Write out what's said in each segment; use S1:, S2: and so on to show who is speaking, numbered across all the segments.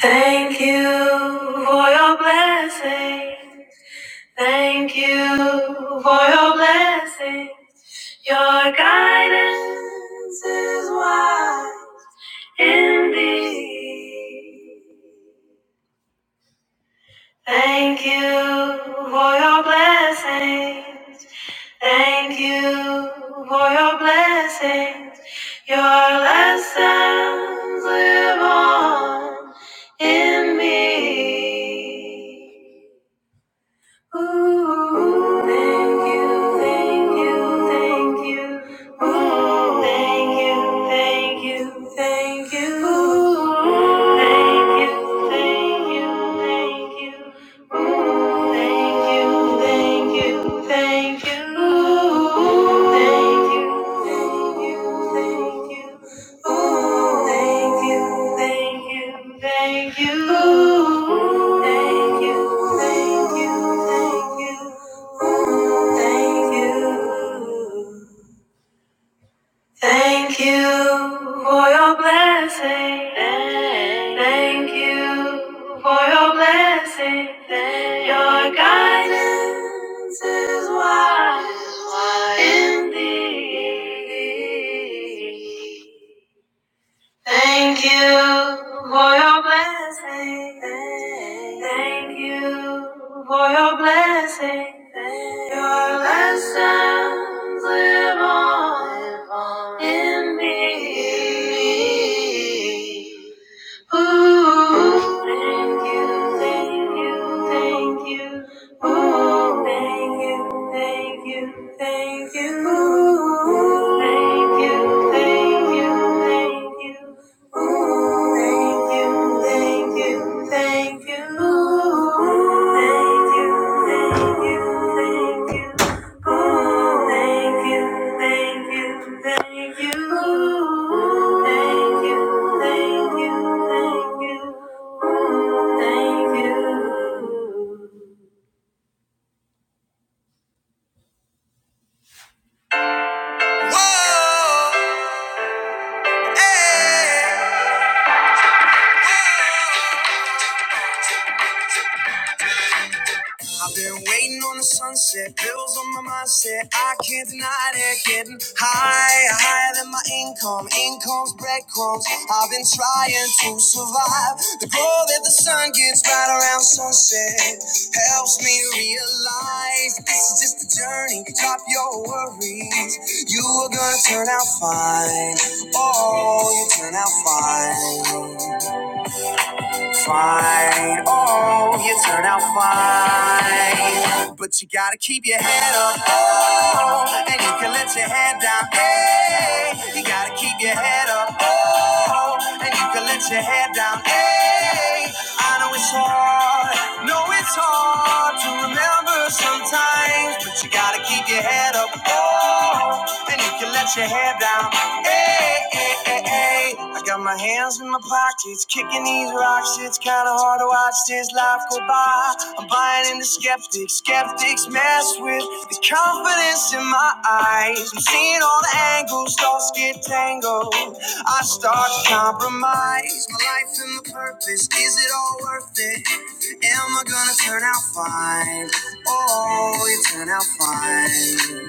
S1: Thank you for your blessings. Thank you for your blessings. Your guidance is wise indeed. Thank you for your blessings. Thank you for your blessings. Your lessons live on in me. Ooh, thank you, thank you, thank you. Ooh, thank you, thank you, thank you. Ooh, thank you, thank you, thank you. Ooh, thank you, thank you, thank you. Ooh, thank you, thank you, thank you. Ooh, Thank you, thank you, thank you. Ooh, Thank you, thank you, thank you. Ooh, Thank you. Thank you for your blessing. Thank you for your blessing. Your guidance is wise in thee. Thank you for your blessing. Thank you for your blessing. Your lessons live on in me. Ooh, thank you, thank you, thank you. Ooh, thank you, thank you, thank you. Ooh, thank you, thank you, thank you. Ooh, thank you, thank you, thank you. Ooh, thank you, thank you, thank you. Ooh, thank you, thank you, thank you. Ooh, thank you, thank you, thank you. Ooh, thank you. Whoa, hey. I've been waiting on the sunset, bills on my mindset. I can't deny it. Getting higher, higher than my income. Income's breadcrumbs. I've been trying to survive. The glow that the sun gets right around sunset helps me realize this is just a journey. Drop your worries. You are gonna turn out fine. Oh, you turn out fine. Fine, oh, you turn out fine. But you gotta keep your head up, oh, and you can let your head down, hey. You gotta keep your head up, oh, and you can let your head down, hey way. I know it's hard, no, it's hard to remember sometimes, but you gotta keep your head up, oh, and you can let your hair down, hey, hey, hey, hey. I got my hands in my pockets, kicking these rocks, it's kinda hard hard to watch this life go by. I'm buying into skeptics. Skeptics mess with the confidence in my eyes. I'm seeing all the angles, thoughts get tangled. I start to compromise. My life and my purpose, is it all worth it? Am I gonna turn out fine? Oh, you turn out fine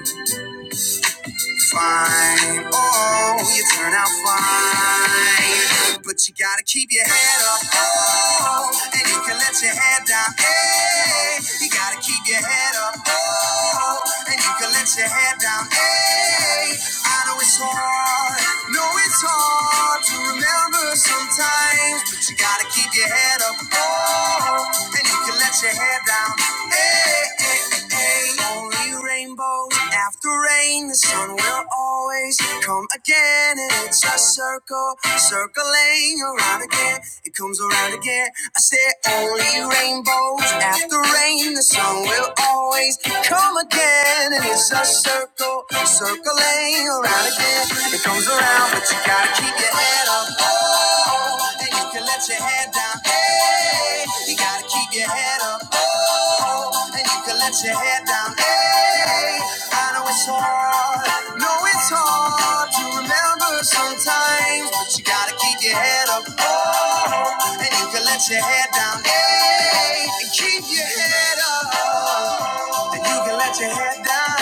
S1: fine. Oh, you turn out fine. But you gotta keep your head up. Oh, and you can let your head down. Hey, you gotta keep your head up. Oh, and you can let your head down. Hey, I know it's hard. No, it's hard to remember sometimes. But you gotta keep your head up. Oh, and you can let your head down. Hey, hey, hey, hey. Only rainbows after rain, the sun will always come again. And it's a circle, circling around again. It comes around again. I said, only rainbows after rain, the sun will always come again. And it's a circle, circling around again. It comes around, but you gotta keep your head up. Oh, and you can let your head down. Hey, you gotta keep your head up. Oh low and you can let your head down. Hey, I know it's hard. know it's hard to remember sometimes, but you gotta keep your head up. Oh, and you can let your head down. Hey, and keep your head up. And you can let your head down.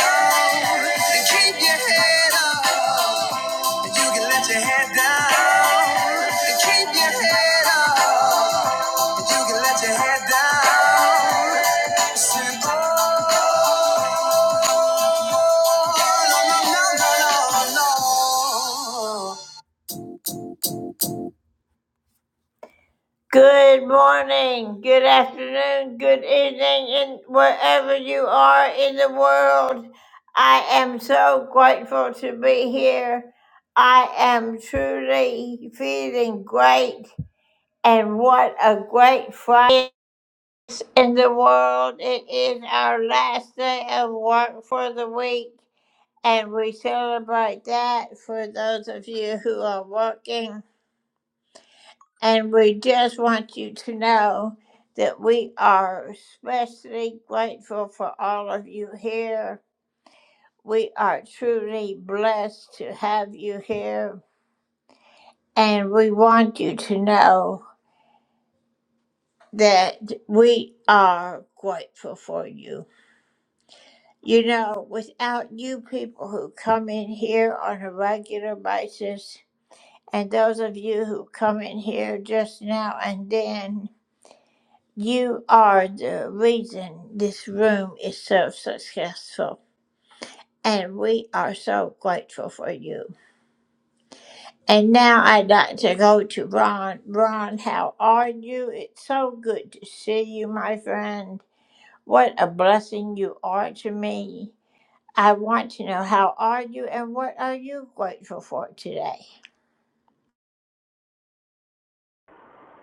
S1: And keep your head up. And you can let your head down. And keep your head up. You can let your head down. Say, "Oh, no, no, no, no, no." no. Good morning, good afternoon.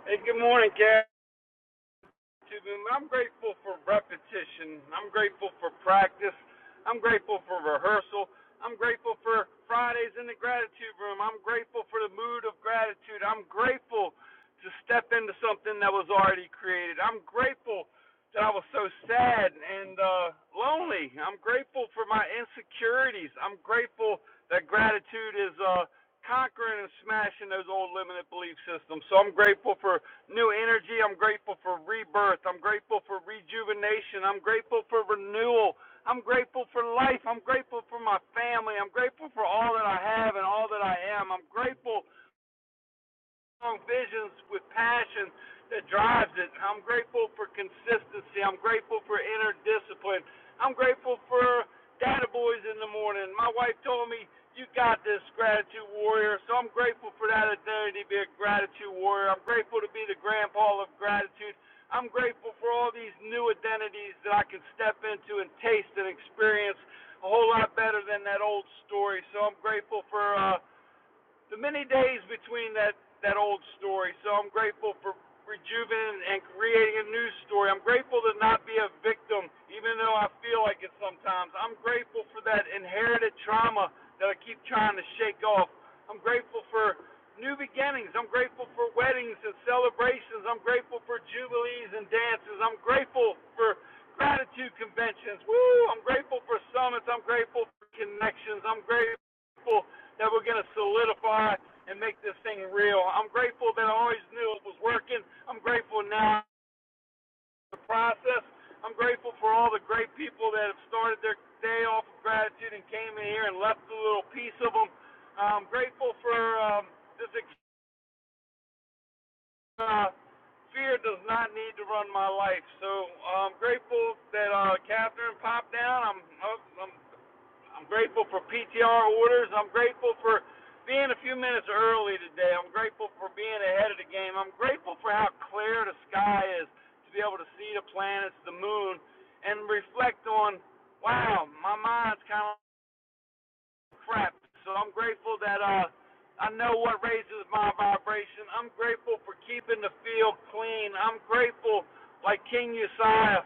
S2: Hey, good morning, Gary. I'm grateful for repetition. I'm grateful for practice. I'm grateful for rehearsal. I'm grateful for Fridays in the gratitude room. I'm grateful for the mood of gratitude. I'm grateful to step into something that was already created. I'm grateful that I was so sad and uh, lonely. I'm grateful for my insecurities. I'm grateful that gratitude is uh, conquering and smashing those old limited belief systems. So I'm grateful for new energy. I'm grateful for rebirth. I'm grateful for rejuvenation. I'm grateful for renewal. I'm grateful for life. I'm grateful for my family. I'm grateful for all that I have and all that I am. I'm grateful strong visions with passion that drives it. I'm grateful for consistency. I'm grateful for inner discipline. I'm grateful for data boys in the morning. My wife told me, You got this, gratitude warrior. So I'm grateful for that identity to be a gratitude warrior. I'm grateful to be the grandpa of gratitude. I'm grateful for all these new identities that I can step into and taste and experience a whole lot better than that old story. So I'm grateful for uh, the many days between that that old story. So I'm grateful for rejuvenating and creating a new story. I'm grateful to not be a victim, even though I feel like it sometimes. I'm grateful for that inherited trauma that I keep trying to shake off. I'm grateful for new beginnings. I'm grateful for weddings and celebrations. I'm grateful for jubilees and dances. I'm grateful for gratitude conventions. Woo! I'm grateful for summits. I'm grateful for connections. I'm grateful that we're going to solidify and make this thing real. I'm grateful that I always knew it was working. I'm grateful now for the process. I'm grateful for all the great people that have started their day off of gratitude and came in here and left a little piece of them. I'm grateful for um, this. Uh, fear does not need to run my life. So I'm grateful that uh, Catherine popped down. I'm, oh, I'm I'm grateful for PTR orders. I'm grateful for being a few minutes early today. I'm grateful for being ahead of the game. I'm grateful for how clear the sky is to be able to see the planets, the moon, and reflect on wow, my mind's kind of crap. So I'm grateful that uh, I know what raises my vibration. I'm grateful for keeping the field clean. I'm grateful, like King Uzziah,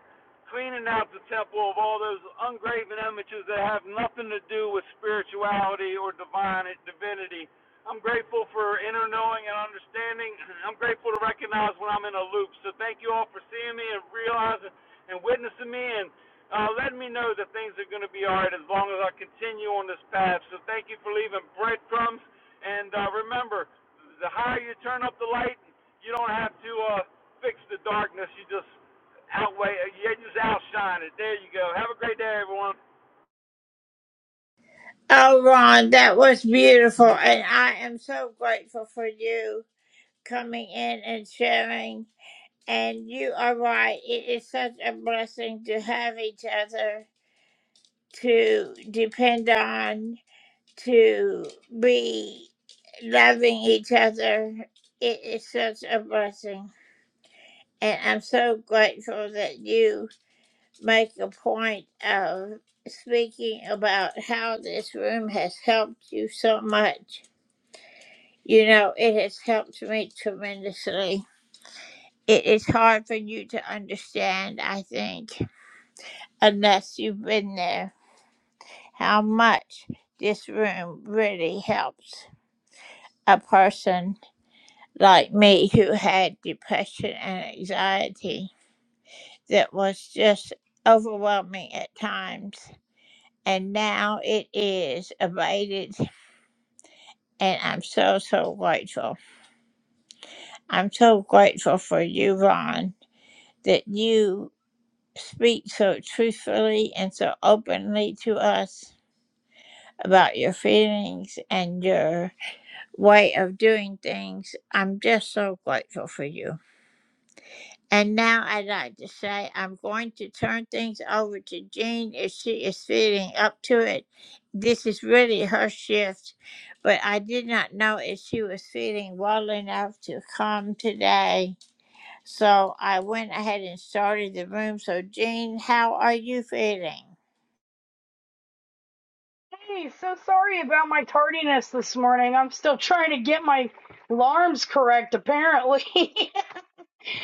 S2: cleaning out the temple of all those ungraven images that have nothing to do with spirituality or divine divinity. I'm grateful for inner knowing and understanding. I'm grateful to recognize when I'm in a loop. So thank you all for seeing me and realizing and witnessing me. and uh, letting me know that things are going to be all right as long as I continue on this path. So thank you for leaving breadcrumbs. And uh, remember, the higher you turn up the light, you don't have to uh, fix the darkness. You just outweigh, you just outshine it. There you go. Have a great day, everyone.
S3: Hey, so sorry about my tardiness this morning. I'm still trying to get my alarms correct, apparently,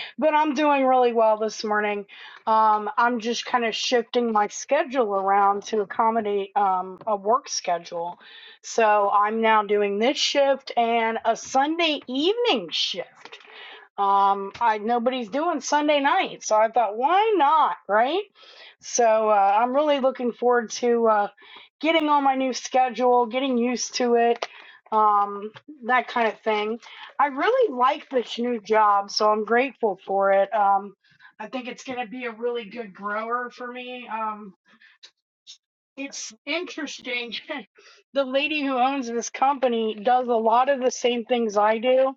S3: but I'm doing really well this morning. Um, I'm just kind of shifting my schedule around to accommodate um, a work schedule. So I'm now doing this shift and a Sunday evening shift um i nobody's doing sunday night so i thought why not right so uh, i'm really looking forward to uh getting on my new schedule getting used to it um that kind of thing i really like this new job so i'm grateful for it um i think it's going to be a really good grower for me um it's interesting the lady who owns this company does a lot of the same things i do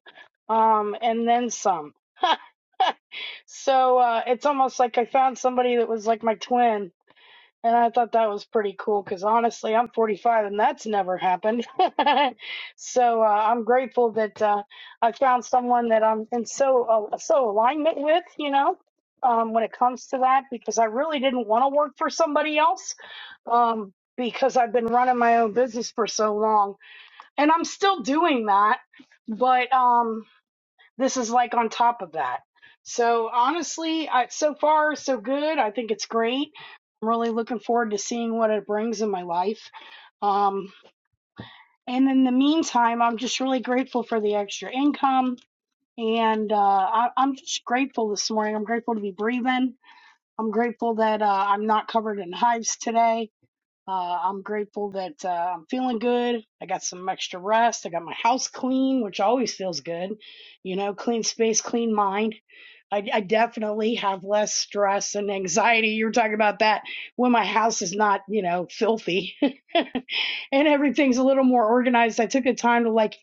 S3: um and then some So uh, it's almost like I found somebody that was like my twin. And I thought that was pretty cool because honestly, I'm 45 and that's never happened. so uh, I'm grateful that uh, I found someone that I'm in so uh, so alignment with, you know, um, when it comes to that, because I really didn't want to work for somebody else um, because I've been running my own business for so long. And I'm still doing that. But um, this is like on top of that. So honestly, I, so far so good. I think it's great. I'm really looking forward to seeing what it brings in my life. Um, and in the meantime, I'm just really grateful for the extra income. And uh, I, I'm just grateful this morning. I'm grateful to be breathing. I'm grateful that uh, I'm not covered in hives today. Uh, I'm grateful that uh, I'm feeling good. I got some extra rest. I got my house clean, which always feels good. You know, clean space, clean mind I, I definitely have less stress and anxiety. You were talking about that when my house is not, you know, filthy and everything's a little more organized. I took the time to like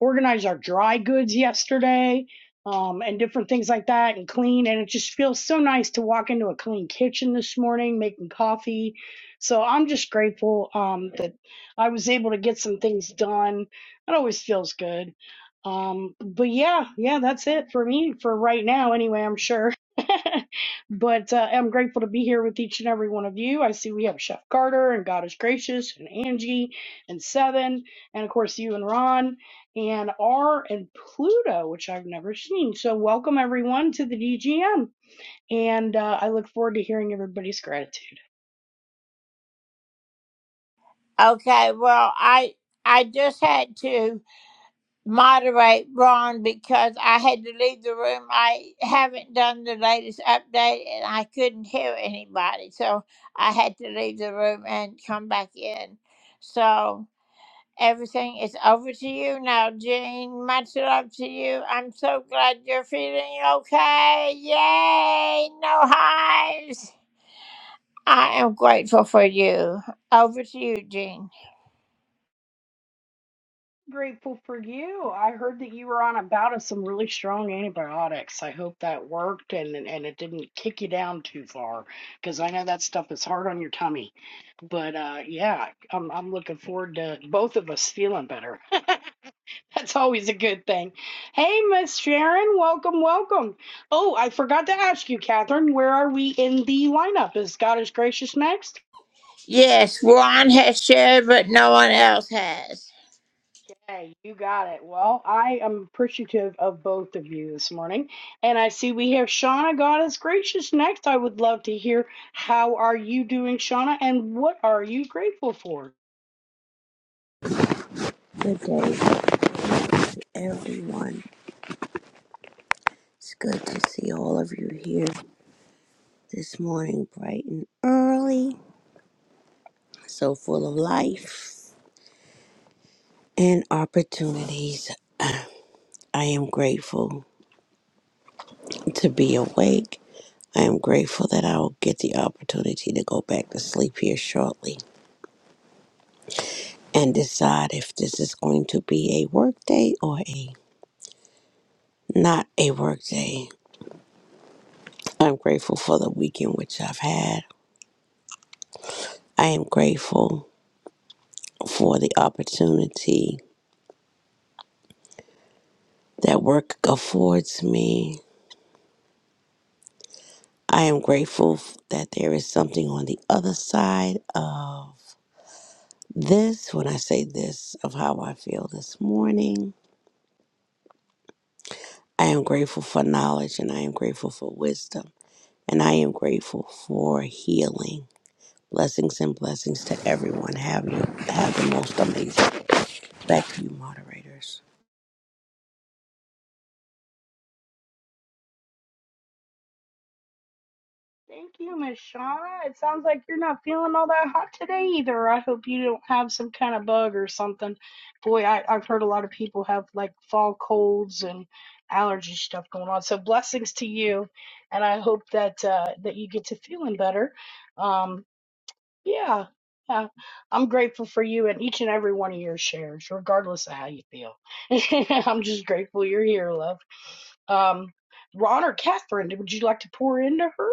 S3: organized our dry goods yesterday um, and different things like that and clean. And it just feels so nice to walk into a clean kitchen this morning making coffee. So I'm just grateful um, that I was able to get some things done. It always feels good. Um, but yeah, yeah, that's it for me for right now, anyway, I'm sure. but uh, I'm grateful to be here with each and every one of you. I see we have Chef Carter and God is Gracious and Angie and Seven, and of course, you and Ron and R and Pluto, which I've never seen. So, welcome everyone to the DGM. And uh, I look forward to hearing everybody's gratitude. Grateful for you. I heard that you were on a bout of some really strong antibiotics. I hope that worked and, and it didn't kick you down too far because I know that stuff is hard on your tummy. But uh, yeah, I'm, I'm looking forward to both of us feeling better. That's always a good thing. Hey, Miss Sharon, welcome, welcome. Oh, I forgot to ask you, Catherine, where are we in the lineup? Is God is Gracious next? Okay, you got it. Well, I am appreciative of both of you this morning. And I see we have Shauna, God is Gracious next. I would love to hear how are you doing, Shauna, and what are you grateful for?
S4: Good day everyone. It's good to see all of you here this morning, bright and early, so full of life and opportunities. I am grateful to be awake. I am grateful that I will get the opportunity to go back to sleep here shortly and decide if this is going to be a work day or a not a work day. I'm grateful for the weekend which I've had. I am grateful for the opportunity that work affords me. I am grateful f- that there is something on the other side of this. When I say this, of how I feel this morning, I am grateful for knowledge and I am grateful for wisdom and I am grateful for healing. Blessings and blessings to everyone. Have you have the most amazing. Back to you, moderators.
S3: Thank you, Miss Shauna. It sounds like you're not feeling all that hot today either. I hope you don't have some kind of bug or something. Boy, I, I've heard a lot of people have like fall colds and allergy stuff going on. So blessings to you, and I hope that uh, that you get to feeling better. Um, yeah, yeah, I'm grateful for you and each and every one of your shares, regardless of how you feel. I'm just grateful you're here, love. Um, Ron or Catherine, would you like to pour into her?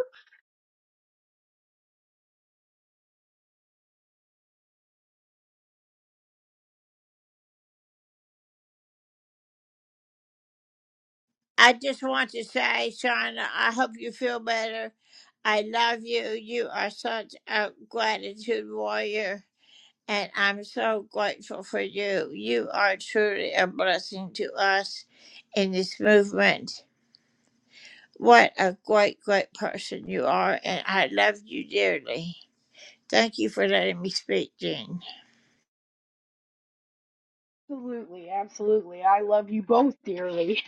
S3: Absolutely, absolutely. I love you both dearly.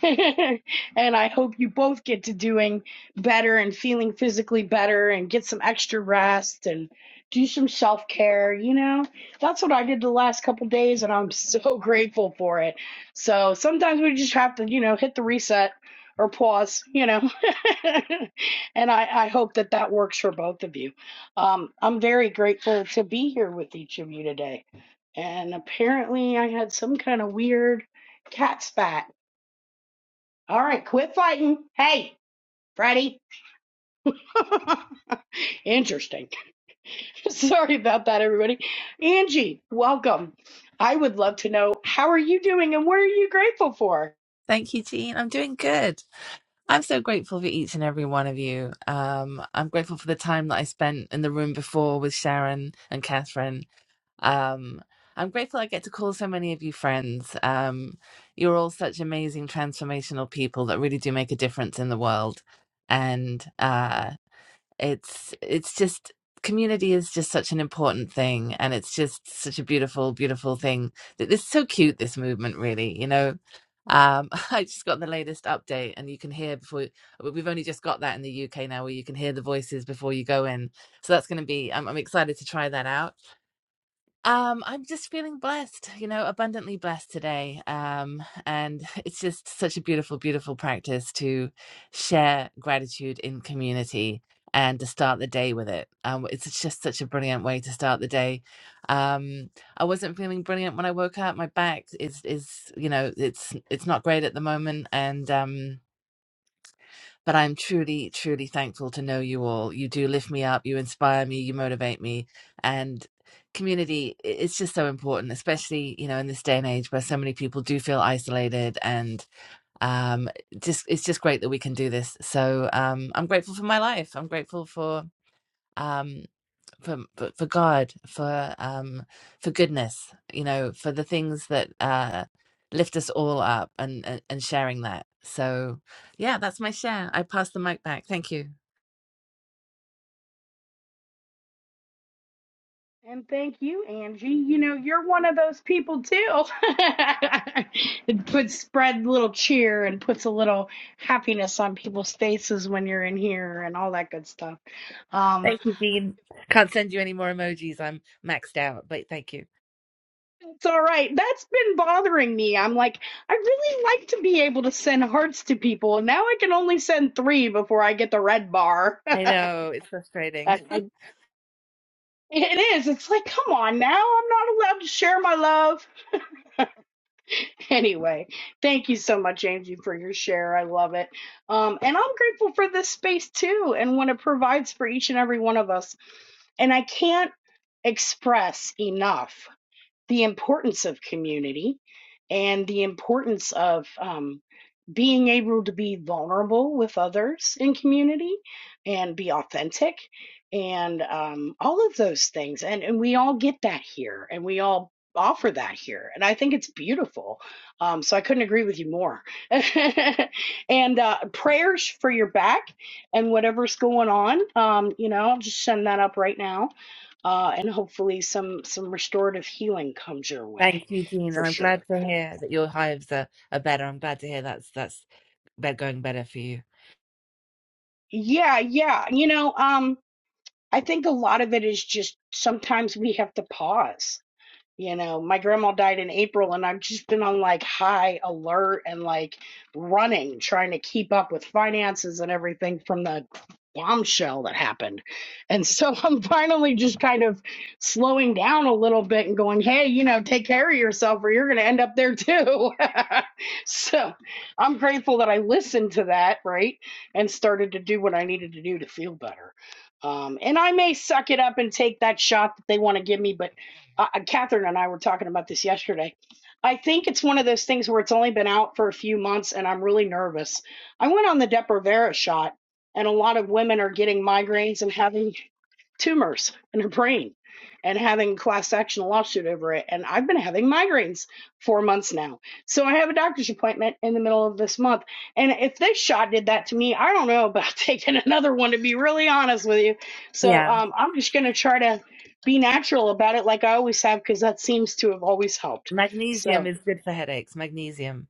S3: and I hope you both get to doing better and feeling physically better and get some extra rest and do some self care. You know, that's what I did the last couple days and I'm so grateful for it. So sometimes we just have to, you know, hit the reset or pause, you know. and I, I hope that that works for both of you. Um, I'm very grateful to be here with each of you today and apparently I had some kind of weird cat spat. All right, quit fighting. Hey, Freddie. Interesting. Sorry about that, everybody. Angie, welcome. I would love to know how are you doing and what are you grateful for?
S5: Thank you, Jean. I'm doing good. I'm so grateful for each and every one of you. Um, I'm grateful for the time that I spent in the room before with Sharon and Catherine. Um, I'm grateful I get to call so many of you friends. Um, you're all such amazing, transformational people that really do make a difference in the world. And uh, it's it's just community is just such an important thing, and it's just such a beautiful, beautiful thing. That It's so cute this movement, really. You know, um, I just got the latest update, and you can hear before but we've only just got that in the UK now, where you can hear the voices before you go in. So that's going to be. I'm, I'm excited to try that out um, I'm just feeling blessed, you know, abundantly blessed today. Um, and it's just such a beautiful, beautiful practice to share gratitude in community and to start the day with it. Um, it's just such a brilliant way to start the day. Um, I wasn't feeling brilliant when I woke up. My back is is, you know, it's it's not great at the moment. And um but I'm truly, truly thankful to know you all. You do lift me up, you inspire me, you motivate me. And community i- it's just so important, especially, you know, in this day and age where so many people do feel isolated and um just it's just great that we can do this. So um I'm grateful for my life. I'm grateful for um for for God, for um for goodness, you know, for the things that uh lift us all up and and, and sharing that. So yeah, that's my share. I pass the mic back. Thank you.
S3: And thank you, Angie. You know, you're one of those people too. it puts spread little cheer and puts a little happiness on people's faces when you're in here and all that good stuff. Um,
S5: Thank you, Dean. Can't send you any more emojis. I'm maxed out, but thank you.
S3: It's all right. That's been bothering me. I'm like, I really like to be able to send hearts to people. and Now I can only send three before I get the red bar.
S5: I
S3: I,
S5: know it's frustrating.
S3: I, it is. It's like, come on now. I'm not allowed to share my love. Anyway, thank you so much, Angie, for your share. I love it. Um, and I'm grateful for this space too and what it provides for each and every one of us. And I can't express enough the importance of community and the importance of um, being able to be vulnerable with others in community and be authentic and um, all of those things and and we all get that here and we all offer that here and i think it's beautiful um, so i couldn't agree with you more and uh, prayers for your back and whatever's going on um, you know i'll just send that up right now uh, and hopefully some some restorative healing comes your way
S5: thank you, Dean,
S3: for
S5: and I'm glad
S3: sure
S5: to hear that your hives are, are better. I'm glad to hear that's that's be- going better for you.
S3: yeah yeah you know um I think a lot of it is just sometimes we have to pause you know, my grandma died in April, and I've just been on like high alert and like running, trying to keep up with finances and everything from the bombshell that happened. And so I'm finally just kind of slowing down a little bit and going, hey, you know, take care of yourself or you're going to end up there too. so I'm grateful that I listened to that, right? And started to do what I needed to do to feel better. Um, and I may suck it up and take that shot that they want to give me, but uh, uh, Catherine and I were talking about this yesterday. I think it's one of those things where it's only been out for a few months and I'm really nervous. I went on the Depo-Provera shot, and a lot of women are getting migraines and having tumors in their brain and having class action lawsuit over it. And I've been having migraines four months now. So I have a doctor's appointment in the middle of this month. And if this shot did that to me, I don't know about taking another one to be really honest with you. So
S5: Yeah,
S3: um, I'm just gonna try to be natural about it like I always have because that seems to have always helped.
S5: magnesium
S3: So,
S5: is good for headaches. Magnesium.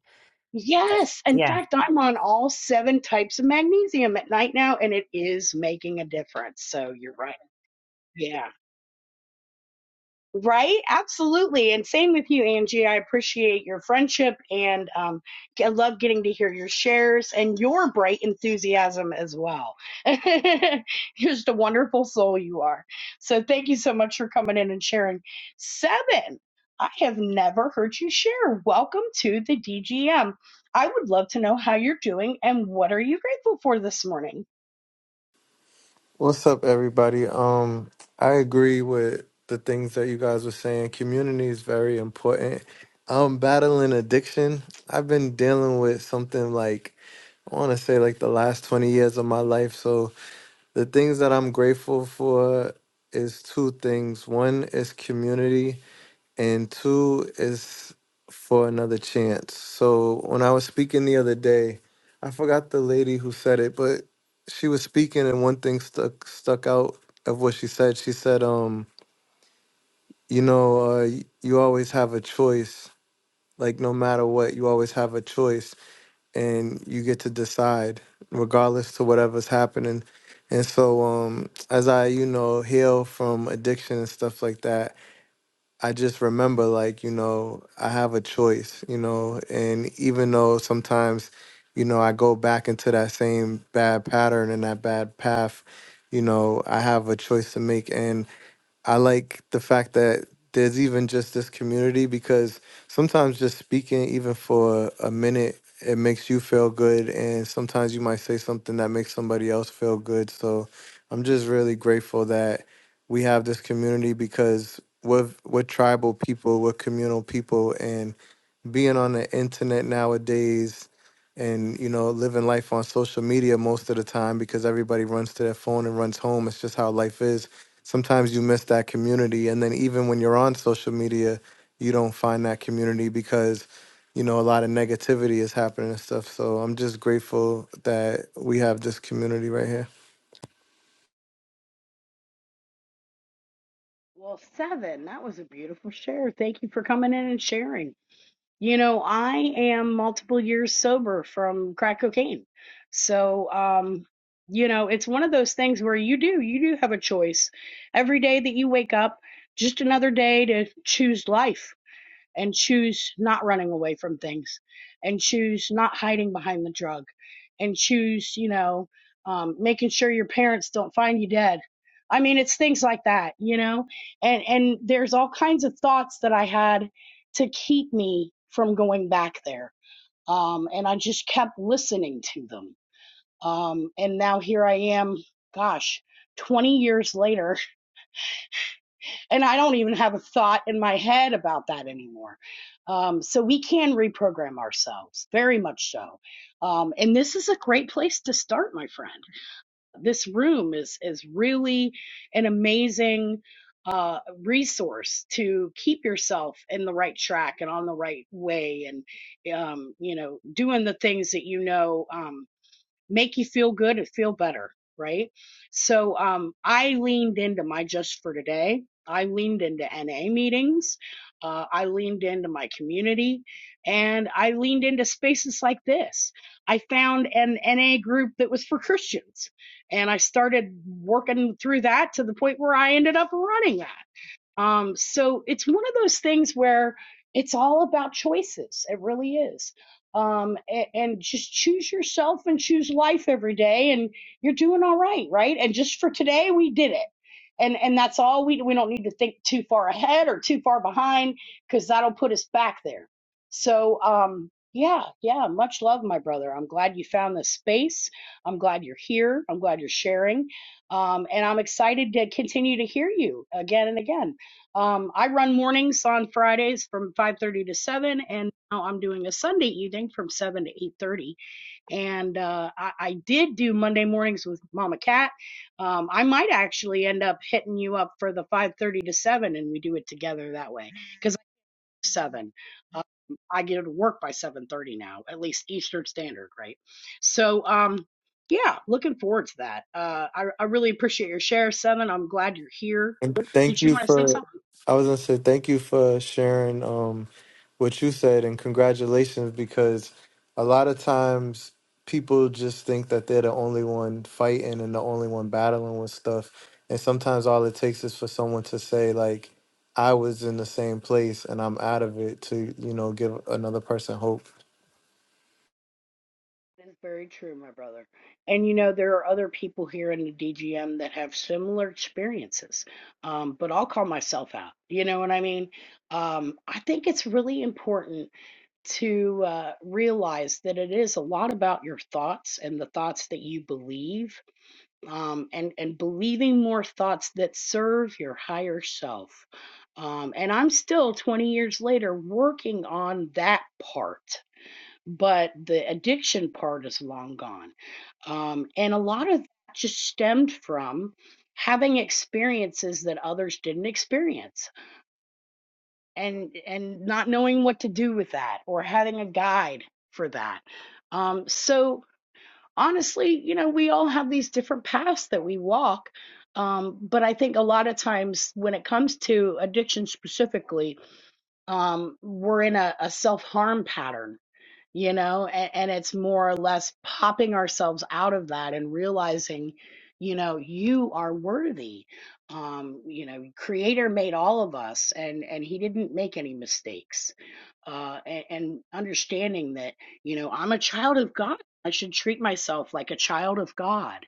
S3: yes, in
S5: Yeah
S3: fact, I'm on all seven types of magnesium at night now and it is making a difference. So, you're right. Yeah. Right? Absolutely. And same with you, Angie. I appreciate your friendship and um, I love getting to hear your shares and your bright enthusiasm as well. You're just a wonderful soul you are. So thank you so much for coming in and sharing. Seven, I have never heard you share. Welcome to the DGM. I would love to know how you're doing and what are you grateful for this morning?
S6: What's up, everybody? Um, I agree with the things that you guys were saying. Community is very important. I'm battling addiction. I've been dealing with something like I want to say like the last 20 years of my life. So the things that I'm grateful for is two things. One is community and two is for another chance. So when I was speaking the other day, I forgot the lady who said it, but she was speaking and one thing stuck stuck out of what she said. She said, um, you know, uh, y- you always have a choice. Like no matter what, you always have a choice and you get to decide regardless to whatever's happening. And so um as I, you know, heal from addiction and stuff like that, I just remember, like, you know, I have a choice, you know, and even though sometimes, you know, I go back into that same bad pattern and that bad path, you know, I have a choice to make. And. I like the fact that there's even just this community because sometimes just speaking, even for a minute, it makes you feel good. And sometimes you might say something that makes somebody else feel good. So I'm just really grateful that we have this community because we're, we're tribal people, we're communal people. and being on the internet nowadays and you know living life on social media most of the time because everybody runs to their phone and runs home it's just how life is sometimes you miss that community and then even when you're on social media you don't find that community because you know a lot of negativity is happening and stuff so i'm just grateful that we have this community right here
S3: Well, seven, that was a beautiful share. Thank you for coming in and sharing. You know, I am multiple years sober from crack cocaine. So, um, you know, it's one of those things where you do, you do have a choice. Every day that you wake up, just another day to choose life and choose not running away from things and choose not hiding behind the drug and choose you know um, making sure your parents don't find you dead i mean it's things like that you know and and there's all kinds of thoughts that i had to keep me from going back there um, and i just kept listening to them um, and now here i am gosh 20 years later and I don't even have a thought in my head about that anymore. Um, so we can reprogram ourselves, very much so. Um, and this is a great place to start, my friend. This room is is really an amazing uh, resource to keep yourself in the right track and on the right way, and um, you know, doing the things that you know. um, make you feel good and feel better, right? So um, I leaned into my just for today. I leaned into NA meetings. Uh, I leaned into my community and I leaned into spaces like this. I found an NA group that was for Christians and I started working through that to the point where I ended up running that. Um, so it's one of those things where it's all about choices. It really is. Um, and, and just choose yourself and choose life every day, and you're doing all right, right? And just for today, we did it. And and that's all we we don't need to think too far ahead or too far behind because that'll put us back there. So um yeah, yeah, much love, my brother. I'm glad you found this space. I'm glad you're here. I'm glad you're sharing. Um, and I'm excited to continue to hear you again and again. Um, I run mornings on Fridays from 5:30 to 7, and now I'm doing a Sunday evening from 7 to 8:30. And uh, I, I did do Monday mornings with Mama Cat. Um, I might actually end up hitting you up for the 5:30 to 7, and we do it together that way because I'm seven. Um, I get to work by 7:30 now, at least Eastern Standard, right? So, um, yeah, looking forward to that. Uh, I, I really appreciate your share, Seven. I'm glad you're here.
S6: And thank
S3: Did you
S6: you
S3: want to say something?
S6: for I was gonna say thank you for sharing um what you said and congratulations because a lot of times people just think that they're the only one fighting and the only one battling with stuff. And sometimes all it takes is for someone to say like I was in the same place and I'm out of it to, you know, give another person hope.
S3: That is very true, my brother. And you know, there are other people here in the DGM that have similar experiences, um, but I'll call myself out. You know what I mean? Um, I think it's really important to uh, realize that it is a lot about your thoughts and the thoughts that you believe, um, and and believing more thoughts that serve your higher self. Um, and I'm still 20 years later working on that part but the addiction part is long gone. Um, and a lot of that just stemmed from having experiences that others didn't experience and and not knowing what to do with that or having a guide for that. Um, so honestly, you know, we all have these different paths that we walk. Um, but I think a lot of times when it comes to addiction specifically, um, we're in a, a self harm pattern you know and, and it's more or less popping ourselves out of that and realizing you know you are worthy um you know creator made all of us and and he didn't make any mistakes uh and, and understanding that you know i'm a child of god i should treat myself like a child of god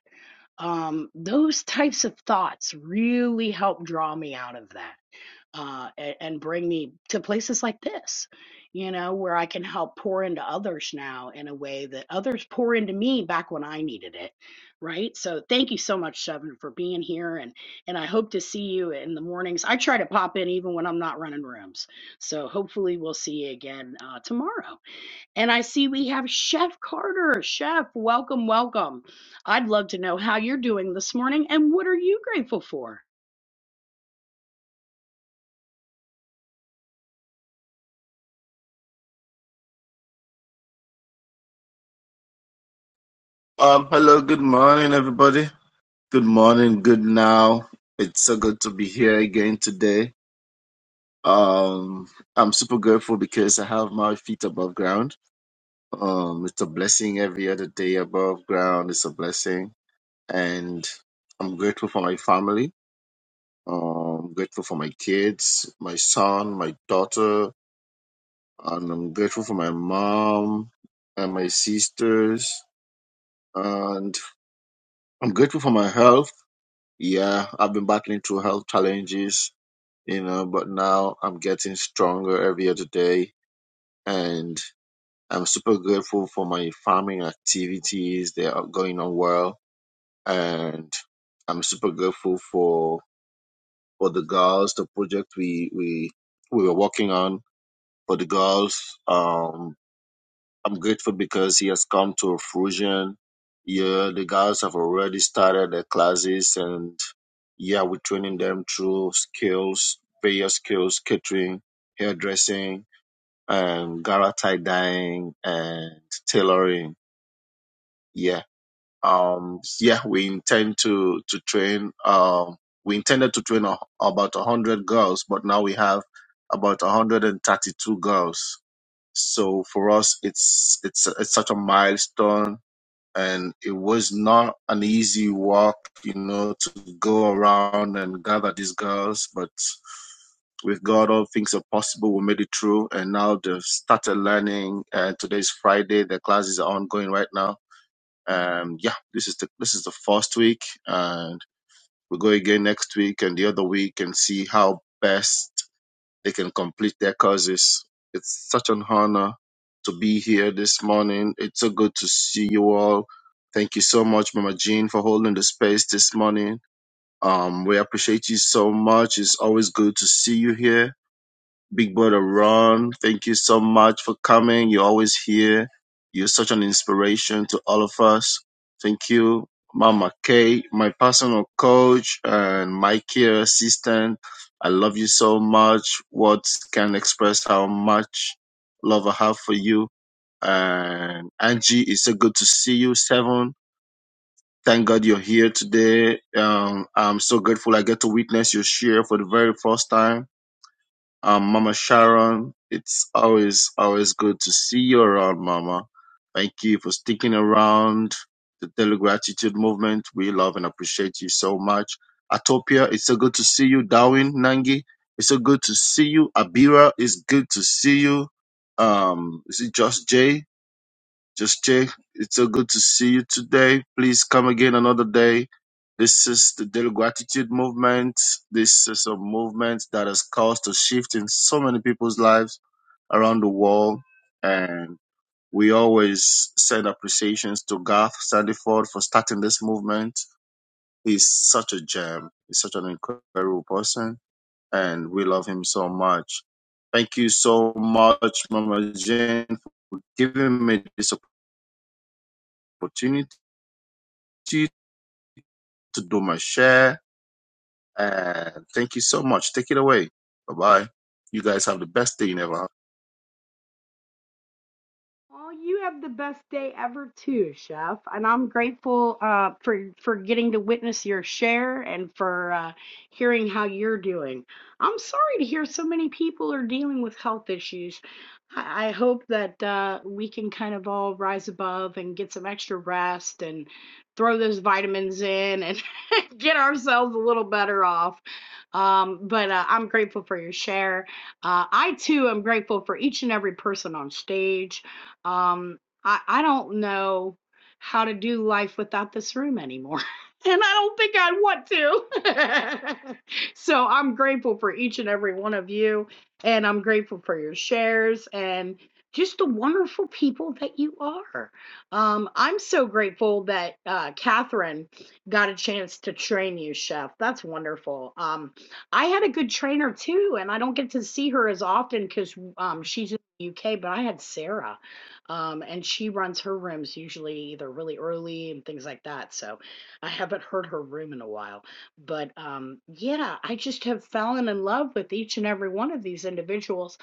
S3: um those types of thoughts really help draw me out of that uh, and, and bring me to places like this, you know, where I can help pour into others now in a way that others pour into me back when I needed it, right? So thank you so much, Seven, for being here, and and I hope to see you in the mornings. I try to pop in even when I'm not running rooms, so hopefully we'll see you again uh, tomorrow. And I see we have Chef Carter. Chef, welcome, welcome. I'd love to know how you're doing this morning, and what are you grateful for?
S7: Um, hello, good morning, everybody. Good morning, good now. It's so good to be here again today. Um, I'm super grateful because I have my feet above ground. Um, it's a blessing every other day above ground. It's a blessing. And I'm grateful for my family. Um, I'm grateful for my kids, my son, my daughter, and I'm grateful for my mom and my sisters. And I'm grateful for my health. Yeah, I've been battling through health challenges, you know, but now I'm getting stronger every other day. And I'm super grateful for my farming activities. They are going on well. And I'm super grateful for for the girls, the project we we we were working on for the girls. Um I'm grateful because he has come to fruition. Yeah, the girls have already started their classes and Yeah, we're training them through skills, various skills, catering, hairdressing, and gara tie dyeing and tailoring. Yeah. Um, yeah, we intend to, to train, um, we intended to train a, about 100 girls, but now we have about 132 girls. So for us, it's, it's, it's such a milestone and it was not an easy walk, you know, to go around and gather these girls. But with God, all things are possible. We made it through, and now they've started learning. And today's Friday; the classes are ongoing right now. And yeah, this is the this is the first week, and we will go again next week and the other week, and see how best they can complete their courses. It's such an honor to be here this morning. It's so good to see you all. Thank you so much, Mama Jean, for holding the space this morning. Um, we appreciate you so much. It's always good to see you here Big Brother Ron, thank you so much for coming. You're always here. You're such an inspiration to all of us. Thank you, Mama Kay, my personal coach and my care assistant. I love you so much. Words can express how much love I have for you. And Angie, it's so good to see you, Seven. Thank God you're here today. Um, I'm so grateful I get to witness your share for the very first time um, Mama Sharon, it's always always good to see you around, Mama. Thank you for sticking around the Daily Gratitude Movement. We love and appreciate you so much. Atopia, it's so good to see you. Darwin, Nangi, it's so good to see you. Abira, it's good to see you. Um, is it just Jay? Just Jay, it's so good to see you today. Please come again another day. This is the Daily Gratitude Movement. This is a movement that has caused a shift in so many people's lives around the world. And we always send appreciations to Garth Sandiford for starting this movement. He's such a gem. He's such an incredible person. And we love him so much. Thank you so much, Mama Jane, for giving me this opportunity to do my share. And thank you so much. Take it away. Bye bye. You guys have the best day you never had.
S3: Oh, you have the best day ever too, Chef. And I'm grateful uh, for for getting to witness your share and for uh, hearing how you're doing. I'm sorry to hear so many people are dealing with health issues. I, I hope that uh, we can kind of all rise above and get some extra rest and throw those vitamins in and get ourselves a little better off. Um, but uh, I'm grateful for your share. Uh, I too am grateful for each and every person on stage um, I, I don't know how to do life without this room anymore. And I don't think I want to. so I'm grateful for each and every one of you. And I'm grateful for your shares and just the wonderful people that you are. Um, I'm so grateful that uh, Catherine got a chance to train you, Chef. That's wonderful. Um, I had a good trainer too, and I don't get to see her as often because um, she's in the UK, but I had Sarah. Um, and she runs her rooms usually either really early and things like that. So I haven't heard her room in a while. But um, yeah, I just have fallen in love with each and every one of these individuals.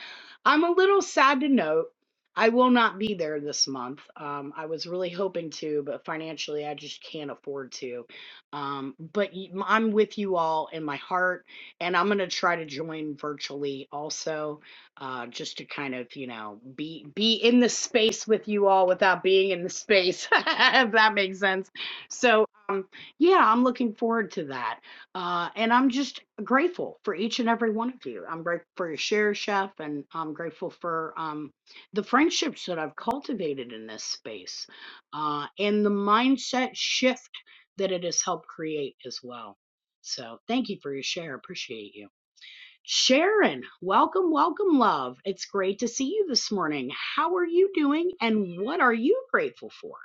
S3: I'm a little sad to note. I will not be there this month. Um, I was really hoping to, but financially, I just can't afford to. Um, but y- I'm with you all in my heart, and I'm going to try to join virtually also uh, just to kind of you know be be in the space with you all without being in the space if that makes sense so um, yeah i'm looking forward to that uh, and i'm just grateful for each and every one of you i'm grateful for your share chef and i'm grateful for um, the friendships that i've cultivated in this space uh, and the mindset shift that it has helped create as well so thank you for your share appreciate you Sharon, welcome, welcome, love. It's great to see you this morning. How are you doing and what are you grateful for?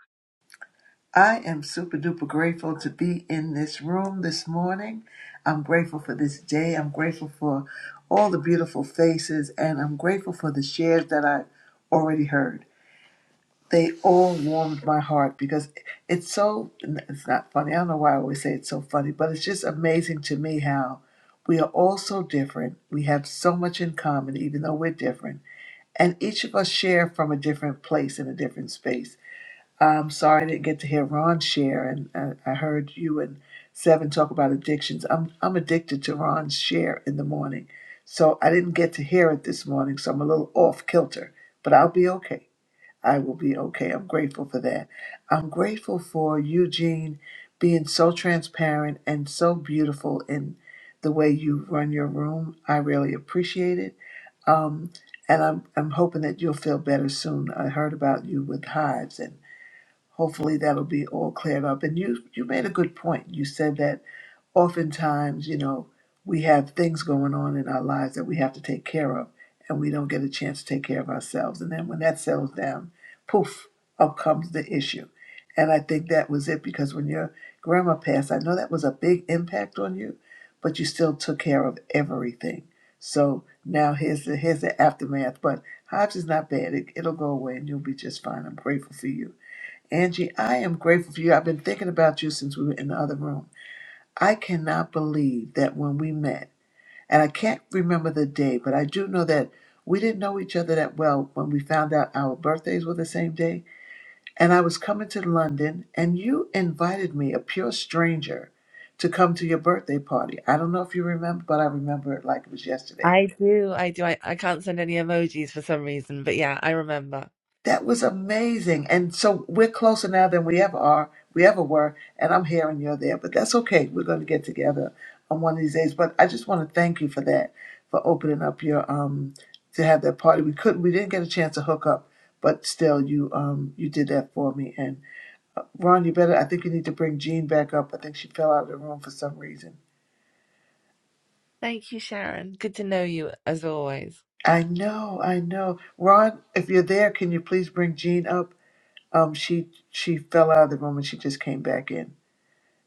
S8: I am super duper grateful to be in this room this morning. I'm grateful for this day. I'm grateful for all the beautiful faces, and I'm grateful for the shares that I already heard. They all warmed my heart because it's so, it's not funny. I don't know why I always say it's so funny, but it's just amazing to me how we are all so different. We have so much in common, even though we're different. And each of us share from a different place in a different space I'm sorry I didn't get to hear Ron share, and I, I heard you and Seven talk about addictions. I'm I'm addicted to Ron's share in the morning, so I didn't get to hear it this morning, so I'm a little off kilter, but I'll be okay. I will be okay. I'm grateful for that. I'm grateful for Eugene being so transparent and so beautiful in the way you run your room. I really appreciate it. Um, and I'm I'm hoping that you'll feel better soon. I heard about you with hives and hopefully that'll be all cleared up. And you you made a good point. You said that oftentimes, you know, we have things going on in our lives that we have to take care of, and we don't get a chance to take care of ourselves. And then when that settles down, poof, up comes the issue. And I think that was it because when your grandma passed, I know that was a big impact on you, but you still took care of everything. So now here's the here's the aftermath. But Hobbs is not bad. It, it'll go away, and you'll be just fine. I'm grateful for you Angie, I am grateful for you. I've been thinking about you since we were in the other room. I cannot believe that when we met, and I can't remember the day, but I do know that we didn't know each other that well when we found out our birthdays were the same day. And I was coming to London, and you invited me, a pure stranger, to come to your birthday party. I don't know if you remember, but I remember it like it was yesterday.
S5: I do, I do. I, I can't send any emojis for some reason, but yeah, I remember.
S8: That was amazing. And so we're closer now than we ever are, we ever were. And I'm here and you're there, but that's okay. We're going to get together on one of these days. But I just want to thank you for that, for opening up your um to have that party. We couldn't, we didn't get a chance to hook up, but still, you um you did that for me. And Ron, you better. I think you need to bring Jean back up. I think she fell out of the room for some reason.
S5: Thank you, Sharon. Good to know you as always.
S8: I know, I know. Ron, if you're there, can you please bring Jean up? Um, she she fell out of the room and she just came back in.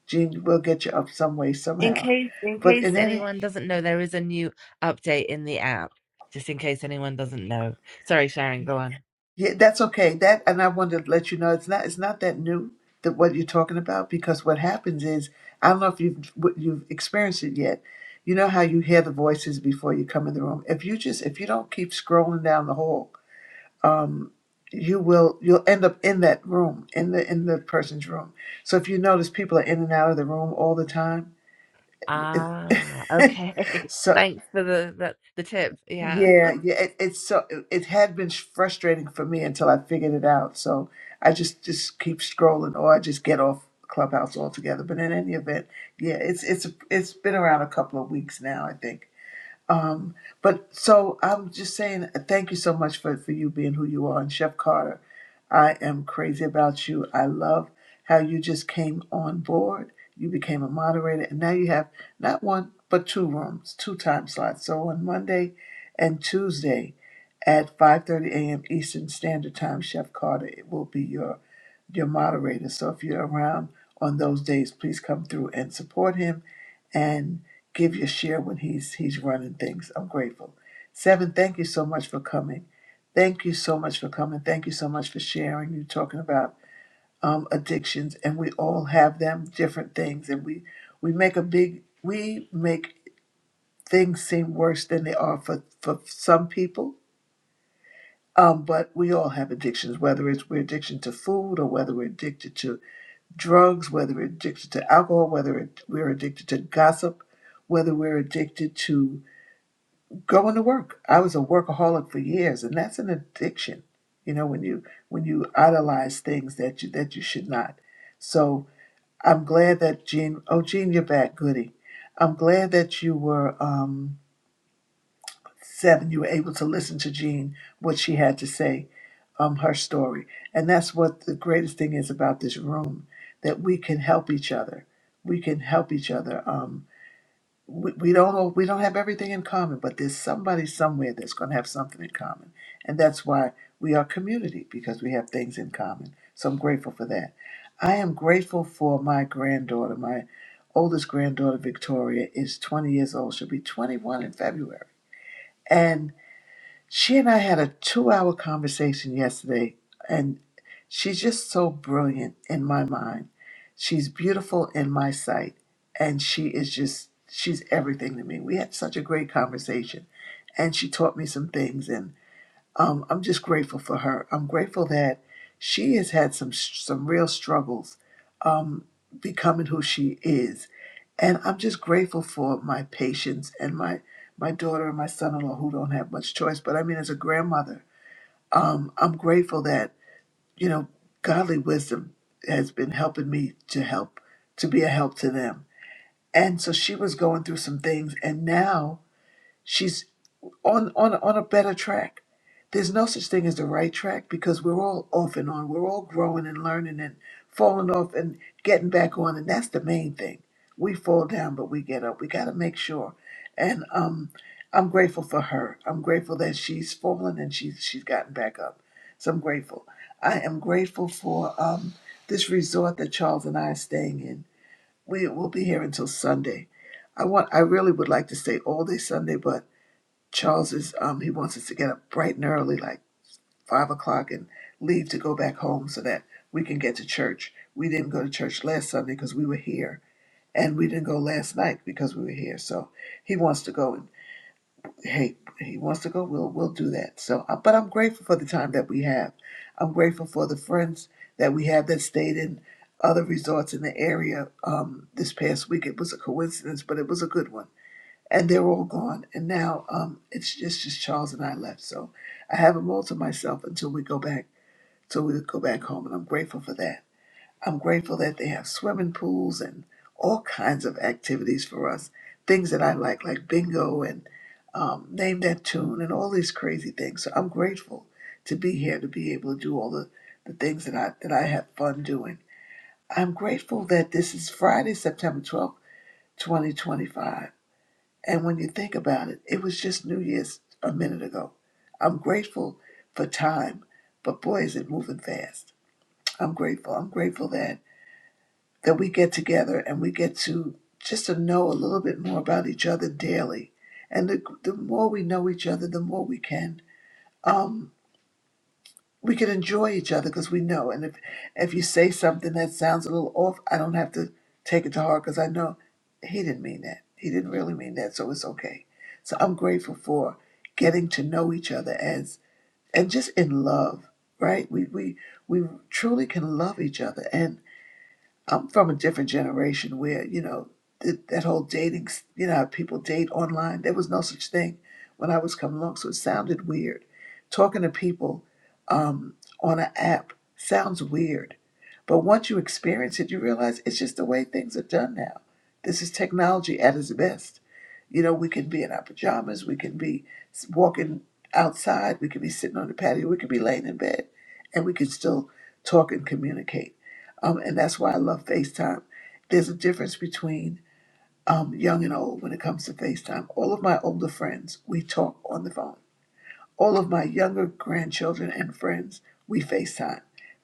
S8: Gene will get you up some way
S5: In
S8: somehow.
S5: case in
S8: But
S5: case
S8: in any,
S5: anyone doesn't know, there is a new update in the app. Just in case anyone doesn't know. Sorry, Sharon, go on.
S8: yeah, that's okay. That and I wanted to let you know it's not it's not that new that what you're talking about because what happens is I don't know if you've what you've experienced it yet. You know how you hear the voices before you come in the room. If you just if you don't keep scrolling down the hall, um, you will you'll end up in that room in the in the person's room. So if you notice, people are in and out of the room all the time.
S5: Ah, okay.
S8: so.
S5: Thanks for the, the, the tip. Yeah.
S8: Yeah, yeah, it, it's so it, it had been frustrating for me until I figured it out. So I just just keep scrolling, or I just get off Clubhouse altogether. But in any event, yeah, it's it's it's been around a couple of weeks now, I think. Um, but so I'm just saying, uh, thank you so much for, for you being who you are. And Chef Carter, I am crazy about you. I love how you just came on board. You became a moderator, and now you have not one, but two rooms, two time slots. So on Monday and Tuesday at 5.30 a.m. Eastern Standard Time, Chef Carter it will be your, your moderator. So if you're around on those days, please come through and support him and give your share when he's he's running things. I'm grateful. Seven, thank you so much for coming. Thank you so much for coming. Thank you so much for sharing. You're talking about um, addictions, and we all have them, different things, and we we make a big we make things seem worse than they are for for some people. Um, but we all have addictions, whether it's we're addicted to food or whether we're addicted to drugs, whether we're addicted to alcohol, whether it, we're addicted to gossip, whether we're addicted to going to work. I was a workaholic for years, and that's an addiction. You know, when you when you idolize things that you that you should not. So I'm glad that Jean. Oh, Jean, you're back, Goody. I'm glad that you were um, seven. You were able to listen to Jean what she had to say, um, her story, and that's what the greatest thing is about this room that we can help each other. We can help each other. Um, we, we don't all- we don't have everything in common, but there's somebody somewhere that's going to have something in common, and that's why we are community because we have things in common. So I'm grateful for that. I am grateful for my granddaughter. My oldest granddaughter Victoria is 20 years old. She'll be 21 in February, and. She and I had a two hour conversation yesterday, and she's just so brilliant in my mind. She's beautiful in my sight, and she is just, she's everything to me. We had such a great conversation, and she taught me some things, and um, I'm just grateful for her. I'm grateful that she has had some some real struggles um, becoming who she is. And I'm just grateful for my patients and my my daughter and my son-in-law who don't have much choice. But I mean, as a grandmother, um, I'm grateful that you know godly wisdom has been helping me to help to be a help to them. And so she was going through some things, and now she's on on on a better track. There's no such thing as the right track because we're all off and on. We're all growing and learning and falling off and getting back on, and that's the main thing. We fall down, but we get up. We got to make sure. And um, I'm grateful for her. I'm grateful that she's fallen and she's she's gotten back up. So I'm grateful. I am grateful for um, this resort that Charles and I are staying in. We will be here until Sunday. I want. I really would like to stay all day Sunday, but Charles is um he wants us to get up bright and early, like five o'clock, and leave to go back home so that we can get to church. We didn't go to church last Sunday because we were here, and we didn't go last night because we were here. So he wants to go, and hey, he wants to go. We'll we'll do that. So, uh, but I'm grateful for the time that we have. I'm grateful for the friends that we have that stayed in other resorts in the area um, this past week. It was a coincidence, but it was a good one and they're all gone. And now um, it's just just Charles and I left. So I have them all to myself until we go back, till we go back home, and I'm grateful for that. I'm grateful that they have swimming pools and all kinds of activities for us, things that I like, like bingo and um, name that tune and all these crazy things. So I'm grateful to be here to be able to do all the, the things that I that I have fun doing. I'm grateful that this is Friday, September 12th, 2025. And when you think about it, it was just New Year's a minute ago. I'm grateful for time, but boy, is it moving fast. I'm grateful. I'm grateful that that we get together and we get to just to know a little bit more about each other daily. And the, the more we know each other, the more we can. um we can enjoy each other because we know. And if if you say something that sounds a little off, I don't have to take it to heart because I know he didn't mean that. He didn't really mean that, so it's okay. So I'm grateful for getting to know each other as and just in love, right? We we we truly can love each other, and I'm from a different generation where, you know, th- that whole dating, s- you know, how people date online. There was no such thing when I was coming along, so it sounded weird. Talking to people um, on an app sounds weird. But once you experience it, you realize it's just the way things are done now. This is technology at its best. You know, we can be in our pajamas, we can be s- walking outside, we can be sitting on the patio, we can be laying in bed, and we can still talk and communicate um, and that's why I love FaceTime. There's a difference between um, young and old when it comes to FaceTime. All of my older friends, we talk on the phone. All of my younger grandchildren and friends, we FaceTime.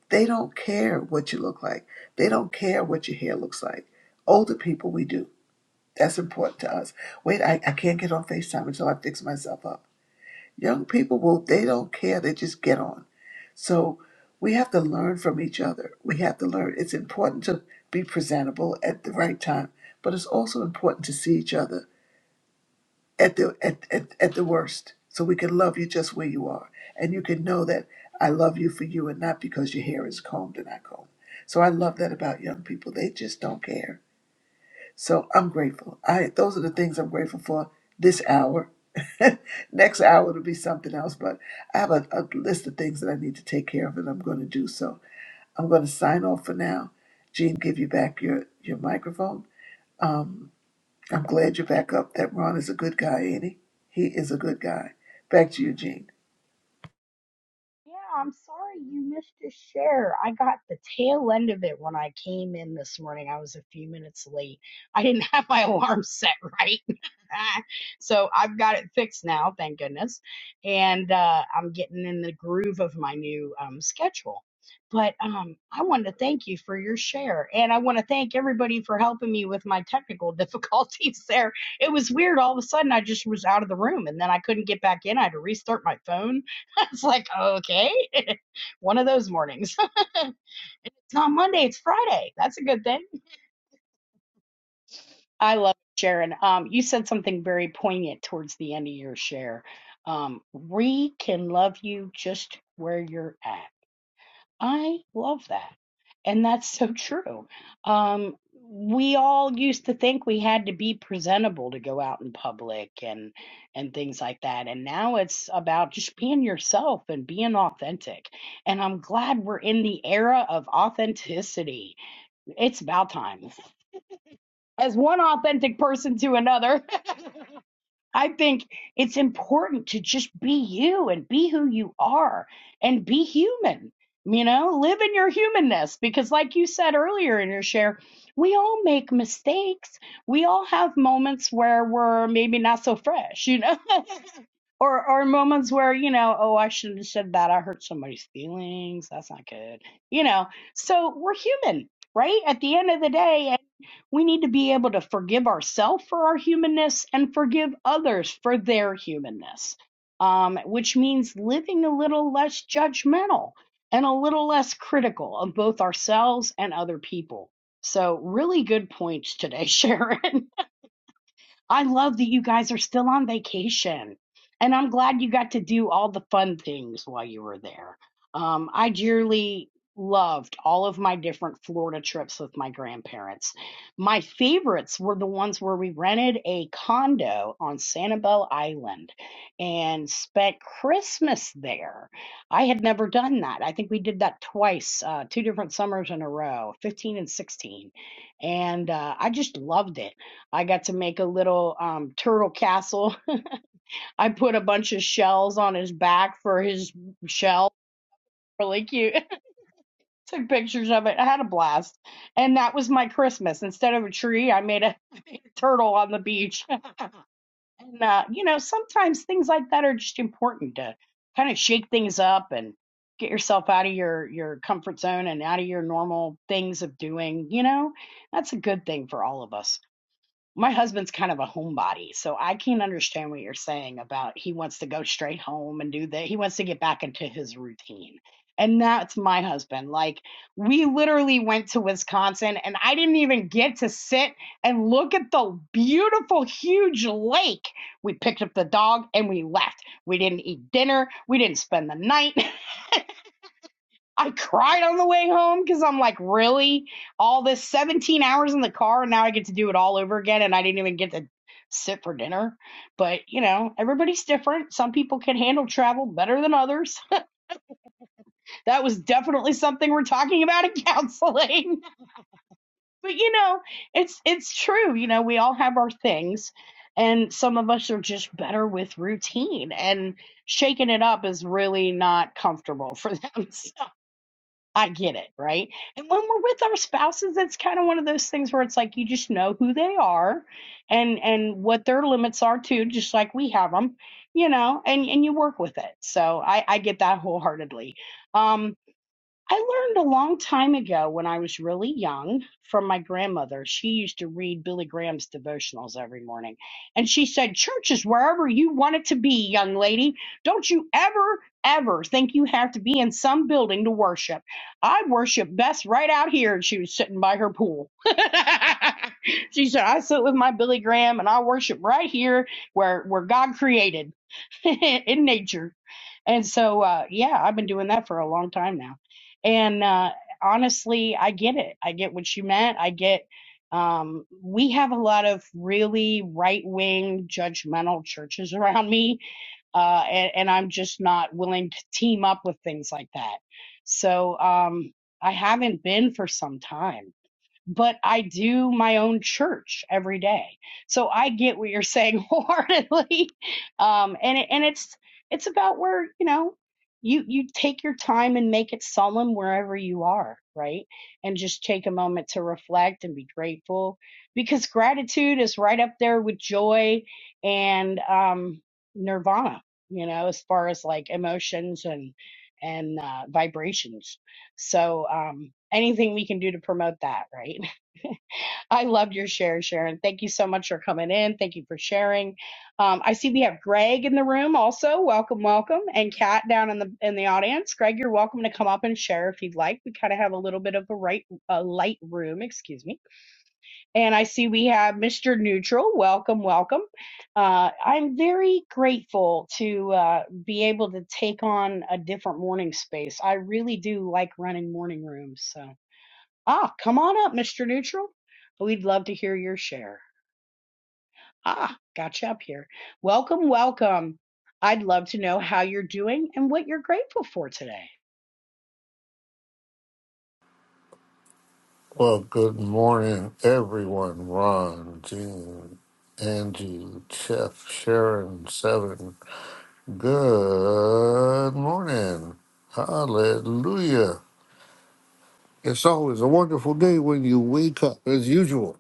S8: They don't care what you look like, they don't care what your hair looks like. Older people, we do. That's important to us. Wait, I, I can't get on FaceTime until I fix myself up. Young people will, they don't care, they just get on. So we have to learn from each other. We have to learn. It's important to be presentable at the right time, but it's also important to see each other at the at, at, at the worst. So we can love you just where you are. And you can know that I love you for you and not because your hair is combed and not combed. So I love that about young people. They just don't care so I'm grateful. I those are the things I'm grateful for this hour. Next hour will be something else, but I have a, a list of things that I need to take care of, and I'm going to do so. I'm going to sign off for now. Gene, give you back your your microphone. Um, I'm glad you're back up. That Ron is a good guy, ain't he? He is a good guy. Back to you, Gene.
S3: Yeah, I'm sorry you missed your share. I got the tail end of it when I came in this morning. I was a few minutes late. I didn't have my alarm set right. so I've got it fixed now, thank goodness. And uh, I'm getting in the groove of my new um, schedule. But um, I want to thank you for your share. And I want to thank everybody for helping me with my technical difficulties there. It was weird. All of a sudden, I just was out of the room and then I couldn't get back in. I had to restart my phone it's like, okay, one of those mornings. it's not Monday, it's Friday. That's a good thing. I love it, Sharon. Um, you said something very poignant towards the end of your share. Um, we can love you just where you're at. I love that. And that's so true. Um, we all used to think we had to be presentable to go out in public and and things like that. And now it's about just being yourself and being authentic. And I'm glad we're in the era of authenticity. It's about time. As one authentic person to another. I think it's important to just be you and be who you are and be human. You know, live in your humanness because, like you said earlier in your share, we all make mistakes. We all have moments where we're maybe not so fresh, you know, or or moments where you know, oh, I shouldn't have said that. I hurt somebody's feelings. That's not good, you know. So we're human, right? At the end of the day, we need to be able to forgive ourselves for our humanness and forgive others for their humanness, um, which means living a little less judgmental and a little less critical of both ourselves and other people. So, really good points today, Sharon. I love that you guys are still on vacation. And I'm glad you got to do all the fun things while you were there. Um, I dearly loved all of my different Florida trips with my grandparents. My favorites were the ones where we rented a condo on Sanibel Island and spent Christmas there. I had never done that. I think we did that twice, uh, two different summers in a row, 15 and 16 and uh, I just loved it. I got to make a little um, turtle castle. I put a bunch of shells on his back for his shell. Really cute. Took pictures of it. I had a blast. And that was my Christmas. Instead of a tree, I made a turtle on the beach. And, uh, you know, sometimes things like that are just important to kind of shake things up and get yourself out of your, your comfort zone and out of your normal things of doing. You know, that's a good thing for all of us. my husband's kind of a homebody, so I can't understand what you're saying about he wants to go straight home and do that. He wants to get back into his routine. And that's my husband. Like, we literally went to Wisconsin, and I didn't even get to sit and look at the beautiful, huge lake. We picked up the dog and we left. We didn't eat dinner. We didn't spend the night. I cried on the way home because I'm like, really? All this 17 hours in the car, and now I get to do it all over again, and I didn't even get to sit for dinner. But, you know, everybody's different. Some people can handle travel better than others. that was definitely something we're talking about in counseling. but, you know, it's it's true. You know, we all have our things, and some of us are just better with routine, and shaking it up is really not comfortable for them. So I get it, right? And when we're with our spouses, it's kind of one of those things where it's like you just know who they are and and what their limits are too, just like we have them, you know, and and you work with it. So I I get that wholeheartedly. Um I learned a long time ago when I was really young from my grandmother. She used to read Billy Graham's devotionals every morning. And she said, Church is wherever you want it to be, young lady. Don't you ever, ever think you have to be in some building to worship. I worship best right out here. And she was sitting by her pool. she said, I sit with my Billy Graham and I worship right here where, where God created. in nature. And so, uh, yeah, I've been doing that for a long time now. And uh, honestly, I get it. I get what you meant. I get, um, we have a lot of really right wing, judgmental churches around me. Uh, and, and I'm just not willing to team up with things like that. So um, I haven't been for some time but I do my own church every day. So I get what you're saying wholeheartedly. Um, and it, and it's it's about where you know you you take your time and make it solemn wherever you are, right? And just take a moment to reflect and be grateful because gratitude is right up there with joy and um, nirvana. You know, as far as like emotions and and uh, vibrations. So um, anything we can do to promote that, right? I loved your share, Sharon. Thank you so much for coming in. Thank you for sharing. Um, I see we have Greg in the room also. Welcome, welcome, and Kat down in the in the audience. Greg, you're welcome to come up and share if you'd like. We kind of have a little bit of a right a light room, excuse me. And I see we have Mr. Neutral. Welcome, welcome. Uh, I'm very grateful to uh, be able to take on a different morning space. I really do like running morning rooms, so. Ah, come on up, Mr. Neutral. We'd love to hear your share. Ah, gotcha up here. Welcome, welcome. I'd love to know how you're doing and what you're grateful for today.
S9: Well, good morning, everyone. Ron, Jean, Angie, Chef, Sharon, Seven. Good morning. Hallelujah. It's always a wonderful day when you wake up, as usual.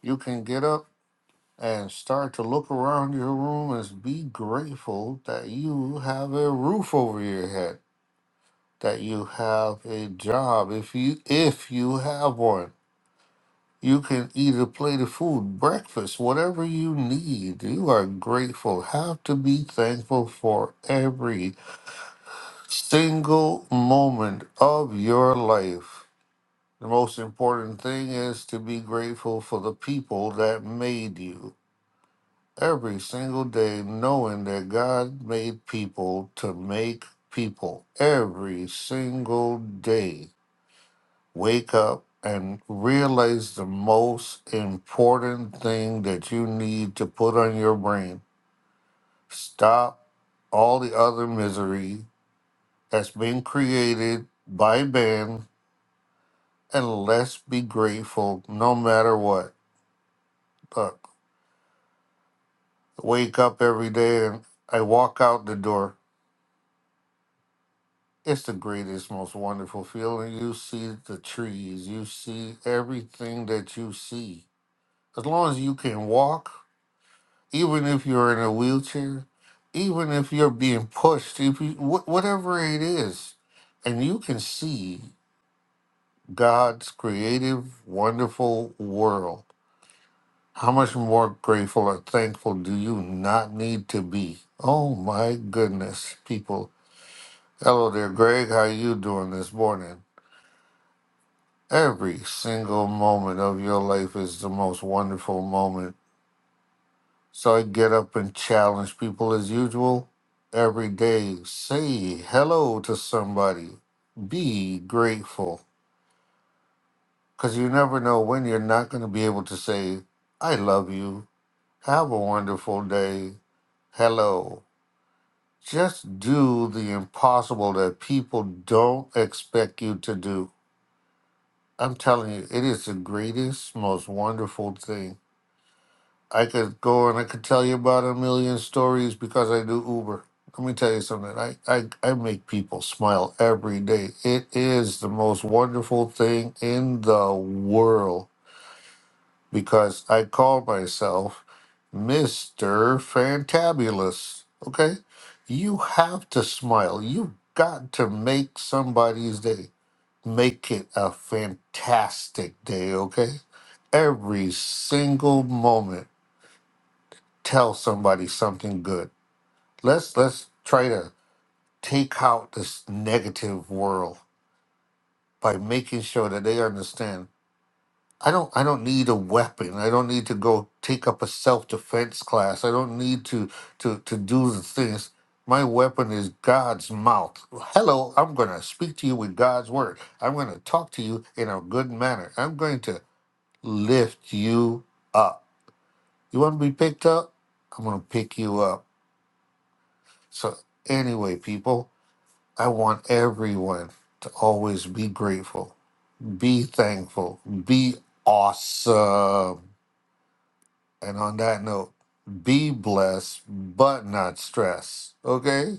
S9: You can get up and start to look around your room and be grateful that you have a roof over your head, that you have a job, if you if you have one You can eat a plate of food, breakfast, whatever you need. You are grateful. Have to be thankful for every single moment of your life. The most important thing is to be grateful for the people that made you. Every single day, knowing that God made people to make people. Every single day. wake up and realize the most important thing that you need to put on your brain. Stop all the other misery that's been created by man, and let's be grateful no matter what. Look, wake up every day and I walk out the door. It's the greatest, most wonderful feeling. You see the trees, you see everything that you see. As long as you can walk, even if you're in a wheelchair, even if you're being pushed, if you, wh- whatever it is, and you can see God's creative, wonderful world. How much more grateful or thankful do you not need to be? Oh my goodness, people. Hello there, Greg. How you doing this morning? Every single moment of your life is the most wonderful moment So I get up and challenge people as usual every day. Say hello to somebody. Be grateful. Because you never know when you're not going to be able to say, I love you. Have a wonderful day. Hello. Just do the impossible that people don't expect you to do. I'm telling you, it is the greatest, most wonderful thing. I could go and I could tell you about a million stories because I do Uber. Let me tell you something. I, I, I make people smile every day. It is the most wonderful thing in the world because I call myself Mr. Fantabulous. Okay? You have to smile. You've got to make somebody's day. Make it a fantastic day, okay? Every single moment tell somebody something good. Let's let's try to take out this negative world by making sure that they understand. I don't I don't need a weapon. I don't need to go take up a self defense class. I don't need to to to do the things. My weapon is God's mouth. Hello, I'm going to speak to you with God's word. I'm going to talk to you in a good manner. I'm going to lift you up. You want to be picked up? I'm going to pick you up. So anyway, people, I want everyone to always be grateful, be thankful, be awesome. And on that note, be blessed, but not stressed. Okay?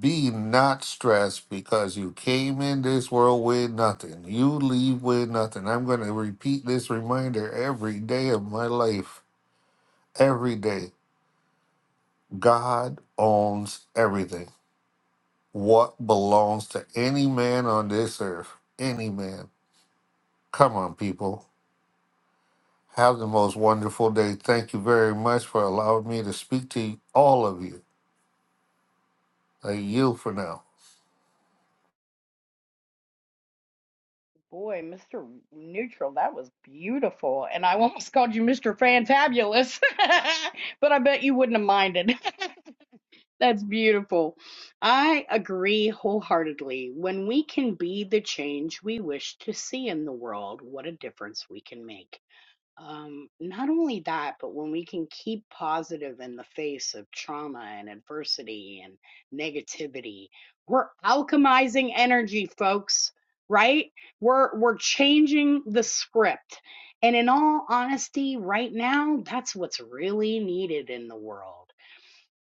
S9: Be not stressed because you came in this world with nothing. You leave with nothing. I'm going to repeat this reminder every day of my life. Every day. God owns everything. What belongs to any man on this earth? Any man. Come on, people. Have the most wonderful day. Thank you very much for allowing me to speak to all of you. I yield for now.
S3: Boy, Mr. Neutral, that was beautiful. And I almost called you Mr. Fantabulous, but I bet you wouldn't have minded. That's beautiful. I agree wholeheartedly. When we can be the change we wish to see in the world, what a difference we can make. Um, not only that, but when we can keep positive in the face of trauma and adversity and negativity, we're alchemizing energy, folks, right? We're we're changing the script. And in all honesty, right now, that's what's really needed in the world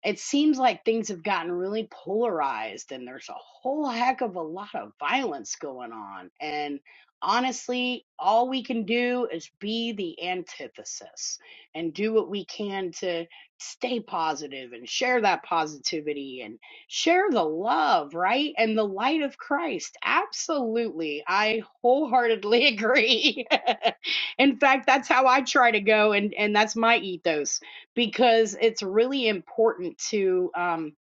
S3: it seems like things have gotten really polarized and there's a whole heck of a lot of violence going on and honestly all we can do is be the antithesis and do what we can to stay positive and share that positivity and share the love right and the light of christ absolutely i wholeheartedly agree in fact that's how i try to go and and that's my ethos because it's really important to um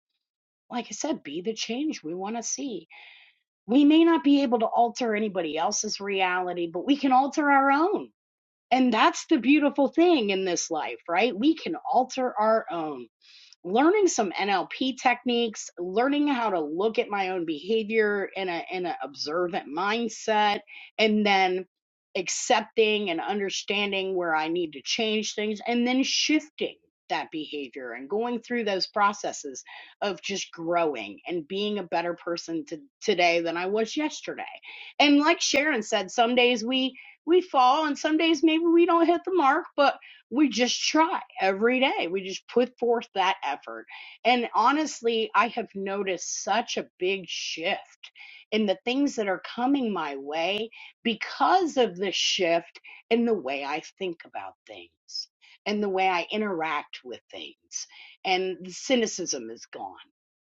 S3: like i said be the change we want to see we may not be able to alter anybody else's reality but we can alter our own and that's the beautiful thing in this life right we can alter our own learning some NLP techniques, learning how to look at my own behavior in a in an observant mindset, and then accepting and understanding where I need to change things, and then shifting that behavior and going through those processes of just growing and being a better person to, today than I was yesterday. And like Sharon said, some days we we fall and some days maybe we don't hit the mark, but we just try every day. We just put forth that effort. And honestly, I have noticed such a big shift in the things that are coming my way because of the shift in the way I think about things and the way I interact with things. And the cynicism is gone.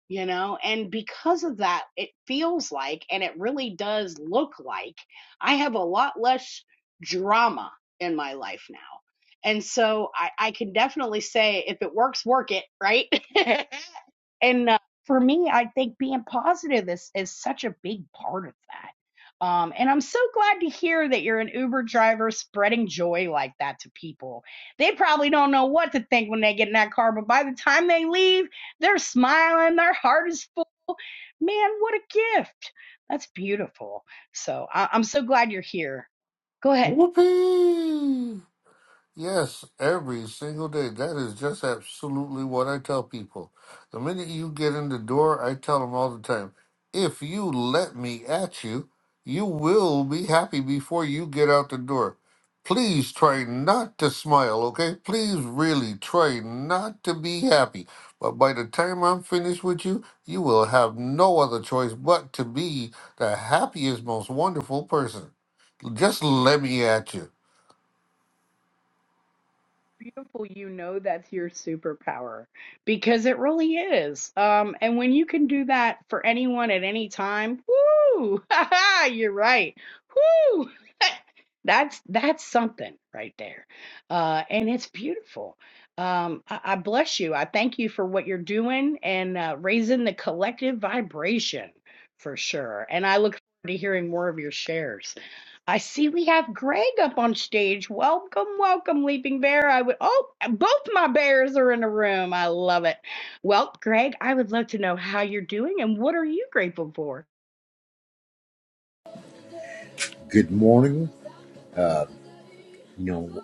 S3: You know, and because of that, it feels like, and it really does look like, I have a lot less drama in my life now and so I, I can definitely say if it works, work it, right? and uh, for me, I think being positive is, is such a big part of that. Um, and I'm so glad to hear that you're an Uber driver spreading joy like that to people. They probably don't know what to think when they get in that car, but by the time they leave, they're smiling, their heart is full. Man, what a gift! That's beautiful. So I- I'm so glad you're here. Go ahead.
S9: Whoopee! Yes, every single day. That is just absolutely what I tell people. The minute you get in the door, I tell them all the time if you let me at you, you will be happy before you get out the door. Please try not to smile, okay? Please really try not to be happy. But by the time I'm finished with you, you will have no other choice but to be the happiest, most wonderful person. Just let me at you.
S3: beautiful you know that's your superpower because it really is um and when you can do that for anyone at any time woo haha, you're right woo that's that's something right there uh and it's beautiful um I, I bless you i thank you for what you're doing and uh, raising the collective vibration for sure and i look forward to hearing more of your shares I see we have Greg up on stage. Welcome, welcome, Leaping Bear. I would oh, both my bears are in the room. I love it. Well, Greg, I would love to know how you're doing and what are you grateful for?
S10: Good morning. You know,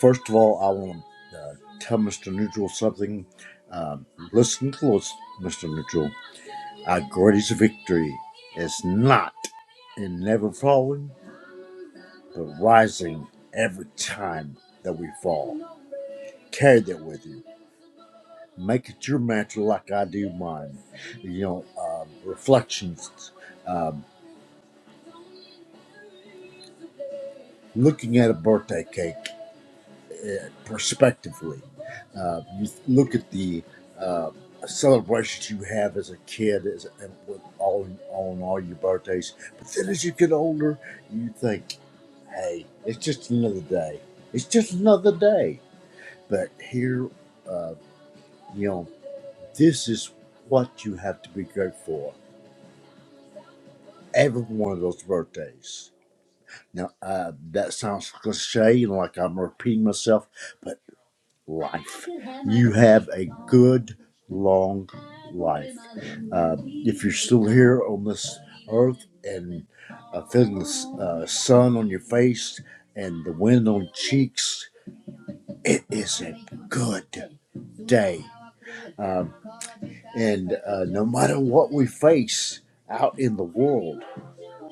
S10: first of all, I want to uh, tell Mr. Neutral something. Um, listen close, Mr. Neutral. Our greatest victory is not in never falling, but rising every time that we fall. Carry that with you. Make it your mantra like I do mine. You know, um, reflections, um, looking at a birthday cake. prospectively. Uh, you look at the uh, celebrations you have as a kid, as with all on all your birthdays. But then as you get older, you think, "Hey, it's just another day. It's just another day." But here, uh, you know, this is what you have to be grateful for. Every one of those birthdays. Now, uh, that sounds cliche, and like I'm repeating myself, but. life. You have a good, long life. Uh, if you're still here on this earth and uh, feeling the uh, sun on your face and the wind on cheeks, it is a good day. Um, and uh, no matter what we face out in the world,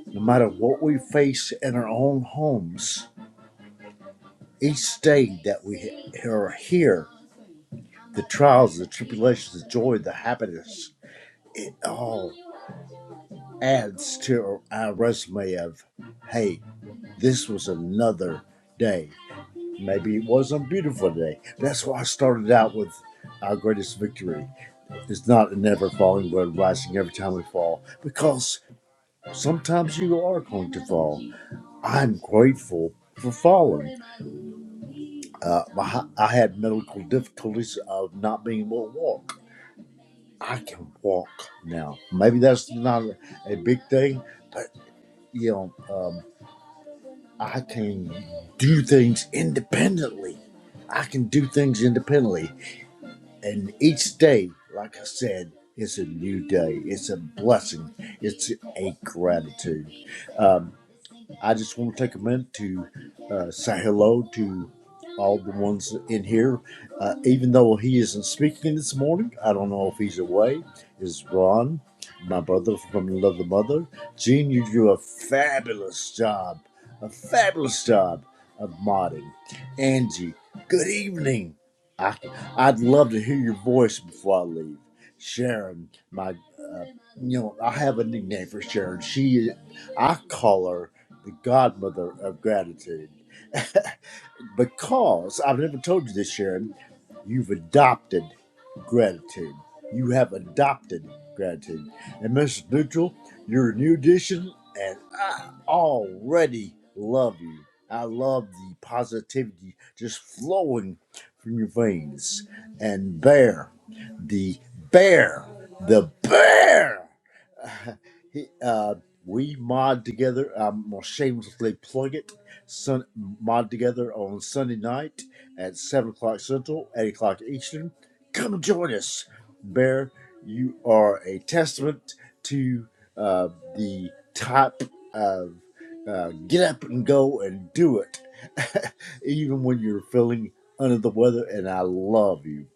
S10: no matter what we face in our own homes, each day that we are here the trials, the tribulations, the joy, the happiness, it all adds to our resume of, hey, this was another day. Maybe it wasn't a beautiful day. That's why I started out with our greatest victory It's not a never falling but rising every time we fall, because sometimes you are going to fall. I'm grateful for falling. Uh, my, I had medical difficulties of not being able to walk. I can walk now. Maybe that's not a big thing, but you know, um, I can do things independently. I can do things independently, and each day, like I said, it's a new day. It's a blessing. It's a gratitude. Um, I just want to take a minute to uh, say hello to all the ones in here. Uh, even though he isn't speaking this morning, I don't know if he's away. Is Ron, my brother from another mother? Gene, you do a fabulous job, a fabulous job of modding. Angie, good evening. I, I'd love to hear your voice before I leave. Sharon, my, uh, you know, I have a nickname for Sharon. She, I call her the godmother of gratitude. because I've never told you this, Sharon, you've adopted gratitude. You have adopted gratitude. And Mrs. Neutral, you're a new addition, and I already love you. I love the positivity just flowing from your veins. And bear, the bear, the bear. He, uh, we mod together. I'm gonna shamelessly plug it. Sun, mod together on Sunday night at seven o'clock Central, eight o'clock Eastern. Come join us, Bear. You are a testament to uh, the type of uh, get up and go and do it, even when you're feeling under the weather. And I love you,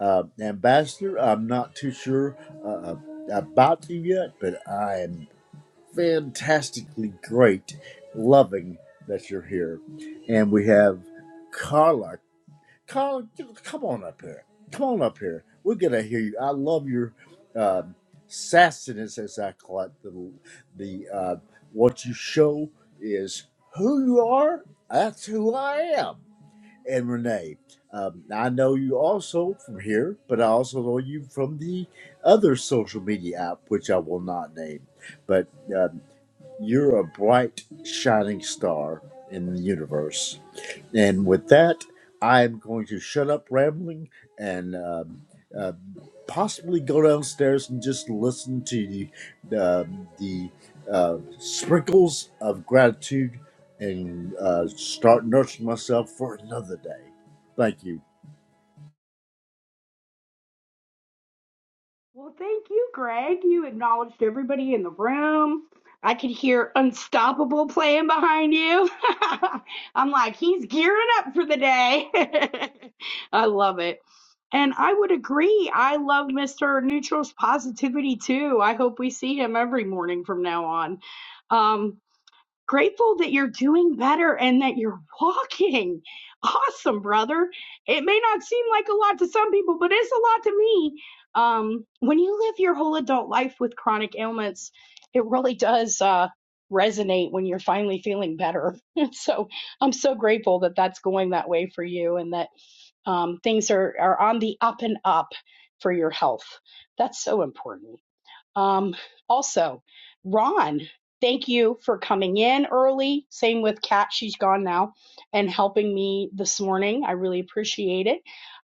S10: uh, Ambassador. I'm not too sure uh, uh, about you yet, but I am fantastically great, loving that you're here. And we have Carla. Carla, come on up here. Come on up here. We're gonna hear you. I love your um, sassiness, as I call it. The, the uh, what you show is who you are. That's who I am. And Renee, um, I know you also from here, but I also know you from the other social media app, which I will not name. But uh, you're a bright, shining star in the universe. And with that, I'm going to shut up rambling and um, uh, possibly go downstairs and just listen to the, uh, the uh, sprinkles of gratitude and uh, start nurturing myself for another day. Thank you.
S3: Well, thank you, Greg. You acknowledged everybody in the room. I could hear Unstoppable playing behind you. I'm like, he's gearing up for the day. I love it. And I would agree. I love Mr. Neutral's positivity too. I hope we see him every morning from now on. Um, grateful that you're doing better and that you're walking. Awesome, brother. It may not seem like a lot to some people, but it's a lot to me. Um, when you live your whole adult life with chronic ailments, it really does uh, resonate when you're finally feeling better. so I'm so grateful that that's going that way for you and that um, things are, are on the up and up for your health. That's so important. Um, also, Ron, thank you for coming in early. Same with Kat, she's gone now, and helping me this morning. I really appreciate it.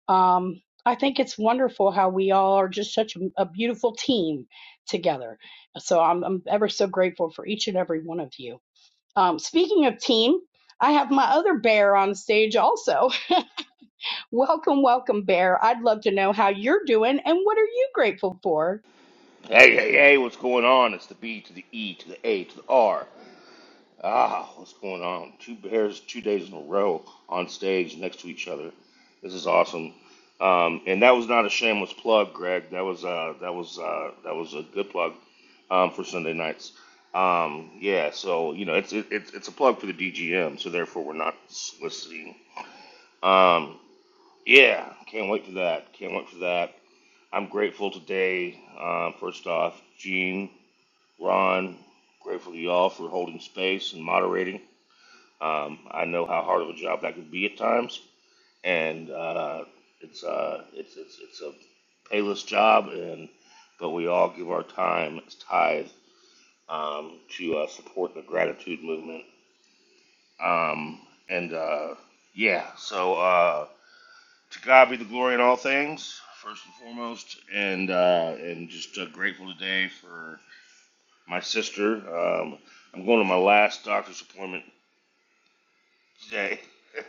S3: Um, I think it's wonderful how we all are just such a, a beautiful team together. So I'm, I'm ever so grateful for each and every one of you. Um, speaking of team, I have my other bear on stage also. Welcome, welcome, bear. I'd love to know how you're doing and what are you grateful for?
S11: Hey, hey, hey, what's going on? It's the B to the E to the A to the R. Ah, what's going on? Two bears, two days in a row on stage next to each other. This is awesome. Um, and that was not a shameless plug, Greg. That was uh, that was uh, that was a good plug um, for Sunday nights. Um, yeah, so you know it's it, it's it's a plug for the DGM, so therefore we're not soliciting. Um, yeah, can't wait for that. Can't wait for that. I'm grateful today. Uh, first off, Gene. Ron, grateful to y'all for holding space and moderating. Um, I know how hard of a job that could be at times, and uh, it's, uh, it's it's it's a payless job, and but we all give our time as tithe um, to uh, support the gratitude movement. Um, and uh, yeah, so uh, to God be the glory in all things, first and foremost, and uh, and just uh, grateful today for. my sister. Um, I'm going to my last doctor's appointment today.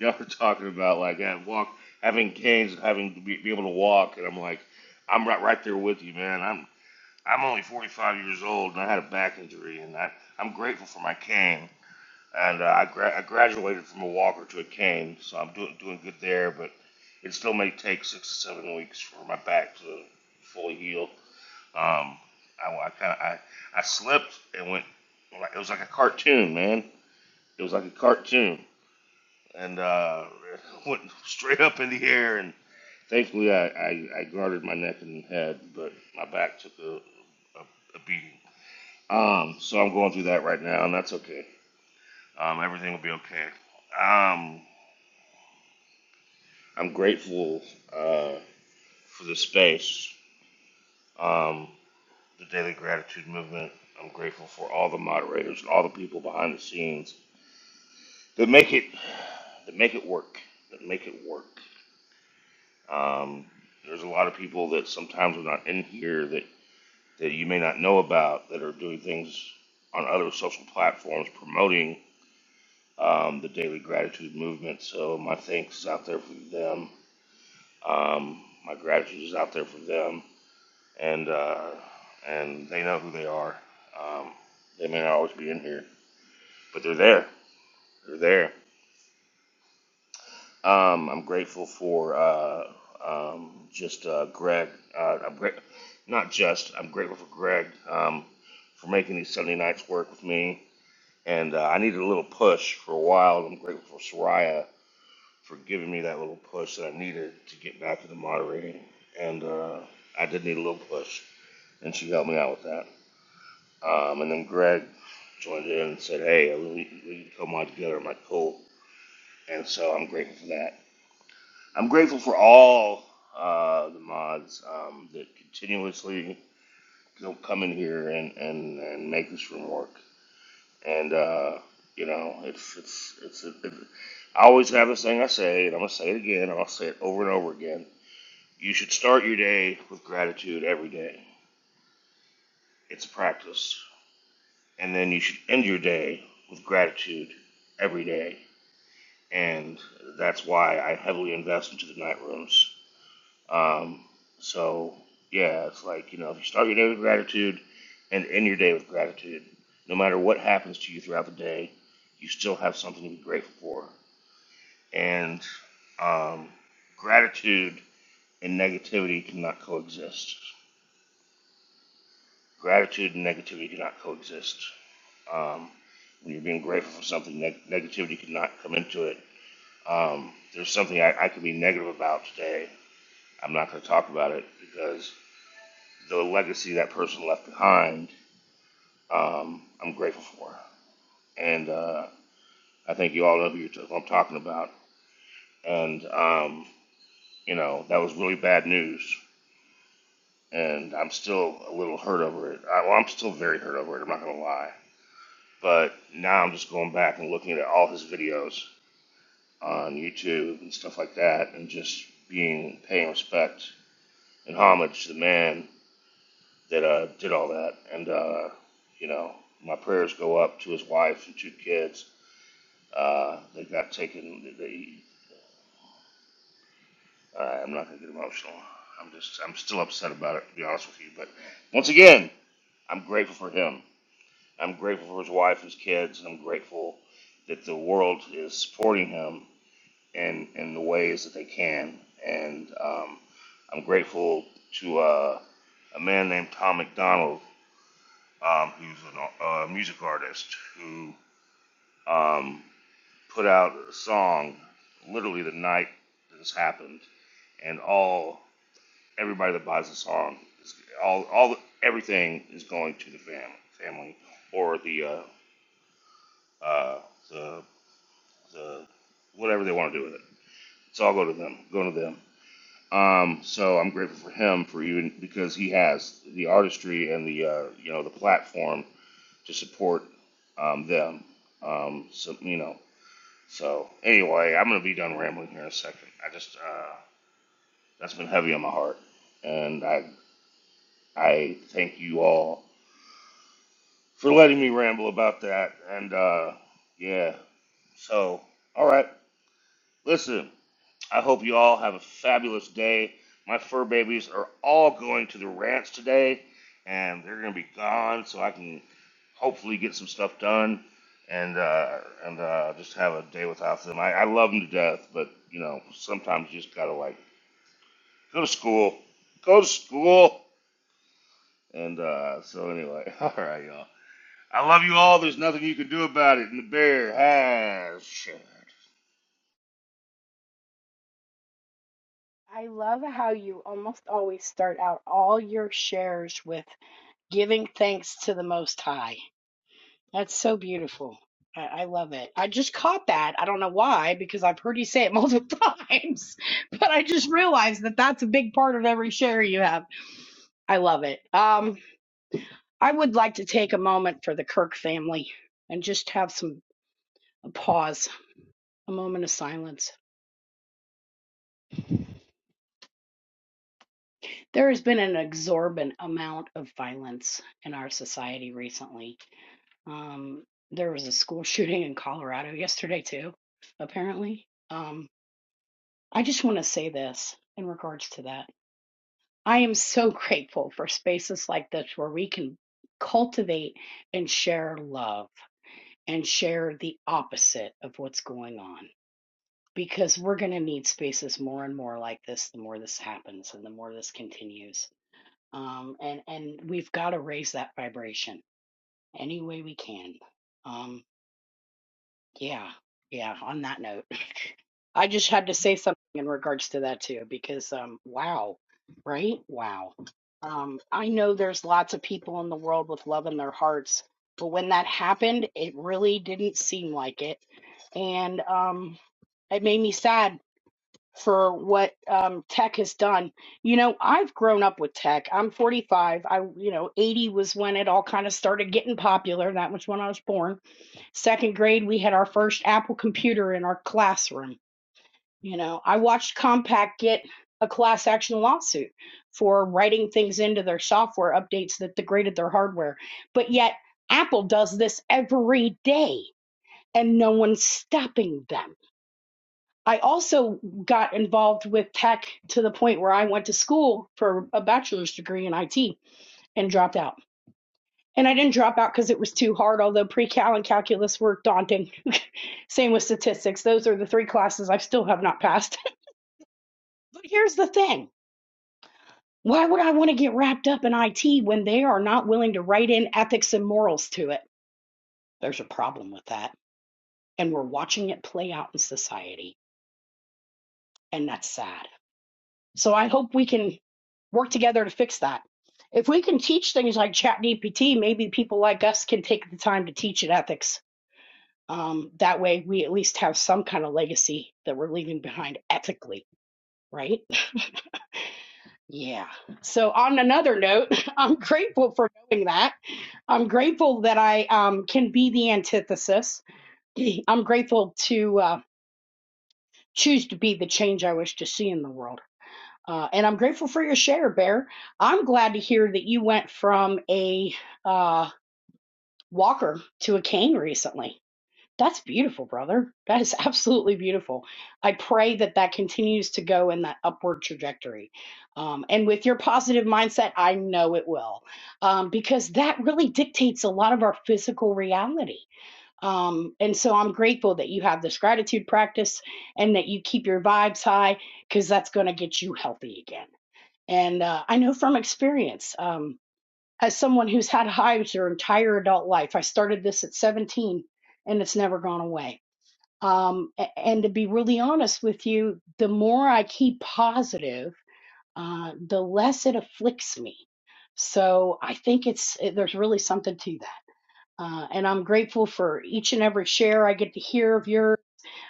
S11: Y'all were talking about like I walk, having canes and having to be, be able to walk, and I'm like, I'm right, right there with you, man. I'm I'm only 45 years old, and I had a back injury, and I, I'm grateful for my cane. And uh, I, gra- I graduated from a walker to a cane, so I'm doing doing good there. But it still may take six to seven weeks for my back to fully heal. Um, I, I kind of I, I slipped and went like it was like a cartoon, man. It was like a cartoon, and uh, went straight up in the air. And thankfully, I, I, I guarded my neck and head, but my back took a, a, a beating. Um, so I'm going through that right now, and that's okay. Um, everything will be okay. Um, I'm grateful uh, for this space, um, the Daily Gratitude Movement. I'm grateful for all the moderators and all the people behind the scenes that make it that make it work that make it work um, there's a lot of people that sometimes are not in here that that you may not know about that are doing things on other social platforms promoting um, the daily gratitude movement so my thanks is out there for them um, my gratitude is out there for them and uh, and they know who they are um, they may not always be in here but they're there they're there Um, I'm grateful for uh, um, just uh, Greg. Uh, I'm gra- not just. I'm grateful for Greg um, for making these Sunday nights work with me. And uh, I needed a little push for a while. I'm grateful for Soraya for giving me that little push that I needed to get back to the moderating. And uh, I did need a little push, and she helped me out with that. Um, and then Greg joined in and said, "Hey, we, we can co-mod together." I'm like, "Cool." And so I'm grateful for that. I'm grateful for all uh, the mods um, that continuously you know, come in here and, and, and make this room work. And uh, you know, it's it's it's. It, it, I always have this thing I say, and I'm gonna say it again, and I'll say it over and over again. You should start your day with gratitude every day. It's a practice, and then you should end your day with gratitude every day. And that's why I heavily invest into the night rooms Um, so yeah, it's like you know, if you start your day with gratitude and end your day with gratitude, no matter what happens to you throughout the day, you still have something to be grateful for. And um, gratitude and negativity cannot coexist. Gratitude and negativity cannot coexist. Um, when you're being grateful for something, neg- negativity cannot come into it. Um, there's something I, I could be negative about today. I'm not going to talk about it because the legacy that person left behind, um, I'm grateful for. And uh, I think you all know who, you're t- who I'm talking about. And, um, you know, that was really bad news. And I'm still a little hurt over it. I, well, I'm still very hurt over it, I'm not going to lie. But now I'm just going back and looking at all his videos on YouTube and stuff like that and just being paying respect and homage to the man that uh, did all that. And, uh, you know, my prayers go up to his wife and two kids Uh, they got taken. They, uh, I'm not gonna get emotional. I'm just, I'm still upset about it, to be honest with you. But once again, I'm grateful for him. I'm grateful for his wife, his kids, and I'm grateful that the world is supporting him in in the ways that they can. And um, I'm grateful to uh, a man named Tom McDonald, um, who's an, a music artist who. Um, put out a song literally the night this happened, and all everybody that buys the song, is, all all everything is going to the fam, family or the uh, uh, the the whatever they want to do with it. It's all go to them, go to them. Um, so I'm grateful for him for even because he has the artistry and the uh, you know the platform to support um, them. Um, so you know So anyway, I'm gonna be done rambling here in a second. I just uh, that's been heavy on my heart, and I I thank you all for letting me ramble about that. And uh, yeah, so all right, listen. I hope you all have a fabulous day. My fur babies are all going to the ranch today, and they're going to be gone, so I can hopefully get some stuff done and uh, and uh, just have a day without them. I, I love them to death, but you know sometimes you just gotta like go to school, go to school, and uh, so anyway, all right, y'all. I love you all. There's nothing you can do about it, and the bear has.
S3: I love how you almost always start out all your shares with giving thanks to the Most High. That's so beautiful. I, I love it. I just caught that. I don't know why, because I've heard you say it multiple times, but I just realized that that's a big part of every share you have. I love it. Um, I would like to take a moment for the Kirk family and just have some a pause, a moment of silence. There has been an exorbitant amount of violence in our society recently. Um, there was a school shooting in Colorado yesterday, too, apparently. Um, I just want to say this in regards to that. I am so grateful for spaces like this where we can cultivate and share love and share the opposite of what's going on because we're going to need spaces more and more like this the more this happens and the more this continues um, and and we've got to raise that vibration any way we can. Um, yeah, yeah. On that note, I just had to say something in regards to that too, because um, wow, right? Wow. Um, I know there's lots of people in the world with love in their hearts, but when that happened, it really didn't seem like it, and um, it made me sad for what um, tech has done. You know, I've grown up with tech. I'm 45. I, you know, 80 was when it all kind of started getting popular. That was when I was born. Second grade, we had our first Apple computer in our classroom. You know, I watched Compaq get a class action lawsuit for writing things into their software updates that degraded their hardware. But yet, Apple does this every day and no one's stopping them I also got involved with tech to the point where I went to school for a bachelor's degree in IT and dropped out. And I didn't drop out because it was too hard, although pre cal and calculus were daunting. Same with statistics. Those are the three classes I still have not passed. but here's the thing why would I want to get wrapped up in IT when they are not willing to write in ethics and morals to it? There's a problem with that. And we're watching it play out in society. And that's sad. So I hope we can work together to fix that. If we can teach things like ChatGPT, maybe people like us can take the time to teach it ethics. Um, that way, we at least have some kind of legacy that we're leaving behind ethically, right? Yeah. So, on another note, I'm grateful for knowing that. I'm grateful that I um, can be the antithesis. I'm grateful to uh, choose to be the change I wish to see in the world. Uh, and I'm grateful for your share, Bear. I'm glad to hear that you went from a uh, walker to a cane recently. That's beautiful, brother. That is absolutely beautiful. I pray that that continues to go in that upward trajectory. Um, and with your positive mindset, I know it will, um, because that really dictates a lot of our physical reality. Um, and so I'm grateful that you have this gratitude practice and that you keep your vibes high because that's going to get you healthy again. And uh, I know from experience, um, as someone who's had hives their entire adult life, I started this at 17 and it's never gone away. Um, a- and to be really honest with you, the more I keep positive, uh, the less it afflicts me. So I think it's it, there's really something to that. Uh, and I'm grateful for each and every share I get to hear of yours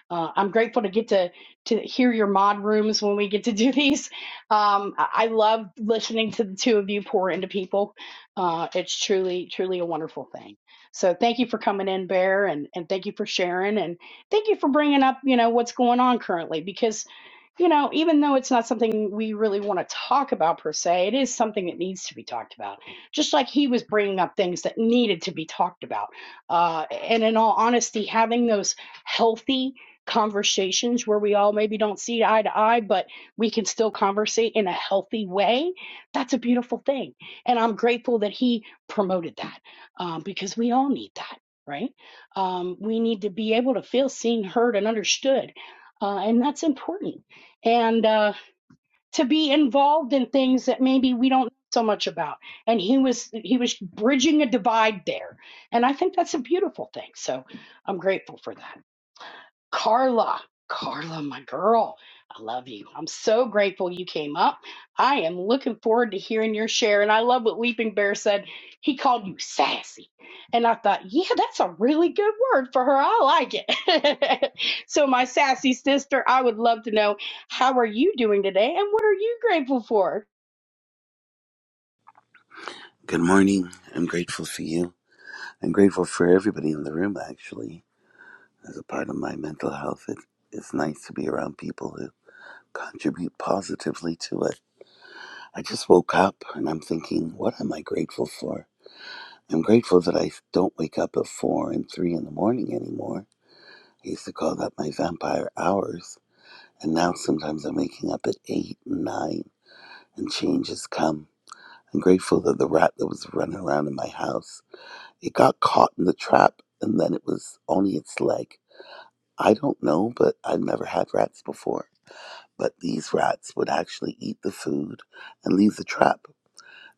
S3: uh, I'm grateful to get to to hear your mod rooms when we get to do these. Um, I I love listening to the two of you pour into people. Uh, it's truly, truly a wonderful thing. So thank you for coming in, Bear, and and thank you for sharing, and thank you for bringing up you know what's going on currently because you know even though it's not something we really want to talk about per se, it is something that needs to be talked about. Just like he was bringing up things that needed to be talked about. Uh, and in all honesty, having those healthy conversations where we all maybe don't see eye to eye, but we can still conversate in a healthy way. That's a beautiful thing. And I'm grateful that he promoted that um, because we all need that, right? Um, we need to be able to feel seen, heard, and understood. Uh, and that's important. And uh, to be involved in things that maybe we don't know so much about and he was he was bridging a divide there and i think that's a beautiful thing so i'm grateful for that Carla, Carla, my girl, I love you. I'm so grateful you came up. I am looking forward to hearing your share. And I love what Leaping Bear said. He called you sassy. And I thought, yeah, that's a really good word for her. I like it. so, my sassy sister, I would love to know how are you doing today and what are you grateful for?
S12: Good morning. I'm grateful for you. I'm grateful for everybody in the room, actually. As a part of my mental health, it, it's nice to be around people who contribute positively to it. I just woke up and I'm thinking, what am I grateful for? I'm grateful that I don't wake up at four and three in the morning anymore. I used to call that my vampire hours. And now sometimes I'm waking up at eight and nine, and change has come. I'm grateful that the rat that was running around in my house It got caught in the trap and then it was only its leg. I don't know, but I've never had rats before. But these rats would actually eat the food and leave the trap.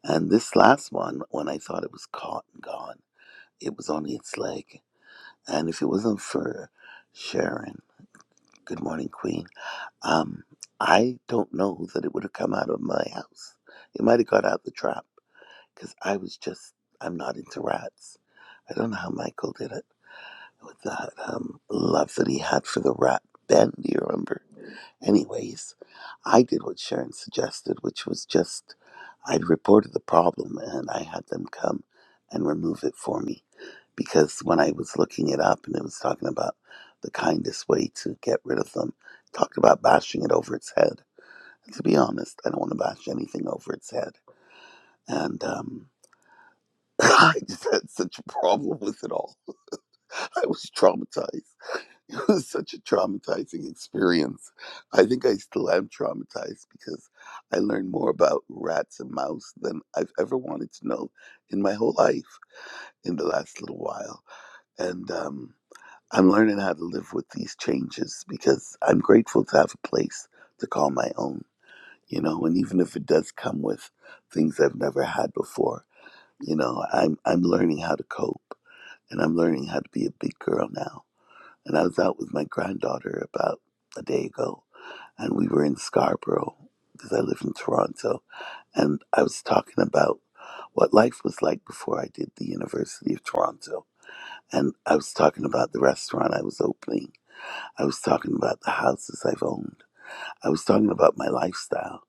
S12: And this last one, when I thought it was caught and gone, it was only its leg. And if it wasn't for Sharon, good morning, Queen, um, I don't know that it would have come out of my house. It might have got out the trap because I was just, I'm not into rats. I don't know how Michael did it. with that um, love that he had for the rat Ben. Do you remember? Anyways, I did what Sharon suggested, which was just I'd reported the problem and I had them come and remove it for me. Because when I was looking it up and it was talking about the kindest way to get rid of them, it talked about bashing it over its head. And to be honest, I don't want to bash anything over its head. And um, I just had such a problem with it all. I was traumatized. It was such a traumatizing experience. I think I still am traumatized because I learned more about rats and mice than I've ever wanted to know in my whole life in the last little while. And um, I'm learning how to live with these changes because I'm grateful to have a place to call my own, you know, and even if it does come with things I've never had before, you know, I'm, I'm learning how to cope and I'm learning how to be a big girl now and I was out with my granddaughter about a day ago, and we were in Scarborough because I live in Toronto. And I was talking about what life was like before I did the University of Toronto. And I was talking about the restaurant I was opening. I was talking about the houses I've owned. I was talking about my lifestyle.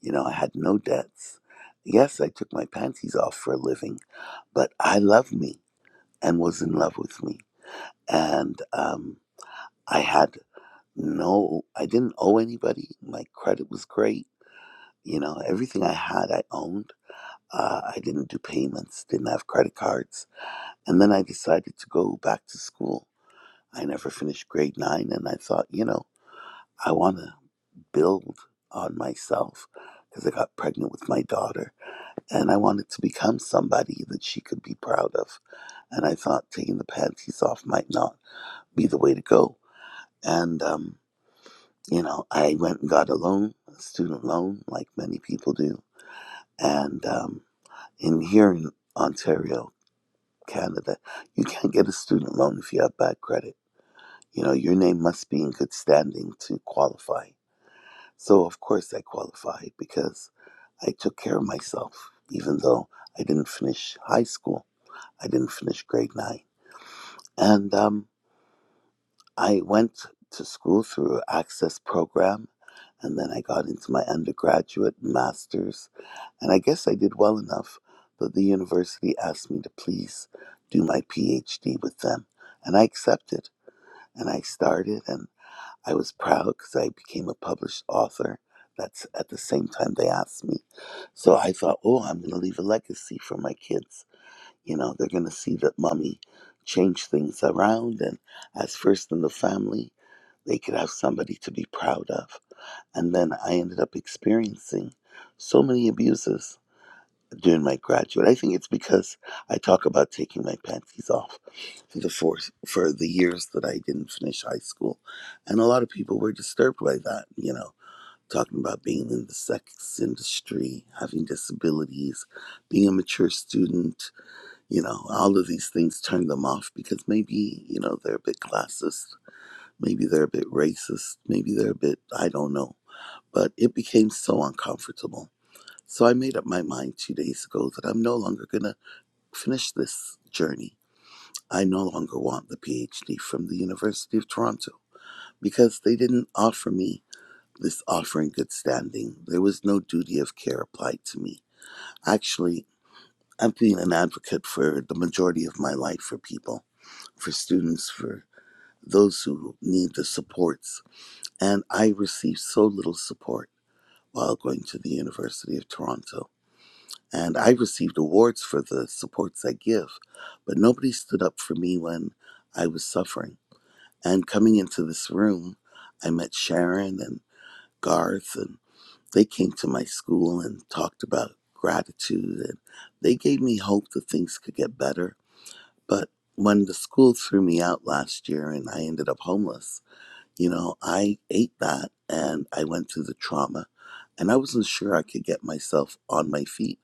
S12: You know, I had no debts. Yes, I took my panties off for a living, but I loved me and was in love with me. And um, I had no, I didn't owe anybody. My credit was great. You know, everything I had, I owned. Uh, I didn't do payments, didn't have credit cards. And then I decided to go back to school. I never finished grade nine, and I thought, you know, I want to build on myself because I got pregnant with my daughter and I wanted to become somebody that she could be proud of. And I thought taking the panties off might not be the way to go. And um, You know, I went and got a loan, a student loan, like many people do. And um, in here in Ontario, Canada, you can't get a student loan if you have bad credit. You know, your name must be in good standing to qualify. So, of course, I qualified because I took care of myself, even though I didn't finish high school. I didn't finish grade nine. And um, I went to school through Access program, and then I got into my undergraduate master's, and I guess I did well enough that the university asked me to please do my PhD with them, and I accepted. And I started, and I was proud because I became a published author. That's at the same time they asked me. So I thought, oh, I'm going to leave a legacy for my kids. You know, they're going to see that mommy changed things around and as first in the family they could have somebody to be proud of. And then I ended up experiencing so many abuses during my graduate. I think it's because I talk about taking my panties off for the four, for the years that I didn't finish high school. And a lot of people were disturbed by that, you know, talking about being in the sex industry, having disabilities, being a mature student, you know, all of these things turned them off because maybe, you know, they're a bit classist Maybe they're a bit racist. Maybe they're a bit, I don't know. But it became so uncomfortable. So I made up my mind two days ago that I'm no longer going to finish this journey. I no longer want the PhD from the University of Toronto because they didn't offer me this offer in good standing. There was no duty of care applied to me. Actually, I've been an advocate for the majority of my life for people, for students, for those who need the supports and I received so little support while going to the University of Toronto. And I received awards for the supports I give, but nobody stood up for me when I was suffering. And coming into this room, I met Sharon and Garth, and they came to my school and talked about gratitude, and they gave me hope that things could get better. But when the school threw me out last year and I ended up homeless, you know, I ate that and I went through the trauma and I wasn't sure I could get myself on my feet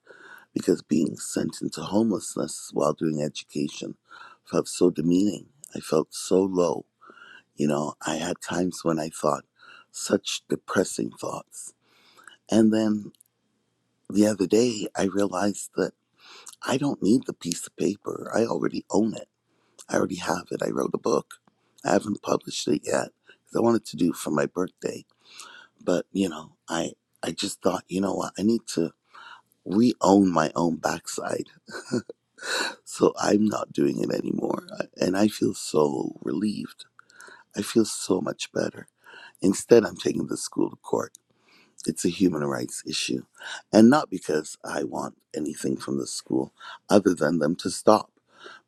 S12: because being sent into homelessness while doing education felt so demeaning. I felt so low. You know, I had times when I thought such depressing thoughts. And then the other day, I realized that I don't need the piece of paper. I already own it. I already have it. I wrote a book. I haven't published it yet because I wanted to do it for my birthday but you know i i just thought you know what i need to re-own my own backside so i'm not doing it anymore and i feel so relieved i feel so much better instead i'm taking the school to court it's a human rights issue and not because i want anything from the school other than them to stop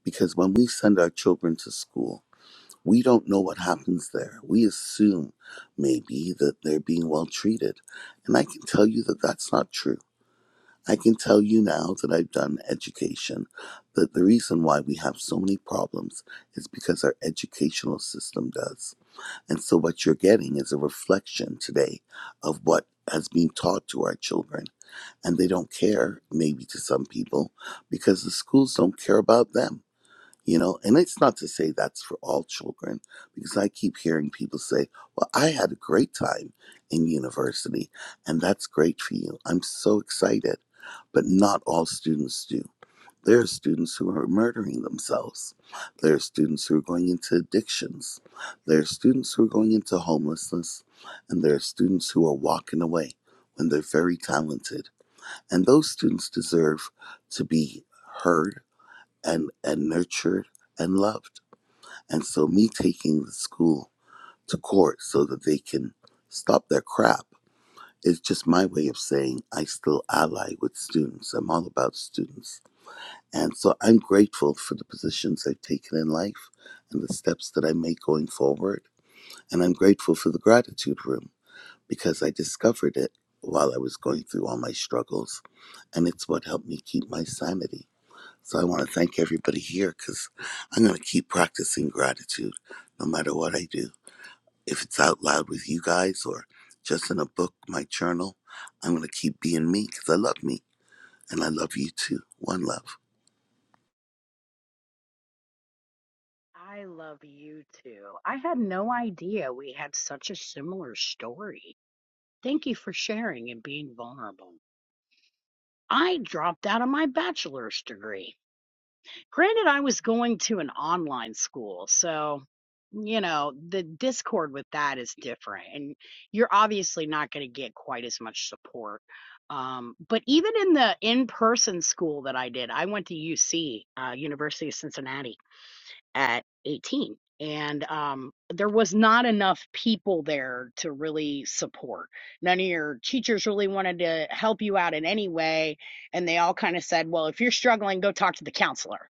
S12: because when we send our children to school we don't know what happens there we assume maybe that they're being well treated and i can tell you that that's not true I can tell you now that I've done education that the reason why we have so many problems is because our educational system does. And so, what you're getting is a reflection today of what has been taught to our children. And they don't care, maybe to some people, because the schools don't care about them you know, and it's not to say that's for all children, because I keep hearing people say, Well, I had a great time in university, and that's great for you. I'm so excited. But not all students do. There are students who are murdering themselves. There are students who are going into addictions. There are students who are going into homelessness. And there are students who are walking away when they're very talented. And those students deserve to be heard and and nurtured and loved. And so me taking the school to court so that they can stop their crap is just my way of saying I still ally with students. I'm all about students. And so I'm grateful for the positions I've taken in life and the steps that I make going forward. And I'm grateful for the gratitude room because I discovered it while I was going through all my struggles. And it's what helped me keep my sanity so I want to thank everybody here because I'm going to keep practicing gratitude no matter what I do. If it's out loud with you guys or just in a book, my journal, I'm going to keep being me because I love me and I love you too. One love.
S3: I love you too. I had no idea we had such a similar story. Thank you for sharing and being vulnerable. I dropped out of my bachelor's degree. Granted, I was going to an online school, so you know, the discord with that is different and you're obviously not going to get quite as much support. Um, but even in the in-person school that I did, I went to UC, uh, University of Cincinnati at 18 and um, there was not enough people there to really support none of your teachers really wanted to help you out in any way and they all kind of said well if you're struggling go talk to the counselor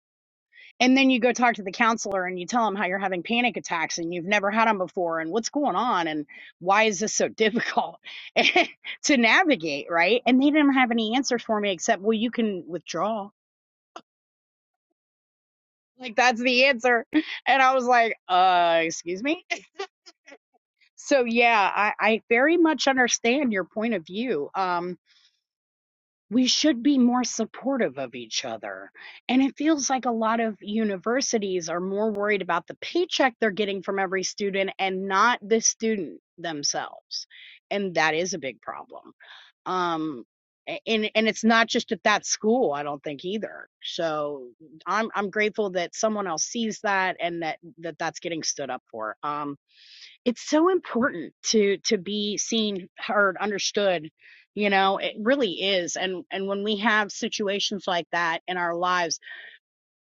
S3: and then you go talk to the counselor and you tell them how you're having panic attacks and you've never had them before and what's going on and why is this so difficult to navigate right and they didn't have any answers for me except well you can withdraw like that's the answer and i was like uh excuse me So yeah, I, I very much understand your point of view. Um, we should be more supportive of each other. And it feels like a lot of universities are more worried about the paycheck they're getting from every student and not the student themselves. And that is a big problem. Um, a- and and it's not just at that school, I don't think either. So I'm I'm grateful that someone else sees that and that, that that's getting stood up for. Um, it's so important to to be seen heard understood you know it really is and and when we have situations like that in our lives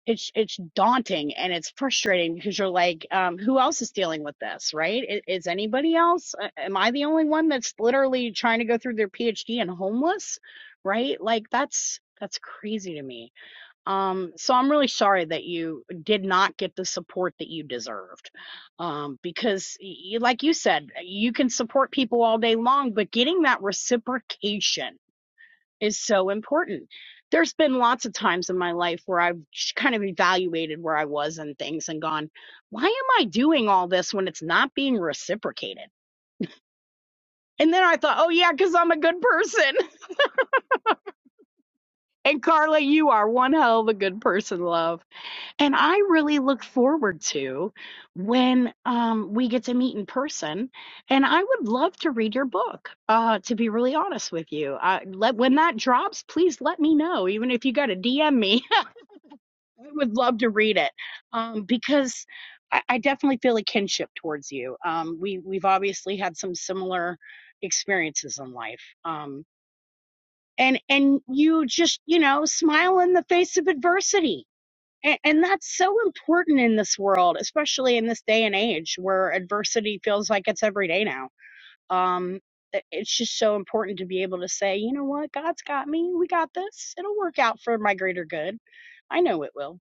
S3: it's it's daunting and it's frustrating because you're like um who else is dealing with this right is, is anybody else A- am i the only one that's literally trying to go through their phd and homeless right like that's that's crazy to me um, so I'm really sorry that you did not get the support that you deserved. Um, because y- like you said, uh, you can support people all day long, but getting that reciprocation is so important. There's been lots of times in my life where I've sh- kind of evaluated where I was and things and gone, why am I doing all this when it's not being reciprocated? And then I thought, oh yeah, because I'm a good person. And Carla, you are one hell of a good person, love. And I really look forward to when um, we get to meet in person. And I would love to read your book, uh, to be really honest with you. I, let, when that drops, please let me know, even if you got to DM me. I would love to read it um, because I, I definitely feel a kinship towards you. Um, we, we've obviously had some similar experiences in life. Um, and and you just you know smile in the face of adversity and, and that's so important in this world, especially in this day and age where adversity feels like it's every day now. Um, i- it's just so important to be able to say, you know what, God's got me. We got this. It'll work out for my greater good. I know it will.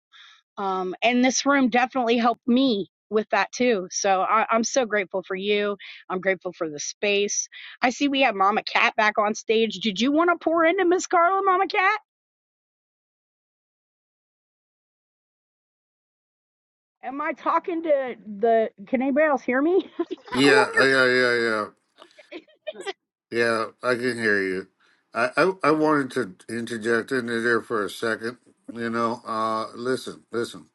S3: Um, and this room definitely helped me with that too. So I, I'm so grateful for you. I'm grateful for the space. I see we have Mama Cat back on stage. Did you want to pour into Miss Carla, Mama Cat? Am I talking to the? Can anybody else hear me? I'm
S9: Yeah,
S3: wondering.
S9: yeah, yeah, yeah. Yeah, I can hear you. I, I, I wanted to interject into there for a second. You know, uh, listen, listen.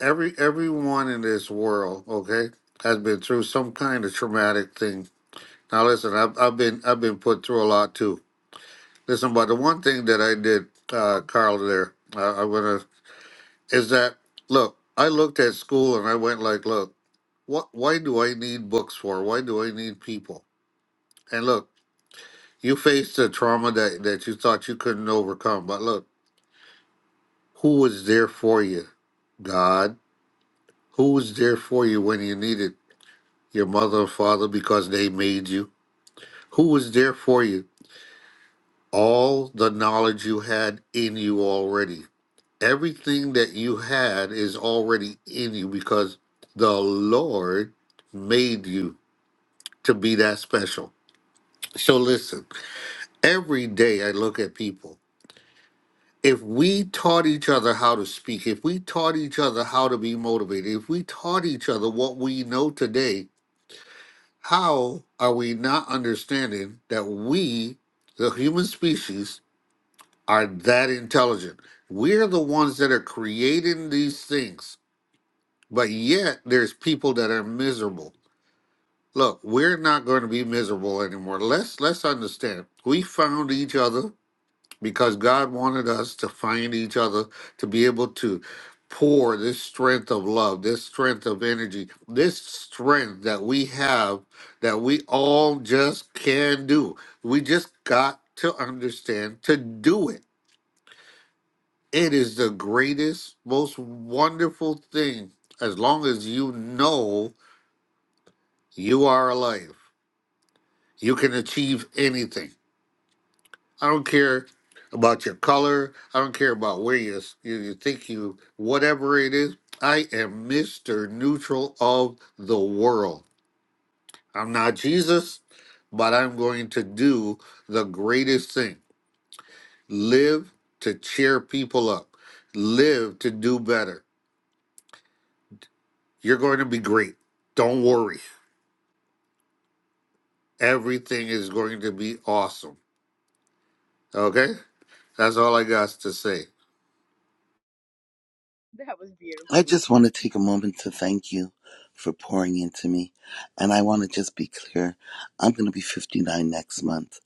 S9: Every everyone in this world, okay, has been through some kind of traumatic thing. Now, listen, I've, I've been I've been put through a lot too. Listen, but the one thing that I did, uh, Carl, there, uh, i want to is that look. I looked at school and I went like, look, what? Why do I need books for? Why do I need people? And look. You faced a trauma that, that you thought you couldn't overcome. But look, who was there for you? God. Who was there for you when you needed your mother and father because they made you? Who was there for you? All the knowledge you had in you already. Everything that you had is already in you because the Lord made you to be that special. So listen, every day I look at people if we taught each other how to speak, if we taught each other how to be motivated, if we taught each other what we know today, how are we not understanding that we, the human species, are that intelligent? We're the ones that are creating these things, but yet there's people that are miserable. Look, we're not going to be miserable anymore. Let's let's understand. We found each other. because God wanted us to find each other, to be able to pour this strength of love, this strength of energy, this strength that we have that we all just can do. We just got to understand to do it. It is the greatest, most wonderful thing as long as you know you are alive. You can achieve anything. I don't care about your color. I don't care about where you you, you think you whatever it is. I am Mr. Neutral of the world. I'm not Jesus, but I'm going to do the greatest thing. Live to cheer people up. Live to do better. You're going to be great. Don't worry. Everything is going to be awesome. Okay? That's all I got to say.
S3: That was beautiful,
S12: I just want to take a moment to thank you for pouring into me. And I want to just be clear I'm going to be 59 next month.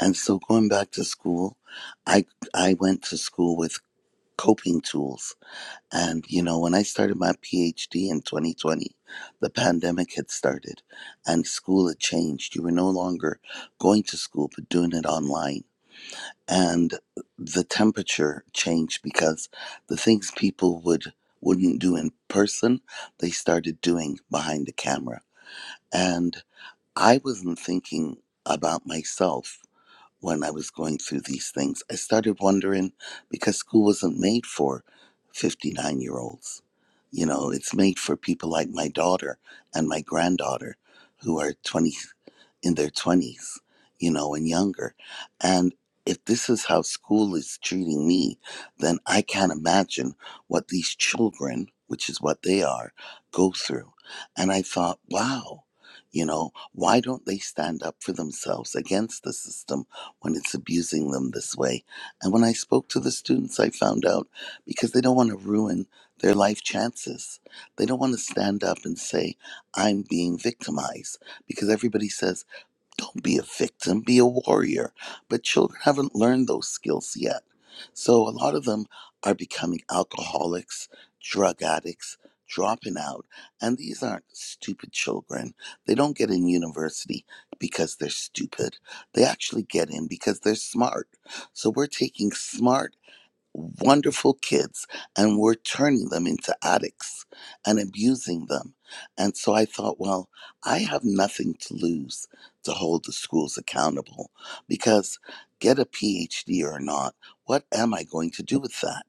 S12: And so going back to school, I, I went to school with coping tools And, you know, when I started my PhD in 2020, the pandemic had started and school had changed. You were no longer going to school, but doing it online. And the temperature changed because the things people would wouldn't do in person, they started doing behind the camera. And I wasn't thinking about myself when I was going through these things. I started wondering because school wasn't made for 59 year olds. You know, it's made for people like my daughter and my granddaughter who are 20 in their 20s, you know, and younger. And if this is how school is treating me, then I can't imagine what these children, which is what they are, go through. And I thought, wow, you know, why don't they stand up for themselves against the system? when it's abusing them this way. And when I spoke to the students, I found out because they don't want to ruin their life chances. They don't want to stand up and say, I'm being victimized, because everybody says, don't be a victim, be a warrior. But children haven't learned those skills yet. So a lot of them are becoming alcoholics, drug addicts, dropping out. And these aren't stupid children. They don't get in university because they're stupid. They actually get in because they're smart. So we're taking smart wonderful kids and we're turning them into addicts and abusing them. And so I thought, well, I have nothing to lose to hold the schools accountable because get a PhD or not, what am I going to do with that?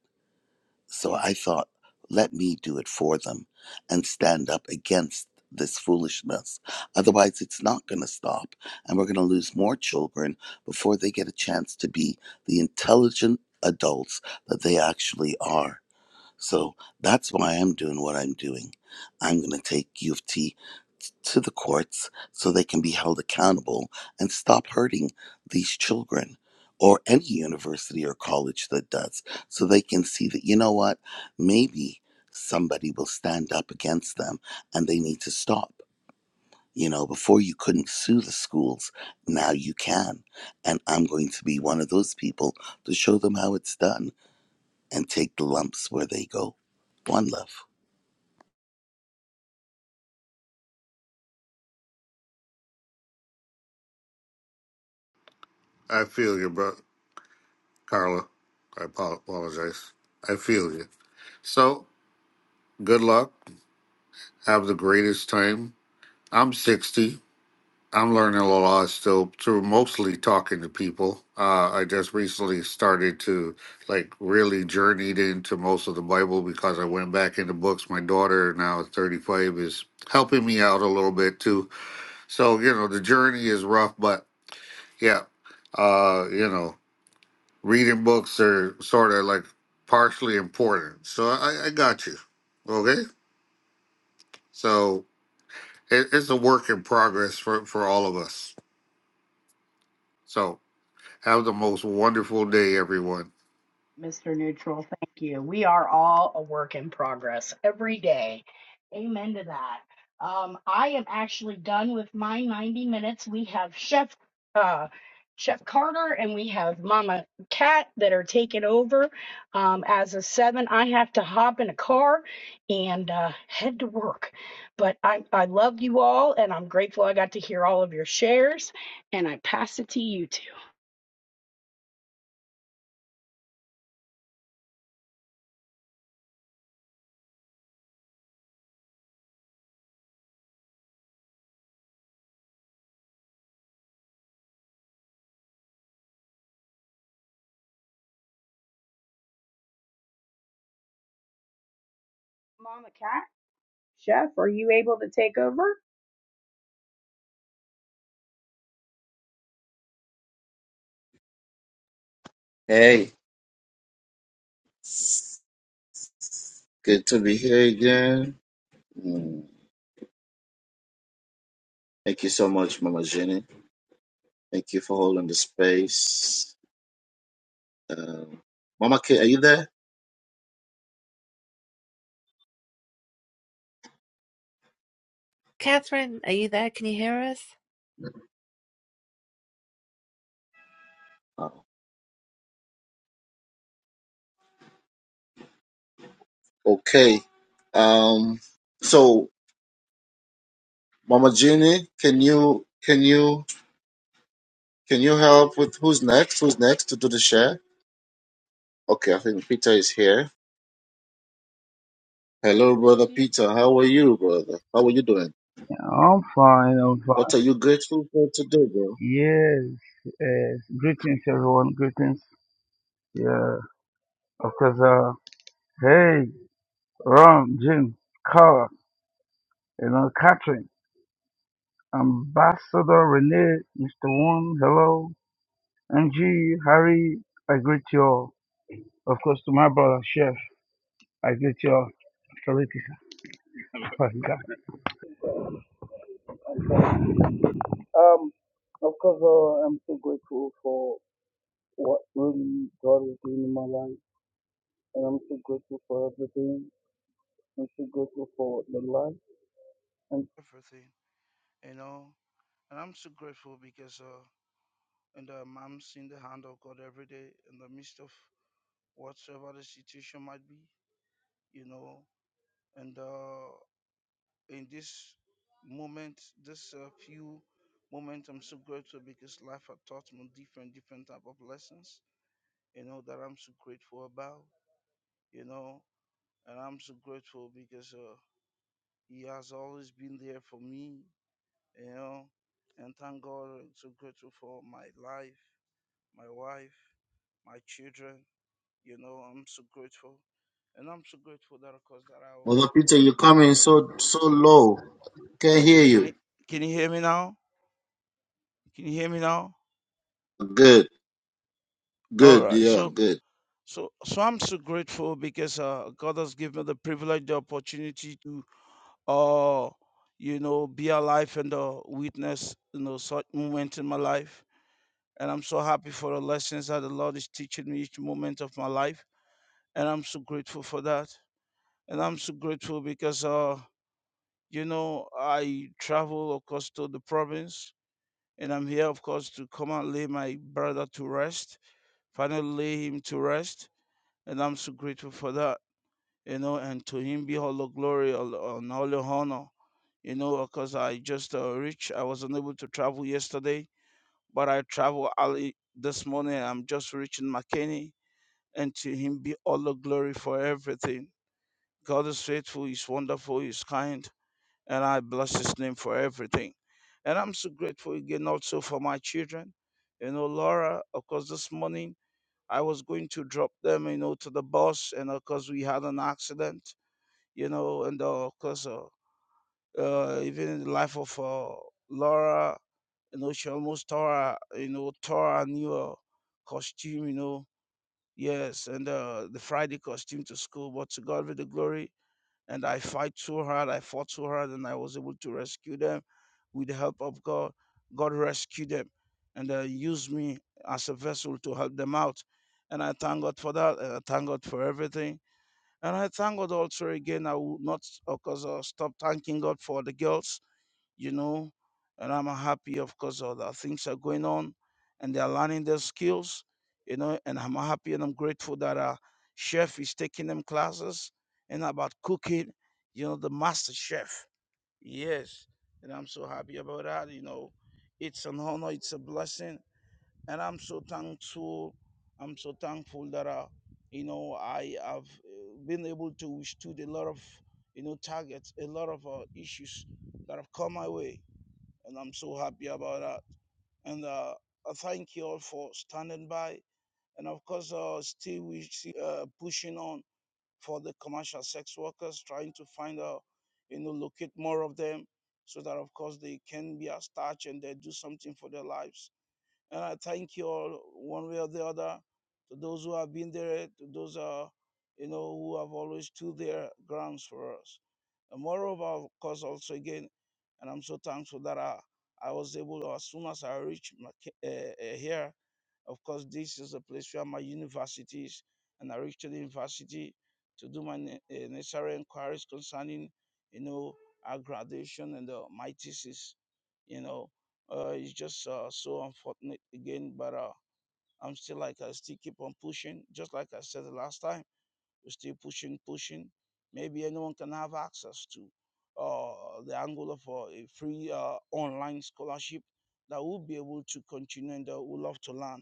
S12: So I thought, let me do it for them and stand up against this foolishness. Otherwise, it's not going to stop, and we're going to lose more children before they get a chance to be the intelligent adults that they actually are. So that's why I'm doing what I'm doing. I'm going to take U of T to the courts so they can be held accountable and stop hurting these children or any university or college that does so they can see that you know what maybe somebody will stand up against them and they need to stop you know before you couldn't sue the schools now you can and i'm going to be one of those people to show them how it's done and take the lumps where they go one love
S9: I feel you, bro. Carla, I apo- apologize. I feel you. So, good luck. Have the greatest time. I'm 60. I'm learning a lot still through mostly talking to people. Uh, I just recently started to like really journeyed into most of the Bible because I went back into books. My daughter, now is 35, is helping me out a little bit too. So, you know, the journey is rough, but yeah, uh, you know, reading books are sort of like partially important. So I, I got you. Okay. So it, it's a work in progress for, for all of us. So have the most wonderful day, everyone.
S3: Mr. Neutral, thank you. We are all a work in progress every day. Amen to that. Um, I am actually done with my 90 minutes. We have Chef uh, Chef Carter and we have Mama Cat that are taking over. Um, as a seven, I have to hop in a car and uh, head to work. But I, I love you all and I'm grateful I got to hear all of your shares. And I pass it to you two. Mama Cat, Chef, are you able to take over?
S7: Hey, good to be here again. Mm, Thank you so much, Mama Jenny. Thank you for holding the space. Um, Mama K, are you there?
S5: Catherine, are you there? Can you hear us?
S7: Oh, Okay. Um, so, Mama Jenny, can you can you can you help with who's next? Who's next to do the share? Okay, I think Peter is here. Hello, brother
S3: Peter
S7: Peter. How are you, brother? How are you doing?
S13: I'm fine, I'm fine.
S7: What are you grateful for today, bro?
S13: Yes, yes. Greetings, everyone. Greetings. Yeah, of course. Uh, hey, Ron, Jim, Carl, you know, Catherine, Ambassador Renee, Mr. One, hello. Angie, Harry, I greet you all. Of course, to my brother, Chef, I greet you all. Mr. Um, of course, uh, I'm so grateful for what really God is doing in my life, and I'm so grateful for everything. and to grateful for the life and everything, you know. And I'm so grateful because uh, and um, I'm seeing the hand of God every day in the midst of whatsoever the situation might be, you know. And uh, in this moment, this uh, few moment, I'm so grateful because life has taught me different, different type of lessons, you know, that I'm so grateful about, you know. And I'm so grateful because uh, He has always been there for me, you know, and thank God. I'm so grateful for my life, my wife, my children. You know, I'm so grateful, and I'm so grateful that, of course, that I was
S7: Brother Peter,
S13: able.
S7: you're coming so so low. Can't
S13: Okay,
S7: hear
S13: can you
S7: you.
S13: can you hear me now? Can you hear me now?
S7: Good,
S13: All
S7: good,
S13: right.
S7: yeah,
S13: So
S7: good.
S13: so so I'm so grateful because uh, God has given me the privilege, the opportunity to uh you know be alive and uh, witness you know such moment in my life. And I'm so happy for the lessons that the Lord is teaching me each moment of my life and I'm so grateful for that. And I'm so grateful because, uh, you know, I travel, of course, to the province, and I'm here, of course, to come and lay my brother to rest, finally lay him to rest, and I'm so grateful for that, you know. And to him be all the glory all- and all the honor, you know, because I just uh, reached. I was unable to travel yesterday, but I travel early this morning. I'm just reaching McKinney, and to him be all the glory for everything God is faithful, He's wonderful, He's kind, and I bless His name for everything. And I'm so grateful again also for my children. You know, Laura, of course, this morning I was going to drop them, you know, to the bus, and of course, we had an accident, you know, and uh, of course, uh, uh, even in the life of uh, Laura, you know, she almost tore, her- you know, tore her new uh, costume, you know, yes, and uh, the Friday costume to school, but to God with the glory and I fight so hard. I fought so hard, and I was able to rescue them with the help of God. God rescued them and uh, used me as a vessel to help them out. And I thank God for that. And I thank God for everything. And I thank God also again. I will not, of course, uh, stop thanking God for the girls you know, and I'm happy, of course, all the things are going on and they're learning their skills, you know, and I'm happy and I'm grateful that uh, chef is taking them classes and about cooking, you know, the master chef. Yes. And I'm so happy about that, you know. It's an honor, it's a blessing. And I'm so thankful. I'm so thankful that, uh, you know, I have uh, been able to withstood a lot of, you know, targets, a lot of uh, issues that have come my way and I'm so happy about that. And uh, I thank you all for standing by. And of course, uh, still we see, uh, pushing on for the commercial sex workers, trying to find out, you know, locate more of them, so that of course they can be as touch and they do something for their lives. And I thank you all one way or the other to those who have been there, to those uh, you know who have always stood their grounds for us. And moreover, of course, also again, and I'm so thankful that I, I was able to, as soon as I reached my, uh, uh, here, of course, this is the place where my university is, and I reached to the university to do my ne- eh, necessary inquiries concerning, you know, our graduation and uh, my thesis, you know. Uh, it's just uh, so unfortunate again, but uh, I'm still like I still keep on pushing, just like I said the last time. We're still pushing, pushing. Maybe anyone can have access to uh, the Angola for a free uh, online scholarship that will be able to continue and that would love to learn.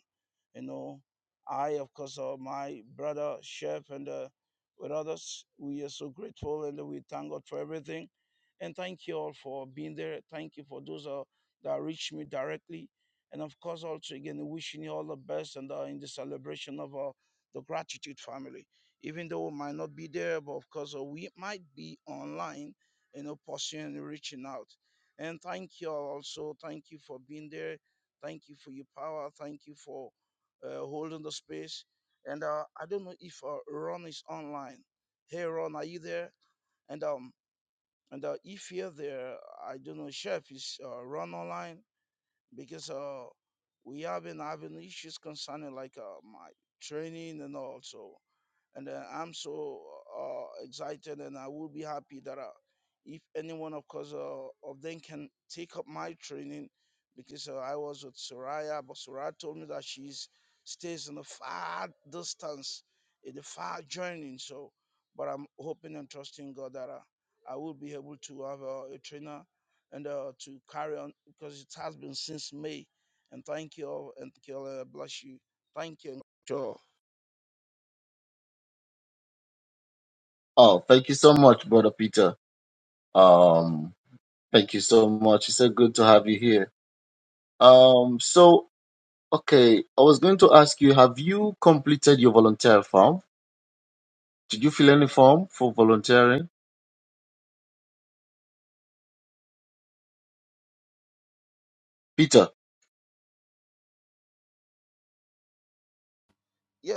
S13: You know, I, of course, uh, my brother, Chef, and uh, with others, we are so grateful and we thank God for everything. And thank you all for being there. Thank you for those uh, that reached me directly. And of course, also again, wishing you all the best and uh, in the celebration of uh, the gratitude family even though we might not be there, but of course uh, we might be online, you know, pursuing and reaching out. And thank you all also. Thank you for being there. Thank you for your power. Thank you for uh, holding the space. And uh, I don't know if uh, Ron is online. Hey, Ron, are you there? And um, and uh, if you're there, I don't know, Chef is uh, Ron online because uh, we have been having issues concerning like uh, my training and all. So and uh, I'm so uh, excited, and I will be happy that uh, if anyone, of course, uh, of them can take up my training, because uh, I was with Soraya, but Soraya told me that she stays in a far distance, in a far journey. So, but I'm hoping and trusting God that uh, I will be able to have uh, a trainer and uh, to carry on because it has been since May. And thank you all, and thank you all, uh, bless you. Thank you. Sure.
S7: Oh, thank you so much, brother Peter. Um, thank you so much. It's so good to have you here. Um, so okay, I was going to ask you, have you completed your volunteer form? Did you fill any form for volunteering? Peter,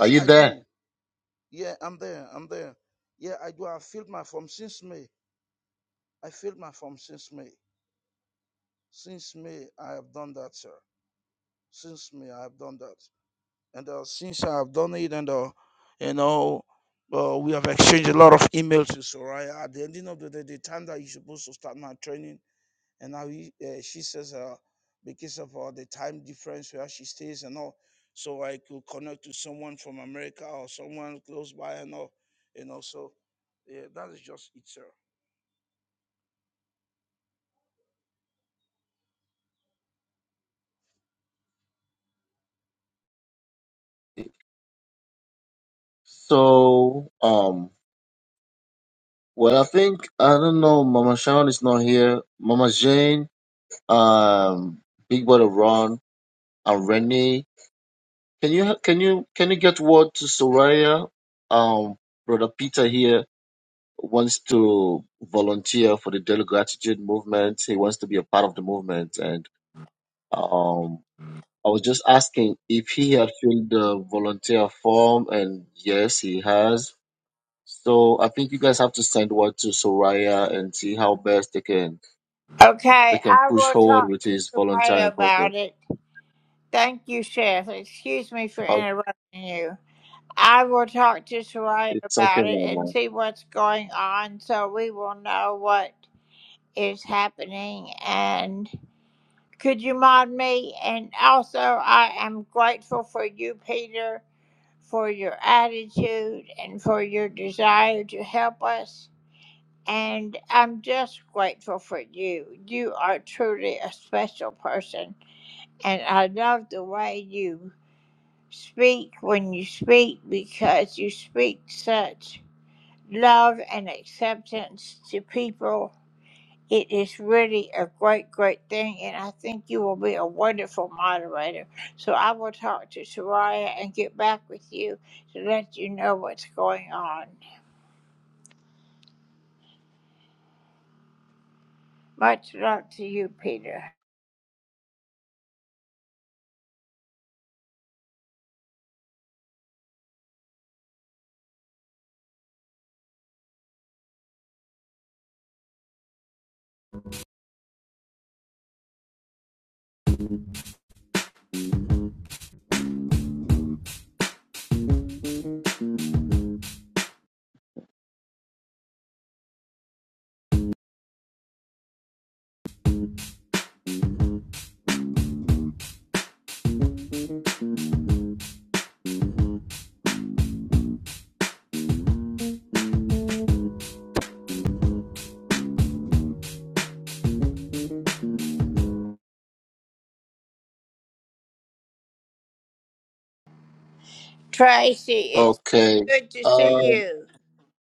S7: are you
S13: I
S7: there?
S13: do. Yeah, I'm there. I'm there. Yeah, I do. I filled my form since May. I filled my form since May. Since May, I have done that, sir. Since May, I have done that. And uh, since I have done it, and uh, you know, uh, we have exchanged a lot of emails with Soraya. At the ending of the day, the time that you're supposed to start my training and now he, uh, she says uh, because of uh, the time difference where she stays and all, so I could connect to someone from America or someone close by and all, you know. So yeah, that is just it, sir.
S7: So, um, Well, I think I don't know. Mama Sharon is not here. Mama Jane, um, Big Brother Ron, and Renee. Can you can you can you get word to Soraya? Um, Brother Peter here wants to volunteer for the Daily Gratitude movement. He wants to be a part of the movement, and um, I was just asking if he had filled the volunteer form, and yes, he has. So I think you guys have to send word to Soraya and see how best they can they can push forward with his volunteering process. Oh, it's okay, Mama. Okay. Uh,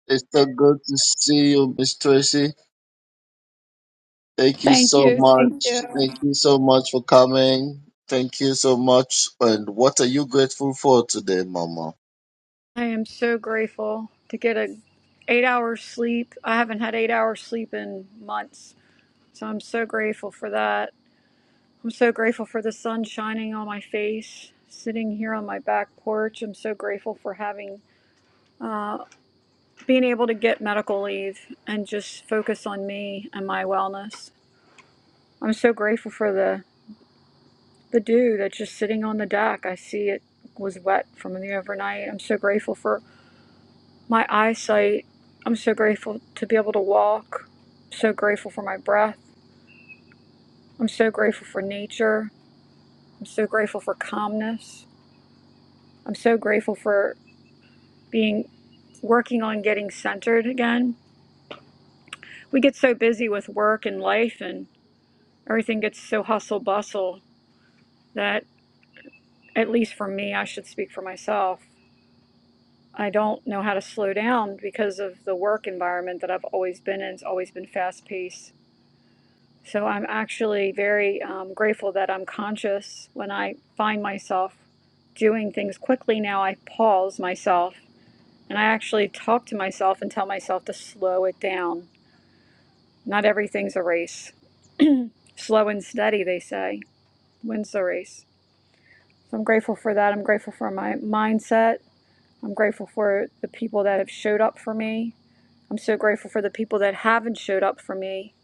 S7: it's so good to see you, Miss Tracy. Thank you
S14: Thank
S7: so
S14: you. Thank
S7: much.
S14: you.
S7: Thank you so much for coming. Thank you so much. And what are you grateful for today, Mama?
S14: I am so grateful to get a 8 hours sleep. I haven't had 8 hours sleep in months. So I'm so grateful for that. I'm so grateful for the sun shining on my face, sitting here on my back porch. I'm so grateful for having being able to get medical leave and just focus on me and my wellness. I'm so grateful for the the dew that's just sitting on the deck. I see it was wet from the overnight. I'm so grateful for my eyesight. I'm so grateful to be able to walk. I'm so grateful for my breath. I'm so grateful for nature. I'm so grateful for calmness. I'm so grateful for being working on getting centered again. We get so busy with work and life and everything gets so hustle bustle that at least for me, I should speak for myself. I don't know how to slow down because of the work environment that I've always been in. It's always been fast paced So I'm actually very um, grateful that I'm conscious when I find myself doing things quickly. Now I pause myself and I actually talk to myself and tell myself to slow it down. Not everything's a race. Slow and steady, they say, wins the race. So I'm grateful for that. I'm grateful for my mindset. I'm grateful for the people that have showed up for me. I'm so grateful for the people that haven't showed up for me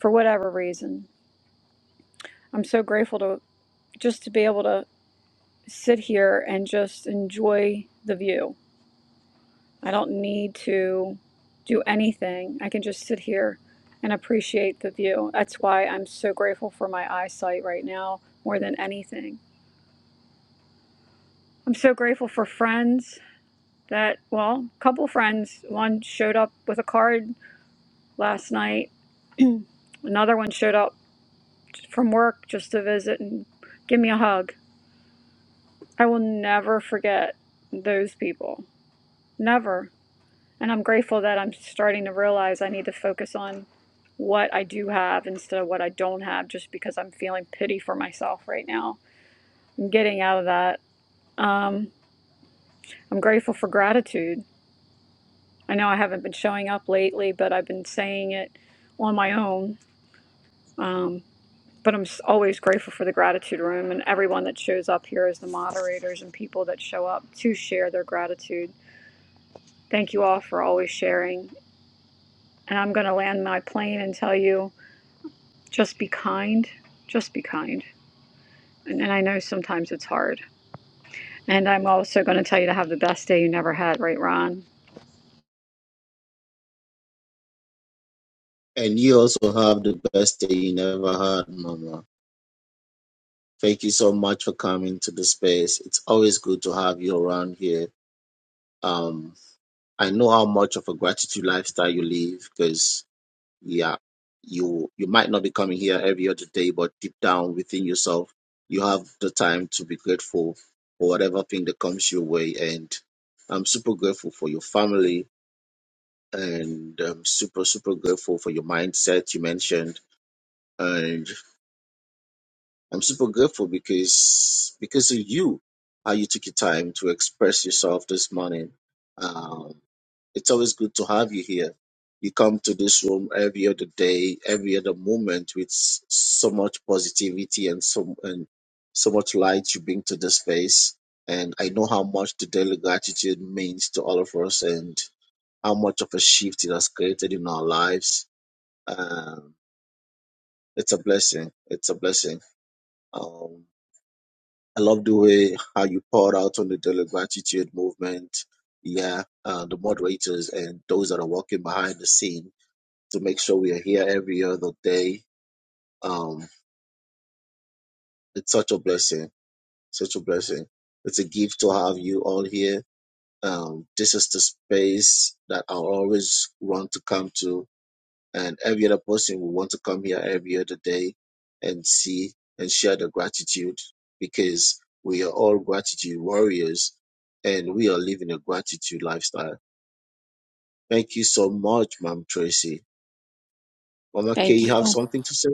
S14: for whatever reason. I'm so grateful to just to be able to sit here and just enjoy the view. I don't need to do anything. I can just sit here and appreciate the view. That's why I'm so grateful for my eyesight right now more than anything. I'm so grateful for friends that, well, a couple friends. One showed up with a card last night, another one showed up from work just to visit and give me a hug. I will never forget those people. Never. And I'm grateful that I'm starting to realize I need to focus on what I do have instead of what I don't have just because I'm feeling pity for myself right now. I'm getting out of that. Um, I'm grateful for gratitude. I know I haven't been showing up lately, but I've been saying it on my own. Um, but I'm always grateful for the gratitude room and everyone that shows up here as the moderators and people that show up to share their gratitude. Thank you all for always sharing. And I'm going to land my plane and tell you Just be kind. Just be kind. And, and I know sometimes it's hard. And I'm also going to tell you to have the best day you never had, right, Ron?
S7: And you also have the best day you never had, Mama. Thank you so much for coming to the space. It's always good to have you around here. Um, I know how much of a gratitude lifestyle you live because yeah, you you might not be coming here every other day, but deep down within yourself, you have the time to be grateful for whatever thing that comes your way. And I'm super grateful for your family, and I'm super super grateful for your mindset you mentioned, And I'm super grateful because because of you, how you took your time to express yourself this morning. Um, it's always good to have you here. You come to this room every other day, every other moment with s- so much positivity and so and so much light you bring to the space. And I know how much the daily gratitude means to all of us and how much of a shift it has created in our lives. Um, it's a blessing. It's a blessing. Um, I love the way how you poured out on the daily gratitude movement. Yeah, uh, the moderators and those that are working behind the scene to make sure we are here every other day. Um, it's such a blessing, such a blessing. It's a gift to have you all here. Um, this is the space that I'll always want to come to and every other person will want to come here every other day and see and share the gratitude because we are all gratitude warriors and we are living a gratitude lifestyle. Thank you so much, Mom Tracy. Mama K,
S14: Thank
S7: you have
S14: you.
S7: something to say?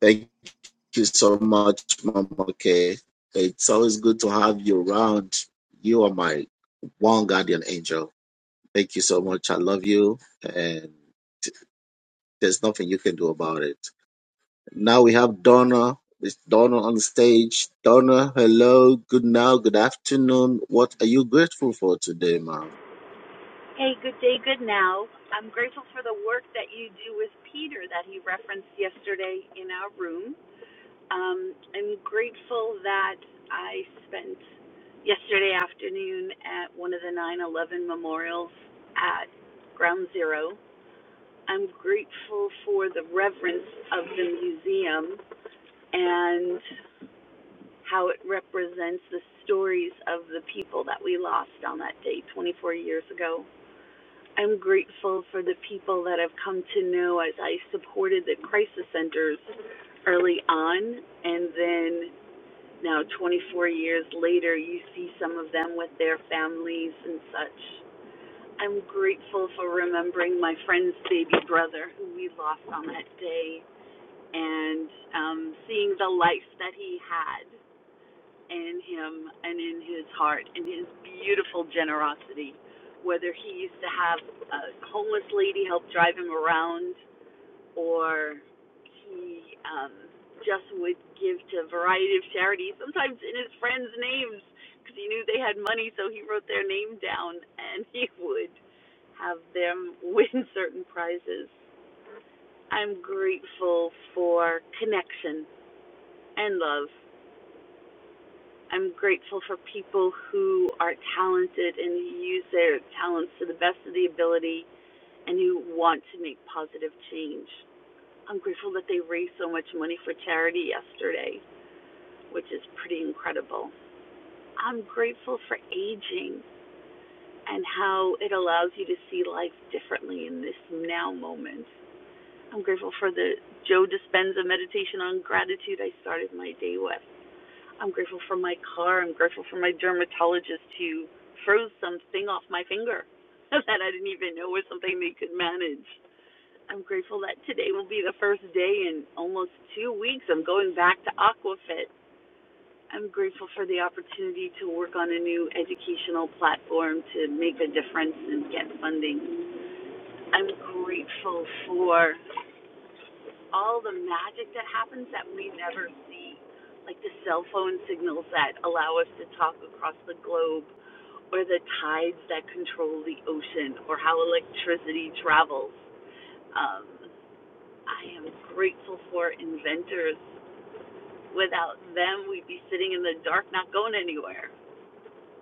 S7: Thank you so much, Mama K. It's always good to have you around. You are my one guardian angel. Thank you so much. I love you, and there's nothing you can do about it. Now we have Donna. It's Donna on the stage. Donna, hello. Good now. Good afternoon. What are you grateful for today, ma'am?
S15: Hey, good day, good now. I'm grateful for the work that you do with Peter that he referenced yesterday in our room. Um, I'm grateful that I spent yesterday afternoon at one of the 9 11 memorials at Ground Zero. I'm grateful for the reverence of the museum and how it represents the stories of the people that we lost on that day 24 years ago I'm grateful for the people that I've come to know as I supported the crisis centers early on. And then now, 24 years later, you see some of them with their families and such. I'm grateful for remembering my friend's baby brother who we lost on that day and um, seeing the life that he had in him and in his heart and his beautiful generosity. Whether he used to have a homeless lady help drive him around or he um, just would give to a variety of charities, sometimes in his friends' names because he knew they had money, so he wrote their name down and he would have them win certain prizes. I'm grateful for connection and love. I'm grateful for people who are talented and use their talents to the best of the ability and who want to make positive change. I'm grateful that they raised so much money for charity yesterday, which is pretty incredible. I'm grateful for aging and how it allows you to see life differently in this now moment. I'm grateful for the Joe Dispenza meditation on gratitude I started my day with. I'm grateful for my car. I'm grateful for my dermatologist who froze something off my finger that I didn't even know was something they could manage. I'm grateful that today will be the first day in almost two weeks. I'm going back to Aquafit. I'm grateful for the opportunity to work on a new educational platform to make a difference and get funding. I'm grateful for all the magic that happens that we never see, like the cell phone signals that allow us to talk across the globe, or the tides that control the ocean, or how electricity travels. Um, I am grateful for inventors. Without them, we'd be sitting in the dark, not going anywhere.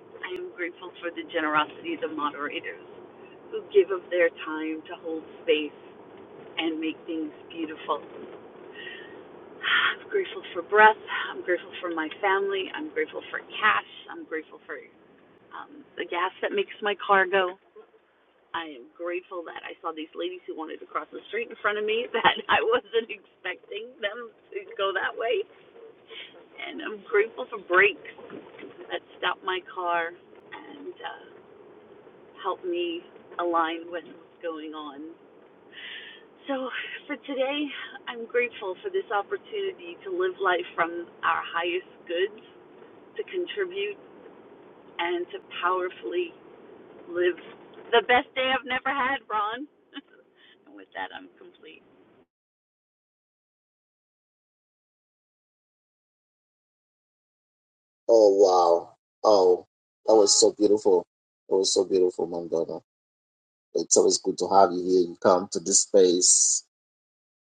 S15: I am grateful for the generosity of the moderators who give of their time to hold space and make things beautiful. I'm grateful for breath. I'm grateful for my family. I'm grateful for cash. I'm grateful for um, the gas that makes my car go. I am grateful that I saw these ladies who wanted to cross the street in front of me that I wasn't expecting them to go that way. And I'm grateful for brakes that stop my car and uh, help me align with what's going on. So, for today, I'm grateful for this opportunity to live life from our highest goods. to contribute and to powerfully live the best day I've never had, Ron. and with that, I'm complete.
S7: Oh, wow. Oh, that was so beautiful. That was so beautiful, Mom Donna. It's always good to have you here. You come to this space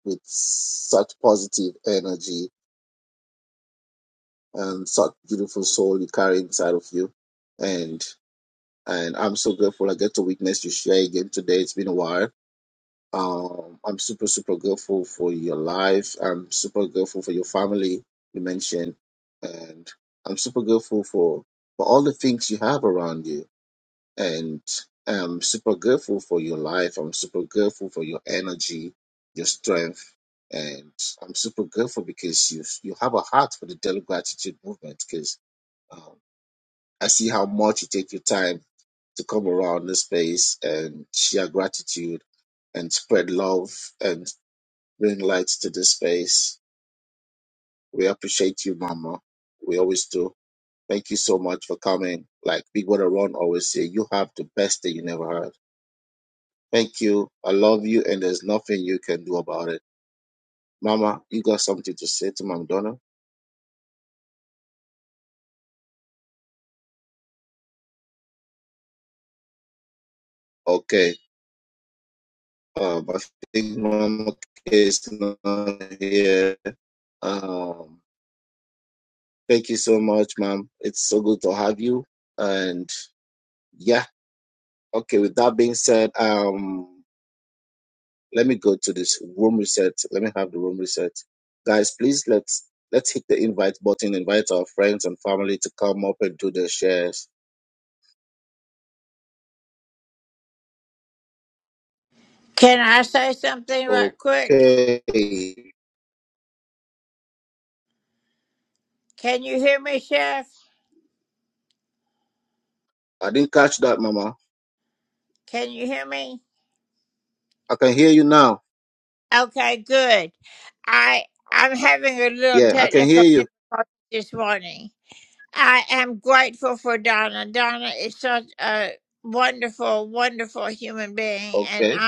S7: with such positive energy and such beautiful soul you carry inside of you. And and I'm so grateful I get to witness you share again today. It's been a while Um, I'm super, super grateful for your life. I'm super grateful for your family you mentioned. And I'm super grateful for, for all the things you have around you. And I'm super grateful for your life. I'm super grateful for your energy, your strength. And I'm super grateful because you you have a heart for the daily gratitude movement. Because I see how much you take your time to come around this space and share gratitude and spread love and bring light to this space. We appreciate you, Mama. We always do. Thank you so much for coming. Like Big Brother Ron always say, you have the best that you never had. Thank you. I love you, and there's nothing you can do about it. Mama, you got something to say to Mom Donna? Okay. Um, I think Mama K is not here. Um. Thank you so much, ma'am. It's so good to have you. And yeah, okay. With that being said, um, let me go to this room reset. Let me have the room reset, guys. Please let's let's hit the invite button. Invite our friends and family to come up and do their shares. Okay. I didn't catch that, Mama. I can hear you now. Yeah, I can hear you. Okay.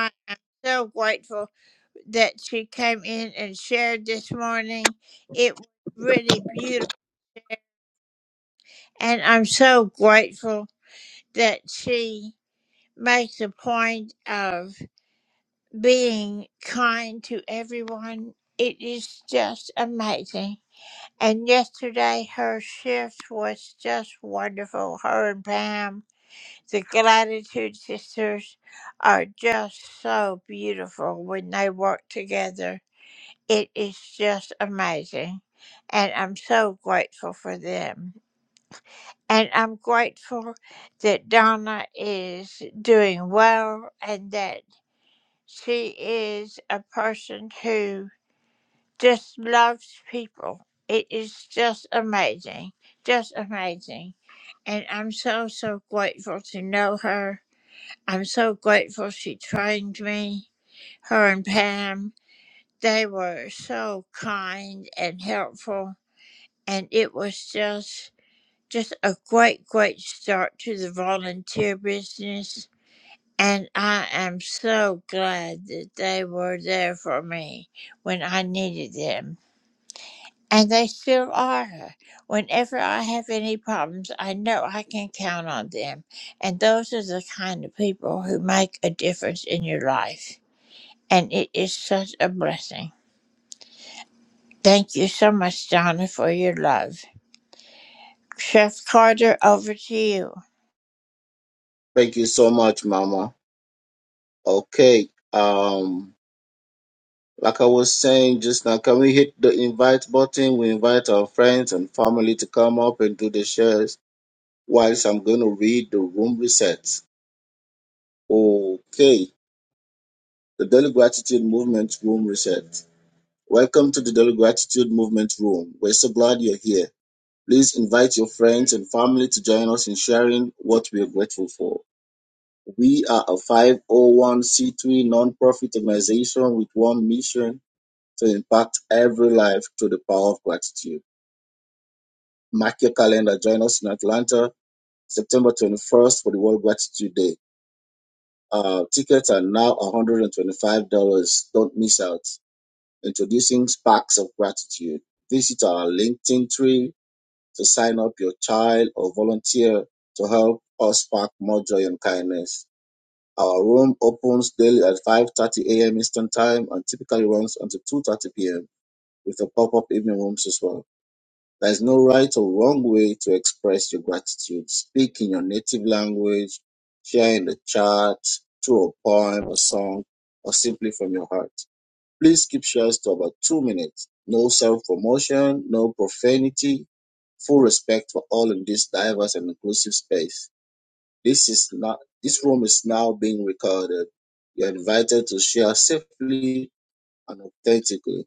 S7: Thank you so much, Mama. Okay. Um. Like I was saying just now, can we hit the invite button? We invite our friends and family to come up and do the shares whilst I'm going to read the room reset. Okay, the Daily Gratitude Movement room reset. Welcome to the Daily Gratitude Movement room. We're so glad you're here. Please invite your friends and family to join us in sharing what we are grateful for. We are a 501c3 nonprofit organization with one mission to impact every life through the power of gratitude. Mark your calendar. Join us in Atlanta, September 21st for the World Gratitude Day. Uh, tickets are now $125. Don't miss out. Introducing Sparks of Gratitude. Visit our LinkedIn tree to sign up your child or volunteer to help us spark more joy and kindness. Our room opens daily at 5.30 a.m. Eastern Time and typically runs until 2.30 p.m. with a pop-up evening rooms as well. There is no right or wrong way to express your gratitude. Speak in your native language, share in the chat, through a poem, a song, or simply from your heart. Please keep shares to about two minutes. No self-promotion, no profanity, full respect for all in this diverse and inclusive space. This is not, this room is now being recorded. You're invited to share safely and authentically.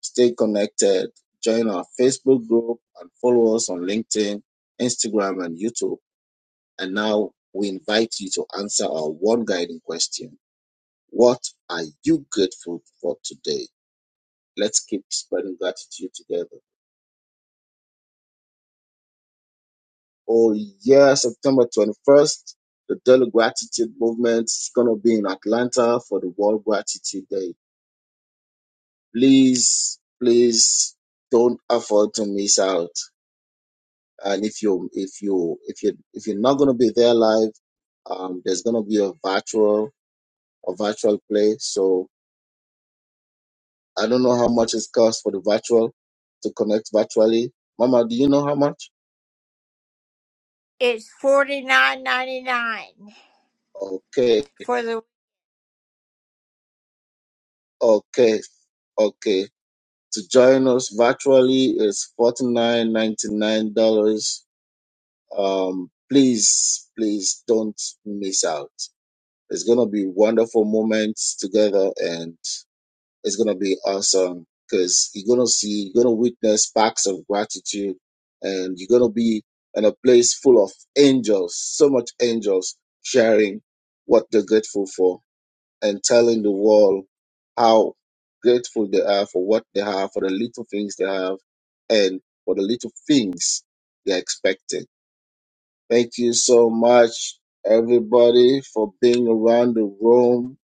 S7: Stay connected. Join our Facebook group and follow us on LinkedIn, Instagram, and YouTube. And now we invite you to answer our one guiding question What are you grateful for today? Let's keep spreading gratitude together. Oh, yeah, September 21st, the Daily Gratitude Movement is going to be in Atlanta for the World Gratitude Day. Please, please don't afford to miss out and if you if you if you if you're not going to be there live um there's going to be a virtual a virtual play so i don't know how much it costs for the virtual to connect virtually mama do you know how much okay okay okay to join us virtually is forty nine ninety nine dollars um please please don't miss out it's going to be wonderful moments together and. It's gonna be awesome because you're gonna see, you're gonna witness sparks of gratitude, and you're gonna be in a place full of angels, so much angels sharing what they're grateful for and telling the world how grateful they are for what they have, for the little things they have, and for the little things they're expecting. Thank you so much, everybody, for being around the room.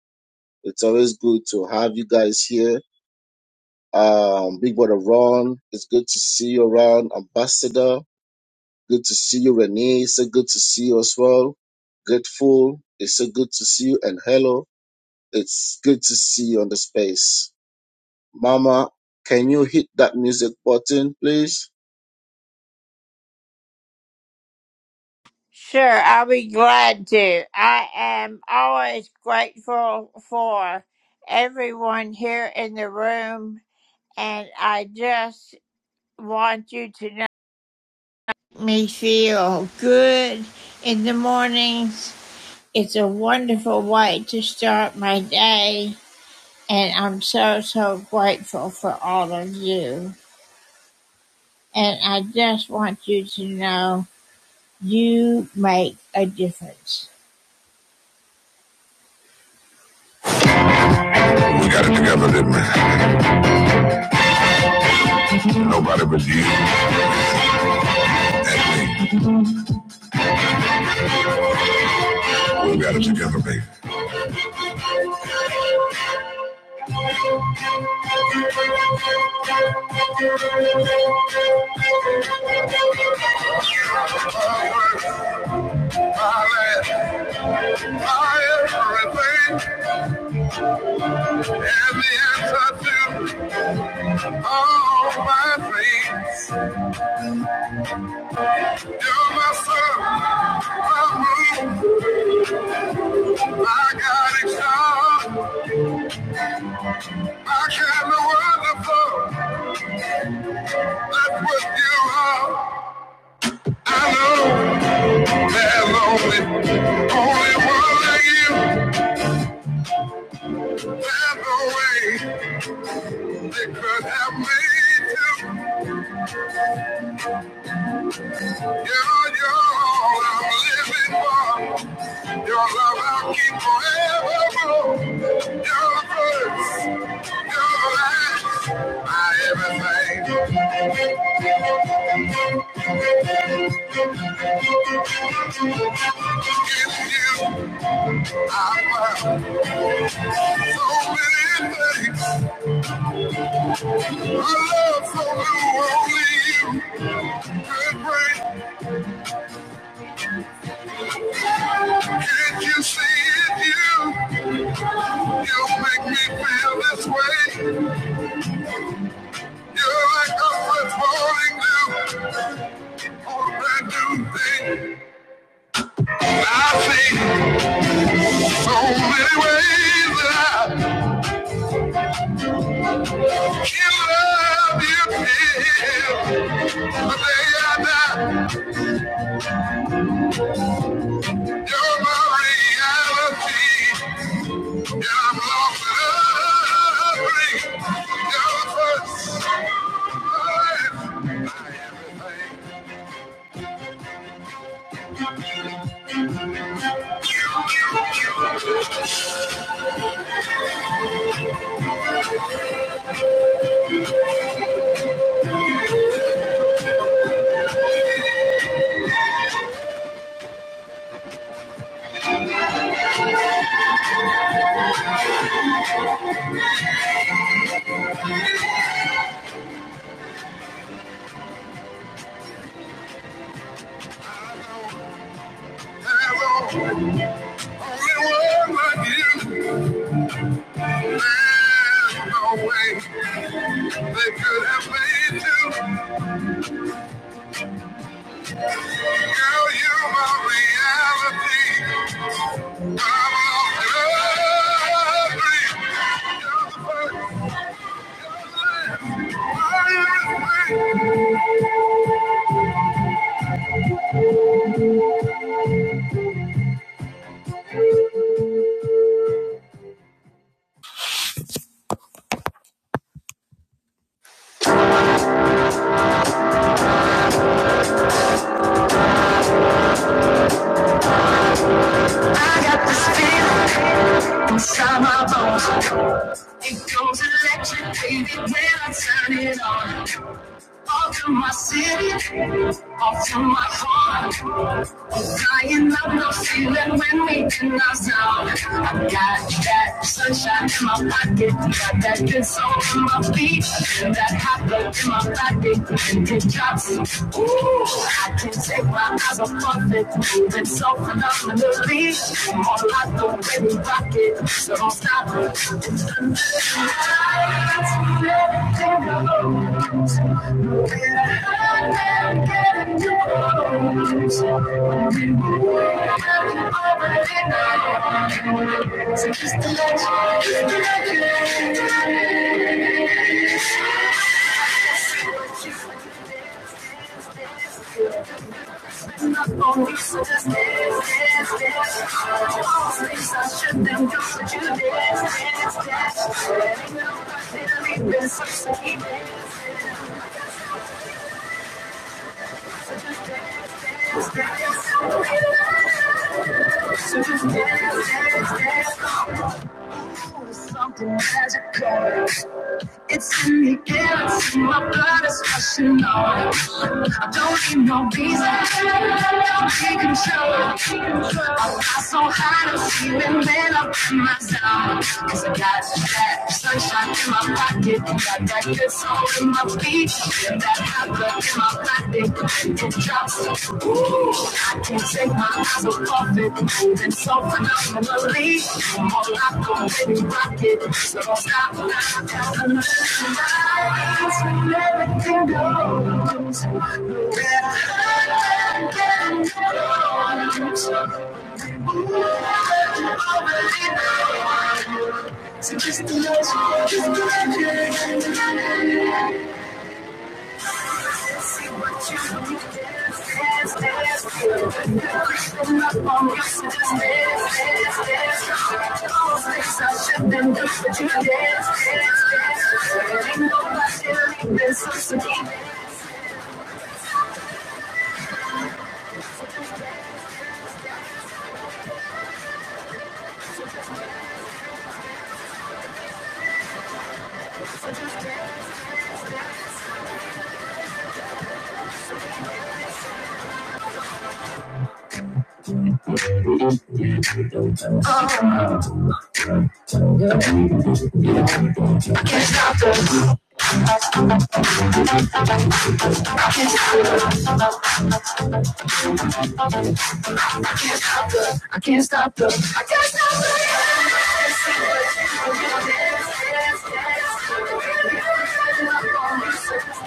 S7: It's always good to have you guys here um, Big Brother Ron, it's good to see you around. Ambassador, good to see you. Renee, it's so good to see you as well. Grateful, it's so good to see you. And hello, it's good to see you on the space. Mama, can you hit that music button, please?
S1: Nobody but We got it together, baby. I put you on. I know there's only, only one like you. There's no way they could have made you. You're, you're living one. Your love I'll keep forever. Your words, your life, my everything. In you, I find so many things. A love so new, only you could bring. Can't you see it? You, you make me feel this way. You're like a fresh morning dew, a brand new thing. I see so many ways that I can love you till the day I die. You're my reality, and I'm lost in loving you. You're the first thing. There's only one like you. There's no way they could have made you. Girl, you're my reality. I'm all lovely. You're the first one. I got this feeling inside my bones. It goes electric, baby, when I turn it on. All to my city, all to my heart. I'm dying of the feeling when we can us out. I got that sunshine in my pocket, got that good soul in my feet, and that hot blood in my body, and it drops. Ooh, I can't take my eyes off of it, moving so phenomenally. More like the way we rock it, so don't stop. it. It's the night, it's the Thank you. There's Something magical. It's in the air, it's in my blood, it's rushing on. I don't need no reason, I'm in control. I fly so high, I'm feeling man up in my zone. Cause I got that sunshine in my pocket, and I like the soul in my feet, that hot in my body, it drops. Ooh, I can't take my eyes off it. Moving so phenomenally, I'm all out the baby rocket, so don't stop. Lights will never can go. So just imagine, just imagine. I can't stop the dance.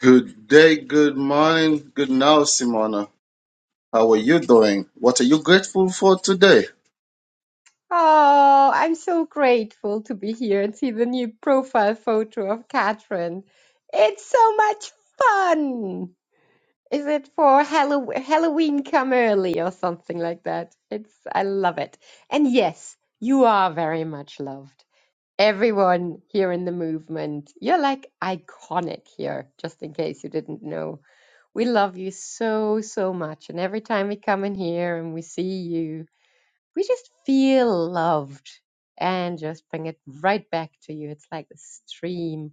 S7: Good day, good morning, good now, Simona. How are you doing? What are you grateful for today?
S16: Oh, I'm so grateful to be here and see the new profile photo of Catherine. It's so much fun. Is it for Hallow- Halloween come early or something like that? It's I love it. And yes, you are very much loved. Everyone here in the movement, you're like iconic here, just in case you didn't know. We love you so, so much. And every time we come in here and we see you, we just feel loved and just bring it right back to you. It's like the stream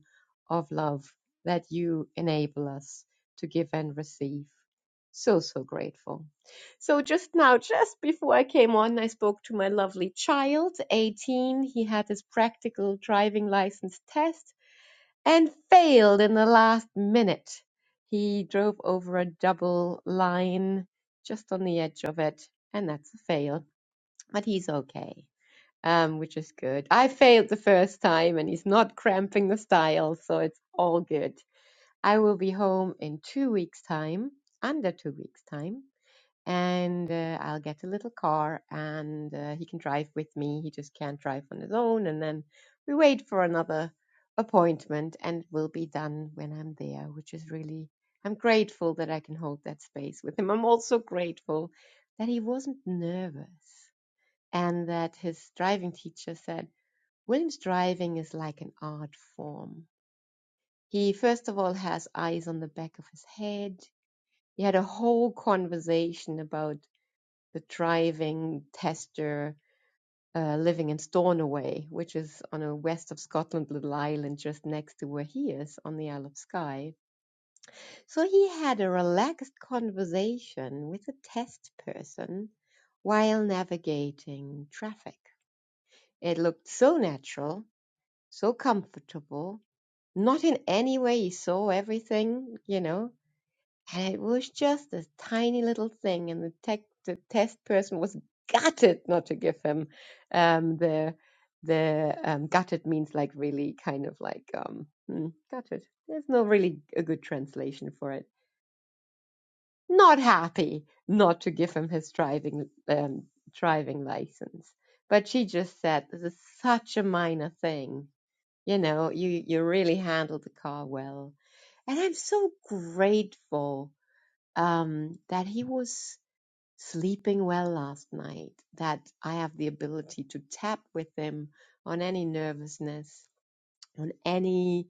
S16: of love that you enable us to give and receive. So, so grateful. So, just now, just before I came on, I spoke to my lovely child, 18. He had his practical driving license test and failed in the last minute. He drove over a double line just on the edge of it, and that's a fail but he's okay, um, which is good. I failed the first time, and he's not cramping the style, so it's all good. I will be home in two weeks' time, under two weeks' time, and uh, I'll get a little car, and uh, he can drive with me. He just can't drive on his own, and then we wait for another appointment, and we'll be done when I'm there, which is really. I'm grateful that I can hold that space with him. I'm also grateful that he wasn't nervous and that his driving teacher said, William's driving is like an art form. He, first of all, has eyes on the back of his head. He had a whole conversation about the driving tester uh, living in Stornoway, which is on a west of Scotland little island just next to where he is on the Isle of Skye. So he had a relaxed conversation with a test person while navigating traffic. It looked so natural so comfortable, not in any way. He saw everything, you know, and it was just a tiny little thing. And the tech, the test person was gutted not to give him um, the the um, gutted means like really kind of like um, hmm, gutted. There's no really a good translation for it. Not happy not to give him his driving um, driving license. But she just said, "This is such a minor thing you know, you you really handled the car well, and I'm so grateful um, that he was sleeping well last night. That I have the ability to tap with him on any nervousness, on any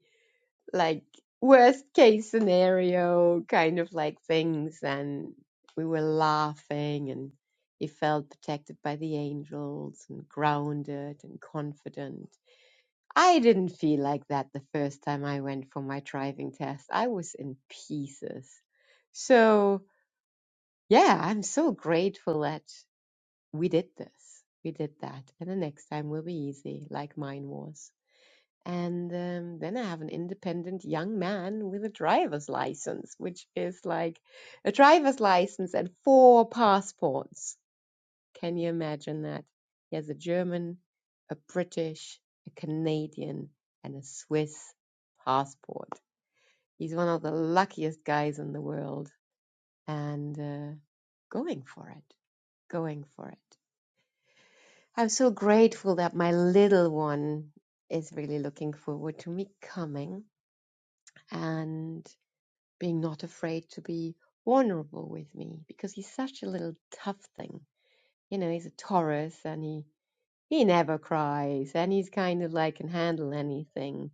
S16: like worst case scenario kind of like things, and we were laughing and. He felt protected by the angels and grounded and confident I didn't feel like that the first time I went for my driving test. I was in pieces. So, yeah, I'm so grateful that we did this. We did that. And the next time will be easy, like mine was. And um, then I have an independent young man with a driver's license, which is like a driver's license and four passports. Can you imagine that? He has a German, a British, a Canadian, and a Swiss passport. He's one of the luckiest guys in the world and uh, going for it, going for it. I'm so grateful that my little one is really looking forward to me coming and being not afraid to be vulnerable with me because he's such a little tough thing. You know, he's a Taurus and he He never cries and he's kind of like can handle anything.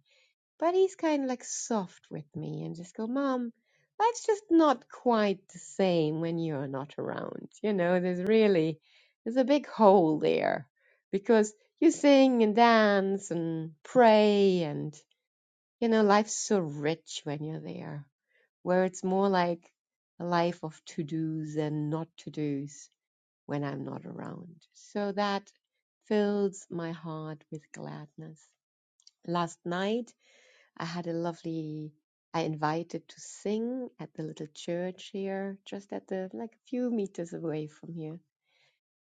S16: But he's kind of like soft with me and just go, Mom, that's just not quite the same when you're not around. You know, there's really, there's a big hole there because you sing and dance and pray and, you know, life's so rich when you're there, where it's more like a life of to-dos and not to-dos when I'm not around. So that fills my heart with gladness. Last night, I had a lovely, I invited to sing at the little church here, just at the, like a few meters away from here.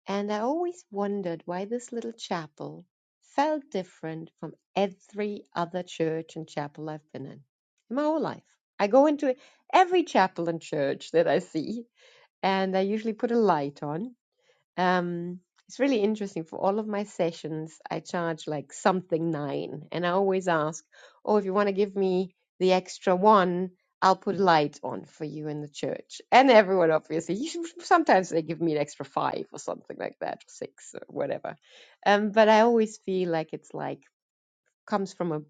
S16: And I always wondered why this little chapel felt different from every other church and chapel I've been in in my whole life. I go into every chapel and church that I see, and I usually put a light on um, it's really interesting. For all of my sessions, I charge like something nine, and I always ask, "Oh, if you want to give me the extra one, I'll put light on for you in the church." And everyone, obviously, usually- sometimes they give me an extra five or something like that, or six or whatever. Um, but I always feel like it's like comes from a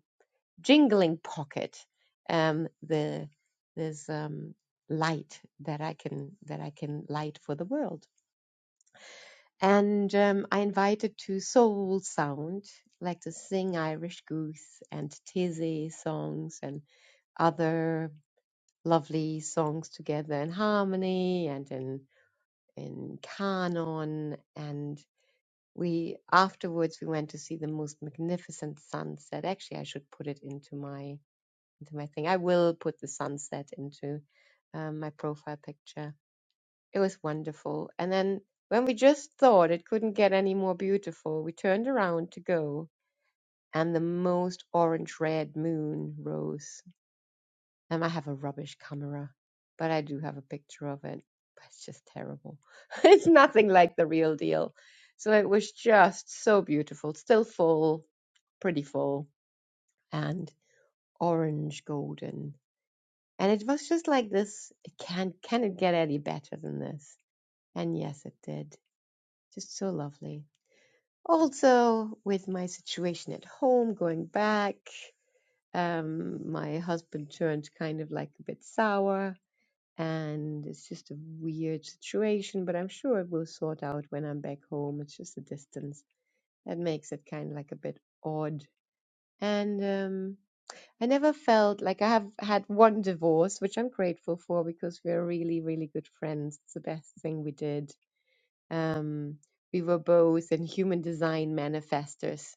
S16: jingling pocket. Um, the there's um light that I can that I can light for the world and um, I invited to Soul Sound, like to sing Irish Goose and Tizzy songs and other lovely songs together in harmony and in in canon. And we afterwards we went to see the most magnificent sunset. Actually, I should put it into my into my thing. I will put the sunset into um, my profile picture it was wonderful. And then when we just thought it couldn't get any more beautiful, we turned around to go, and the most orange red moon rose. And I have a rubbish camera, but I do have a picture of it. But it's just terrible. it's nothing like the real deal. So it was just so beautiful, still full, pretty full, and orange golden. And it was just like this. It can't, can it get any better than this? And yes, it did. Just so lovely. Also, with my situation at home, going back, um, my husband turned kind of like a bit sour, and it's just a weird situation, but I'm sure it will sort out when I'm back home. It's just the distance that makes it kind of like a bit odd. And um, I never felt like I have had one divorce, which I'm grateful for because we're really, really good friends. It's the best thing we did um, we were both in human design manifestors.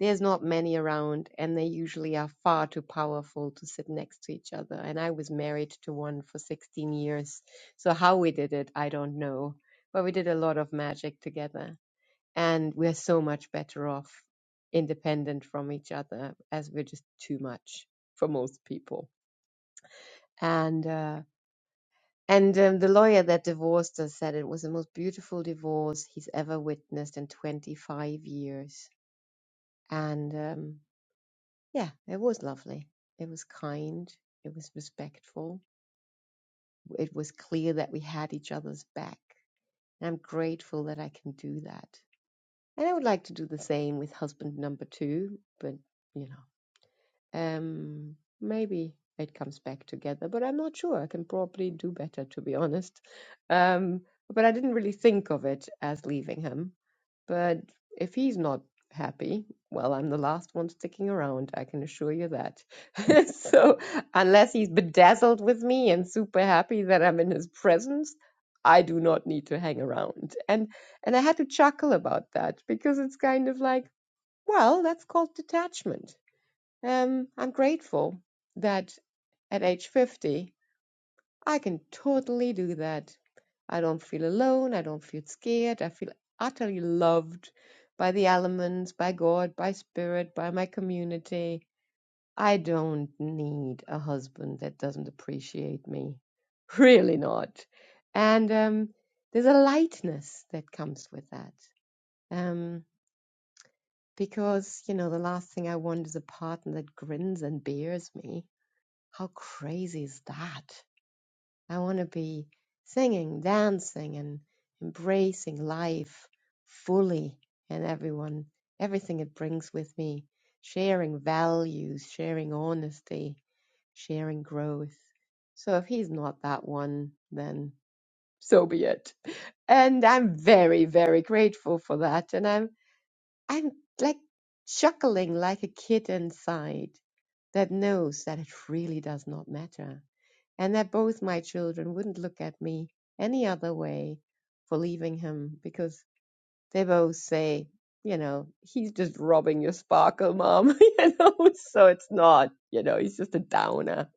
S16: There's not many around, and they usually are far too powerful to sit next to each other. And I was married to one for 16 years. So, how we did it, I don't know. But we did a lot of magic together. And we're so much better off independent from each other as we're just too much for most people. And, uh, and um, the lawyer that divorced us said it was the most beautiful divorce he's ever witnessed in 25 years. And um, yeah, it was lovely. It was kind. It was respectful. It was clear that we had each other's back. And I'm grateful that I can do that. And I would like to do the same with husband number two, but you know. Um, maybe it comes back together, but I'm not sure. I can probably do better, to be honest. Um, but I didn't really think of it as leaving him. But if he's not happy, well, I'm the last one sticking around. I can assure you that. so unless he's bedazzled with me and super happy that I'm in his presence, I do not need to hang around. And and I had to chuckle about that because it's kind of like, well, that's called detachment um, I'm grateful that at age 50, I can totally do that. I don't feel alone. I don't feel scared. I feel utterly loved by the elements, by God, by spirit, by my community. I don't need a husband that doesn't appreciate me. Really not. And um, there's a lightness that comes with that. Um, because, you know, the last thing I want is a partner that grins and bears me How crazy is that? I want to be singing, dancing, and embracing life fully and everyone, everything it brings with me, sharing values, sharing honesty, sharing growth. So if he's not that one, then so be it. And I'm very, very grateful for that. And I'm, I'm like chuckling like a kid inside that knows that it really does not matter and that both my children wouldn't look at me any other way for leaving him because they both say, you know, he's just robbing your sparkle, mom, you know, so it's not, you know, he's just a downer.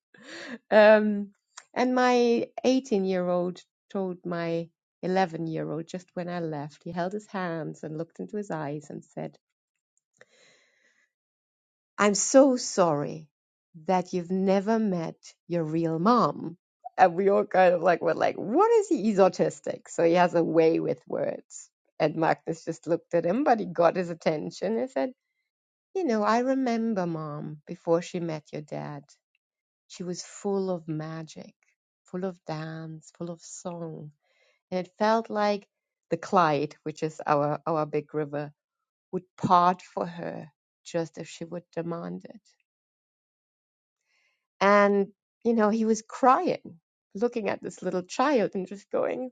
S16: Um, and my 18 year old told my 11 year old just when I left, he held his hands and looked into his eyes and said, I'm so sorry that you've never met your real mom. And we all kind of like were like, what is he? He's autistic. So he has a way with words. And Magnus just looked at him, but he got his attention and said, You know, I remember mom before she met your dad. She was full of magic, full of dance, full of song. And it felt like the Clyde, which is our, our big river, would part for her just if she would demand it. And, you know, he was crying, looking at this little child and just going,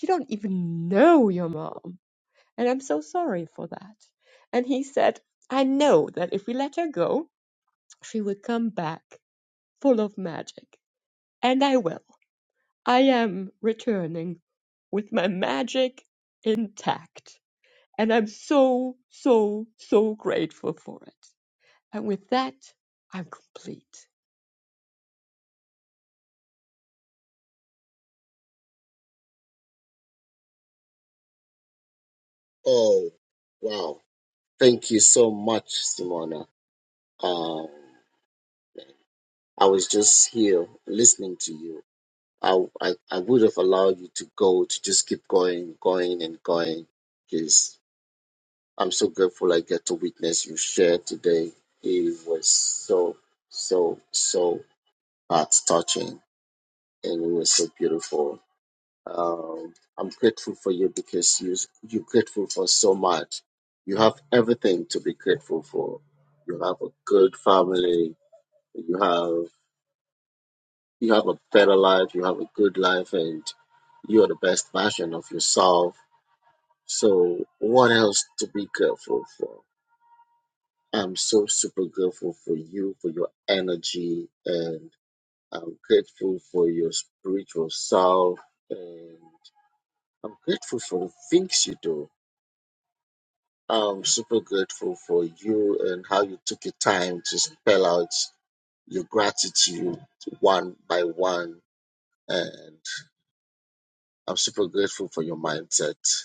S16: You don't even know your mom. And I'm so sorry for that. And he said, I know that if we let her go, she will come back full of magic. And I will. I am returning with my magic intact. And I'm so, so, so grateful for it. And with that, I'm complete.
S7: Oh, wow. Thank you so much, Simona. Um. I was just here listening to you. I, I, I would have allowed you to go to just keep going, going, and going because I'm so grateful I get to witness you share today. It was so, so, so heart touching and it was so beautiful. Um, I'm grateful for you because you, you're grateful for so much. You have everything to be grateful for. You have a good family. You have You have a better life, you have a good life, and you are the best version of yourself. So, what else to be grateful for? I'm so super grateful for you, for your energy, and I'm grateful for your spiritual self, and I'm grateful for the things you do. I'm super grateful for you and how you took your time to spell out your gratitude one by one. And I'm super grateful for your mindset.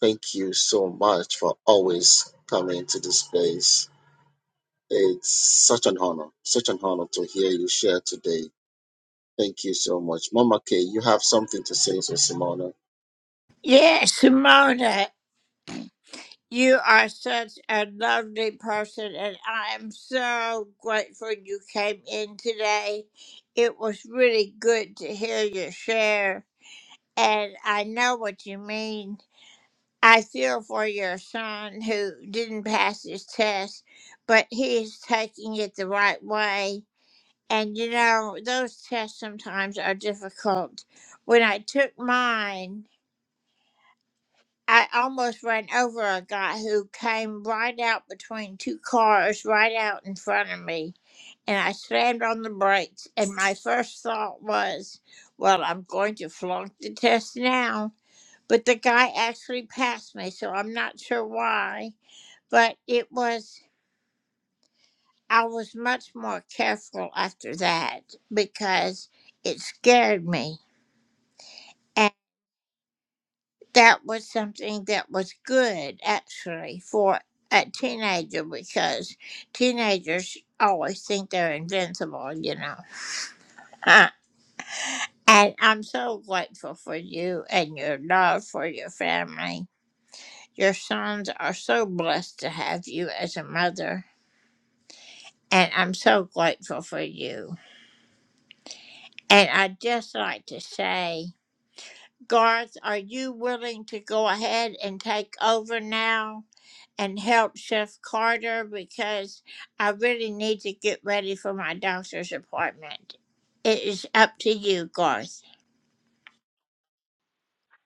S7: Thank you so much for always coming to this place. It's such an honor, such an honor to hear you share today. Thank you so much. Mama K, you have something to say to Simona.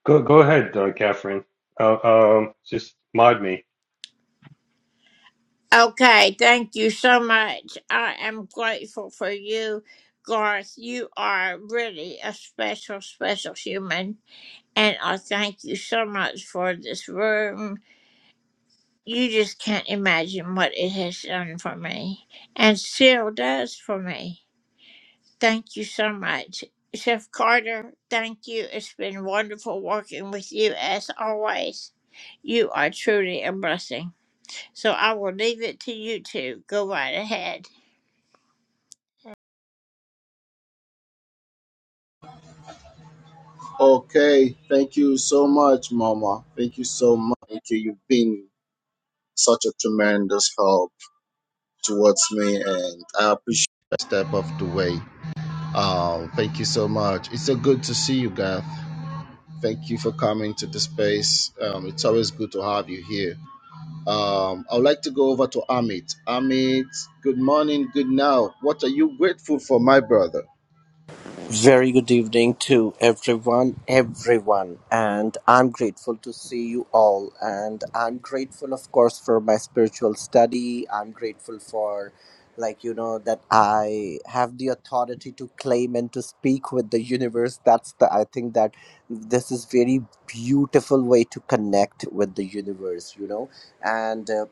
S17: Go go ahead, uh, Catherine. Uh, um, just mod me.
S7: Okay, thank you so much, Mama. Thank you so much. Thank you. You've been such a tremendous help towards me, and I appreciate that step of the way. Um, thank you so much. It's so good to see you, Garth. Thank you for coming to the space. Um, it's always good to have you here Um, I would like to go over to Amit. Amit, good morning, good now. What are you grateful for, my brother?
S18: Very good evening to everyone, everyone, and I'm grateful to see you all. And I'm grateful, of course, for my spiritual study. I'm grateful for, like, you know, that I have the authority to claim and to speak with the universe. That's the, I think that this is very beautiful way to connect with the universe, you know, and uh,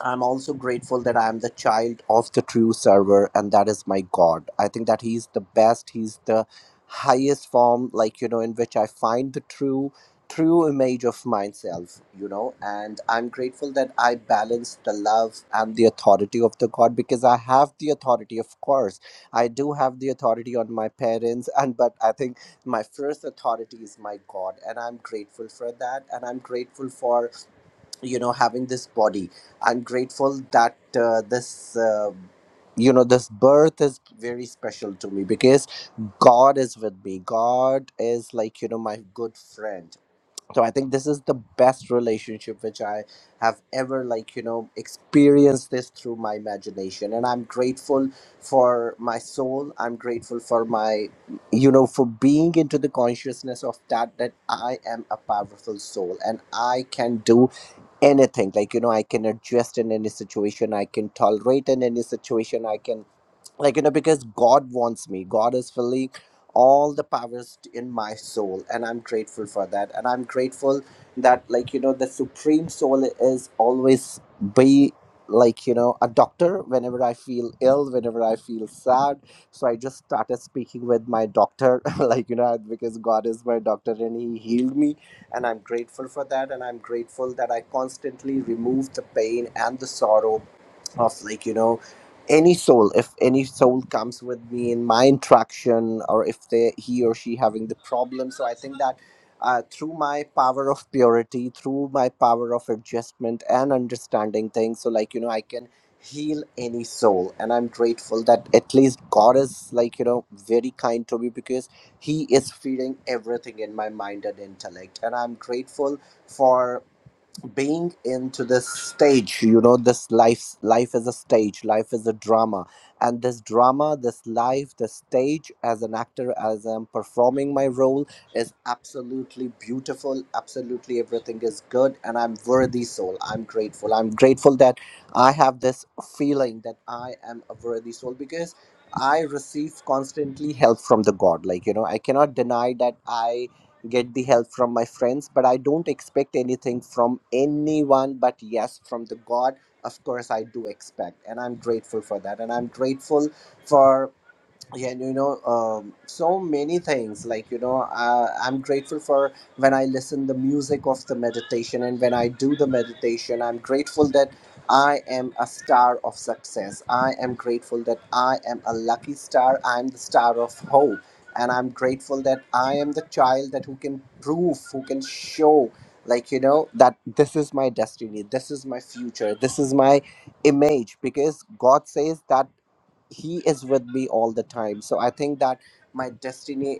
S18: I'm also grateful that I'm the child of the true server, and that is my God. I think that He's the best. He's the highest form, like, you know, in which I find the true true image of myself you know and i'm grateful that i balance the love and the authority of the god because i have the authority of course i do have the authority on my parents and but i think my first authority is my god and i'm grateful for that and i'm grateful for you know having this body i'm grateful that uh, this uh, you know this birth is very special to me because god is with me god is like you know my good friend so i think this is the best relationship which i have ever like you know experienced this through my imagination and i'm grateful for my soul i'm grateful for my you know for being into the consciousness of that that i am a powerful soul and i can do anything like you know i can adjust in any situation i can tolerate in any situation i can like you know because god wants me god is fully all the powers in my soul and i'm grateful for that and i'm grateful that like you know the supreme soul is always be like you know a doctor whenever i feel ill whenever i feel sad so i just started speaking with my doctor like you know because god is my doctor and he healed me and i'm grateful for that and i'm grateful that i constantly remove the pain and the sorrow of like you know any soul if any soul comes with me in my interaction or if they he or she having the problem so i think that uh, through my power of purity through my power of adjustment and understanding things so like you know i can heal any soul and i'm grateful that at least god is like you know very kind to me because he is feeding everything in my mind and intellect and i'm grateful for being into this stage you know this life life is a stage life is a drama and this drama this life this stage as an actor as i'm performing my role is absolutely beautiful absolutely everything is good and i'm worthy soul i'm grateful i'm grateful that i have this feeling that i am a worthy soul because i receive constantly help from the god like you know i cannot deny that i get the help from my friends but i don't expect anything from anyone but yes from the god of course i do expect and i'm grateful for that and i'm grateful for yeah and you know um, so many things like you know uh, i'm grateful for when i listen the music of the meditation and when i do the meditation i'm grateful that i am a star of success i am grateful that i am a lucky star i'm the star of hope and i'm grateful that i am the child that who can prove who can show like you know that this is my destiny this is my future this is my image because god says that he is with me all the time so i think that my destiny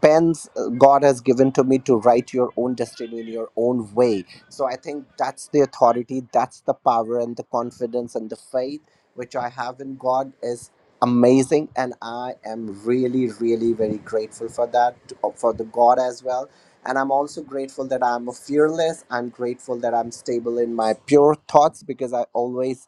S18: pens uh, god has given to me to write your own destiny in your own way so i think that's the authority that's the power and the confidence and the faith which i have in god is amazing and i am really really very grateful for that uh, for the god as well and i'm also grateful that i'm fearless i'm grateful that i'm stable in my pure thoughts because i always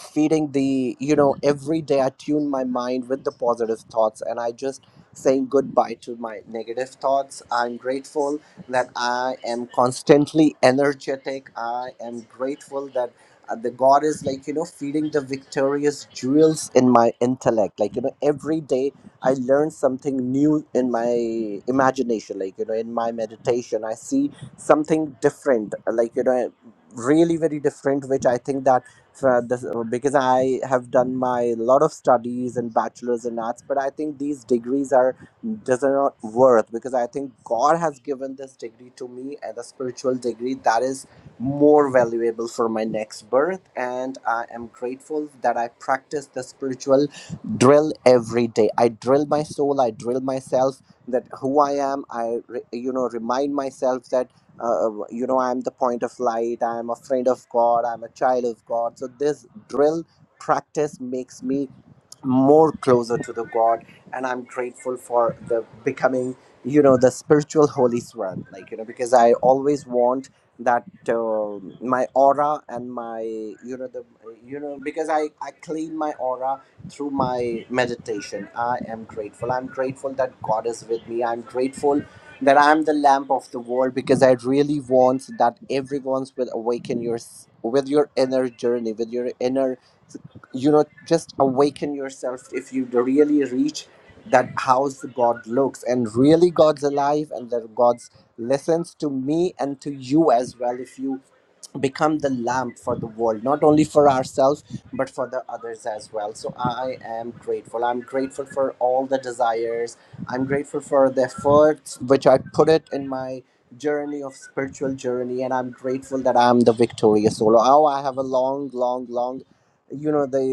S18: feeding the you know every day i tune my mind with the positive thoughts and i just saying goodbye to my negative thoughts i'm grateful that i am constantly energetic i am grateful that uh, the god is like you know feeding the victorious jewels in my intellect like you know every day i learn something new in my imagination like you know in my meditation i see something different like you know really very different which i think that for this, because I have done my lot of studies and bachelor's in arts, but I think these degrees are does not worth because I think God has given this degree to me and a spiritual degree that is more valuable for my next birth, and I am grateful that I practice the spiritual drill every day. I drill my soul, I drill myself that who I am. I re- you know remind myself that uh, you know i'm the point of light i'm a friend of god i'm a child of god so this drill practice makes me more closer to the god and i'm grateful for the becoming you know the spiritual holy swan like you know because i always want that uh, my aura and my you know the you know because i i clean my aura through my meditation i am grateful i'm grateful that god is with me i'm grateful that I'm the lamp of the world because I really want that everyone's will awaken your s- with your inner journey, with your inner, you know, just awaken yourself if you really reach that house God looks and really God's alive and that God's listens to me and to you as well. If you become the lamp for the world not only for ourselves but for the others as well so i am grateful i'm grateful for all the desires i'm grateful for the efforts which i put it in my journey of spiritual journey and i'm grateful that i'm the victorious soul oh i have a long long long you know the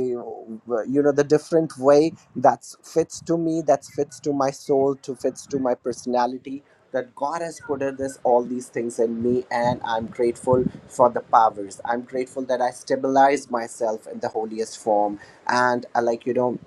S18: you know the different way that fits to me that fits to my soul to fits to my personality that God has put in this all these things in me, and I'm grateful for the powers. I'm grateful that I stabilize myself in the holiest form, and I like you know,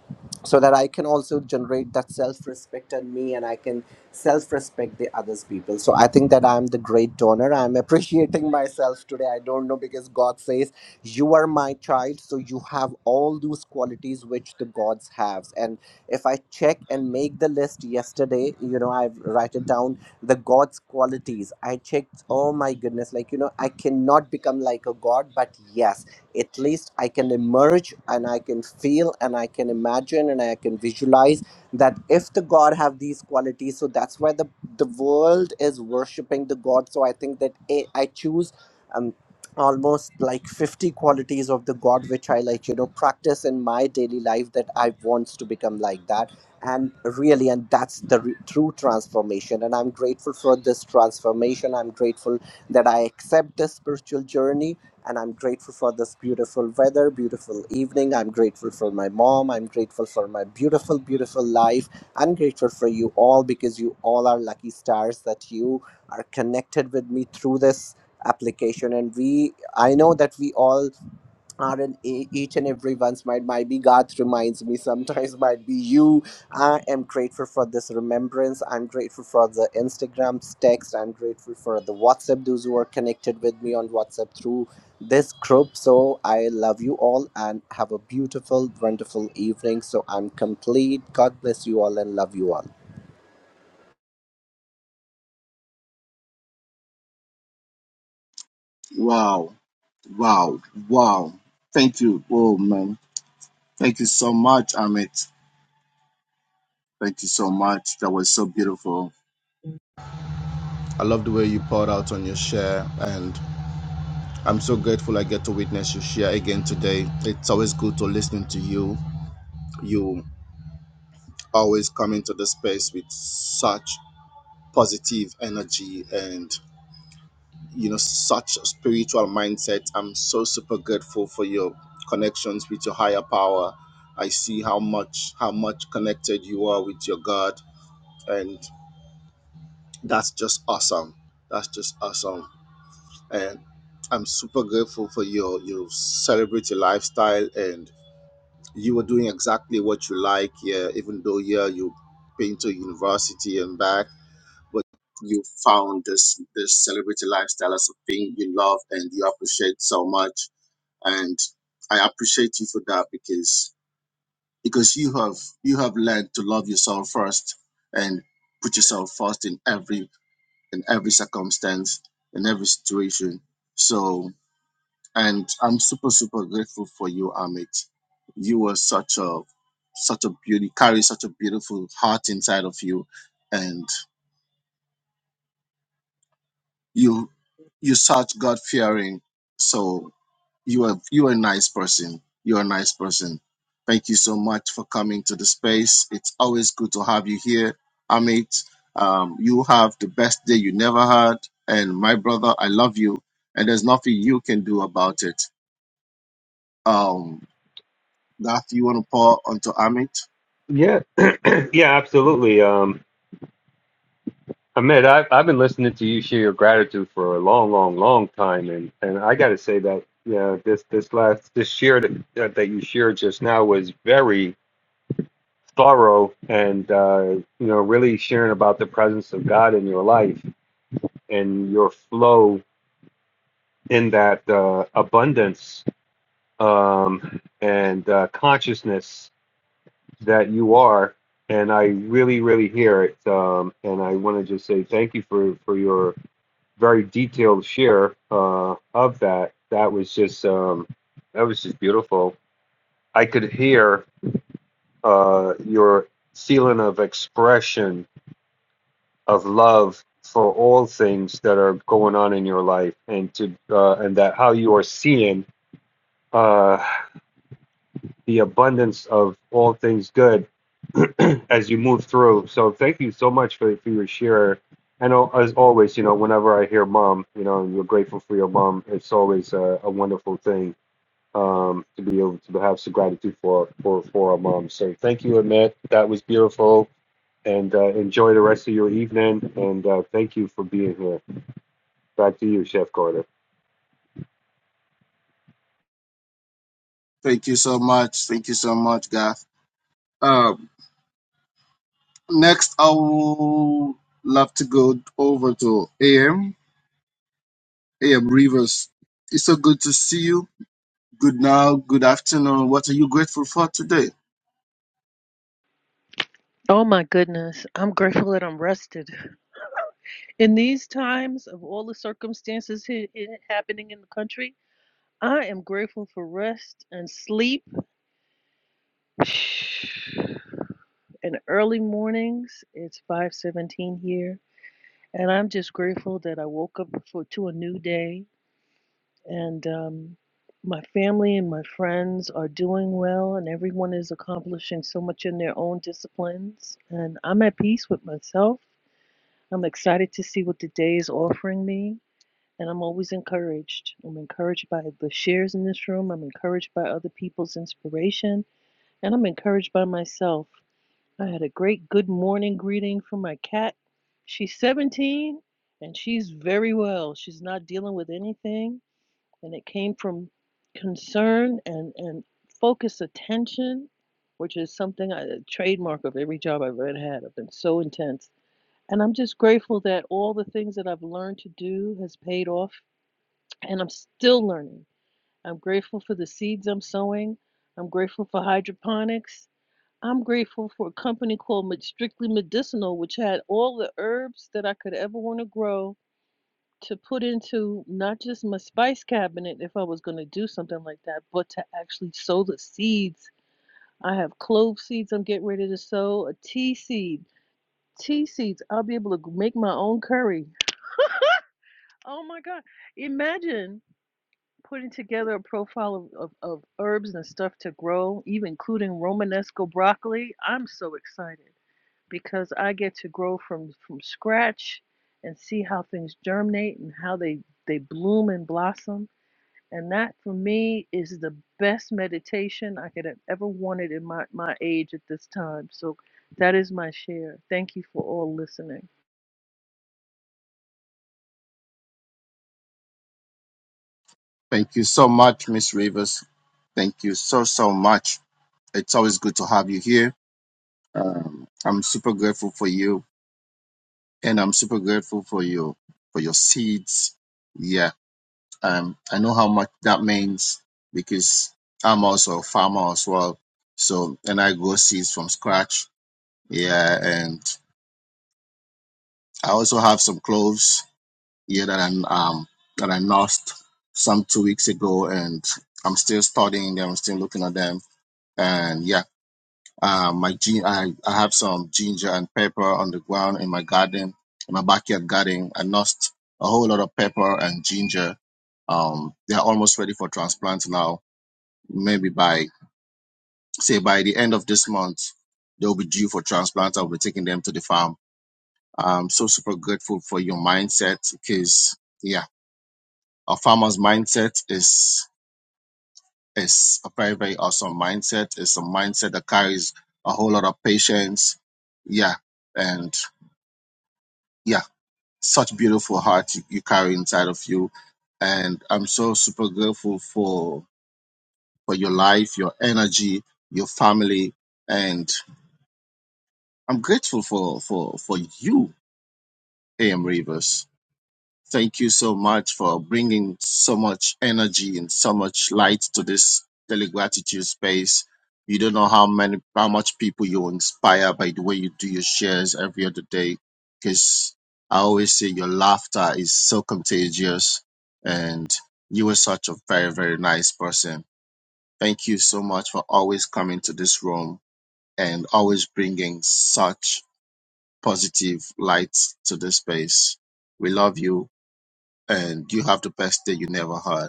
S18: so that I can also generate that self-respect in me, and I can self-respect the others people. So I think that I'm the great donor. I'm appreciating myself today. I don't know because God says you are my child, so you have all those qualities which the gods have, and if I check and make the list yesterday, you know, I've write it down the god's qualities i checked oh my goodness like you know i cannot become like a god but yes at least i can emerge and i can feel and i can imagine and i can visualize that if the god have these qualities so that's why the the world is worshiping the god so i think that i, I choose um almost like 50 qualities of the god which i like you know practice in my daily life that i wants to become like that and really and that's the re- true transformation and i'm grateful for this transformation i'm grateful that i accept this spiritual journey and i'm grateful for this beautiful weather beautiful evening i'm grateful for my mom i'm grateful for my beautiful beautiful life i'm grateful for you all because you all are lucky stars that you are connected with me through this application and we i know that we all are in e- each and every one's mind. Might be God reminds me sometimes, might be you. I am grateful for this remembrance. I'm grateful for the Instagram's text. I'm grateful for the WhatsApp, those who are connected with me on WhatsApp through this group. So I love you all and have a beautiful, wonderful evening. So I'm complete. God bless you all and love you all.
S7: Wow, wow, wow. Thank you. Oh, man. Thank you so much, Amit. Thank you so much. That was so beautiful. I love the way you poured out on your share, and I'm so grateful I get to witness your share again today. It's always good to listen to you. You always come into the space with such positive energy, and. you know such a spiritual mindset i'm so super grateful for your connections with your higher power i see how much how much connected you are with your god and that's just awesome that's just awesome and i'm super grateful for your your celebrity lifestyle and you were doing exactly what you like yeah even though yeah you been to university and back but you found this this celebrity lifestyle as a thing you love and you appreciate so much and I appreciate you for that because because you have you have learned to love yourself first and put yourself first in every in every circumstance in every situation. So and I'm super super grateful for you, Amit. You are such a such a beauty carry such a beautiful heart inside of you, and you you're such God fearing. So. You are you are a nice person. You're a nice person. Thank you so much for coming to the space. It's always good to have you here, Amit. Um, you have the best day you never had, and my brother, I love you, and there's nothing you can do about it. Um, Gath, you want to pour onto Amit?
S17: Yeah, yeah, absolutely. Um, Ahmed, I've I've been listening to you share your gratitude for a long, long, long time, and and I got to say that yeah, this this last this share that that that you shared just now was very thorough, and uh, you know, really sharing about the presence of God in your life and your flow in that uh, abundance um, and uh, consciousness that you are, and I really, really hear it. Um, and I want to just say thank you for for your very detailed share uh, of that. That was just um, that was just beautiful. I could hear uh, your feeling of expression of love for all things that are going on in your life, and to uh, and that how you are seeing. Uh, the abundance of all things good as you move through. So thank you so much for, for your share. And as always, you know, whenever I hear mom, you know, and you're grateful for your mom, it's always a, a wonderful thing um, to be able to have some gratitude for, for, for our mom. So thank you, Amit. That was beautiful. And uh, enjoy the rest of your evening. And uh, thank you for being here. Back to you, Chef Carter.
S7: Thank you so much. Thank you so much, Gath. Um, next, I would love to go over to AM. AM Rivers, it's so good to see you. Good now, good afternoon. What are you grateful for today?
S19: Oh my goodness. I'm grateful that I'm rested. In these times of all the circumstances he- i- happening in the country, I am grateful for rest and sleep. And early mornings, it's 5:17 here, and I'm just grateful that I woke up for to a new day and um my family and my friends are doing well, and everyone is accomplishing so much in their own disciplines. And I'm at peace with myself I'm excited to see what the day is offering me, and I'm always encouraged. I'm encouraged by the shares in this room, I'm encouraged by other people's inspiration, and I'm encouraged by myself. I had a great good morning greeting from my cat. She's 17 and she's very well. She's not dealing with anything, and it came from concern and, and focused attention, which is something I, a trademark of every job I've ever had. I've been so intense and I'm just grateful that all the things that I've learned to do has paid off and I'm still learning. I'm grateful for the seeds I'm sowing. I'm grateful for hydroponics. I'm grateful for a company called Strictly Medicinal, which had all the herbs that I could ever want to grow to put into not just my spice cabinet if I was going to do something like that, but to actually sow the seeds. I have clove seeds I'm getting ready to sow, a tea seed. Tea seeds, I'll be able to make my own curry Oh my God. Imagine putting together a profile of, of, of herbs and stuff to grow, even including Romanesco broccoli. I'm so excited because I get to grow from, from scratch and see how things germinate and how they, they bloom and blossom. And that for me is the best meditation I could have ever wanted in my, my age at this time. So that is my share. Thank you for all listening.
S7: Thank you so much, Miss Rivers. Thank you so, so much. It's always good to have you here. Um, I'm super grateful for you, and I'm super grateful for you for your seeds. Yeah, um, I know how much that means because I'm also a farmer as well. So, and I grow seeds from scratch. Yeah, and I also have some cloves year that I'm um, that I lost some two weeks ago, and I'm still studying them. I'm still looking at them, and yeah, um, my gin I, I have some ginger and pepper on the ground in my garden, in my backyard garden. I lost a whole lot of pepper and ginger. Um, they are almost ready for transplant now. Maybe by say by the end of this month, they'll be due for transplant. I'll be taking them to the farm. I'm so super grateful for your mindset because A farmer's mindset is is a very very awesome mindset. It's a mindset that carries a whole lot of patience. Yeah, and yeah, such beautiful heart you, you carry inside of you, and I'm so super grateful for for your life, your energy, your family, and I'm grateful for for for you, A.M. Rivers. Thank you so much for bringing so much energy and so much light to this daily gratitude space. You don't know how many, how much people you inspire by the way you do your shares every other day. Because I always say your laughter is so contagious, and you are such a very, very nice person. Thank you so much for always coming to this room and always bringing such positive light to this space. We love you and you have the best day you never had.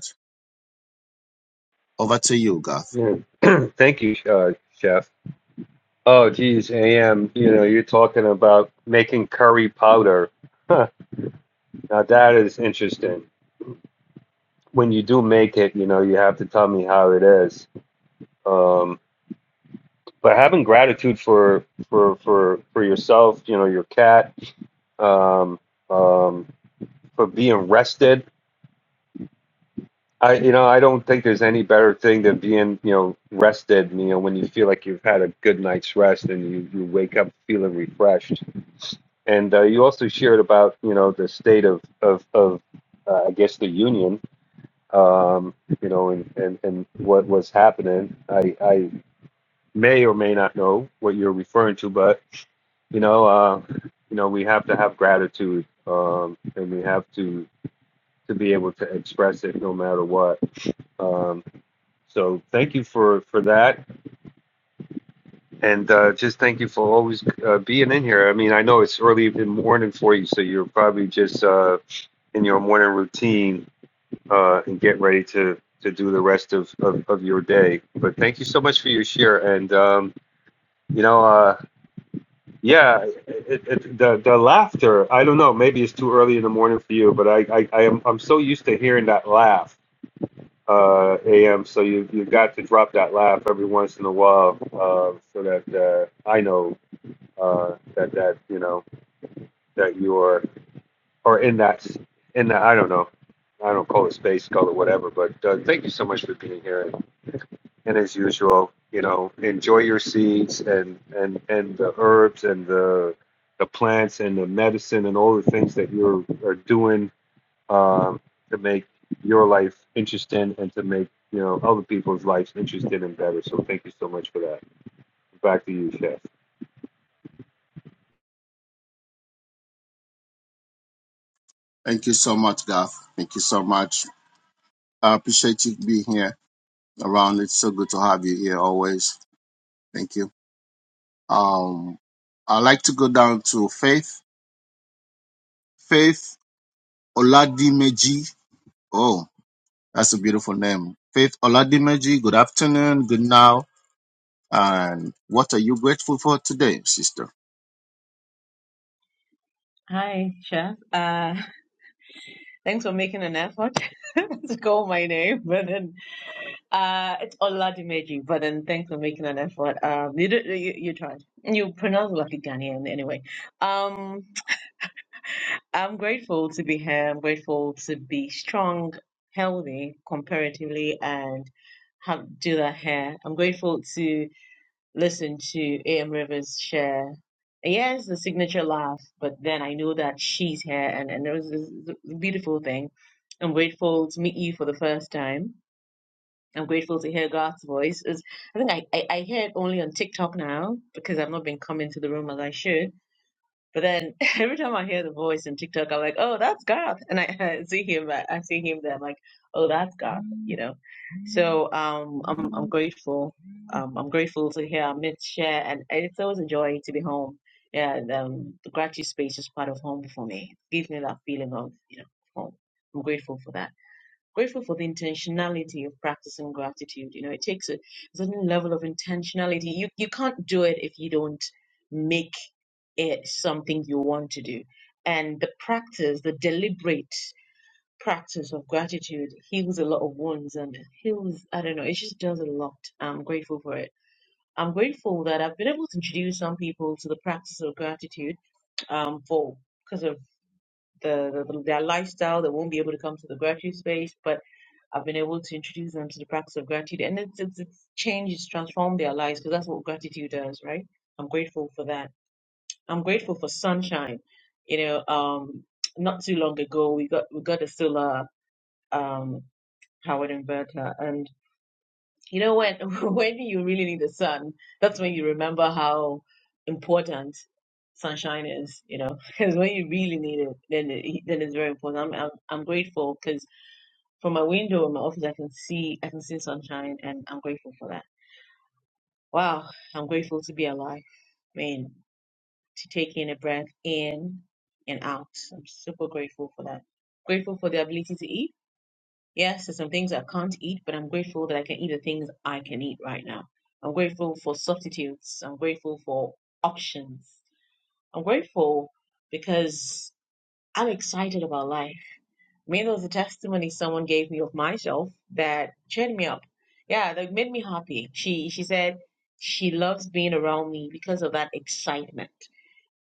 S7: Over to you, Garth.
S17: Yeah. thank you, uh, Chef. Oh, geez, AM, you know, you're talking about making curry powder. Now that is interesting. When you do make it, you know, you have to tell me how it is. Um, but having gratitude for for for for yourself, you know, your cat, um, um, for being rested. I, you know, I don't think there's any better thing than being, you know, rested. You know, when you feel like you've had a good night's rest and you you wake up feeling refreshed. And uh, you also shared about you know the state of of, of uh, I guess the union, um, you know, and, and and what was happening. I I may or may not know what you're referring to, but you know, uh, you know, we have to have gratitude, um, and we have to to be able to express it no matter what. Um, so thank you for for that, and uh, just thank you for always uh, being in here. I mean, I know it's early in the morning for you, so you're probably just. Uh, in your morning routine uh, and get ready to to do the rest of, of, of your day. But thank you so much for your share. And um, you know, uh, yeah, it, it, the the laughter. I don't know. Maybe it's too early in the morning for you, but I I, I am I'm so used to hearing that laugh. Uh, am so you you got to drop that laugh every once in a while uh, so that uh, I know uh, that that you know that you are or in that in that I don't know. I don't call it space, call it whatever. But uh, thank you so much for being here. And, and as usual, you know, enjoy your seeds and and and the herbs and the the plants and the medicine and all the things that you're are doing um, to make your life interesting and to make you know other people's lives interesting and better. So thank you so much for that. Back to you, Chef.
S7: Thank you so much, Garth. Thank you so much. I appreciate you being here around. It's so good to have you here always. Thank you. Um, I like to go down to Faith. Faith Oladimeji. Oh, that's a beautiful name. Faith Oladimeji. Good afternoon. Good now. And what are you grateful for today, sister?
S20: Hi, Chef. Uh, thanks for making an effort to call my name, but then uh, it's Oladimeji. But then thanks for making an effort. Um, you, did, you you tried. You pronounce it like a Ghanaian anyway. Um, I'm grateful to be here. I'm grateful to be strong, healthy, comparatively, and have do that hair. I'm grateful to. listen to A.M. Rivers share. Yes, the signature laugh, but then I know that she's here, and, and it was this is beautiful thing. I'm grateful to meet you for the first time. I'm grateful to hear Garth's voice. It's, I think I, I, I hear it only on TikTok now because I've not been coming to the room as I should but then every time I hear the voice in TikTok, I'm like, oh, that's God. And I, I see him, I, I see him there. I'm like, oh, that's God, you know. So um, I'm I'm grateful. Um, I'm grateful to hear Amit share, and it's always a joy to be home. Yeah, and, um, the gratitude space is part of home for me. It gives me that feeling of you know home. I'm grateful for that grateful for the intentionality of practicing gratitude. You know, it takes a certain level of intentionality. You you can't do it if you don't make it something you want to do. And the practice, the deliberate practice of gratitude heals a lot of wounds and heals, I don't know, it just does a lot. I'm grateful for it. I'm grateful that I've been able to introduce some people to the practice of gratitude um, for because of the, the their lifestyle. They won't be able to come to the gratitude space, but I've been able to introduce them to the practice of gratitude, and it's it's, it's changed, it's transformed their lives because that's what gratitude does, right? I'm grateful for that. I'm grateful for sunshine. You know, um, not too long ago we got we got a solar um, powered inverter, and. You know, when when you really need the sun, that's when you remember how important sunshine is, you know, because when you really need it, then it, then it's very important. I'm I'm, I'm grateful because from my window in my office, I can see I can see sunshine, and I'm grateful for that. Wow, I'm grateful to be alive. Man, to take in a breath in and out. I'm super grateful for that. Grateful for the ability to eat Yes, there's some things I can't eat, but I'm grateful that I can eat the things I can eat right now. I'm grateful for substitutes. I'm grateful for options. I'm grateful because I'm excited about life. I mean, there was a testimony someone gave me of myself that cheered me up. Yeah, that made me happy. She she said she loves being around me because of that excitement.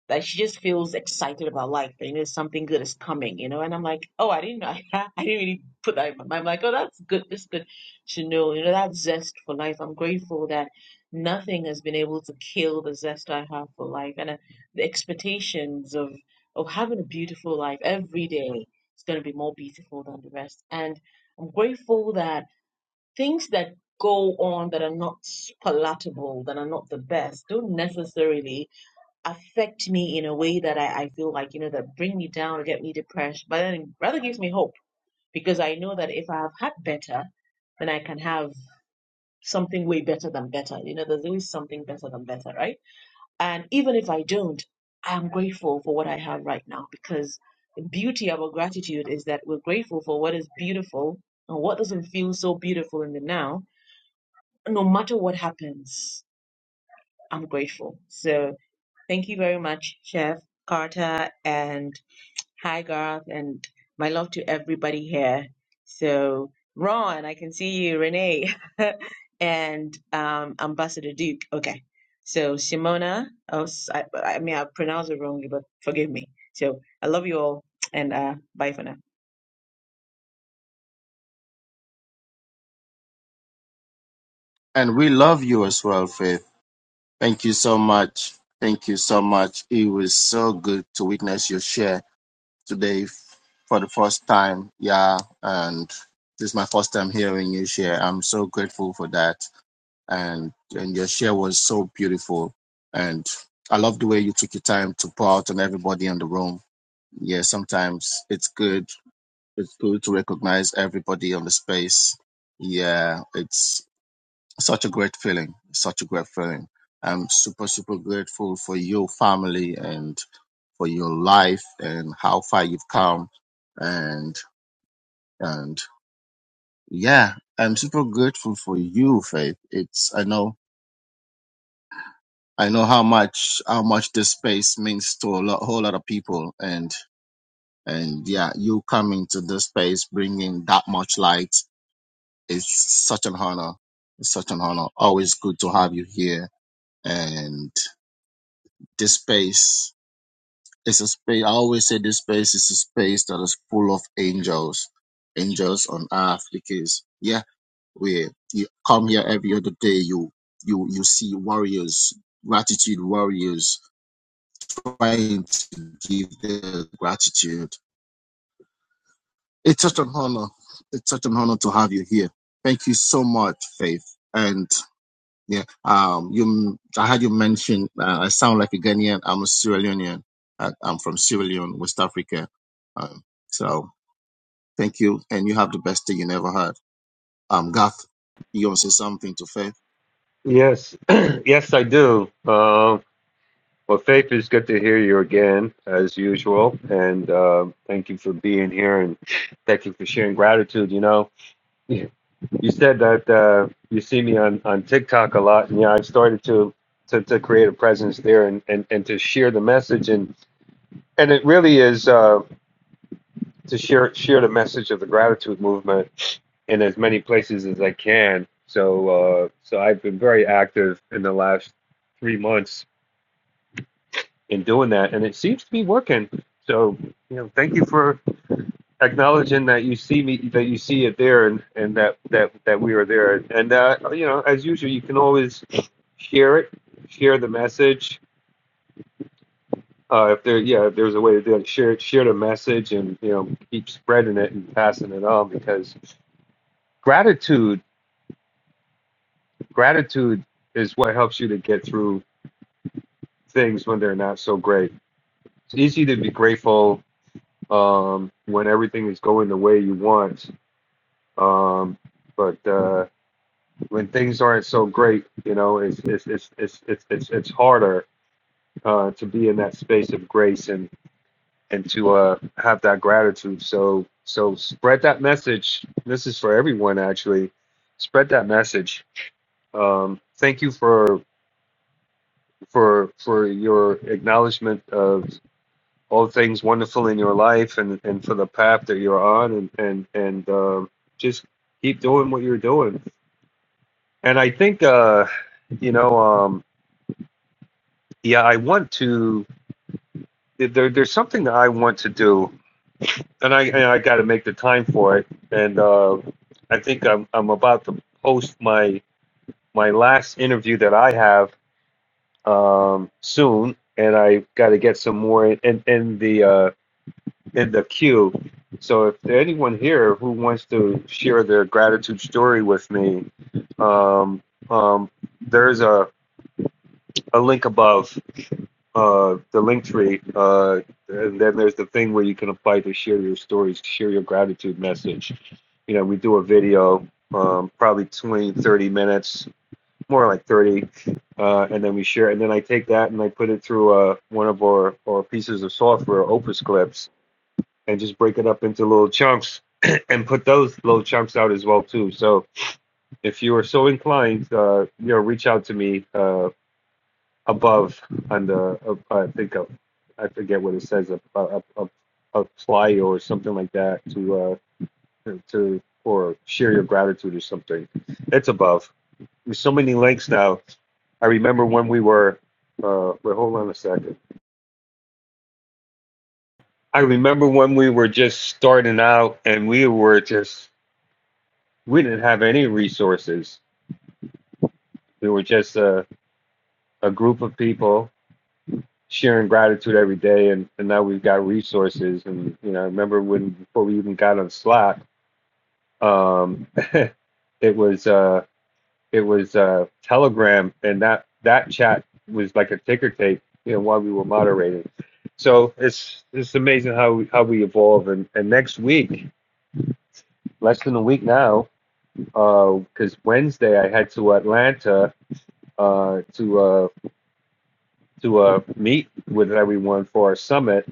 S20: Like she just feels excited about life. You know, something good is coming. You know, and I'm like, oh, I didn't know. I didn't really put that in my mind. I'm like, oh, that's good. That's good to know. You know, that zest for life. I'm grateful that nothing has been able to kill the zest I have for life and uh, the expectations of of having a beautiful life every day. It's going to be more beautiful than the rest. And I'm grateful that things that go on that are not palatable, that are not the best, don't necessarily affect me in a way that I, I feel like, you know, that bring me down or get me depressed, but then it rather gives me hope because I know that if I have had better, then I can have something way better than better. You know, there's always something better than better, right? And even if I don't, I am grateful for what I have right now because the beauty about gratitude is that we're grateful for what is beautiful and what doesn't feel so beautiful in the now. No matter what happens, I'm grateful. So thank you very much, Chef Carter and Hi, Garth, and my love to everybody here. So, Ron, I can see you, Renee, and um, Ambassador Duke. Okay. So, Simona, oh, s- I, I mean, I pronounced it wrongly, but forgive me. So, I love you all, and uh, bye for now.
S7: And we love you as well, Faith. Thank you so much. Thank you so much. It was so good to witness your share today f- for the first time. Yeah, and this is my first time hearing you share. I'm so grateful for that. And and your share was so beautiful. And I love the way you took your time to pour out on everybody in the room. Yeah, sometimes it's good. It's good to recognize everybody on the space. Yeah, it's such a great feeling such a great feeling i'm super super grateful for your family and for your life and how far you've come and and yeah i'm super grateful for you faith it's i know i know how much how much this space means to a lot, whole lot of people and and yeah you coming to this space bringing that much light is such an honor it's such an honor always good to have you here and this space It's a space. I always say this space is a space that is full of angels, angels on earth. Because yeah, we you come here every other day. You you you see warriors, gratitude warriors, trying to give their gratitude. It's such an honor. It's such an honor to have you here. Thank you so much, Faith. And Yeah. Um, you, I had you mention, uh, I sound like a Ghanaian. I'm a Sierra Leonean. I, I'm from Sierra Leone, West Africa. Um, so thank you. And you have the best day you never had. Um, Garth, you want to say something to Faith?
S17: Yes, yes, I do. Um, Well, Faith, it's good to hear you again, as usual. And uh, thank you for being here and thank you for sharing gratitude. You know, you said that uh, you see me on, on TikTok a lot. And, yeah, I've started to, to, to create a presence there and, and, and to share the message. And, and it really is uh, to share, share the message of the gratitude movement in as many places as I can. So, uh, so I've been very active in the last three months in doing that, and it seems to be working. So, you know, thank you for acknowledging that you see me, that you see it there, and and that that that we are there. And uh, you know, as usual, you can always share it, share the message. Uh, if there, yeah, if there's a way to do it, share it, share the message, and you know, keep spreading it and passing it on because gratitude, gratitude is what helps you to get through things when they're not so great. It's easy to be grateful um, when everything is going the way you want, Um, but uh, when things aren't so great, you know, it's it's it's it's it's it's, it's harder uh, to be in that space of grace and and to uh, have that gratitude. So so spread that message. This is for everyone actually. Spread that message. Um, thank you for for for your acknowledgement of all things wonderful in your life and and for the path that you're on and and and um, just keep doing what you're doing And I think, uh, you know, um, yeah, I want to. There, there's something that I want to do, and I and I got to make the time for it. And uh, I think I'm I'm about to post my my last interview that I have um, soon, and I got to get some more in in the uh, in the queue. So if there anyone here who wants to share their gratitude story with me, um, um, there's a, a link above uh, the link tree, uh, and then there's the thing where you can apply to share your stories, share your gratitude message. You know, we do a video, um, probably 20, 30 minutes, more like 30, uh, and then we share. And then I take that and I put it through uh, one of our, our pieces of software, Opus Clips, and just break it up into little chunks and put those little chunks out as well too. So if you are so inclined, uh, you know, reach out to me. Uh, above on the uh, I think of I forget what it says a a, a, a fly or something like that to uh to or share your gratitude or something. It's above. There's so many links now. I remember when we were uh wait hold on a second. I remember when we were just starting out and we were just we didn't have any resources. We were just a, a group of people sharing gratitude every day and, and now we've got resources and you know I remember when before we even got on Slack um it was uh it was uh Telegram and that that chat was like a ticker tape you know while we were moderating so it's it's amazing how we, how we evolve and, and next week less than a week now uh because uh, Wednesday I head to Atlanta uh to uh to uh meet with everyone for our summit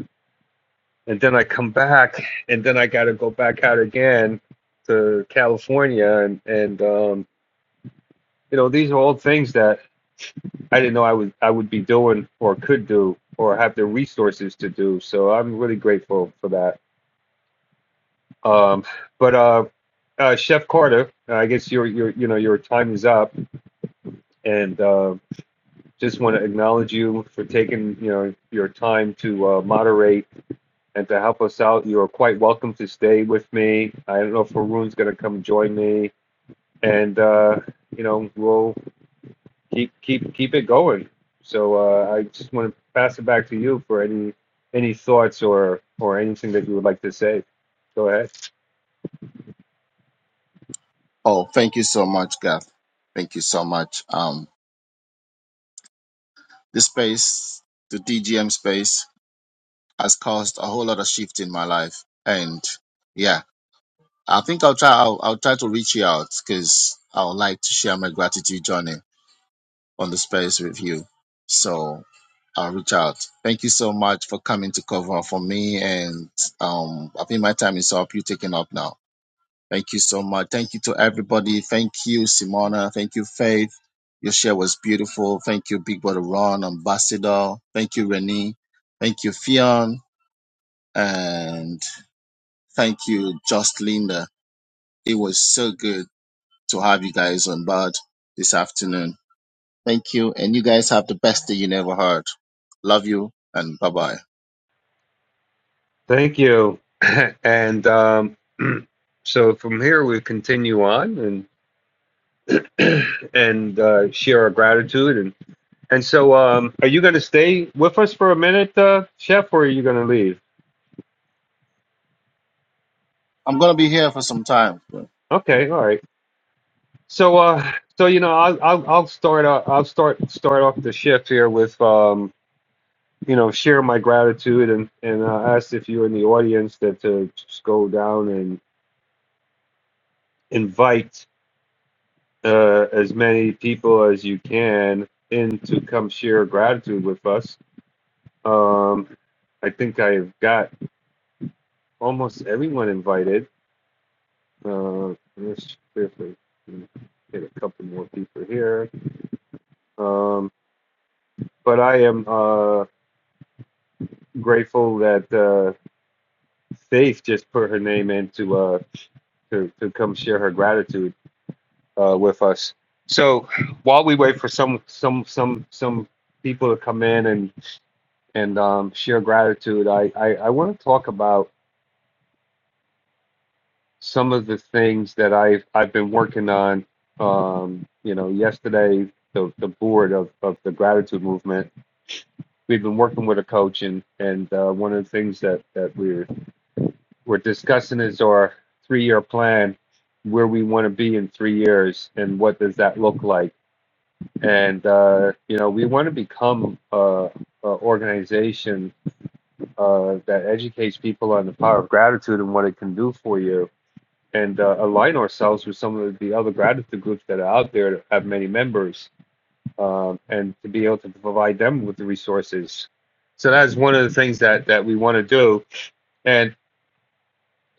S17: and then I come back, and then I got to go back out again to California, and and um, you know these are all things that I didn't know I would I would be doing or could do or have the resources to do. So I'm really grateful for that. Um, but uh, uh, Chef Carter, I guess your your you know your time is up, and uh, just want to acknowledge you for taking you know your time to uh, moderate and to help us out. You are quite welcome to stay with me. I don't know if Haroon's going to come join me, and uh, you know we'll keep keep keep it going. So uh, I just want to pass it back to you for any any thoughts or or anything that you would like to say. Go ahead.
S7: Oh, thank you so much, Garth. Thank you so much. Um, this space, the DGM space has caused a whole lot of shift in my life. And yeah, I think I'll try, I'll, I'll try to reach you out because I would like to share my gratitude journey on the space review. So I'll reach out. Thank you so much for coming to cover for me. And um, I think my time is up. You're taking up now. Thank you so much. Thank you to everybody. Thank you, Simona. Thank you, Faith. Your share was beautiful. Thank you, Big Brother Ron, Ambassador. Thank you, Renee. Thank you, Fion. And thank you, Just Linda. It was so good to have you guys on board this afternoon. Thank you. And you guys have the best day you never heard. Love you and bye bye.
S17: Thank you. and um, so from here we continue on and and uh, share our gratitude and. And so, um, are you going to stay with us for a minute, uh, Chef, or are you going to leave?
S7: I'm going to be here for some time.
S17: Okay, all right. So, uh, so you know, I'll I'll, I'll start uh, I'll start start off the shift here with um, you know, share my gratitude and and uh, ask if you're in the audience that to just go down and invite uh, as many people as you can in to come share gratitude with us. Um, I think I've got almost everyone invited. Uh, let's see if get a couple more people here. Um, but I am uh, grateful that uh, Faith just put her name in to, uh, to, to come share her gratitude uh, with us. So while we wait for some some some some people to come in and and um, share gratitude, I, I, I want to talk about some of the things that I've I've been working on. Um, you know, yesterday the, the board of, of the gratitude movement we've been working with a coach, and and uh, one of the things that that we're we're discussing is our three year plan, where we want to be in three years, and what does that look like. And uh, you know, we want to become a, a organization uh, that educates people on the power of gratitude and what it can do for you, and uh, align ourselves with some of the other gratitude groups that are out there that have many members um, and to be able to provide them with the resources. So that's one of the things that that we want to do. And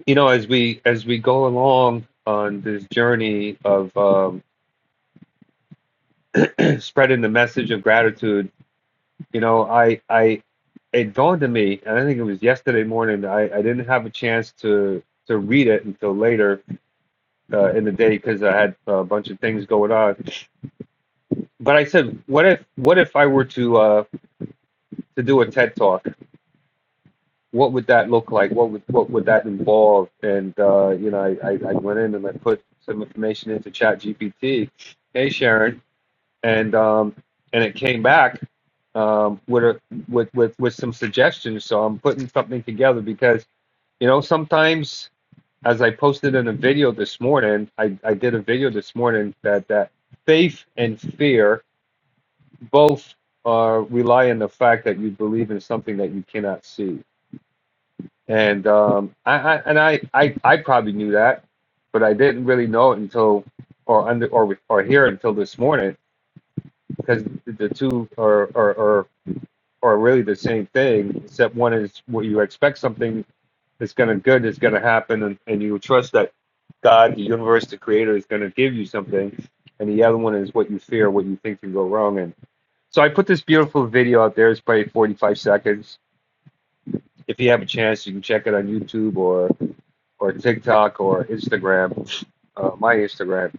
S17: you know, as we as we go along on this journey of um, spreading the message of gratitude, you know, I I it dawned on me, and I think it was yesterday morning. I, I didn't have a chance to to read it until later uh, in the day because I had a bunch of things going on. But I said, what if what if I were to uh, to do a TED talk? what would that look like? What would what would that involve? And uh, you know, I, I, I went in and I put some information into Chat GPT. Hey Sharon, and um, and it came back um, with, a, with with with some suggestions. So I'm putting something together because you know sometimes, as I posted in a video this morning, I, I did a video this morning that that faith and fear both uh, rely on the fact that you believe in something that you cannot see and um, I, I and I, I I probably knew that, but I didn't really know it until or under or or hear it until this morning because the two are are, are are really the same thing except one is what you expect something that's going to good is going to happen and, and you trust that God, the universe, the creator is going to give you something. And the other one is what you fear, what you think can go wrong. And so I put this beautiful video out there. It's probably 45 seconds. If you have a chance, you can check it on YouTube or. or TikTok or Instagram, uh, my Instagram.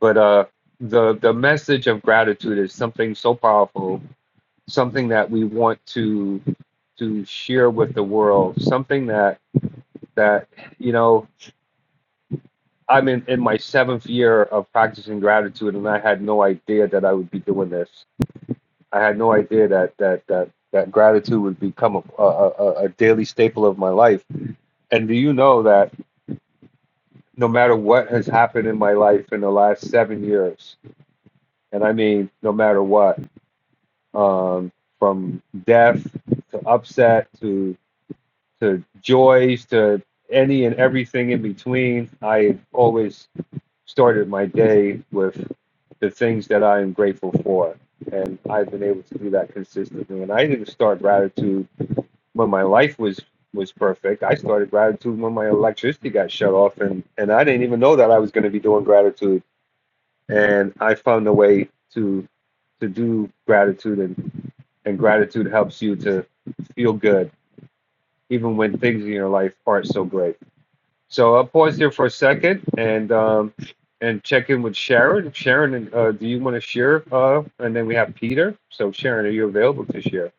S17: But uh, the the message of gratitude is something so powerful, something that we want to to share with the world, something that that you know. I'm in, in my seventh year of practicing gratitude, and I had no idea that I would be doing this. I had no idea that that that, that gratitude would become a, a, a a daily staple of my life. And do you know that no matter what has happened in my life in the last seven years, and I mean no matter what, um, from death to upset to to joys to any and everything in between, I always started my day with the things that I am grateful for, and I've been able to do that consistently. And I didn't start gratitude when my life was was perfect. I started gratitude when my electricity got shut off, and and I didn't even know that I was going to be doing gratitude and I found a way to to do gratitude and, and gratitude helps you to feel good even when things in your life aren't so great. So I'll pause here for a second and um, and check in with Sharon. Sharon, uh, do you want to share? Uh, and then we have Peter. So Sharon, are you available to share?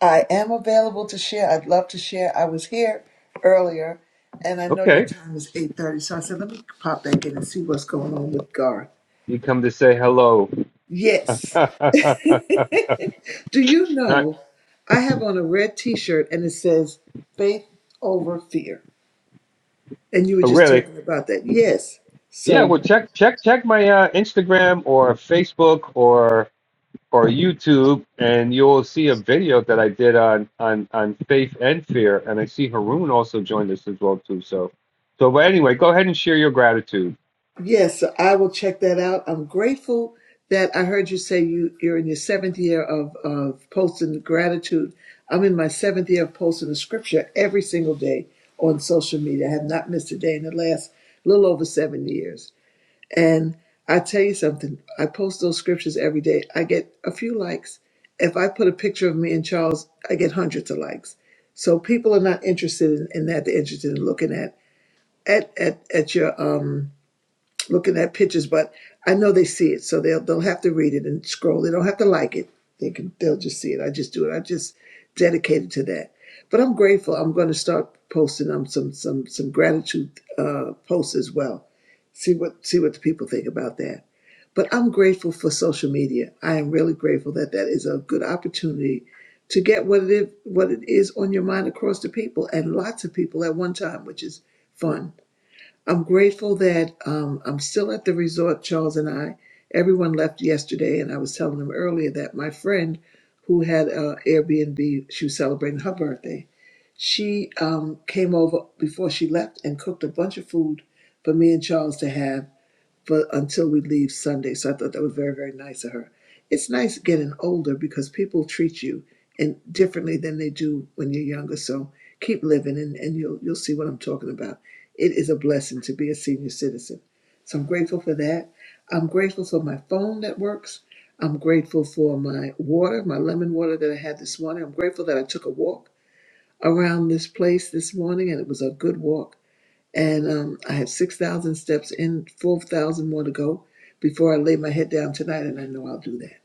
S8: I am available to share. I'd love to share. I was here earlier, and I know your
S17: Okay,
S8: time is eight thirty, so I said let me pop back in and see what's going on with Garth.
S17: you come to say hello.
S8: Yes.
S17: Not oh,
S8: Do you know I have on a red t shirt and it says faith over fear? And you were just
S17: really.
S8: talking about that. Yes.
S17: Yeah,
S8: So,
S17: well, check check check my uh, Instagram or Facebook or or YouTube, and you will see a video that I did on on on faith and fear. And I see Haroon also joined us as well too. So, so but anyway, go ahead and share your gratitude,
S8: yes, so I will check that out. I'm grateful that I heard you say you, you're in your seventh year of, of posting gratitude. I'm in my seventh year of posting the scripture every single day on social media. I have not missed a day in the last little over seven years. And I tell you something, I post those scriptures every day. I get a few likes. If I put a picture of me and Charles, I get hundreds of likes. So people are not interested in, in that. They're interested in looking at at at, at your um looking at pictures, but I know they see it, so they'll they'll have to read it and scroll. They don't have to like it. They can they'll just see it. I just do it. I just dedicated to that. But I'm grateful. I'm going to start posting um some some some gratitude uh, posts as well. See what see what the people think about that. But I'm grateful for social media. I am really grateful that that is a good opportunity to get what it is, what it is on your mind across to people and lots of people at one time, which is fun. I'm grateful that um, I'm still at the resort. Charles and I, everyone left yesterday, and I was telling them earlier that my friend who had uh, Airbnb, she was celebrating her birthday. She um, came over before she left and cooked a bunch of food for me and Charles to have for until we leave Sunday. So I thought that was very, very nice of her. It's nice getting older because people treat you and differently than they do when you're younger. So keep living and, and you'll you'll see what I'm talking about. It is a blessing to be a senior citizen. So I'm grateful for that. I'm grateful for my phone that works. I'm grateful for my water, my lemon water that I had this morning. I'm grateful that I took a walk around this place this morning and it was a good walk and um, I have 6,000 steps in, 4,000 more to go before I lay my head down tonight, and I know I'll do that.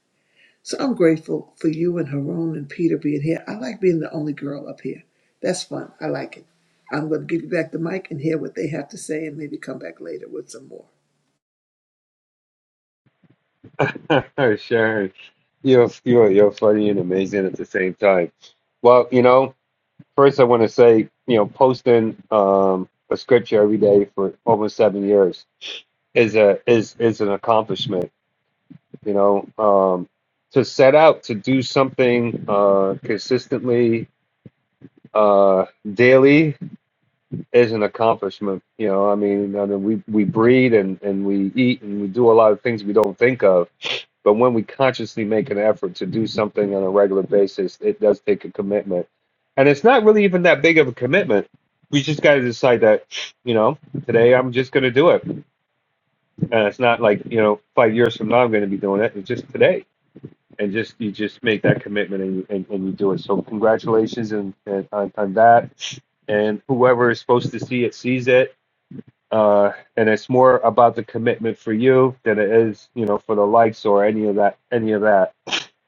S8: So I'm grateful for you and Haroon and Peter being here. I like being the only girl up here. That's fun. I like it. I'm going to give you back the mic and hear what they have to say and maybe come back later with some more.
S17: Sharon. You're you're you're funny and amazing at the same time. Well, you know, first I want to say, you know, posting um, a scripture every day for almost seven years is a is is an accomplishment. You know, um, to set out to do something uh, consistently uh daily is an accomplishment you know i mean, I mean we we breathe and and we eat and we do a lot of things we don't think of but when we consciously make an effort to do something on a regular basis it does take a commitment and it's not really even that big of a commitment we just got to decide that you know today i'm just going to do it and it's not like you know five years from now i'm going to be doing it it's just today and just you just make that commitment and you, and, and you do it. So congratulations and, and on, on that, and whoever is supposed to see it sees it. Uh, and it's more about the commitment for you than it is, you know, for the likes or any of that, any of that.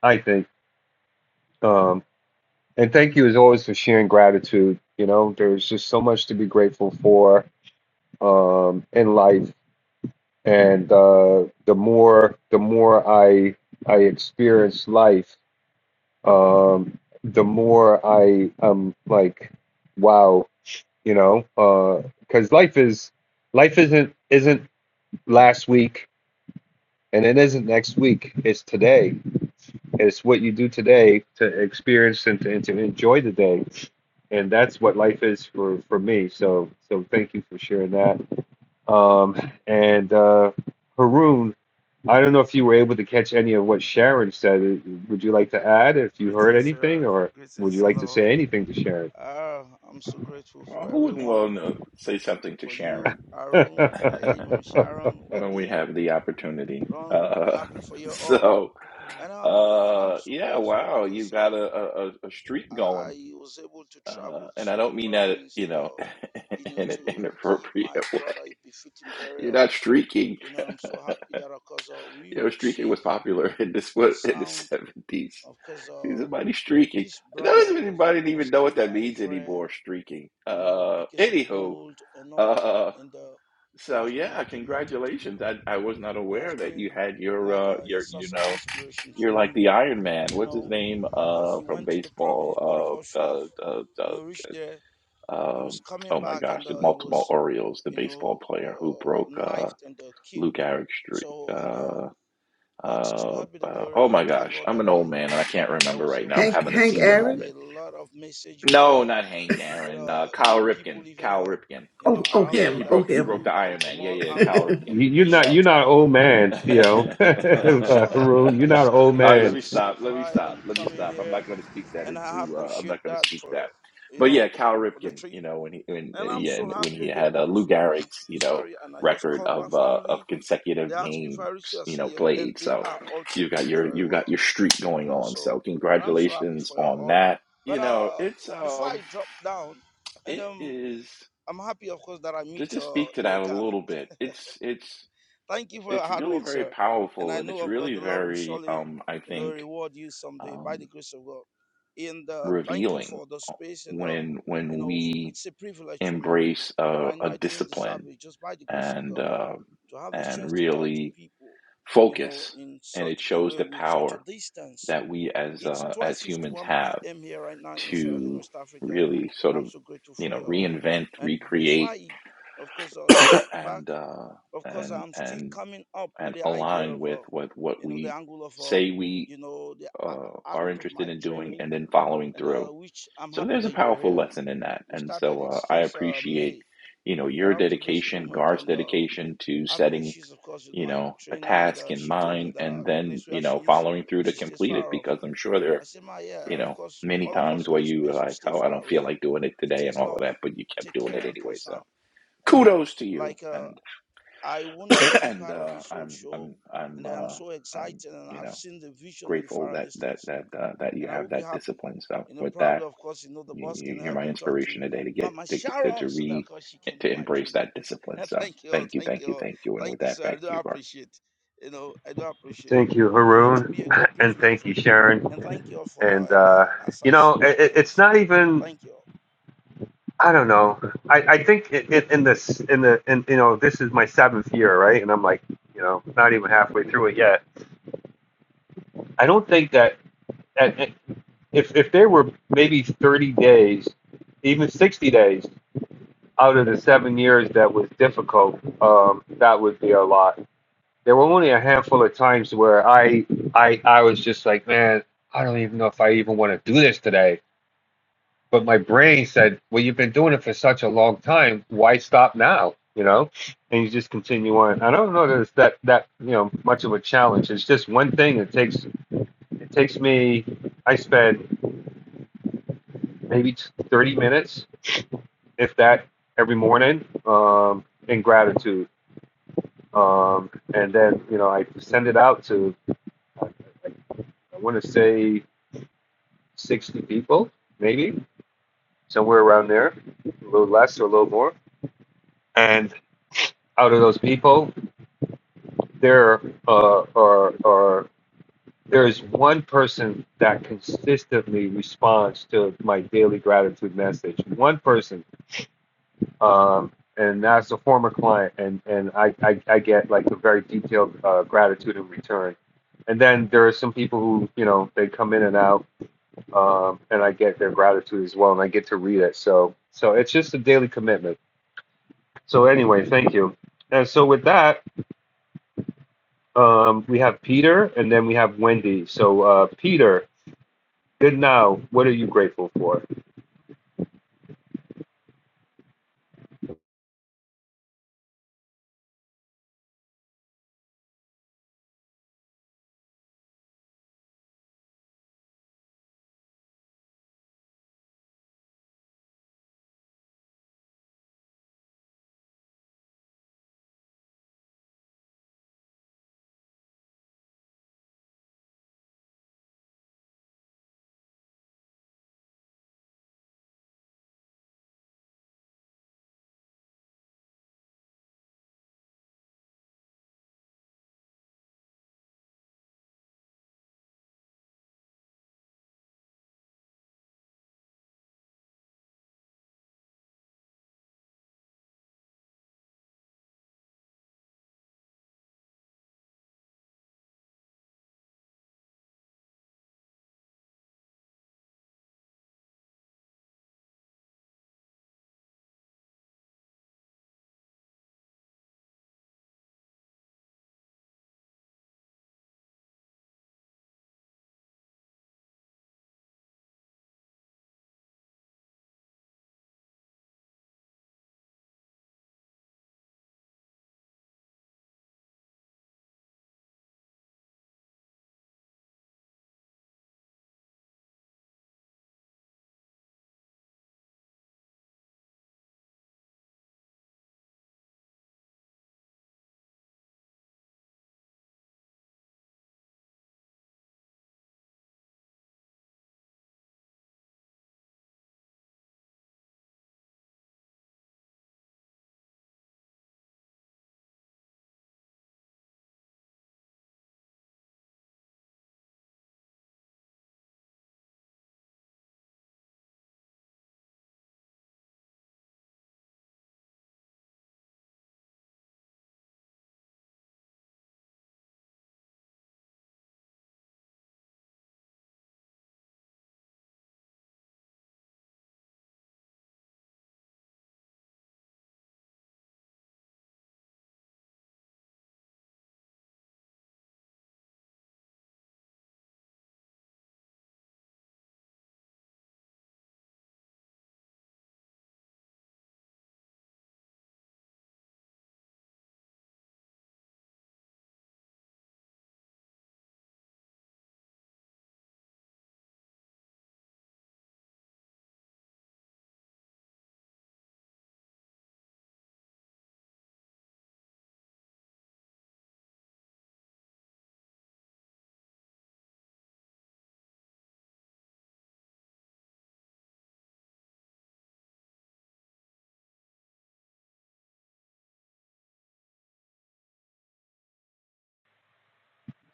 S17: I think. Um, and thank you as always for sharing gratitude. You know, there's just so much to be grateful for um, in life, and uh, the more the more I I experience life, um, the more I am like, wow, you know, because uh, life is life isn't isn't last week and it isn't next week. It's today. It's what you do today to experience and to, and to enjoy the day, and that's what life is for for me. So so thank you for sharing that. Um, and uh, Haroon, I don't know if you were able to catch any of what Sharon said. Uh, Would you like to add if you heard
S13: Greetings,
S17: anything,
S13: sir.
S17: or would
S13: Greetings
S17: you
S13: and
S17: like to
S13: all.
S17: say anything to Sharon?
S13: Uh, I'm so grateful
S21: Well,
S13: for
S21: who wouldn't
S13: everyone,
S21: want to say something to
S13: for you,
S21: Sharon
S13: Arun, hey, Mama Sharon,
S21: when we
S13: Wendy,
S21: have the opportunity?
S13: Ron.
S21: Uh,
S13: Happy for you all,
S21: so,
S13: and I'm and I'm
S21: uh,
S13: so
S21: yeah,
S13: grateful
S21: wow, you
S13: because.
S21: got
S13: Uh,
S21: a, a, a a streak going.
S13: I was able to
S21: Uh,
S13: travel
S21: and I
S13: to the
S21: don't mean that,
S13: province
S21: you
S13: and,
S21: know,
S13: uh, you know,
S21: in an
S13: to give
S21: inappropriate
S13: my
S21: way.
S13: brother a befitting
S21: You're
S13: burial.
S21: not streaking.
S13: You know, I'm so happy that, of course, uh, we
S21: You know,
S13: reached
S21: streaking was
S13: safe
S21: popular in this
S13: and
S21: what in the
S13: sound.
S21: seventies.
S13: Of course,
S21: See
S13: uh,
S21: somebody streaking.
S13: this
S21: I
S13: brother,
S21: don't think
S13: of course, uh,
S21: anybody even
S13: was
S21: know what
S13: killed
S21: that
S13: by a
S21: means
S13: friend,
S21: anymore. Streaking.
S13: you know,
S21: Uh,
S13: because of
S21: anywho,
S13: gold and all.
S21: uh,
S13: And uh, he
S21: So
S13: has been
S21: yeah,
S13: like a mentor to me.
S21: congratulations. I I was not
S13: He has
S21: aware that you
S13: been
S21: had your
S13: like
S21: uh
S13: uh, a
S21: your you
S13: source of
S21: know
S13: inspiration for
S21: you're
S13: me,
S21: like the Iron Man.
S13: you
S21: What's his
S13: know.
S21: name
S13: Of course,
S21: uh
S13: he
S21: from
S13: went to the province. Both of
S21: baseball
S13: us
S21: uh
S13: should have,
S21: uh uh,
S13: you know,
S21: uh
S13: reached there He was
S21: um
S13: coming
S21: oh my
S13: back
S21: gosh
S13: and
S21: the
S13: uh, he
S21: multiple
S13: was,
S21: Orioles the
S13: you
S21: baseball
S13: know,
S21: player who
S13: uh,
S21: broke uh
S13: knifed and uh,
S21: Lou
S13: killed.
S21: Gehrig's streak.
S13: So, and, uh,
S21: Uh,
S13: but to
S21: uh
S13: God be the
S21: uh
S13: glory.
S21: oh
S13: I
S21: my
S13: thank
S21: gosh
S13: God
S21: I'm
S13: that
S21: an old
S13: I,
S21: man and I can't
S13: I
S21: remember
S13: was
S21: right now.
S13: able
S21: I'm
S8: Hank,
S21: having
S13: to
S21: a
S8: Hank
S21: senior
S13: share
S8: Aaron?
S13: a
S21: moment.
S13: lot of message with, uh,
S21: No, not Hank
S13: with
S21: Aaron.
S13: uh,
S21: Uh, Kyle
S13: you people
S21: Ripken.
S13: living, uh,
S21: Kyle Ripken.
S13: you know,
S8: Oh, oh,
S13: around
S21: Yeah,
S13: there
S21: he
S8: him.
S13: that
S8: Oh,
S21: broke he
S8: him.
S21: broke
S13: do
S21: the
S13: come
S21: Iron Man.
S13: from
S21: Yeah,
S13: all
S21: yeah, Kyle
S13: angle of the
S21: Ripken.
S17: You- you're
S21: You
S17: not
S21: know.
S13: nation
S17: you're
S13: to
S17: not an
S13: come
S17: old
S13: and,
S17: man,
S21: All
S13: you
S17: you
S13: know,
S17: know,
S13: and I'm
S17: uh,
S13: so happy
S17: Haroon. You're not
S13: because
S17: an
S13: uh,
S17: old
S13: it
S21: right, let
S13: was
S17: man.
S13: a
S21: me stop.
S13: safe
S21: Let me
S13: ride and
S21: stop. Let me
S13: coming
S21: stop. I'm
S13: here,
S21: not going to speak that
S13: and I
S21: into. Uh, I'm
S13: appreciate
S21: not going to
S13: that
S21: speak that.
S13: for you
S21: But yeah,
S13: know
S21: Cal
S13: for the
S21: Ripken.
S13: trip.
S21: You know when he when
S13: And I'm
S21: yeah
S13: so
S21: and when
S13: happy
S21: he
S13: again
S21: had uh,
S13: because
S21: Lou Gehrig's you know
S13: Sorry, and I just
S21: record
S13: called my
S21: of uh, of
S13: family. They
S21: consecutive
S13: asked me if
S21: games
S13: I reached here. I
S21: you
S13: said
S21: know
S13: yes, and
S21: played.
S13: they
S21: So
S13: are also
S21: you got
S13: doing
S21: your
S13: very
S21: you
S13: well.
S21: got your streak
S13: You
S21: going
S13: know,
S21: on.
S13: so
S21: So
S13: and I'm so happy
S21: congratulations
S13: for you
S21: on
S13: all.
S21: that. You
S13: But
S21: know
S13: uh,
S21: it's
S13: before I
S21: um
S13: drop down, and
S21: it
S13: um,
S21: is
S13: I'm happy, of course, that I
S21: to
S13: meet
S21: just
S13: uh,
S21: speak to
S13: you know,
S21: that a
S13: Gath.
S21: little bit. It's it's
S13: Thank you for your
S21: it's
S13: hard
S21: really
S13: work,
S21: very
S13: sir. And
S21: powerful
S13: I
S21: and
S13: know,
S21: it's
S13: of course,
S21: really
S13: the Lord will
S21: very
S13: surely,
S21: um i
S13: you know,
S21: think
S13: reward you someday by the
S21: um
S13: grace of God. And uh, thank you
S21: revealing
S13: for the
S21: uh,
S13: space and uh,
S21: when
S13: you
S21: when
S13: know,
S21: we
S13: it's a privilege for me.
S21: embrace
S13: And
S21: a,
S13: I know
S21: a
S13: I didn't deserve
S21: discipline
S13: it just by the grace of
S21: and
S13: God.
S21: um
S13: to have the
S21: and
S13: chance to talk to
S21: really
S13: people, you know,
S21: focus
S13: in
S21: and it
S13: such a
S21: shows
S13: way
S21: the
S13: with such a
S21: power
S13: distance.
S21: that we as
S13: It's
S21: uh, as humans
S13: 12:51
S21: have
S13: p.m. here right now in Sierra Leone,
S21: to
S13: West Africa,
S21: really
S13: and
S21: sort
S13: I'm
S21: of
S13: so grateful
S21: you
S13: for
S21: know
S13: you all.
S21: reinvent
S13: And before
S21: recreate
S13: I, of course, I'll sit back.
S21: and uh
S13: Of course,
S21: and
S13: I'm still
S21: and
S13: coming up with
S21: and
S13: the idea
S21: align
S13: of,
S21: with
S13: uh,
S21: with what
S13: you know, the
S21: we
S13: angle of, uh,
S21: say we
S13: you know, the
S21: uh,
S13: a-
S21: are
S13: aspect of
S21: interested
S13: my
S21: in doing
S13: training,
S21: and then following
S13: and uh,
S21: through.
S13: which I'm
S21: So
S13: happy
S21: there's a
S13: that you're
S21: powerful
S13: here.
S21: lesson in that.
S13: We
S21: And
S13: started
S21: so
S13: it
S21: uh, I
S13: since uh,
S21: appreciate,
S13: May
S21: you know,
S13: and
S21: your
S13: up to this
S21: dedication,
S13: moment,
S21: Garth's
S13: and. Uh,
S21: dedication to
S13: having
S21: setting,
S13: issues, of course, with
S21: you
S13: my
S21: know, a
S13: trainer, and
S21: task
S13: uh,
S21: in
S13: she told me
S21: mind
S13: that
S21: and
S13: uh, the
S21: then,
S13: place where
S21: you
S13: she
S21: know,
S13: is,
S21: following through to
S13: she stays
S21: complete it
S13: far off.
S21: because I'm sure there,
S13: I
S21: are,
S13: said, Ma, yeah,
S21: you
S13: of
S21: know,
S13: course,
S21: many
S13: all of us
S21: times
S13: on
S21: where
S13: the
S21: you were
S13: space, we
S21: like,
S13: stay
S21: oh, I
S13: far
S21: don't feel
S13: away.
S21: like doing it
S13: It
S21: today and
S13: takes
S21: all of
S13: love,
S21: that, but you kept
S13: take
S21: doing
S13: care,
S21: it
S13: and
S21: anyway.
S13: concern,
S21: So
S13: and all.
S21: kudos to you.
S13: Like, uh,
S21: And,
S13: I want to be
S21: and,
S13: part of
S21: uh,
S13: this whole
S21: I'm,
S13: show,
S21: I'm,
S13: and
S21: I'm,
S13: I'm
S21: uh,
S13: so
S21: I'm,
S13: excited, and
S21: you
S13: I've
S21: know,
S13: seen the vision in the
S21: grateful
S13: far
S21: that that
S13: distance
S21: that uh, that you
S13: and I will
S21: have
S13: be
S21: that
S13: happy.
S21: discipline. So
S13: You know,
S21: with
S13: probably,
S21: that,
S13: of course, you know, the
S21: you,
S13: boss can
S21: you- you're
S13: help
S21: my
S13: me talk to
S21: inspiration today to get
S13: Mama
S21: to get to,
S13: Sharon
S21: to
S13: so that, of
S21: re
S13: course, she can be
S21: to
S13: my
S21: embrace
S13: trainer.
S21: that discipline.
S13: And
S21: So
S13: thank you all.
S21: thank you,
S13: Thank
S21: thank
S13: you
S21: you,
S13: all.
S21: thank you. And with
S13: Thank you,
S21: that,
S13: sir. I
S21: back
S13: do
S21: to you, Garth.
S13: appreciate. You know, I do appreciate.
S17: Thank you,
S13: You know, it will
S17: Haroon,
S13: be a great
S17: and
S13: privilege
S17: thank
S13: for
S17: you,
S13: me. And
S17: Sharon.
S13: thank you all for now.
S17: And
S13: And
S17: uh,
S13: uh, as
S17: you
S13: I
S17: know,
S13: sit
S17: it,
S13: back
S17: it-
S13: and
S17: it's
S13: listen,
S17: not even.
S13: thank you all.
S17: I don't know. I, I think in, in, in this in the in you know this is my seventh year, right? And I'm like, you know, not even halfway through it yet I don't think that at, if if there were maybe 30 days, even 60 days out of the seven years that was difficult, um, that would be a lot. There were only a handful of times where I I I was just like, man, I don't even know if I even want to do this today. But my brain said, well, you've been doing it for such a long time. Why stop now? You know, and you just continue on. I don't know that it's that that you know much of a challenge. It's just one thing. It takes it takes me. I spend maybe 30 minutes, if that, every morning um, in gratitude. Um, and then, you know, I send it out to, I want to say 60 people, maybe somewhere around there, a little less or a little more. And out of those people, there uh, are, are there is one person that consistently responds to my daily gratitude message. One person um, and as a former client, and and I I, I get like a very detailed uh, gratitude in return. And then there are some people who you know they come in and out, um, and I get their gratitude as well, and I get to read it. So so it's just a daily commitment. So anyway, thank you. And so with that, um, we have Peter, and then we have Wendy. So uh, Peter. Good now. What are you grateful for?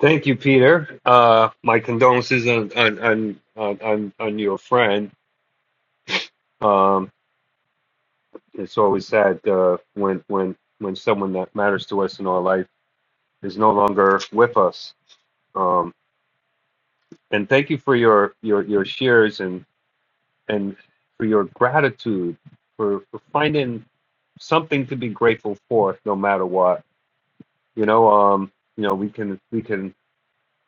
S17: Thank you, Peter. Uh, my condolences on on on on, on on your friend. Um, it's always sad uh, when when when someone that matters to us in our life is no longer with us. Um, and thank you for your your your shares and and for your gratitude for, for finding something to be grateful for no matter what. You know, um, you know, we can we can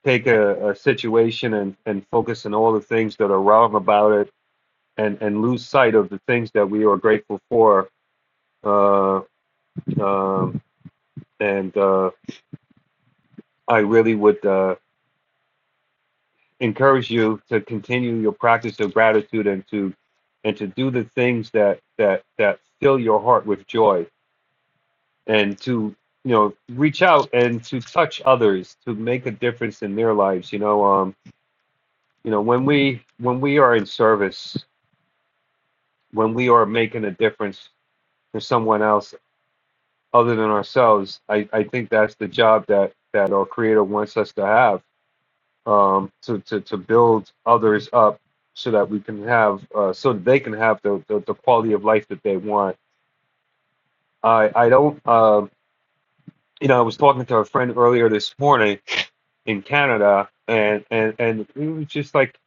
S17: take a, a situation and, and focus on all the things that are wrong about it and, and lose sight of the things that we are grateful for. Uh, um, and uh, I really would uh, encourage you to continue your practice of gratitude and to and to do the things that that that fill your heart with joy and to you know reach out and to touch others to make a difference in their lives you know um you know when we when we are in service when we are making a difference for someone else other than ourselves i i think that's the job that that our creator wants us to have um, to, to, to build others up so that we can have uh, so that they can have the, the, the quality of life that they want. I, I don't um you know I was talking to a friend earlier this morning in Canada and, and, and it was just like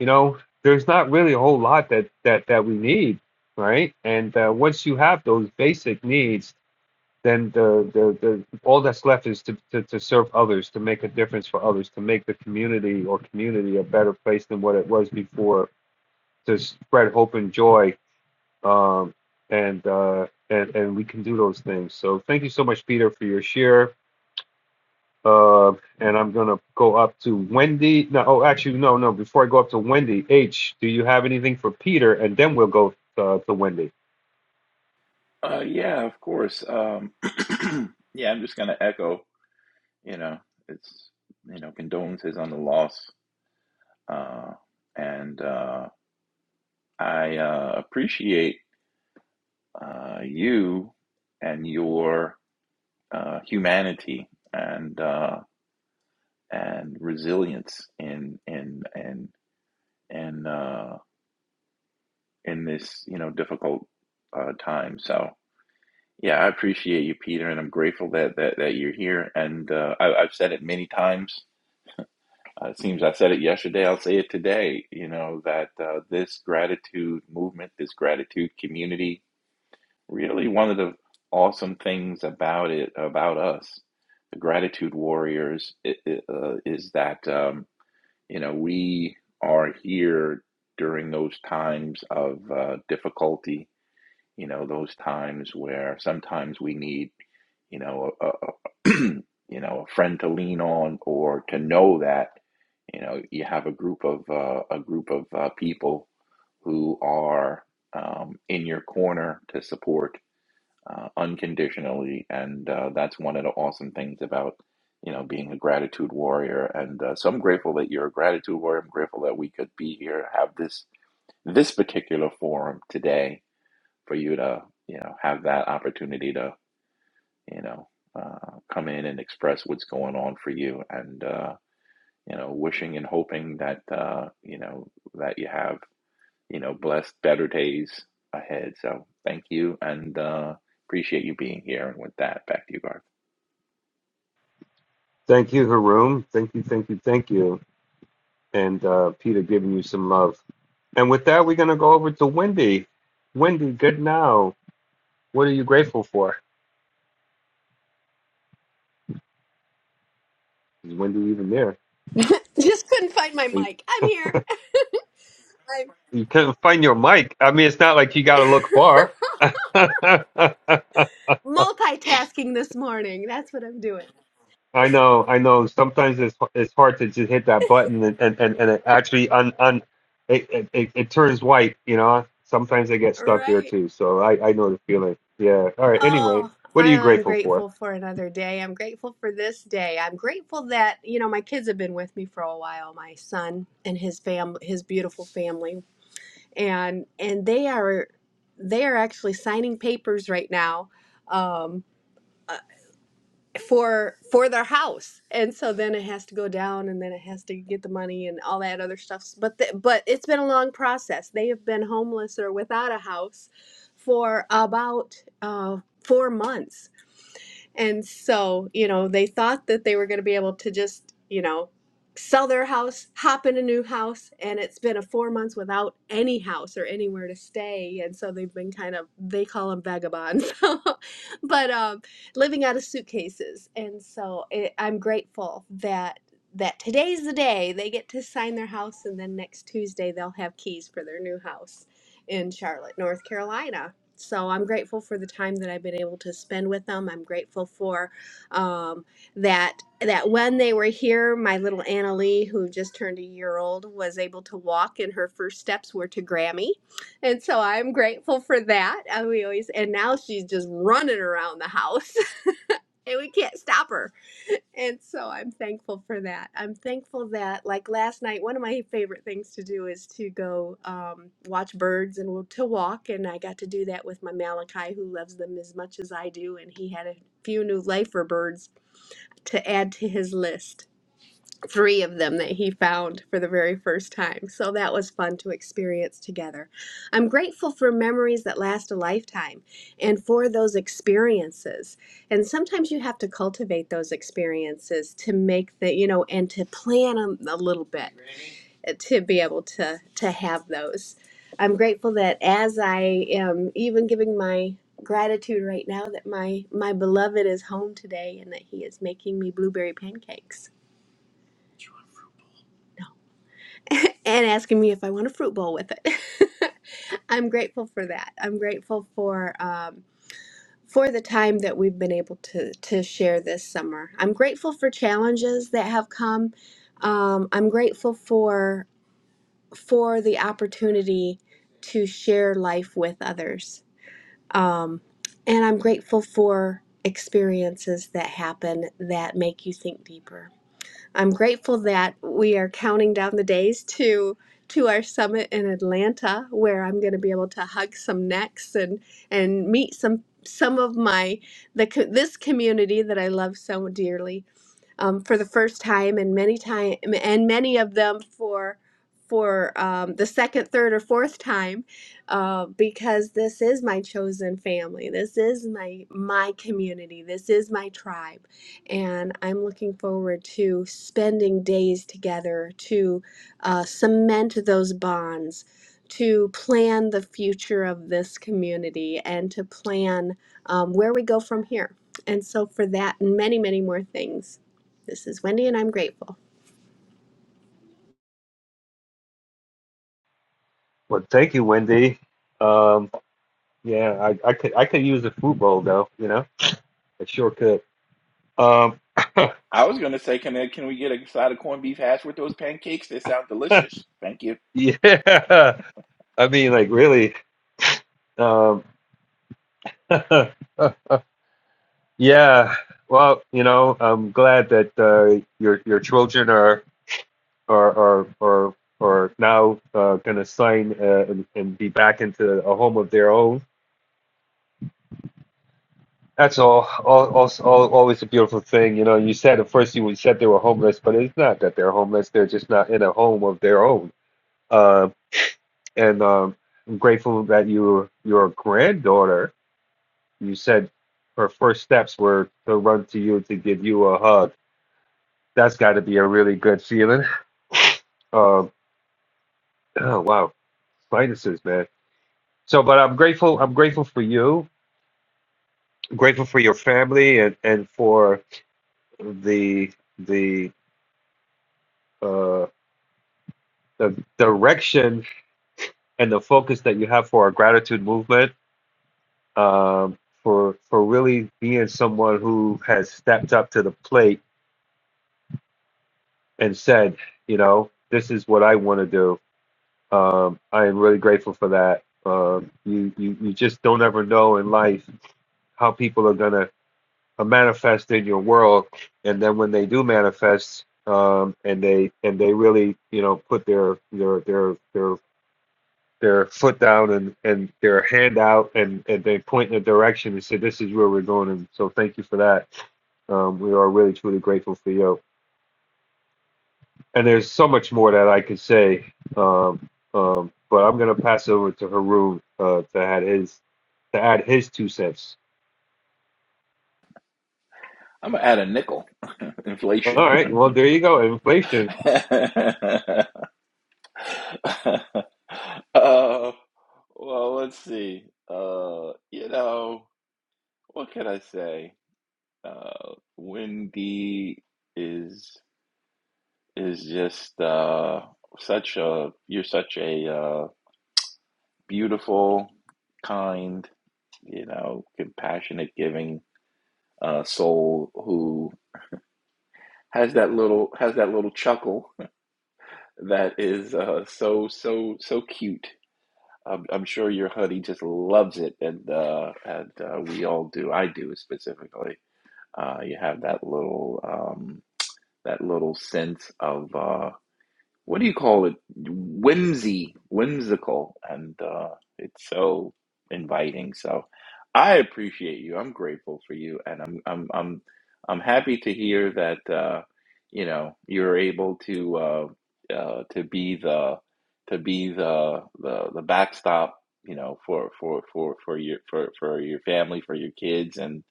S17: you know there's not really a whole lot that, that, that we need right and uh, once you have those basic needs then the, the, the all that's left is to, to, to serve others to make a difference for others to make the community or community a better place than what it was before to spread hope and joy. Um, and, uh, and and we can do those things. So thank you so much, Peter, for your share. Uh, and I'm gonna go up to Wendy. No, oh, actually, no, no. Before I go up to Wendy, H, do you have anything for Peter? And then we'll go uh, to Wendy.
S21: Uh, yeah, of course. Um, yeah, I'm just gonna echo. You know, it's you know condolences on the loss. Uh, and uh, I uh, appreciate uh, you and your uh, humanity and uh, and resilience in in in in uh, in this you know difficult uh, time. So yeah, I appreciate you, Peter, and I'm grateful that that, that you're here. And uh, I, I've said it many times. Uh, it seems I said it yesterday. I'll say it today. You know that uh, this gratitude movement, this gratitude community, really one of the awesome things about it about us the gratitude warriors i i- uh, is that um, you know we are here during those times of uh, difficulty you know those times where sometimes we need you know a, a- you know a friend to lean on or to know that you know you have a group of uh, a group of uh, people who are um, in your corner to support uh, unconditionally, and uh, that's one of the awesome things about you know being a gratitude warrior. And uh, so I'm grateful that you're a gratitude warrior. I'm grateful that we could be here, have this this particular forum today for you to you know have that opportunity to you know uh, come in and express what's going on for you, and uh, you know wishing and hoping that uh, you know that you have you know, blessed, better days ahead. So thank you and uh, appreciate you being here. And with that, back to you, Garth.
S17: Thank you, Haroon. Thank you, thank you, thank you. And uh, Peter giving you some love. And with that, we're gonna go over to Wendy. Wendy, good now. What are you grateful for? Is Wendy even there?
S22: Just couldn't find my
S17: Are you,
S22: mic. I'm here.
S17: You couldn't find your mic. I mean, it's not like you got to
S22: I'm
S17: look far. I
S22: multitasking this morning. That's what I'm doing.
S17: know, I know. Sometimes it's it's hard to just hit that button and and and, and it actually un un it, it it it turns white. You know, sometimes I get
S22: All
S17: stuck there
S22: right.
S17: too. So I I know the feeling. Yeah. All right. Anyway,
S22: Oh,
S17: what are
S22: I,
S17: you
S22: I'm
S17: grateful for?
S22: grateful for another day. I'm grateful for this day. I'm grateful that you know my kids have been with me for a while. My son and his fam, his beautiful family, and and they are they are actually signing papers right now. Um for for their house and so then it has to go down and then it has to get the money and all that other stuff but the, but it's been a long process they have been homeless or without a house for about uh, four months and so, you know, they thought that they were going to be able to just, you know, sell their house, hop in a new house, and it's been a 4 months without any house or anywhere to stay, and so they've been kind of they call them vagabonds. but um living out of suitcases. And so it, I'm grateful that that today's the day they get to sign their house and then next Tuesday they'll have keys for their new house in Charlotte, North Carolina. So I'm grateful for the time that I've been able to spend with them. I'm grateful for um, that that when they were here, my little Annalee, who just turned a year old, was able to walk, and her first steps were to Grammy, and so I'm grateful for that. And we always and now she's just running around the house. and we can't stop her. And so I'm thankful for that. I'm thankful that, like last night, one of my favorite things to do is to go um, watch birds and to walk. And I got to do that with my Malachi, who loves them as much as I do. And he had a few new lifer birds to add to his list three of them that he found for the very first time. So that was fun to experience together. I'm grateful for memories that last a lifetime and for those experiences. And sometimes you have to cultivate those experiences to make the, you know, and to plan 'em a little bit uh, to be able to to have those. I'm grateful that as I am even giving my gratitude right now that my my beloved is home today and that he is making me blueberry pancakes. and asking me if I want a fruit bowl with it. I'm grateful for that. I'm grateful for um, for the time that we've been able to to share this summer. I'm grateful for challenges that have come. Um, I'm grateful for for the opportunity to share life with others, um, and I'm grateful for experiences that happen that make you think deeper. I'm grateful that we are counting down the days to to our summit in Atlanta, where I'm going to be able to hug some necks and and meet some some of my the co- this community that I love so dearly um, for the first time, and many time and many of them for for um, the second, third, or fourth time, uh, because this is my chosen family. This is my my community. This is my tribe and I'm looking forward to spending days together to uh, cement those bonds, to plan the future of this community, and to plan um, where we go from here. And so, for that and many, many more things, this is Wendy, and I'm grateful.
S17: Well, thank you, Wendy. Um, yeah, I I could I could use a food bowl though. You know, I sure could. Um,
S21: I was going to say, can, I, can we get a side of corned beef hash with those pancakes? They sound delicious. Thank you.
S17: yeah. I mean, like really. yeah. Well, you know, I'm glad that uh, your your children are are are are, are now uh, going to sign uh, and, and be back into a home of their own. That's all. All, all, all. Always a beautiful thing, you know. You said at first you said they were homeless, but it's not that they're homeless. They're just not in a home of their own. Uh, and um, I'm grateful that your your granddaughter. You said her first steps were to run to you to give you a hug that's got to be a really good feeling. Um, oh wow, minuses, man. So, but I'm grateful. I'm grateful for you. I'm grateful for your family and and for the the uh the direction and the focus that you have for our gratitude movement. Um, for for really being someone who has stepped up to the plate and said, you know, this is what I want to do. Um, I am really grateful for that. Um, you, you you just don't ever know in life how people are going to uh, manifest in your world and then when they do manifest um, and they and they really you know put their their their their their foot down and and their hand out and and they point in a direction and say this is where we're going and so thank you for that um, we are really truly grateful for you and there's so much more that I could say um, um, but I'm gonna pass over to Haroon uh, to add his to add his two cents
S21: I'm going to add a nickel.
S17: all
S21: Inflation.
S17: right well there you go inflation
S21: uh, well, let's see. Uh, you know, what can I say? Uh, Wendy is is just uh, such a you're such a uh, beautiful, kind, you know, compassionate, giving uh, soul who has that little has that little chuckle that is uh, so so so cute. I'm, I'm sure your hoodie just loves it, and uh, and uh, we all do. I do specifically. Uh, you have that little um, that little sense of. uh, what do you call it? Whimsy, whimsical, and uh, it's so inviting. So I appreciate you. I'm grateful for you, and I'm I'm I'm I'm happy to hear that uh, you know you're able to uh, uh, to be the to be the, the the backstop. You know, for for for for your for for your family, for your kids, and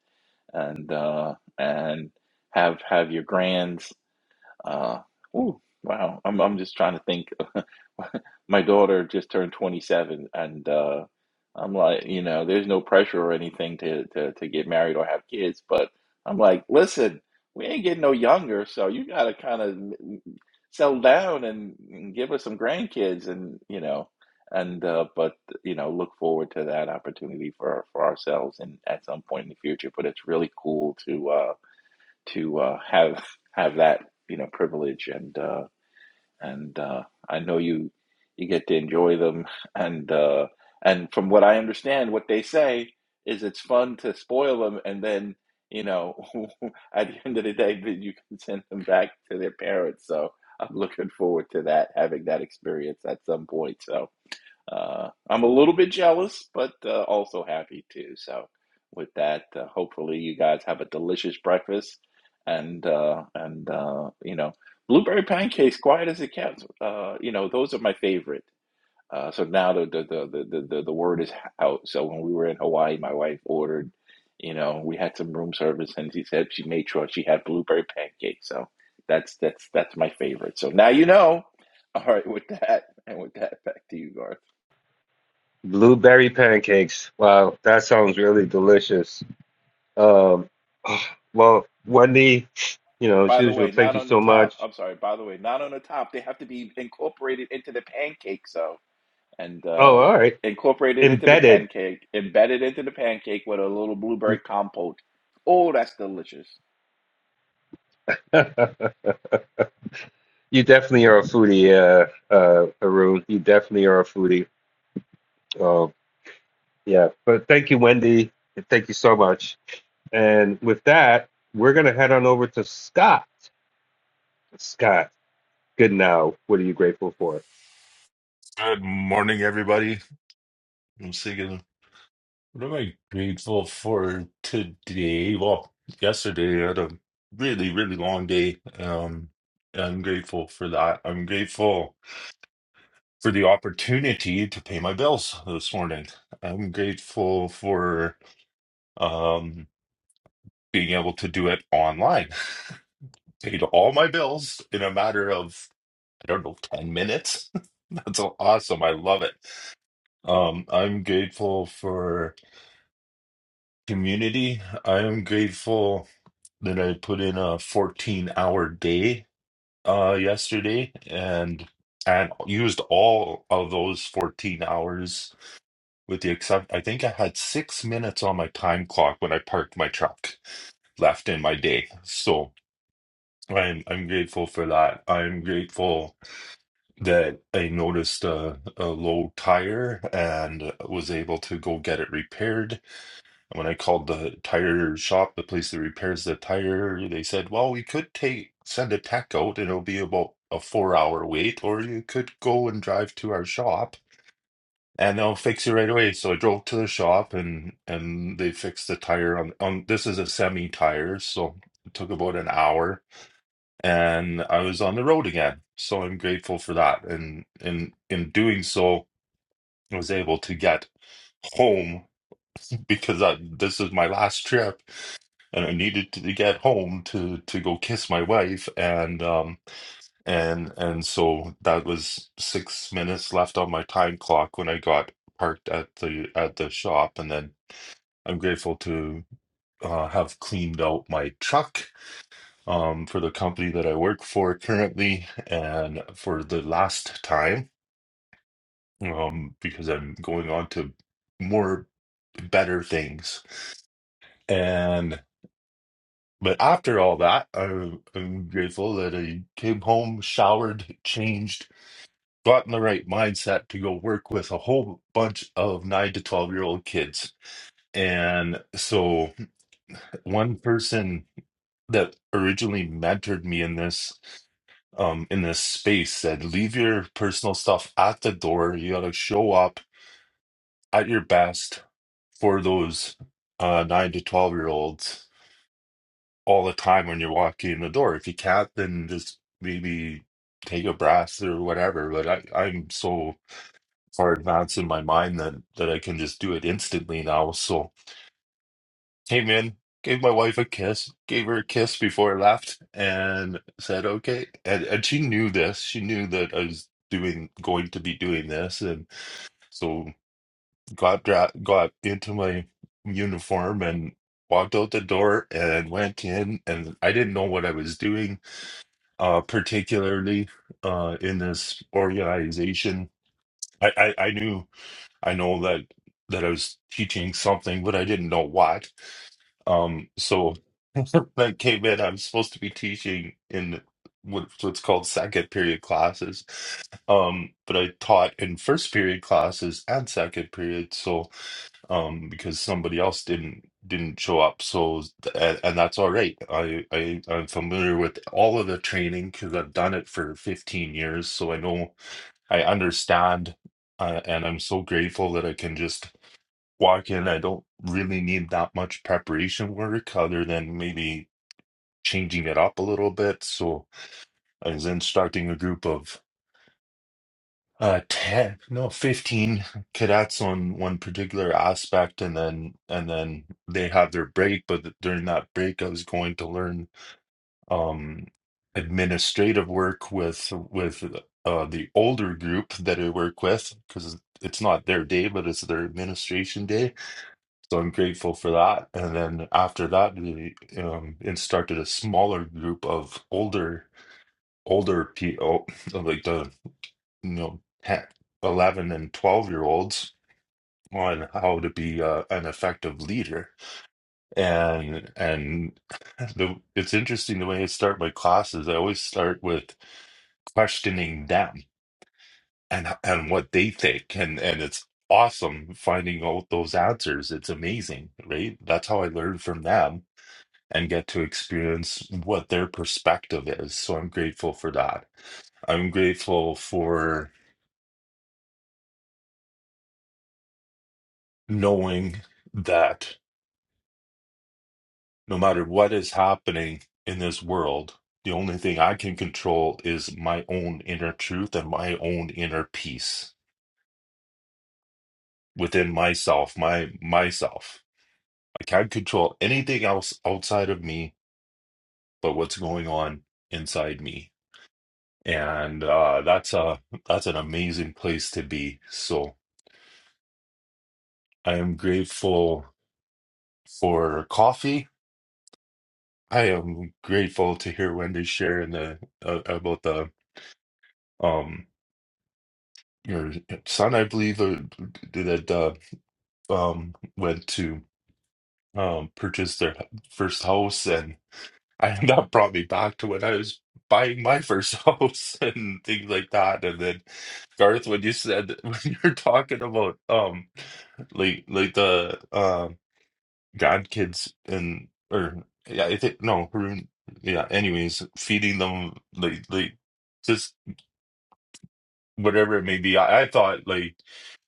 S21: and uh, and have have your grands. Uh, ooh, Wow, I'm I'm just trying to think my daughter just turned 27 and uh I'm like, you know, there's no pressure or anything to to to get married or have kids, but I'm like, listen, we ain't getting no younger, so you gotta kind of settle down and, and give us some grandkids and you know and uh but you know look forward to that opportunity for for ourselves and at some point in the future but it's really cool to uh to uh have have that you know privilege and uh and uh, I know you you get to enjoy them. And uh, and from what I understand, what they say is it's fun to spoil them, and then you know at the end of the day, then you can send them back to their parents. So I'm looking forward to that, having that experience at some point. So uh, I'm a little bit jealous, but uh, also happy too. So, with that, uh, hopefully, you guys have a delicious breakfast, and uh, and uh, you know, blueberry pancakes, quiet as it kept. Uh, you know, those are my favorite. Uh, so now the the, the the the the word is out. So when we were in Hawaii, my wife ordered. You know, we had some room service, and she said she made sure she had blueberry pancakes. So that's that's that's my favorite. So now you know. All right, with that, and with that, back to you, Garth.
S17: Blueberry pancakes. Wow, that sounds really delicious. Um, oh, well, Wendy, you know, as
S21: By the
S17: usual,
S21: way,
S17: thank
S21: not
S17: you
S21: on the
S17: so
S21: top.
S17: much.
S21: I'm sorry. By the way, not on the top. They have to be incorporated into the pancake. So and
S17: Oh,
S21: uh,
S17: all right.
S21: incorporated into the
S17: Embedded.
S21: pancake, embedded into the pancake with a little
S17: you
S21: blueberry compote. Oh, that's delicious.
S17: definitely are a foodie, uh, uh, Arun. You definitely are a foodie. Um, yeah, but thank you, Wendy. and Thank you so much. And with that, we're going to head on over to Scott. Scott, good now. What are you grateful for?
S23: Good morning, everybody. I'm thinking, what am I grateful for today? Well, yesterday I had a really, really long day. Um, and I'm grateful for that. I'm grateful for the opportunity to pay my bills this morning. I'm grateful for um, being able to do it online. Paid all my bills in a matter of, I don't know, 10 minutes. That's awesome. I love it. Um, I'm grateful for. community. I am grateful that I put in a 14 hour day uh yesterday and and used all of those 14 hours with the except I think I had 6 minutes on my time clock when I parked my truck left in my day. So I'm I'm grateful for that. I'm grateful that I noticed a, a low tire and was able to go get it repaired And when I called the tire shop, the place that repairs the tire, they said, "Well, we could take send a tech out, and it'll be about a four-hour wait, or you could go and drive to our shop, and they'll fix you right away." So I drove to the shop, and and they fixed the tire on on this is a semi tire, so it took about an hour, and I was on the road again. So I'm grateful for that, and in in doing so, I was able to get home because I, this is my last trip and I needed to get home to to go kiss my wife and um and and so that was six minutes left on my time clock when I got parked at the at the shop and then I'm grateful to uh, have cleaned out my truck um for the company that I work for currently and for the last time um because I'm going on to more better things and. But after all that, I, I'm grateful that I came home, showered, changed, got in the right mindset to go work with a whole bunch of nine to 12 year old kids. And so, one person that originally mentored me in this um in this space said leave your personal stuff at the door you got to show up at your best for those uh 9 to 12 year olds all the time when you're walking in the door. If you can't, then just maybe take a breath or whatever. But I, I'm so far advanced in my mind that that I can just do it instantly now. So came in, gave my wife a kiss, gave her a kiss before I left, and said okay. And and she knew this. She knew that I was doing going to be doing this, and so got dra- got into my uniform and walked out the door and went in and I didn't know what I was doing uh, particularly uh, in this organization. I, I, I knew I know that that I was teaching something, but I didn't know what. Um, so that came in. I'm supposed to be teaching in what, what's called second period classes, um, but I taught in first period classes and second period. So um, because somebody else didn't didn't show up. So and, and that's all right. I, I I'm familiar with all of the training because I've done it for 15 years, so I know I understand, uh, and I'm so grateful that I can just walk in. I don't really need that much preparation work other than maybe changing it up a little bit. So I was instructing a group of Uh, 10, no, 15 cadets on one particular aspect, and then and then they have their break. But th- during that break, I was going to learn um administrative work with with uh the older group that I work with because it's not their day, but it's their administration day. So I'm grateful for that. And then after that, we um instructed a smaller group of older older people, like the you know, 10, 11 and 12 year olds on how to be uh, an effective leader. And and the, it's interesting the way I start my classes. I always start with questioning them and and what they think. And and it's awesome finding out those answers. It's amazing, right? That's how I learn from them and get to experience what their perspective is. So I'm grateful for that. I'm grateful for knowing that no matter what is happening in this world, the only thing I can control is my own inner truth and my own inner peace within myself, my myself. I can't control anything else outside of me but what's going on inside me. And uh, that's a that's an amazing place to be. So I am grateful for coffee. I am grateful to hear Wendy share in the uh, about the um your son, I believe, uh, that uh, um went to um purchase their first house, and I that brought me back to when I was buying my first house and things like that. And then Garth, when you said when you're talking about um like like the uh grandkids and or yeah, I think no Haroon, yeah. Anyways, feeding them like like just whatever it may be. I, I thought like.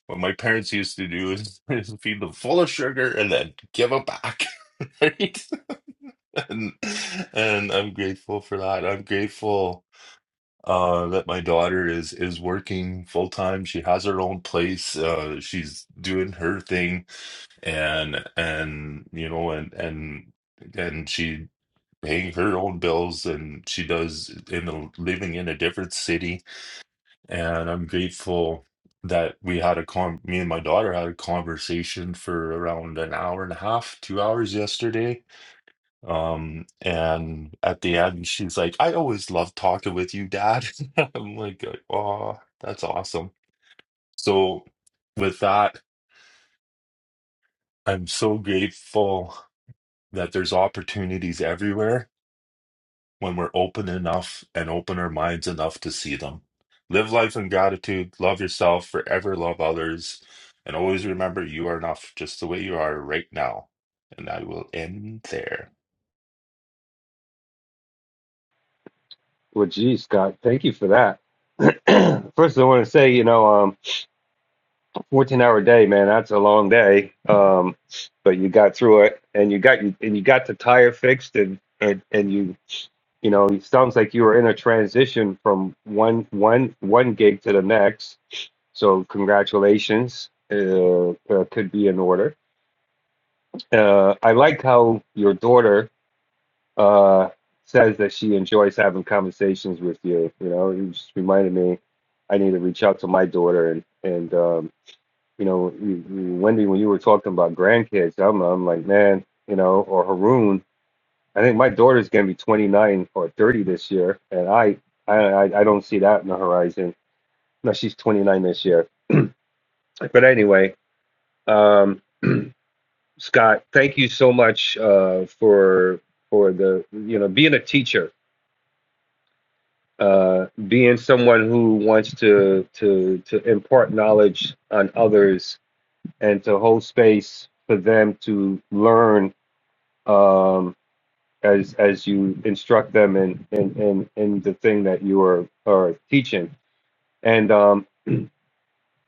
S23: What my parents used to do is, is feed them full of sugar and then give them back. Right? And and I'm grateful for that. I'm grateful uh that my daughter is is working full time. She has her own place. Uh she's doing her thing and and you know and and and she paying her own bills and she does in a, living in a different city and I'm grateful that we had a con me and my daughter had a conversation for around an hour and a half, two hours yesterday. Um, and at the end, she's like, I always love talking with you, Dad. I'm like, oh, that's awesome. So with that, I'm so grateful that there's opportunities everywhere when we're open enough and open our minds enough to see them. Live life in gratitude, love yourself, forever love others, and always remember you are enough just the way you are right now. And I will end there.
S17: Well, geez, Scott, thank you for that. First, I want to say, you know, um, 14 hour day, man, that's a long day. Um, but you got through it and you got, and you got the tire fixed and, and, and you, you know, it sounds like you were in a transition from one, one, one gig to the next. So congratulations, uh, uh, could be in order. Uh, I like how your daughter, uh, says that she enjoys having conversations with you. You know, you just reminded me I need to reach out to my daughter and and um, you know, you- you- Wendy, when you were talking about grandkids, I'm I'm like, man, you know, or Haroon. I think my daughter's gonna be 29 or 30 this year, and I I I I don't see that in the horizon. No, she's 29 this year. But anyway, um, Scott, thank you so much uh, for for the you know being a teacher uh, being someone who wants to to to impart knowledge on others and to hold space for them to learn um, as as you instruct them in in in, in the thing that you are are teaching. And um,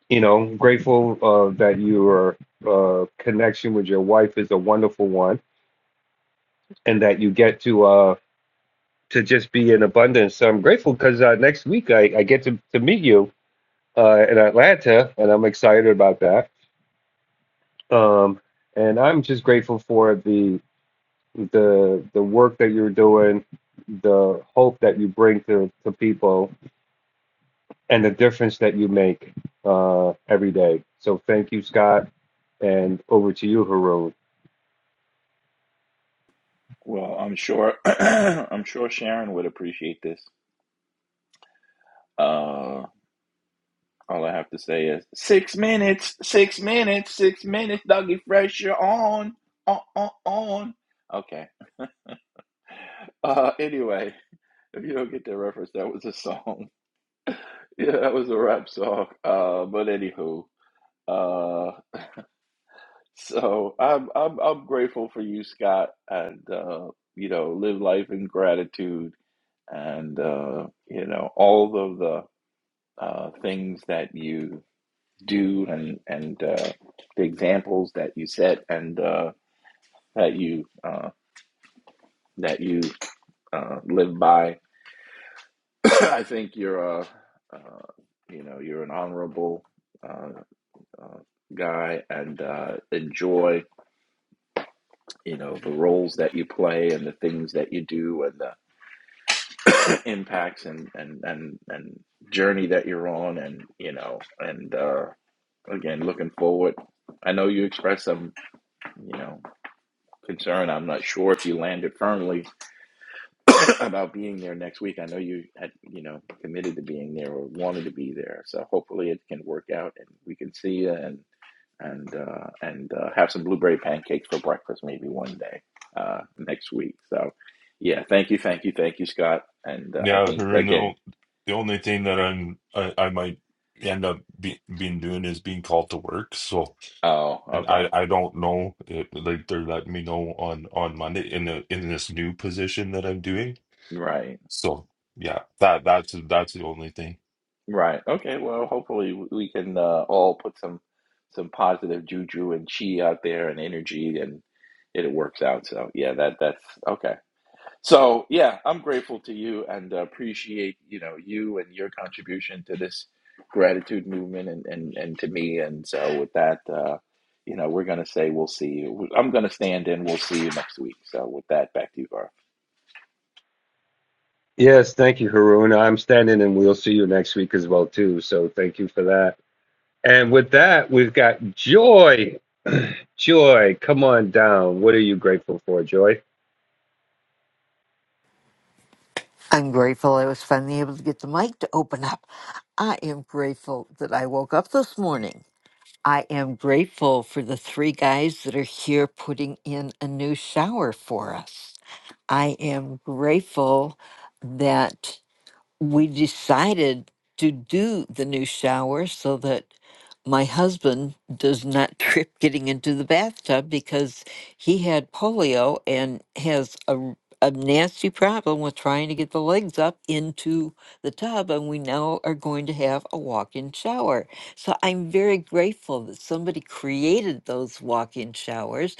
S17: you know, grateful uh, that your uh, connection with your wife is a wonderful one, and that you get to uh, to just be in abundance. so I'm grateful because uh, next week I, I get to, to meet you uh, in Atlanta, and I'm excited about that. Um, and I'm just grateful for the the the work that you're doing, the hope that you bring to, to people, and the difference that you make uh, every day. So thank you, Scott, and over to you, Haroon.
S21: Well, I'm sure. I'm sure Sharon would appreciate this. Uh, all I have to say is six minutes, six minutes, six minutes. Dougie Fresh, you're on, on, on, on. Okay. Uh, anyway, if you don't get the reference, that was a song. Yeah, that was a rap song. Uh, but anywho, uh, so I'm I'm I'm grateful for you, Scott, and uh, you know, live life in gratitude, and uh, you know, all of the uh, things that you do, and and uh, the examples that you set, and uh, that you uh, that you uh, live by. I think you're a uh, you know you're an honorable. uh, uh, guy and uh, enjoy you know the roles that you play and the things that you do and the impacts and and and and journey that you're on and you know and uh, again looking forward. I know you expressed some you know concern. I'm not sure if you landed firmly about being there next week. I know you had you know committed to being there or wanted to be there. So hopefully it can work out and we can see you and and uh, and uh, have some blueberry pancakes for breakfast maybe one day uh, next week. So, yeah, thank you, thank you, thank you, Scott. And uh, I
S23: Yeah,
S21: think
S23: Harun, the,
S21: again,
S23: o- the only thing that I'm I, I might end up be, being doing is being called to work. So,
S21: oh,
S23: and
S21: okay,
S23: I I don't know if like they're letting me know on on Monday in the in this new position that I'm doing.
S21: right,
S23: So, yeah, that that's that's the only thing.
S21: right, okay. Well, hopefully we can uh, all put some some positive juju and chi out there and energy, and it works out. So yeah, that that's okay. So yeah, I'm grateful to you and uh, appreciate you know you and your contribution to this gratitude movement and and, and to me. And so with that, uh, you know, we're gonna say we'll see you. I'm gonna stand in. We'll see you next week. So with that, back to you, Garth.
S17: Yes, thank you, Haroon. I'm standing, and we'll see you next week as well too. So thank you for that. And with that, we've got Joy. Joy, come on down. What are you grateful for, Joy?
S24: I'm grateful I was finally able to get the mic to open up. I am grateful that I woke up this morning. I am grateful for the three guys that are here putting in a new shower for us. I am grateful that we decided to do the new shower so that my husband does not trip getting into the bathtub because he had polio and has a, r- a nasty problem with trying to get the legs up into the tub. And we now are going to have a walk in shower. So I'm very grateful that somebody created those walk in showers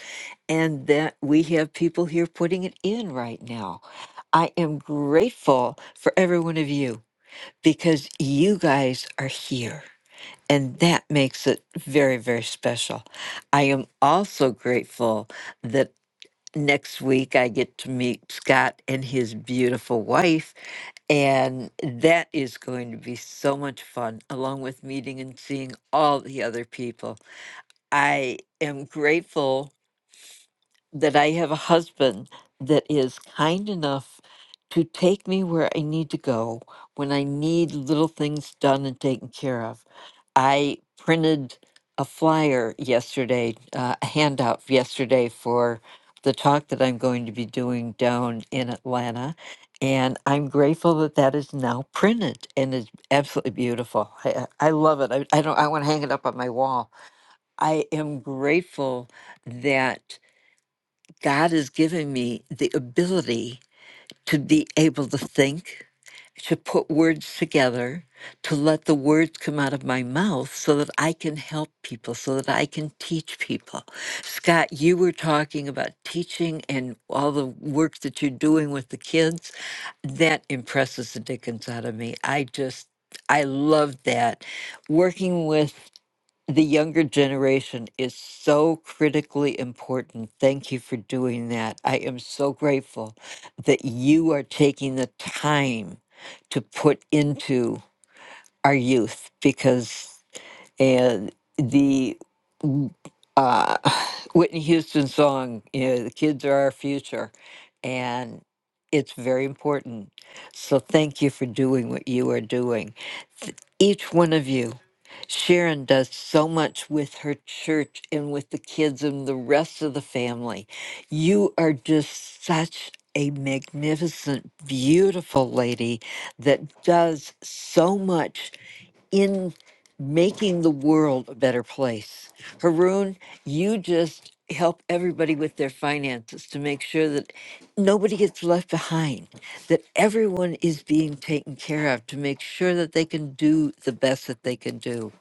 S24: and that we have people here putting it in right now. I am grateful for every one of you because you guys are here. And that makes it very, very special. I am also grateful that next week I get to meet Scott and his beautiful wife. And that is going to be so much fun, along with meeting and seeing all the other people. I am grateful that I have a husband that is kind enough to take me where I need to go when I need little things done and taken care of. I printed a flyer yesterday, uh, a handout yesterday for the talk that I'm going to be doing down in Atlanta. And I'm grateful that that is now printed and is absolutely beautiful. I, I I love it. I, I don't. I want to hang it up on my wall. I am grateful that God has given me the ability to be able to think, to put words together, to let the words come out of my mouth so that I can help people, so that I can teach people. Scott, you were talking about teaching and all the work that you're doing with the kids. That impresses the dickens out of me. I just, I love that. Working with the younger generation is so critically important. Thank you for doing that. I am so grateful that you are taking the time to put into our youth because uh, the uh, Whitney Houston song, you know, the kids are our future, and it's very important. So thank you for doing what you are doing. Th- Each one of you, Sharon does so much with her church and with the kids and the rest of the family. You are just such a magnificent, beautiful lady that does so much in making the world a better place. Haroon, you just help everybody with their finances to make sure that nobody gets left behind, that everyone is being taken care of to make sure that they can do the best that they can do.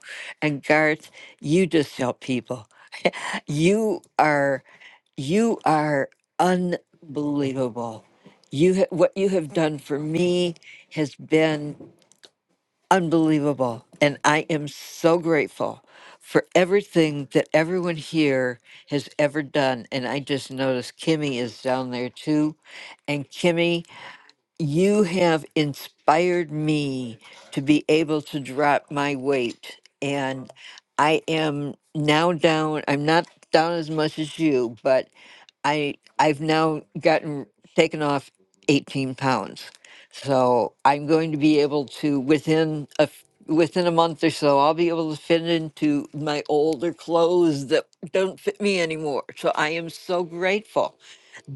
S24: And Garth, you just help people. You are you are unbelievable. You ha- what you have done for me has been unbelievable. And I am so grateful for everything that everyone here has ever done. And I just noticed Kimmy is down there too. And Kimmy, you have inspired me to be able to drop my weight. And I am now down, I'm not down as much as you, but I I've now gotten taken off 18 pounds. So I'm going to be able to within a f- within a month or so I'll be able to fit into my older clothes that don't fit me anymore. So I am so grateful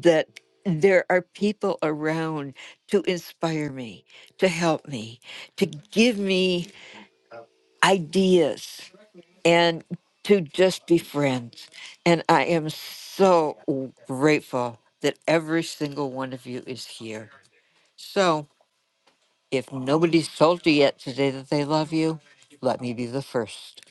S24: that there are people around to inspire me, to help me, to give me ideas, and to just be friends. And I am so grateful that every single one of you is here. So if nobody's told you yet today that they love you, let me be the first.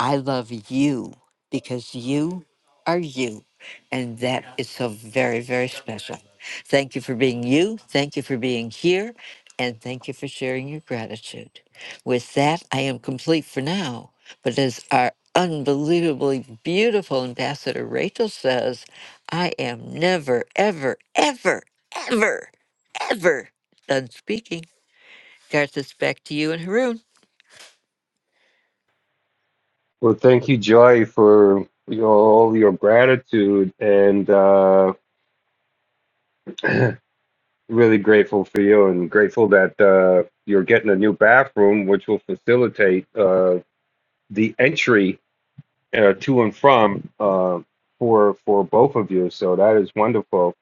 S24: I love you because you are you. And that is so very, very special. Thank you for being you. Thank you for being here. And thank you for sharing your gratitude. With that, I am complete for now. But as our unbelievably beautiful ambassador Rachel says, I am never, ever, ever, ever, ever done speaking. Garth, it's back to you and Haroon.
S17: Well, thank you, Joy, for your, all your gratitude, and uh, really grateful for you, and grateful that uh, you're getting a new bathroom, which will facilitate uh, the entry uh, to and from uh, for for both of you. So that is wonderful.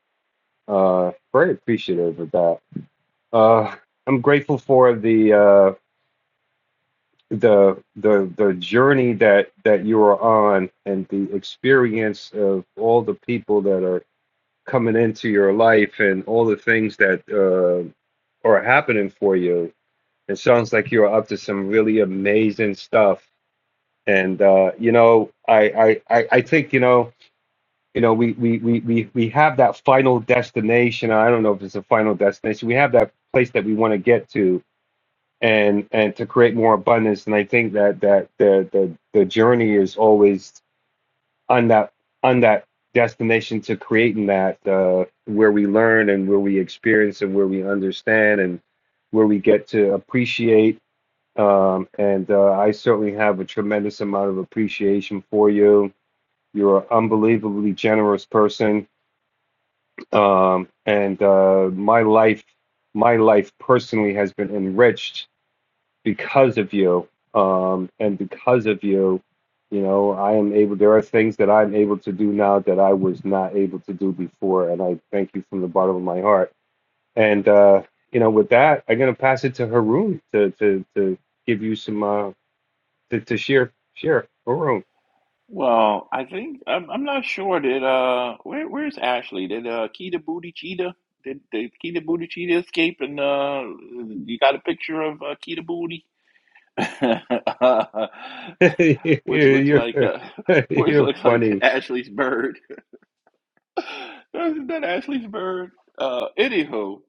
S17: Uh, very appreciative of that. Uh, I'm grateful for the. Uh, the the the journey that that you are on and the experience of all the people that are coming into your life and all the things that uh, are happening for you. It sounds like you're up to some really amazing stuff. And uh, you know, I, I I I think you know you know we we we we we have that final destination. I don't know if it's a final destination. We have that place that we want to get to and and to create more abundance. And I think that that the the the journey is always on that on that destination to creating that uh, where we learn and where we experience and where we understand and where we get to appreciate um, and uh, I certainly have a tremendous amount of appreciation for you. You're an unbelievably generous person, um, and uh, my life, my life personally has been enriched because of you. Um, and because of you, you know, I am able, there are things that I'm able to do now that I was not able to do before. And I thank you from the bottom of my heart. And, uh, you know, with that, I'm going to pass it to Haroon to, to, to give you some, uh, to, to share, share, Haroon.
S21: Well, I think I'm, I'm not sure. Did uh, where where's Ashley? Did uh, Keita Booty Cheetah? Did did Keita Booty Cheetah escape? And uh, you got a picture of uh, Keita Booty? which looks
S17: you're,
S21: like uh, which
S17: you're
S21: looks like
S17: funny.
S21: Ashley's bird. Isn't that Ashley's bird? Uh, anywho,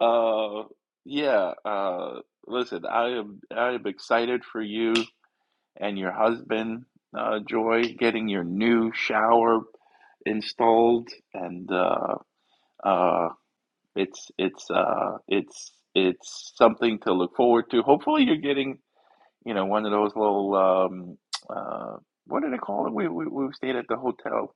S21: uh, yeah. Uh, listen, I am I am excited for you and your husband, uh, Joy, getting your new shower installed, and uh, uh, it's it's uh, it's it's something to look forward to. Hopefully, you're getting you know, one of those little um, uh, what do they call it? We, we we stayed at the hotel.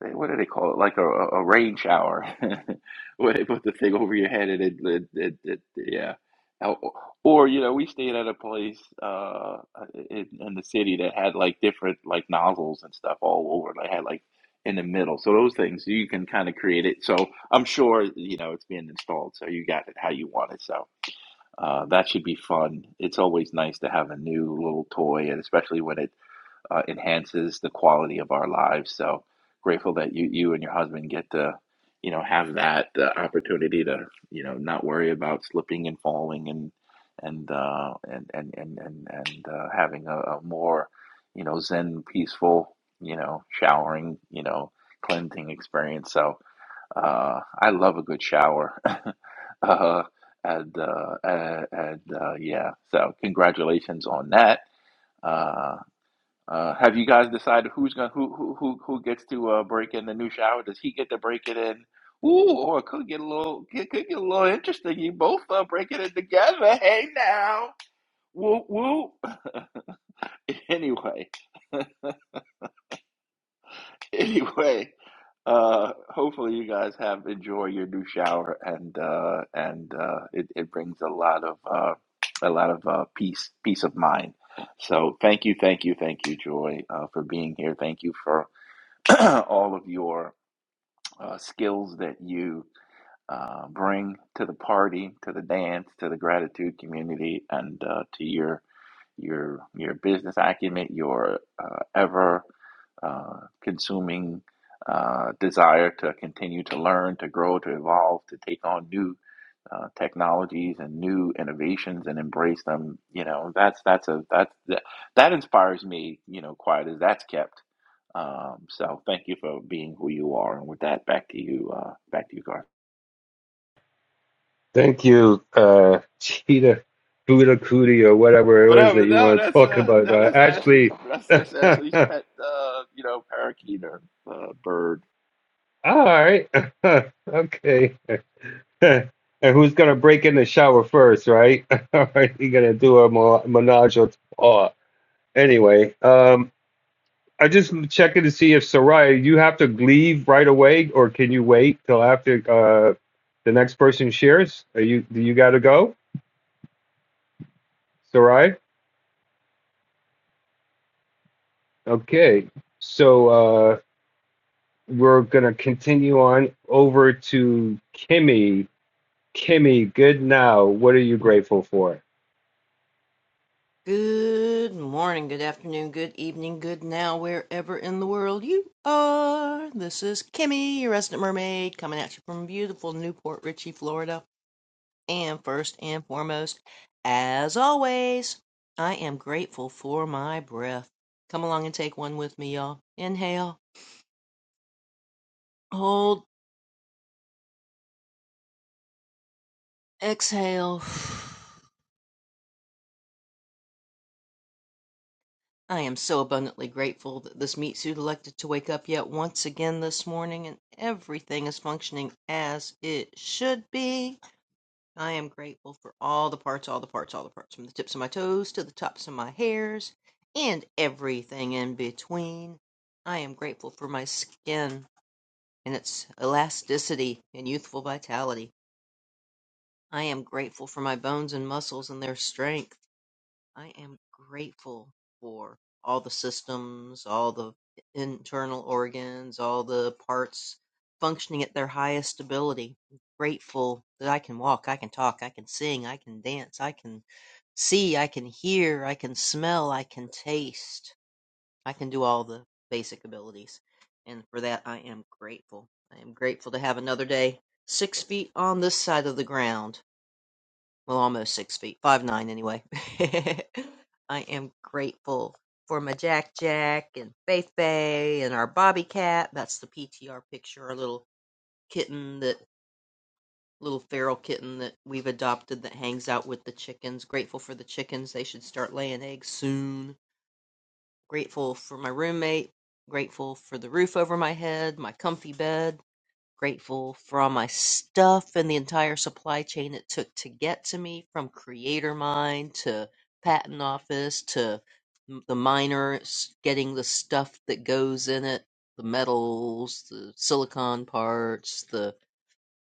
S21: They, what do they call it? Like a, a rain shower, where they put the thing over your head and it, it, it, it yeah. Or, or, you know, we stayed at a place uh, in, in the city that had like different like nozzles and stuff all over. They had like in the middle, so those things you can kind of create it. So I'm sure you know it's being installed, so you got it how you want it. So uh, that should be fun. It's always nice to have a new little toy, and especially when it uh, enhances the quality of our lives. So grateful that you you and your husband get to you know have that uh, opportunity to you know not worry about slipping and falling and and uh, and and and and, and uh, having a, a more you know zen peaceful you know showering you know cleansing experience. So uh, I love a good shower. uh, and uh, and, and uh, yeah, so congratulations on that. Uh, uh, have you guys decided who's gonna who who who who gets to uh, break in the new shower? Does he get to break it in? Ooh, or it could get a little could, could get a little interesting. You both uh, breaking it in together. Hey now, whoop whoop. Anyway, anyway. Uh, hopefully you guys have enjoyed your new shower and uh, and uh, it, it brings a lot of uh, a lot of uh, peace peace of mind. So thank you, thank you, thank you, Joy, uh, for being here. Thank you for all of your uh, skills that you uh, bring to the party, to the dance, to the gratitude community, and uh, to your your your business acumen, your uh, ever uh, consuming uh, desire to continue to learn, to grow, to evolve, to take on new uh, technologies and new innovations and embrace them. You know, that's that's a that's that, that inspires me. You know, quiet as that's kept. Um, so thank you for being who you are. And with that, back to you, uh, back to you, Garth.
S17: Thank you, uh, Cheetah Buddha Cootie or whatever it was
S21: Whatever.
S17: that you
S21: No,
S17: want to
S21: that's
S17: talk
S21: uh,
S17: about.
S21: no,
S17: Uh,
S21: that's Ashley's.
S17: Ashley,
S21: That's that's Ashley's pet. Uh, you know, parakeet or uh, bird.
S17: All right. Okay. And who's gonna break in the shower first, right? All right, you're gonna do a mo- menage a trois. Anyway, um, I just checking to see if Soraya, you have to leave right away, or can you wait till after uh the next person shares? Are you do you gotta go, Soraya? Okay. So uh we're gonna continue on over to Kimmy. Kimmy, good now. What are you grateful for?
S25: Good morning, good afternoon, good evening, good now, wherever in the world you are. This is Kimmy, your resident mermaid, coming at you from beautiful Newport Richey, Florida. And first and foremost, as always, I am grateful for my breath. Come along and take one with me, y'all. Inhale, hold, exhale. I am so abundantly grateful that this meat suit elected to wake up yet once again this morning and everything is functioning as it should be. I am grateful for all the parts, all the parts, all the parts, from the tips of my toes to the tops of my hairs and everything in between. I am grateful for my skin and its elasticity and youthful vitality. I am grateful for my bones and muscles and their strength. I am grateful for all the systems, all the internal organs, all the parts functioning at their highest ability. I'm Grateful that I can walk, I can talk, I can sing, I can dance, I can see, I can hear, I can smell, I can taste. I can do all the basic abilities. And for that, I am grateful. I am grateful to have another day six feet on this side of the ground well, almost six feet, five nine anyway. I am grateful for my Jack Jack and Faith Bay and our Bobby Cat. That's the PTR picture, our little kitten that little feral kitten that we've adopted that hangs out with the chickens. Grateful for the chickens. They should start laying eggs soon. Grateful for my roommate. Grateful for the roof over my head, my comfy bed Grateful for all my stuff and the entire supply chain it took to get to me from creator mine to patent office to m- the miners getting the stuff that goes in it, the metals, the silicon parts, the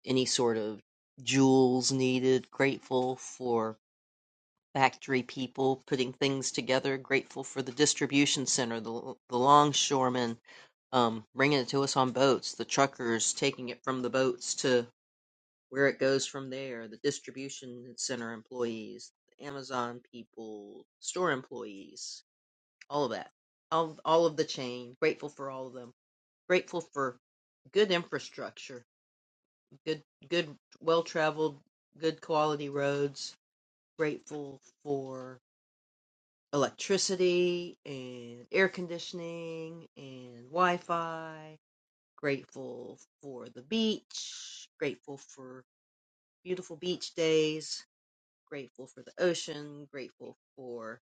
S25: any sort of jewels needed. Grateful for factory people putting things together. Grateful for the distribution center, the the longshoremen um, bringing it to us on boats, the truckers taking it from the boats to where it goes from there, the distribution center employees, the Amazon people, store employees, all of that, all all of the chain. Grateful for all of them. Grateful for good infrastructure, good good well traveled, good quality roads. Grateful for electricity and air conditioning and Wi-Fi. Grateful for the beach. Grateful for beautiful beach days. Grateful for the ocean. Grateful for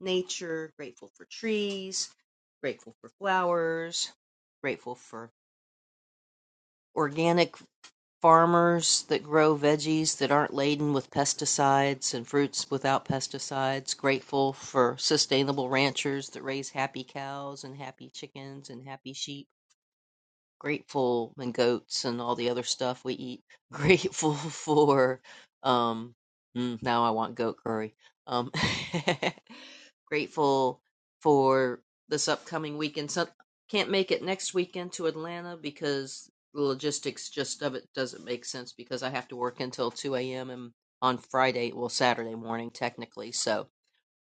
S25: nature. Grateful for trees. Grateful for flowers. Grateful for organic farmers that grow veggies that aren't laden with pesticides and fruits without pesticides. Grateful for sustainable ranchers that raise happy cows and happy chickens and happy sheep grateful and goats and all the other stuff we eat. Grateful for um mm, now I want goat curry. Um grateful for this upcoming weekend. So, can't make it next weekend to Atlanta because the logistics just of it doesn't make sense because I have to work until 2 a.m. and on Friday, well Saturday morning technically. So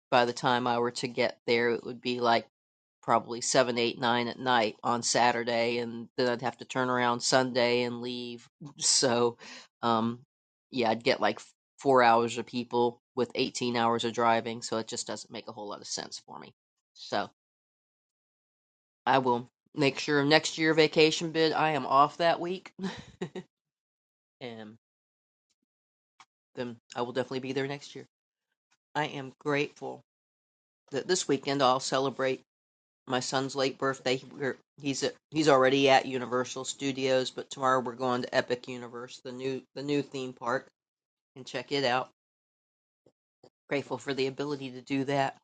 S25: by the time I were to get there, it would be like probably seven, eight, nine at night on Saturday, and then I'd have to turn around Sunday and leave. So, um, yeah, I'd get like four hours of people with 18 hours of driving, so it just doesn't make a whole lot of sense for me. So, I will make sure next year vacation bid I am off that week, and then I will definitely be there next year. I am grateful that this weekend I'll celebrate my son's late birthday. We're, he's at, he's already at Universal Studios, but tomorrow we're going to Epic Universe, the new the new theme park, and check it out. Grateful for the ability to do that.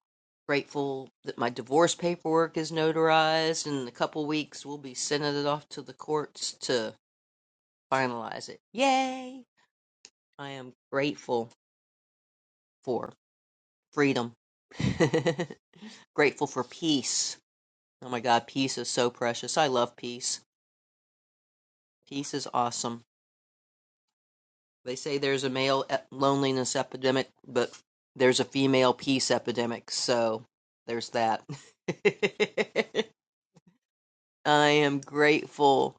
S25: Grateful that my divorce paperwork is notarized, and in a couple weeks we'll be sending it off to the courts to finalize it. Yay! I am grateful for freedom. grateful for peace. Oh my God, peace is so precious. I love peace. Peace is awesome They say there's a male e- loneliness epidemic, but there's a female peace epidemic, so there's that. I am grateful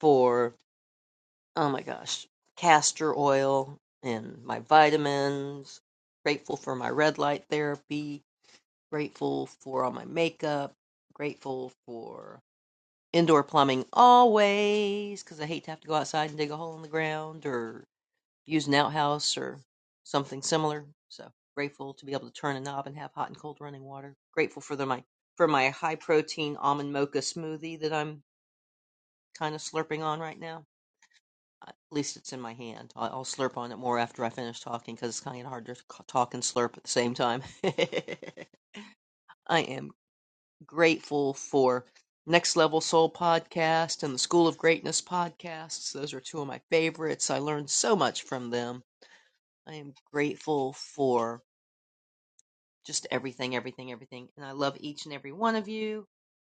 S25: for, oh my gosh, castor oil and my vitamins. Grateful for my red light therapy. Grateful for all my makeup. Grateful for indoor plumbing always, because I hate to have to go outside and dig a hole in the ground or use an outhouse or something similar. So grateful to be able to turn a knob and have hot and cold running water. Grateful for the my for my high protein almond mocha smoothie that I'm kind of slurping on right now. Uh, At least it's in my hand. I- I'll slurp on it more after I finish talking because it's kind of hard to talk and slurp at the same time. I am grateful for Next Level Soul podcast and the School of Greatness podcasts. Those are two of my favorites. I learned so much from them. I am grateful for just everything, everything, everything. And I love each and every one of you.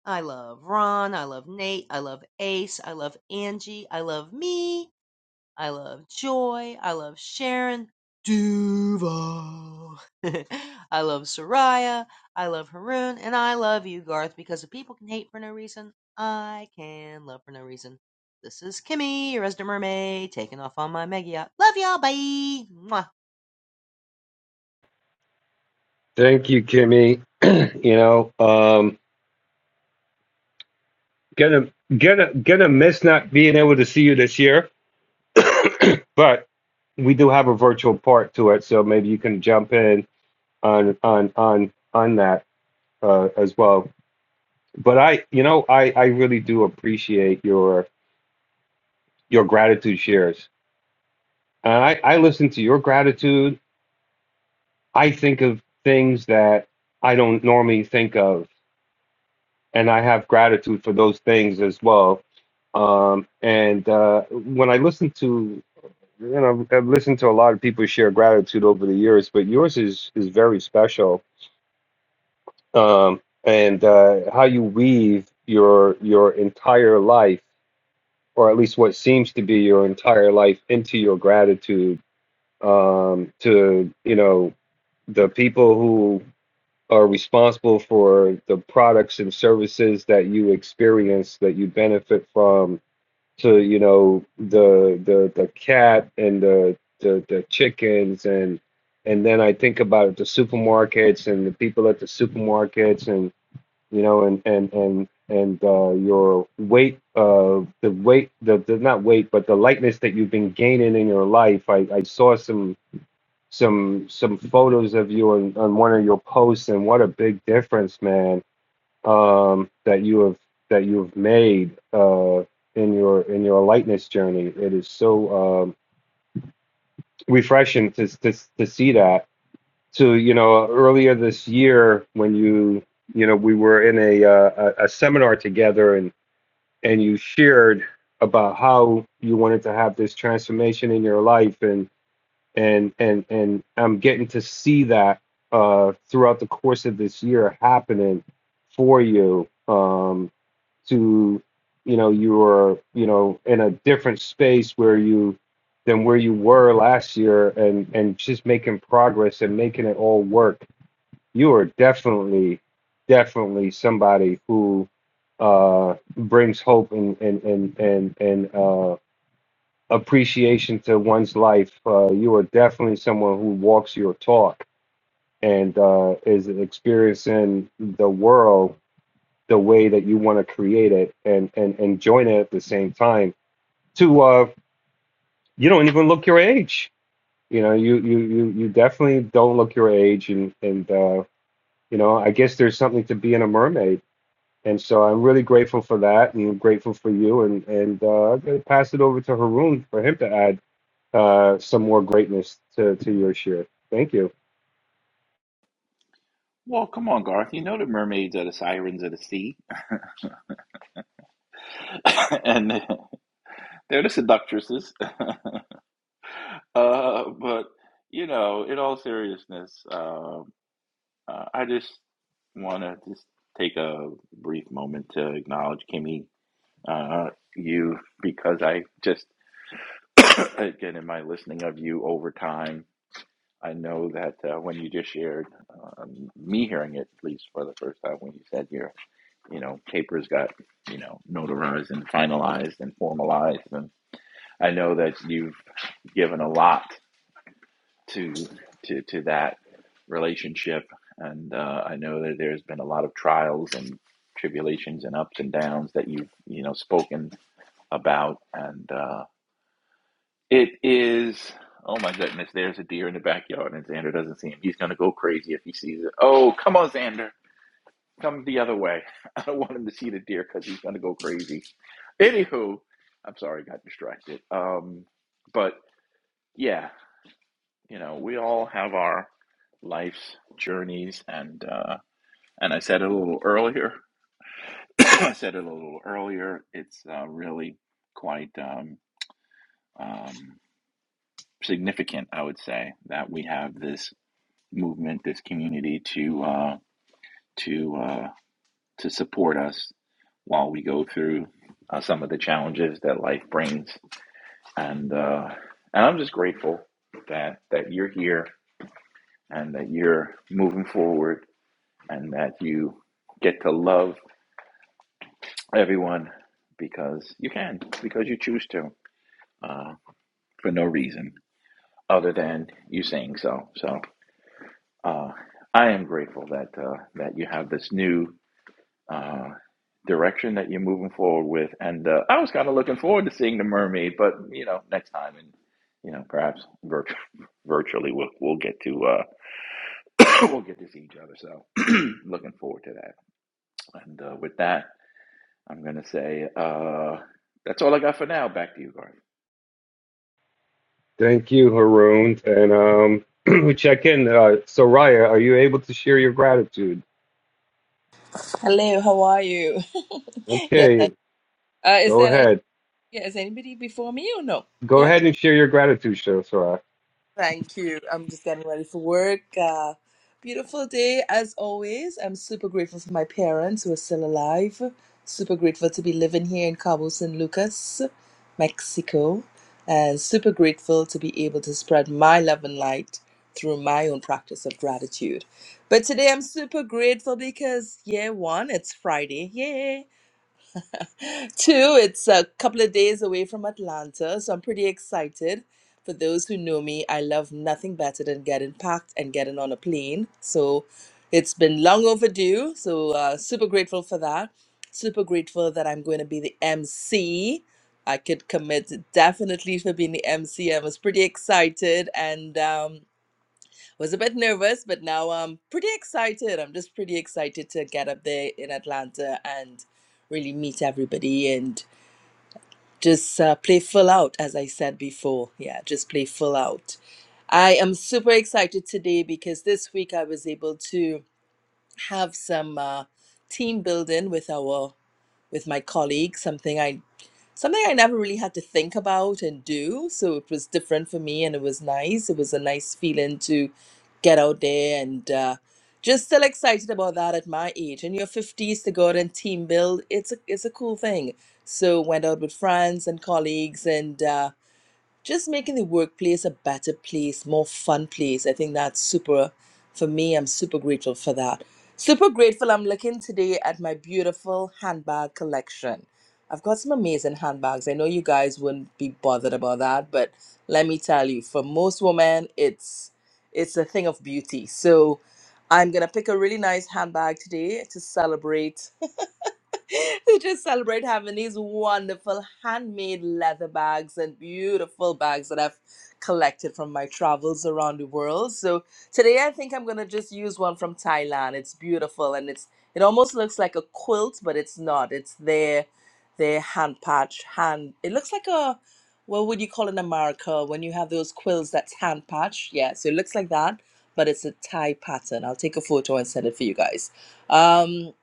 S25: I love Ron. I love Nate. I love Ace. I love Angie. I love me. I love Joy. I love Sharon. Duval. I love Soraya. I love Haroon. And I love you, Garth, because if people can hate for no reason, I can love for no reason. This is Kimmy, your resident mermaid, taking off on my mega yacht. Love y'all. Bye. Mwah.
S17: Thank you, Kimmy. you know, um, gonna gonna gonna miss not being able to see you this year, but we do have a virtual part to it, so maybe you can jump in on on on on that uh, as well. But I, you know, I I really do appreciate your your gratitude shares, and I I listen to your gratitude. I think of things that I don't normally think of and I have gratitude for those things as well. Um, and uh, when I listen to, you know, I've listened to a lot of people share gratitude over the years, but yours is is very special. Um, and uh, how you weave your your entire life, or at least what seems to be your entire life, into your gratitude um, to you know the people who are responsible for the products and services that you experience that you benefit from to you know the the the cat and the the, the chickens and and then I think about the supermarkets and the people at the supermarkets and you know and and and and uh, your weight uh the weight the, the not weight but the lightness that you've been gaining in your life I, I saw some some some photos of you on, on one of your posts and what a big difference man um that you have that you've made uh in your in your lightness journey it is so um refreshing to to, to see that so you know earlier this year when you you know we were in a uh, a, a seminar together and and you shared about how you wanted to have this transformation in your life and and and and I'm getting to see that uh, throughout the course of this year happening for you um, to you know you are you know in a different space where you than where you were last year and and just making progress and making it all work you are definitely definitely somebody who uh brings hope and and and and and uh appreciation to one's life. Uh, you are definitely someone who walks your talk and uh, is experiencing the world the way that you want to create it and, and and join it at the same time. To uh, you don't even look your age. You know, you you you you definitely don't look your age, and and uh, you know, I guess there's something to being a mermaid. And so I'm really grateful for that, and I'm grateful for you, and and uh, I'm gonna pass it over to Haroon for him to add uh, some more greatness to, to your share. Thank you.
S21: Well, come on, Garth. You know the mermaids are the sirens of the sea, and they're the seductresses. uh, but you know, in all seriousness, um uh, I just want to just take a brief moment to acknowledge Kimmy, uh, you, because I just again in my listening of you over time, I know that uh, when you just shared um, me hearing it, at least for the first time when you said here you know, papers got, you know, notarized and finalized and formalized. And I know that you've given a lot to to to that relationship, and uh, I know that there's been a lot of trials and tribulations and ups and downs that you've you know spoken about, and uh, it is. Oh my goodness, there's a deer in the backyard and Xander doesn't see him. He's going to go crazy if he sees it. Oh, come on, Xander. Come the other way. I don't want him to see the deer because he's going to go crazy Anywho, I'm sorry, I got distracted. Um, but yeah, you know, we all have our life's journeys, and uh, and I said it a little earlier. I said it a little earlier. It's uh, really quite um, um, significant, I would say, that we have this movement, this community to uh, to uh, to support us while we go through uh, some of the challenges that life brings and uh, and I'm just grateful that that you're here and that you're moving forward and that you get to love everyone because you can because you choose to uh, for no reason other than you saying so. So uh, I am grateful that uh, that you have this new. Uh, direction that you're moving forward with and uh, i was kind of looking forward to seeing the mermaid but you know next time and you know perhaps virtually virtually we'll, we'll get to Uh, we'll get to see each other. So looking forward to that. And uh, with that, I'm gonna say uh, that's all I got for now. Back to you, Garth.
S17: Thank you, Haroon. And um, check in. Uh, Soraya, are you able to share your gratitude?
S26: Hello, how are you? yes, I,
S17: Okay,
S26: uh, is
S17: go
S26: there any,
S17: ahead.
S26: yeah, is anybody before me or no?
S17: Go
S26: Yeah,
S17: ahead and share your gratitude, Sor- Soraya.
S26: thank you. I'm just getting ready for work. Uh, beautiful day as always. I'm super grateful for my parents who are still alive. Super grateful to be living here in Cabo San Lucas, Mexico, and super grateful to be able to spread my love and light through my own practice of gratitude. But today I'm super grateful because yeah, one, it's Friday. Yay! Two, it's a couple of days away from Atlanta, so I'm pretty excited. For those who know me, I love nothing better than getting packed and getting on a plane. So it's been long overdue. So uh, super grateful for that. Super grateful that I'm going to be the MC. I could commit definitely for being the MC. I was pretty excited and. um, was a bit nervous, but now I'm pretty excited. I'm just pretty excited to get up there in Atlanta and really meet everybody and just uh, play full out, as I said before. Yeah, just play full out. I am super excited today because this week I was able to have some uh, team building with our with my colleagues, something I something I never really had to think about and do. So it was different for me and it was nice. It was a nice feeling to get out there and uh, just still excited about that at my age. In your 50s to go out and team build, it's a, it's a cool thing. So went out with friends and colleagues and uh, just making the workplace a better place, more fun place. I think that's super, for me, I'm super grateful for that. Super grateful. I'm looking today at my beautiful handbag collection. I've got some amazing handbags. I know you guys wouldn't be bothered about that, but let me tell you, for most women, it's it's a thing of beauty. So I'm gonna pick a really nice handbag today to celebrate to just celebrate having these wonderful handmade leather bags and beautiful bags that I've collected from my travels around the world. So today I think I'm gonna just use one from Thailand. It's beautiful and it's it almost looks like a quilt, but it's not. It's their their hand patch hand. It looks like a what would you call in America when you have those quills that's hand patch? Yeah, so it looks like that, but it's a Thai pattern. I'll take a photo and send it for you guys. Um,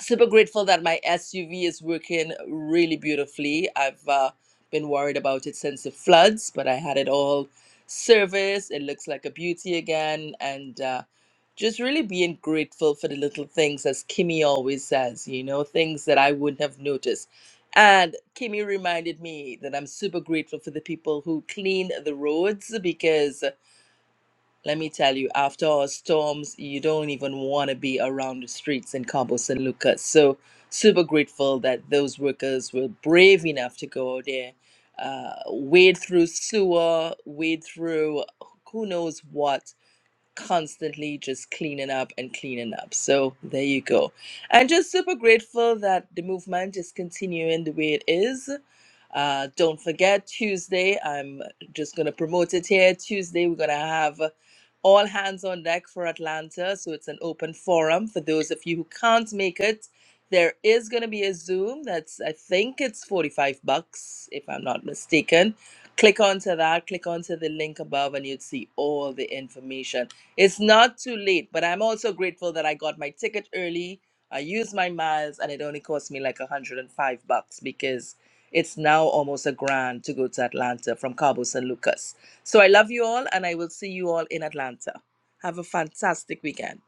S26: super grateful that my SUV is working really beautifully. I've uh, been worried about it since the floods, but I had it all serviced. It looks like a beauty again, and uh, just really being grateful for the little things, as Kimmy always says, you know, things that I wouldn't have noticed. And Kimmy reminded me that I'm super grateful for the people who clean the roads because let me tell you, after all storms, you don't even want to be around the streets in Cabo San Lucas. So, super grateful that those workers were brave enough to go out there, uh, wade through sewer, wade through who knows what constantly just cleaning up and cleaning up. So there you go. And just super grateful that the movement is continuing the way it is. Uh, don't forget Tuesday. I'm just gonna promote it here. Tuesday we're gonna have all hands on deck for Atlanta. So it's an open forum for those of you who can't make it. There is gonna be a Zoom. That's I think it's forty five bucks if I'm not mistaken click onto that, click onto the link above, and you'd see all the information. It's not too late, but I'm also grateful that I got my ticket early. I used my miles, and it only cost me like 105 bucks because it's now almost a grand to go to Atlanta from Cabo San Lucas. So I love you all, and I will see you all in Atlanta. Have a fantastic weekend.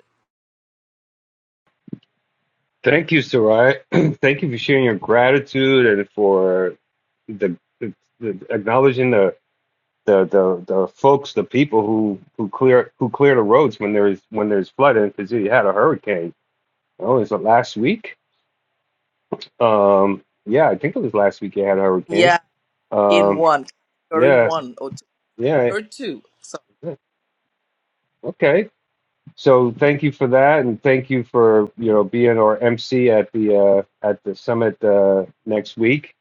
S17: Thank you, Soraya. Thank you for sharing your gratitude and for the, the, the acknowledging the, the the the folks, the people who who clear who clear the roads when there is when there's flooding because you had a hurricane. Oh, is it last week? Um, yeah, I think it was last week you had a hurricane.
S26: Yeah, in
S17: Um,
S26: one, category
S17: yeah,
S26: one or two,
S17: yeah.
S26: or two.
S17: yeah. Okay. So thank you for that, and thank you for you know being our MC at the uh, at the summit uh, next week.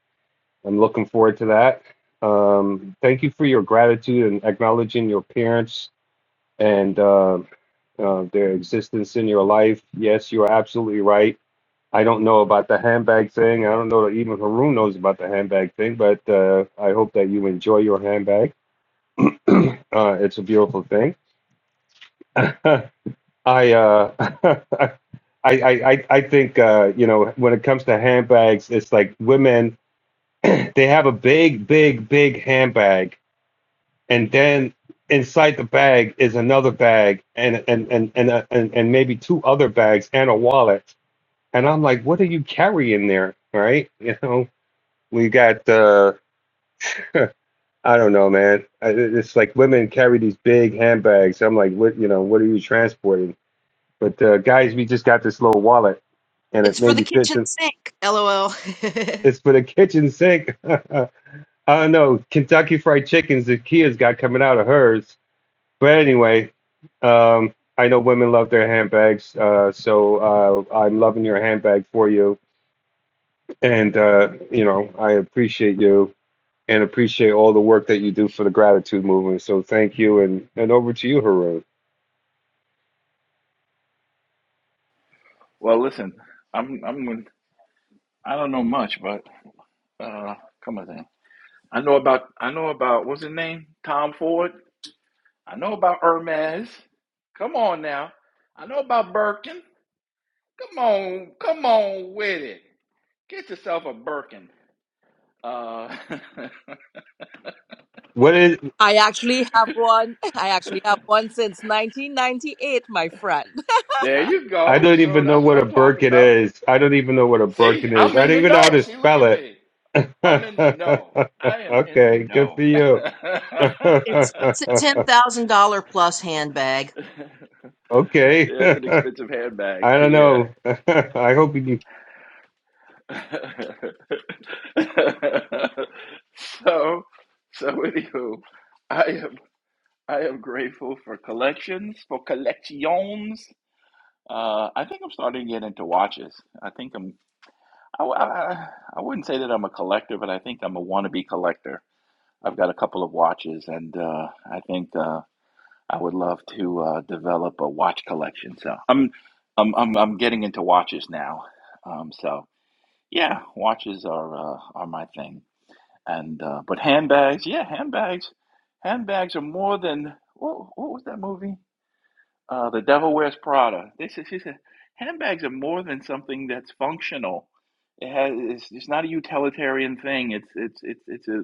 S17: I'm looking forward to that. Um, thank you for your gratitude and acknowledging your parents and uh, uh, their existence in your life. Yes, you are absolutely right. I don't know about the handbag thing. I don't know that even Haroon knows about the handbag thing, but uh, I hope that you enjoy your handbag. uh, it's a beautiful thing. I, uh, I, I, I, I think, uh, you know, when it comes to handbags, it's like women, they have a big, big, big handbag. And then inside the bag is another bag and, and, and, and, uh, and, and maybe two other bags and a wallet. And I'm like, what are you carrying there? Right? You know, We got uh I don't know, man. It's like women carry these big handbags. I'm like, what, you know, what are you transporting? But uh, guys, we just got this little wallet, and it
S25: It's for the
S17: maybe fits.
S25: kitchen
S17: In.
S25: sink. LOL.
S17: It's for the kitchen sink. I don't know. Kentucky Fried Chickens, the Kia's got coming out of hers. But anyway, um, I know women love their handbags, uh, so uh, I'm loving your handbag for you, and uh, you know, I appreciate you. and appreciate all the work that you do for the gratitude movement. So thank you, and and over to you, Haroon.
S21: Well, listen, I'm I'm gonna, I don't know much, but uh, come on, then. I know about I know about what's his name, Tom Ford. I know about Hermes. Come on now. I know about Birkin. Come on, come on with it. Get yourself a Birkin. Uh,
S17: What is?
S26: I actually have one. I actually have one since 1998, my friend.
S21: there you
S17: I
S21: go.
S17: don't
S21: So
S17: even know
S21: that's what
S17: what a
S21: I'm talking
S17: Birkin
S21: about.
S17: is. I don't even know what a
S21: See,
S17: Birkin is.
S21: I'm
S17: I
S21: in
S17: don't
S21: the
S17: even know
S21: know.
S17: how to
S21: See, look
S17: spell
S21: at
S17: it.
S21: me. I'm in the know. I am in the
S17: okay, good
S21: know.
S17: for
S21: yeah,
S17: you.
S25: It's it's a ten thousand dollar plus handbag.
S17: okay,
S21: it's an
S17: I
S21: expensive handbag.
S17: don't
S21: Yeah.
S17: know. I hope you. can.
S21: so, so anywho, I am I am grateful for collections, for collections. Uh, I think I'm starting to get into watches. I think I'm. I, I, I wouldn't say that I'm a collector, but I think I'm a wannabe collector. I've got a couple of watches, and uh, I think. uh, I would love to uh, develop a watch collection. So I'm I'm I'm, I'm getting into watches now. Um, so yeah, watches are uh, are my thing. And uh, but handbags, yeah, handbags, handbags are more than what, what was that movie? Uh, the Devil Wears Prada. They is, she said, handbags are more than something that's functional. It has, it's, it's not a utilitarian thing. It's, it's, it's, it's a,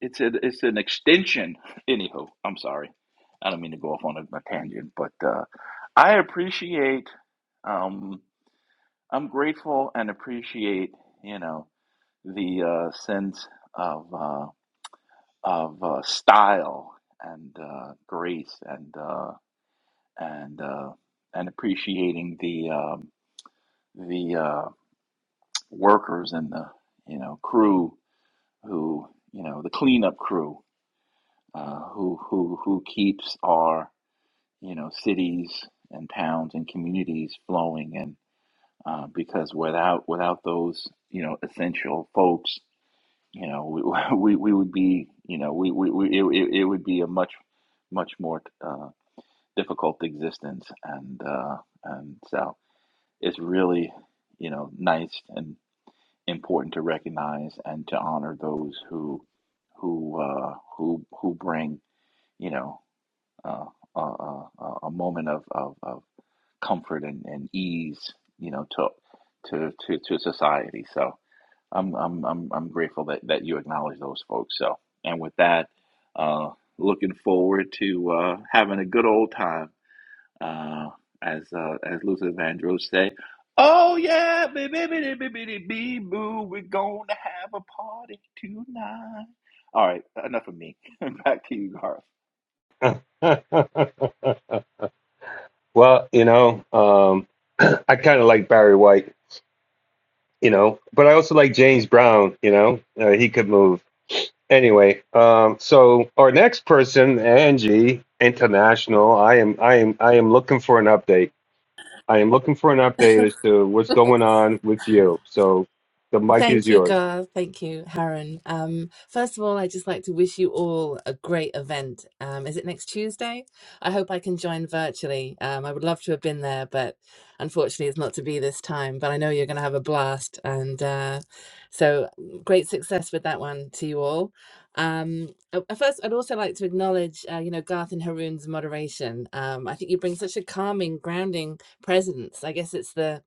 S21: it's a, it's an extension. Anywho, I'm sorry. I don't mean to go off on a, a tangent, but uh, I appreciate, um, I'm grateful and appreciate, you know, the uh, sense of, uh, of uh, style and uh, grace and. uh, and uh, and appreciating the um, the uh, workers and the you know crew who you know the cleanup crew uh, who who who keeps our you know cities and towns and communities flowing and uh, because without without those you know essential folks you know we we, we would be you know we, we, we it, it it would be a much much more uh, difficult existence and uh, and so it's really, you know, nice and important to recognize and to honor those who who uh, who who bring, you know, uh, a, a, a moment of, of, of comfort and, and ease, you know, to to to, to society. So I'm, I'm I'm I'm grateful that that you acknowledge those folks. So and with that, uh, looking forward to uh, having a good old time uh, as uh, as Luther Vandross say, "Oh yeah, baby, baby, baby, baby, boo, we're gonna have a party tonight." All right, enough of me. Back to you, Garth.
S17: well, you know, um, I kind of like Barry White, you know, but I also like James Brown. You know, uh, he could move. anyway, um, so our next person, Angie International, I am, I am, I am looking for an update. I am looking for an update as to what's going on with you. So the mic is
S5: Thank you,
S17: yours.
S5: Garth. Thank you, Haran. Um, first of all, I'd just like to wish you all a great event. Um, is it next Tuesday? I hope I can join virtually. Um, I would love to have been there, but unfortunately, it's not to be this time. But I know you're going to have a blast. And uh, so, great success with that one to you all. Um, uh, uh, first, I'd also like to acknowledge, uh, you know, Garth and Haroon's moderation. Um, I think you bring such a calming, grounding presence. I guess it's the,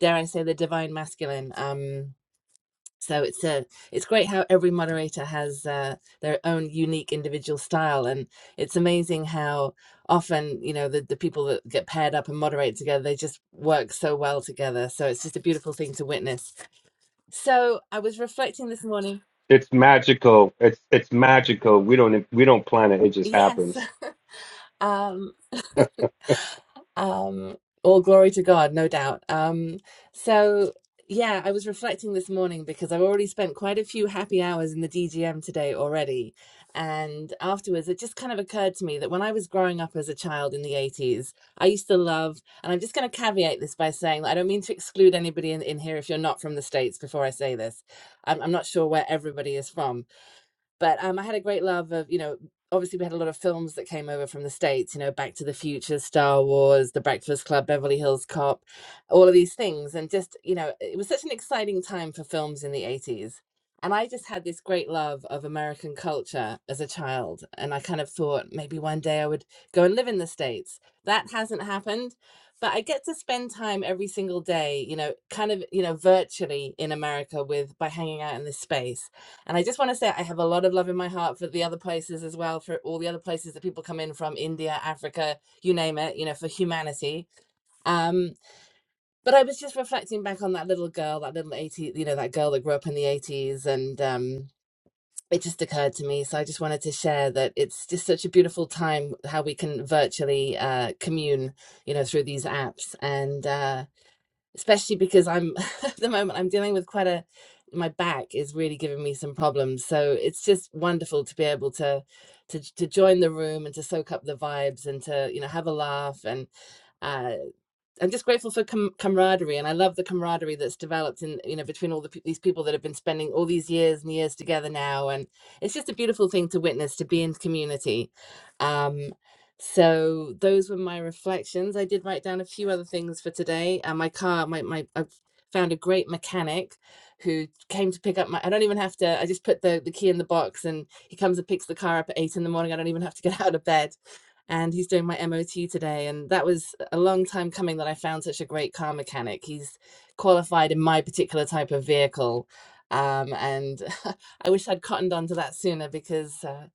S5: dare I say, the divine masculine. Um, so it's uh, it's great how every moderator has uh, their own unique individual style and it's amazing how often you know the, the people that get paired up and moderate together they just work so well together so it's just a beautiful thing to witness so i was reflecting this morning
S17: It's magical. It's it's magical. We don't we don't plan it. It just
S5: yes
S17: happens.
S5: um Um, all glory to God, no doubt. Um, so yeah, I was reflecting this morning because I've already spent quite a few happy hours in the DGM today already. And afterwards, it just kind of occurred to me that when I was growing up as a child in the 80s, I used to love, and I'm just going to caveat this by saying that I don't mean to exclude anybody in, in here if you're not from the States before I say this. I'm, I'm not sure where everybody is from, but um, I had a great love of, you know, obviously we had a lot of films that came over from the States, you know, Back to the Future, Star Wars, The Breakfast Club, Beverly Hills Cop, all of these things. And just, you know, it was such an exciting time for films in the 80s. And I just had this great love of American culture as a child. And I kind of thought maybe one day I would go and live in the States. That hasn't happened. But I get to spend time every single day, you know, kind of, you know, virtually in America with by hanging out in this space and I just want to say I have a lot of love in my heart for the other places as well, for all the other places that people come in from, India, Africa, you name it, you know, for humanity. Um, but I was just reflecting back on that little girl, that little 80, you know, that girl that grew up in the 80s and um it just occurred to me. So I just wanted to share that it's just such a beautiful time how we can virtually uh, commune, you know, through these apps. And uh, especially because I'm at the moment I'm dealing with quite a my back is really giving me some problems. So it's just wonderful to be able to to to join the room and to soak up the vibes and to you know have a laugh and. uh, I'm just grateful for com- camaraderie, and I love the camaraderie that's developed in you know between all the these people that have been spending all these years and years together now, and it's just a beautiful thing to witness to be in community. Um, so those were my reflections. I did write down a few other things for today. And Uh, my car, my my, I found a great mechanic who came to pick up my. I don't even have to. I just put the the key in the box, and he comes and picks the car up at eight in the morning. I don't even have to get out of bed and he's doing my MOT today. And that was a long time coming that I found such a great car mechanic. He's qualified in my particular type of vehicle. Um, and I wish I'd cottoned onto that sooner because uh,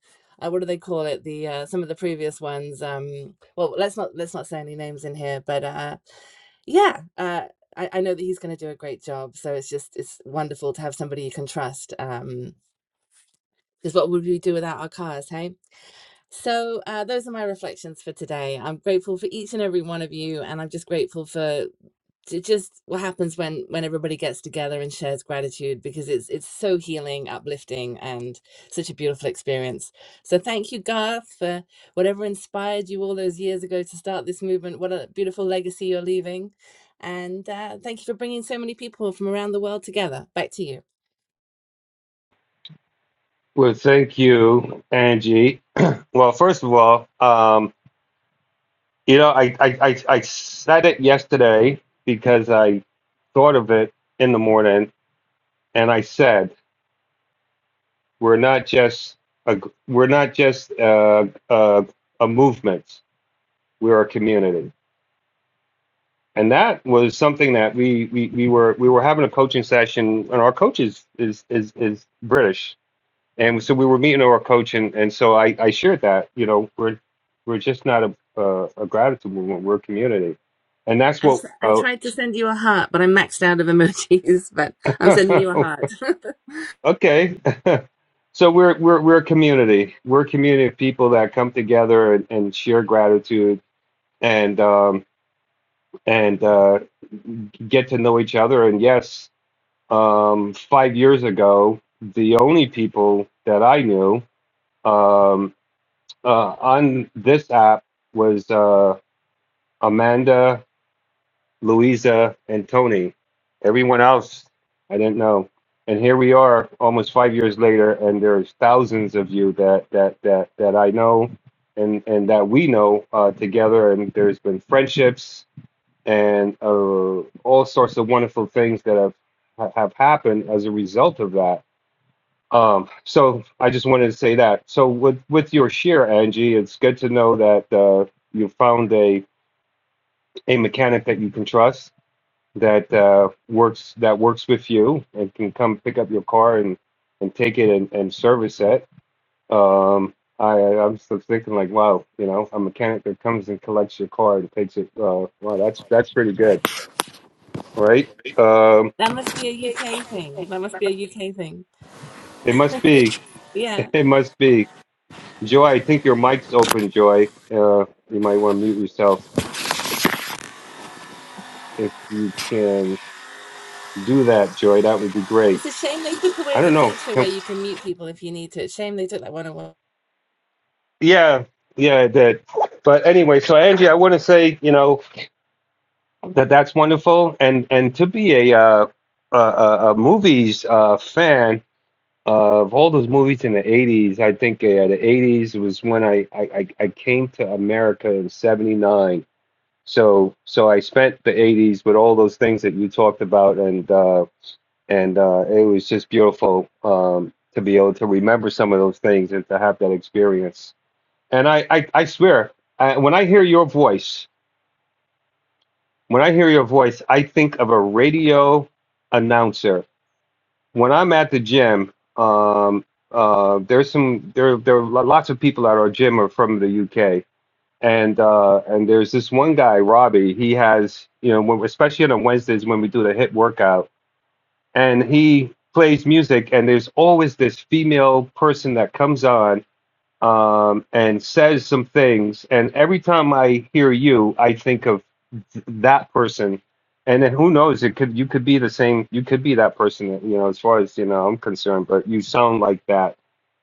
S5: uh, what do they call it? The uh, some of the previous ones. Um, well, let's not let's not say any names in here, but uh, yeah, uh, I, I know that he's going to do a great job. So it's just it's wonderful to have somebody you can trust. Um, because what would we do without our cars, hey? So, uh, those are my reflections for today. I'm grateful for each and every one of you, and I'm just grateful for j- just what happens when when everybody gets together and shares gratitude because it's it's so healing, uplifting, and such a beautiful experience. So, thank you, Garth, for whatever inspired you all those years ago to start this movement. What a beautiful legacy you're leaving, and uh, thank you for bringing so many people from around the world together. Back to you.
S17: Well, thank you, Angie. well, first of all, um, you know, I, I I I said it yesterday because I thought of it in the morning, and I said. We're not just a we're not just a, a, a movement. We're a community, and that was something that we, we we were we were having a coaching session, and our coach is is is, is British, and so we were meeting our coach, and, and so I, I shared that you know we're we're just not a a, a gratitude movement. We're a community, and that's
S5: I,
S17: what.
S5: s- I
S17: Uh,
S5: tried to send you a heart, but I maxed out of emojis. But I'm sending you a heart.
S17: okay. so we're we're we're a community. We're a community of people that come together and, and share gratitude and um, and uh, get to know each other. And yes, um, five years ago, the only people that I knew um, uh, on this app was uh, Amanda, Louisa, and Tony. Everyone else, I didn't know. And here we are, almost five years later, and there's thousands of you that that that that I know, and and that we know uh, together. And there's been friendships and uh, all sorts of wonderful things that have have happened as a result of that. Um, so I just wanted to say that. So with with your share, Angie, it's good to know that uh, you found a a mechanic that you can trust that uh, works that works with you and can come pick up your car and and take it and, and service it. Um, I I'm still thinking like, wow, you know, a mechanic that comes and collects your car and takes it. Uh, wow, that's that's pretty good, right? Um,
S5: That must be a UK thing. That must be a UK thing.
S17: It must be.
S5: Yeah.
S17: It must be. Joy, I think your mic's open, Joy. Uh, you might want to mute yourself if you can do that, Joy. That would be great.
S5: It's a shame they took
S17: I
S5: away the
S17: don't know.
S5: feature where
S17: Can-
S5: you can mute people if you need to. It's shame they took that one away.
S17: Yeah, yeah, it did. But anyway, so Angie, I want to say, you know, that that's wonderful, and and to be a uh, a, a, a movies uh, fan uh, of all those movies in the '80s. I think uh, the '80s was when I I, I I came to America in '79 So so I spent the 80s with all those things that you talked about and uh and uh it was just beautiful um to be able to remember some of those things and to have that experience. And I I, I swear I, when I hear your voice, when I hear your voice, I think of a radio announcer. When I'm at the gym, um uh there's some there there are lots of people at our gym are from the UK and uh, and there's this one guy, Robbie. He has you know, when, especially on Wednesdays when we do the hit workout, and he plays music. And there's always this female person that comes on um, and says some things. And every time I hear you, I think of th- that person. And then who knows? It could you could be the same. You could be that person. You know, as far as you know, I'm concerned. But you sound like that,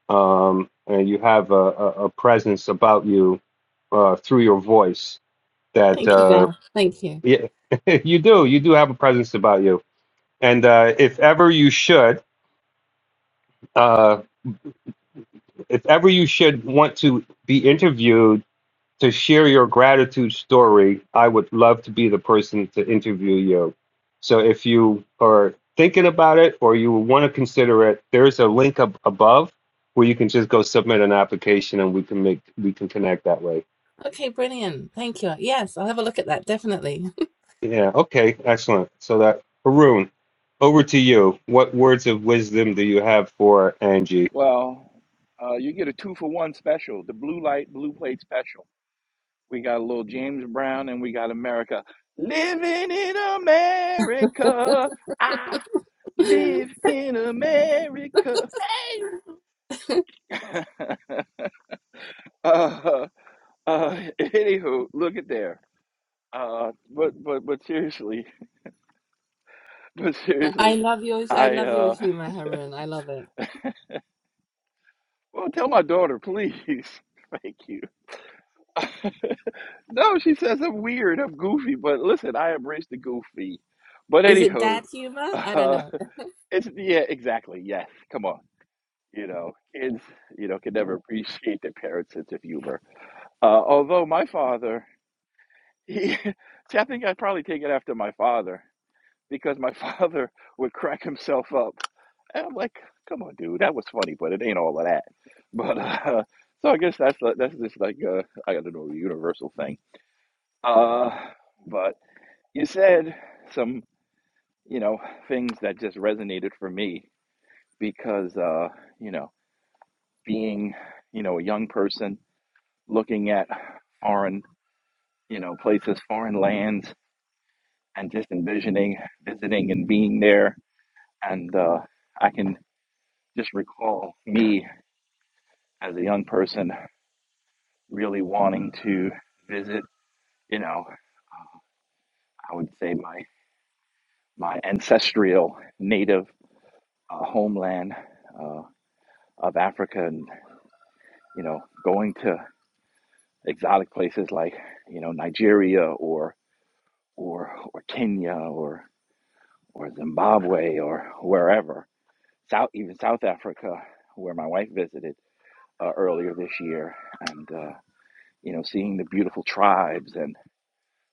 S17: um, and you have a, a, a presence about you uh, through your voice that
S5: Thank you,
S17: uh,
S5: Gar. Thank you.
S17: yeah, you do you do have a presence about you and uh, if ever you should uh, if ever you should want to be interviewed to share your gratitude story i would love to be the person to interview you so if you are thinking about it or you want to consider it there's a link up above where you can just go submit an application and we can make we can connect that way
S5: Okay, brilliant. Thank you. Yes, I'll have a look at that, definitely.
S17: Yeah, okay, excellent. So that Haroon, over to you. What words of wisdom do you have for Angie?
S21: Well, uh, you get a two for one special, the blue light, blue plate special. We got a little James Brown and we got America. Living in America. I live in America. Hey! Uh, uh, anywho, look at there. Uh, but but but seriously, but
S5: I
S21: seriously,
S5: love your I
S21: I
S5: love your
S21: uh,
S5: humor, Harun. I love it.
S21: well, tell my daughter, please. Thank you. No, she says I'm weird, I'm goofy, but listen, I embrace the goofy. But
S5: Is it
S21: anywho,
S5: dad humor? I don't
S21: uh,
S5: know.
S21: it's yeah, exactly. Yes, come on. You know, kids, you know, can never appreciate their parents' sense of humor. Uh, although my father, he, see, I think I'd probably take it after my father because my father would crack himself up And I'm like, come on, dude, that was funny, but it ain't all of that. But uh, so I guess that's like- that's just like uh, I don't know, a universal thing. Uh, but you said some, you know, things that just resonated for me because uh, you know, being, you know, a young person looking at foreign, you know, places, foreign lands, and just envisioning visiting and being there, and uh, I can just recall me as a young person really wanting to visit, you know, uh, I would say my my ancestral native uh, homeland uh, of Africa, and you know, going to exotic places like you know Nigeria or or or Kenya or or Zimbabwe or wherever, South even South Africa, where my wife visited uh, earlier this year, and uh, you know, seeing the beautiful tribes and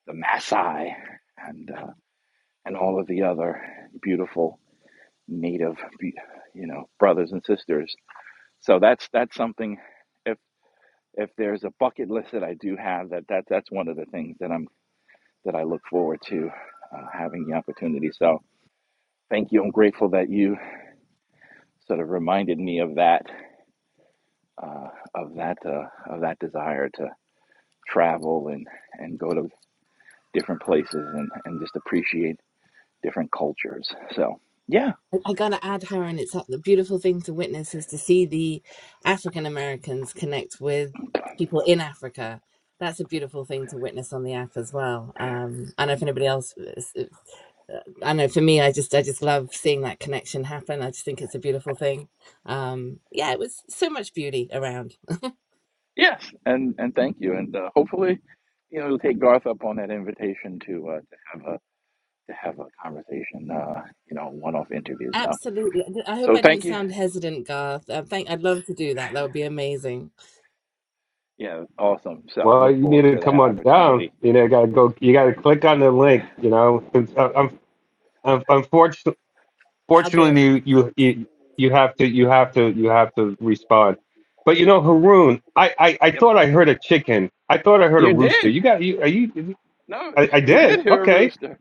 S21: the Maasai, and uh, and all of the other beautiful native you know brothers and sisters so that's that's something if if there's a bucket list that i do have that, that that's one of the things that i'm that i look forward to uh, having the opportunity so thank you i'm grateful that you sort of reminded me of that uh, of that uh, of that desire to travel and and go to different places and and just appreciate different cultures so yeah
S5: I gotta add, Harron, it's a- the beautiful thing to witness is to see the African Americans connect with people in Africa. That's a beautiful thing to witness on the app as well. Um, I don't know if anybody else, is- uh, I know for me, I just I just love seeing that connection happen. I just think it's a beautiful thing. Um, yeah, it was so much beauty around.
S21: Yes, and and thank you, and uh, hopefully, you know, you'll take Garth up on that invitation to uh, to have a to have a conversation, uh, you know, one off interview. So
S5: Absolutely. I hope
S21: so
S5: I didn't
S21: thank you.
S5: sound hesitant, Garth. Uh, thank. I'd love to do that. That would be amazing.
S21: Yeah, awesome. So
S17: Well,
S21: look
S17: you need
S21: forward
S17: to
S21: to
S17: come
S21: that
S17: on down.
S21: opportunity.
S17: You know, gotta go. You gotta click on the link. You know, I'm, I'm, unfortunately,
S5: I'll do it.
S17: fortunately, you, you, you have to, you have to, you have to respond. But you know, Haroon, I, I, I
S21: Yep,
S17: thought I heard a chicken. I thought I heard a
S21: you
S17: rooster.
S21: did.
S17: You got you? Are you?
S21: No,
S17: I, I
S21: you
S17: did.
S21: did hear a
S17: Okay.
S21: rooster.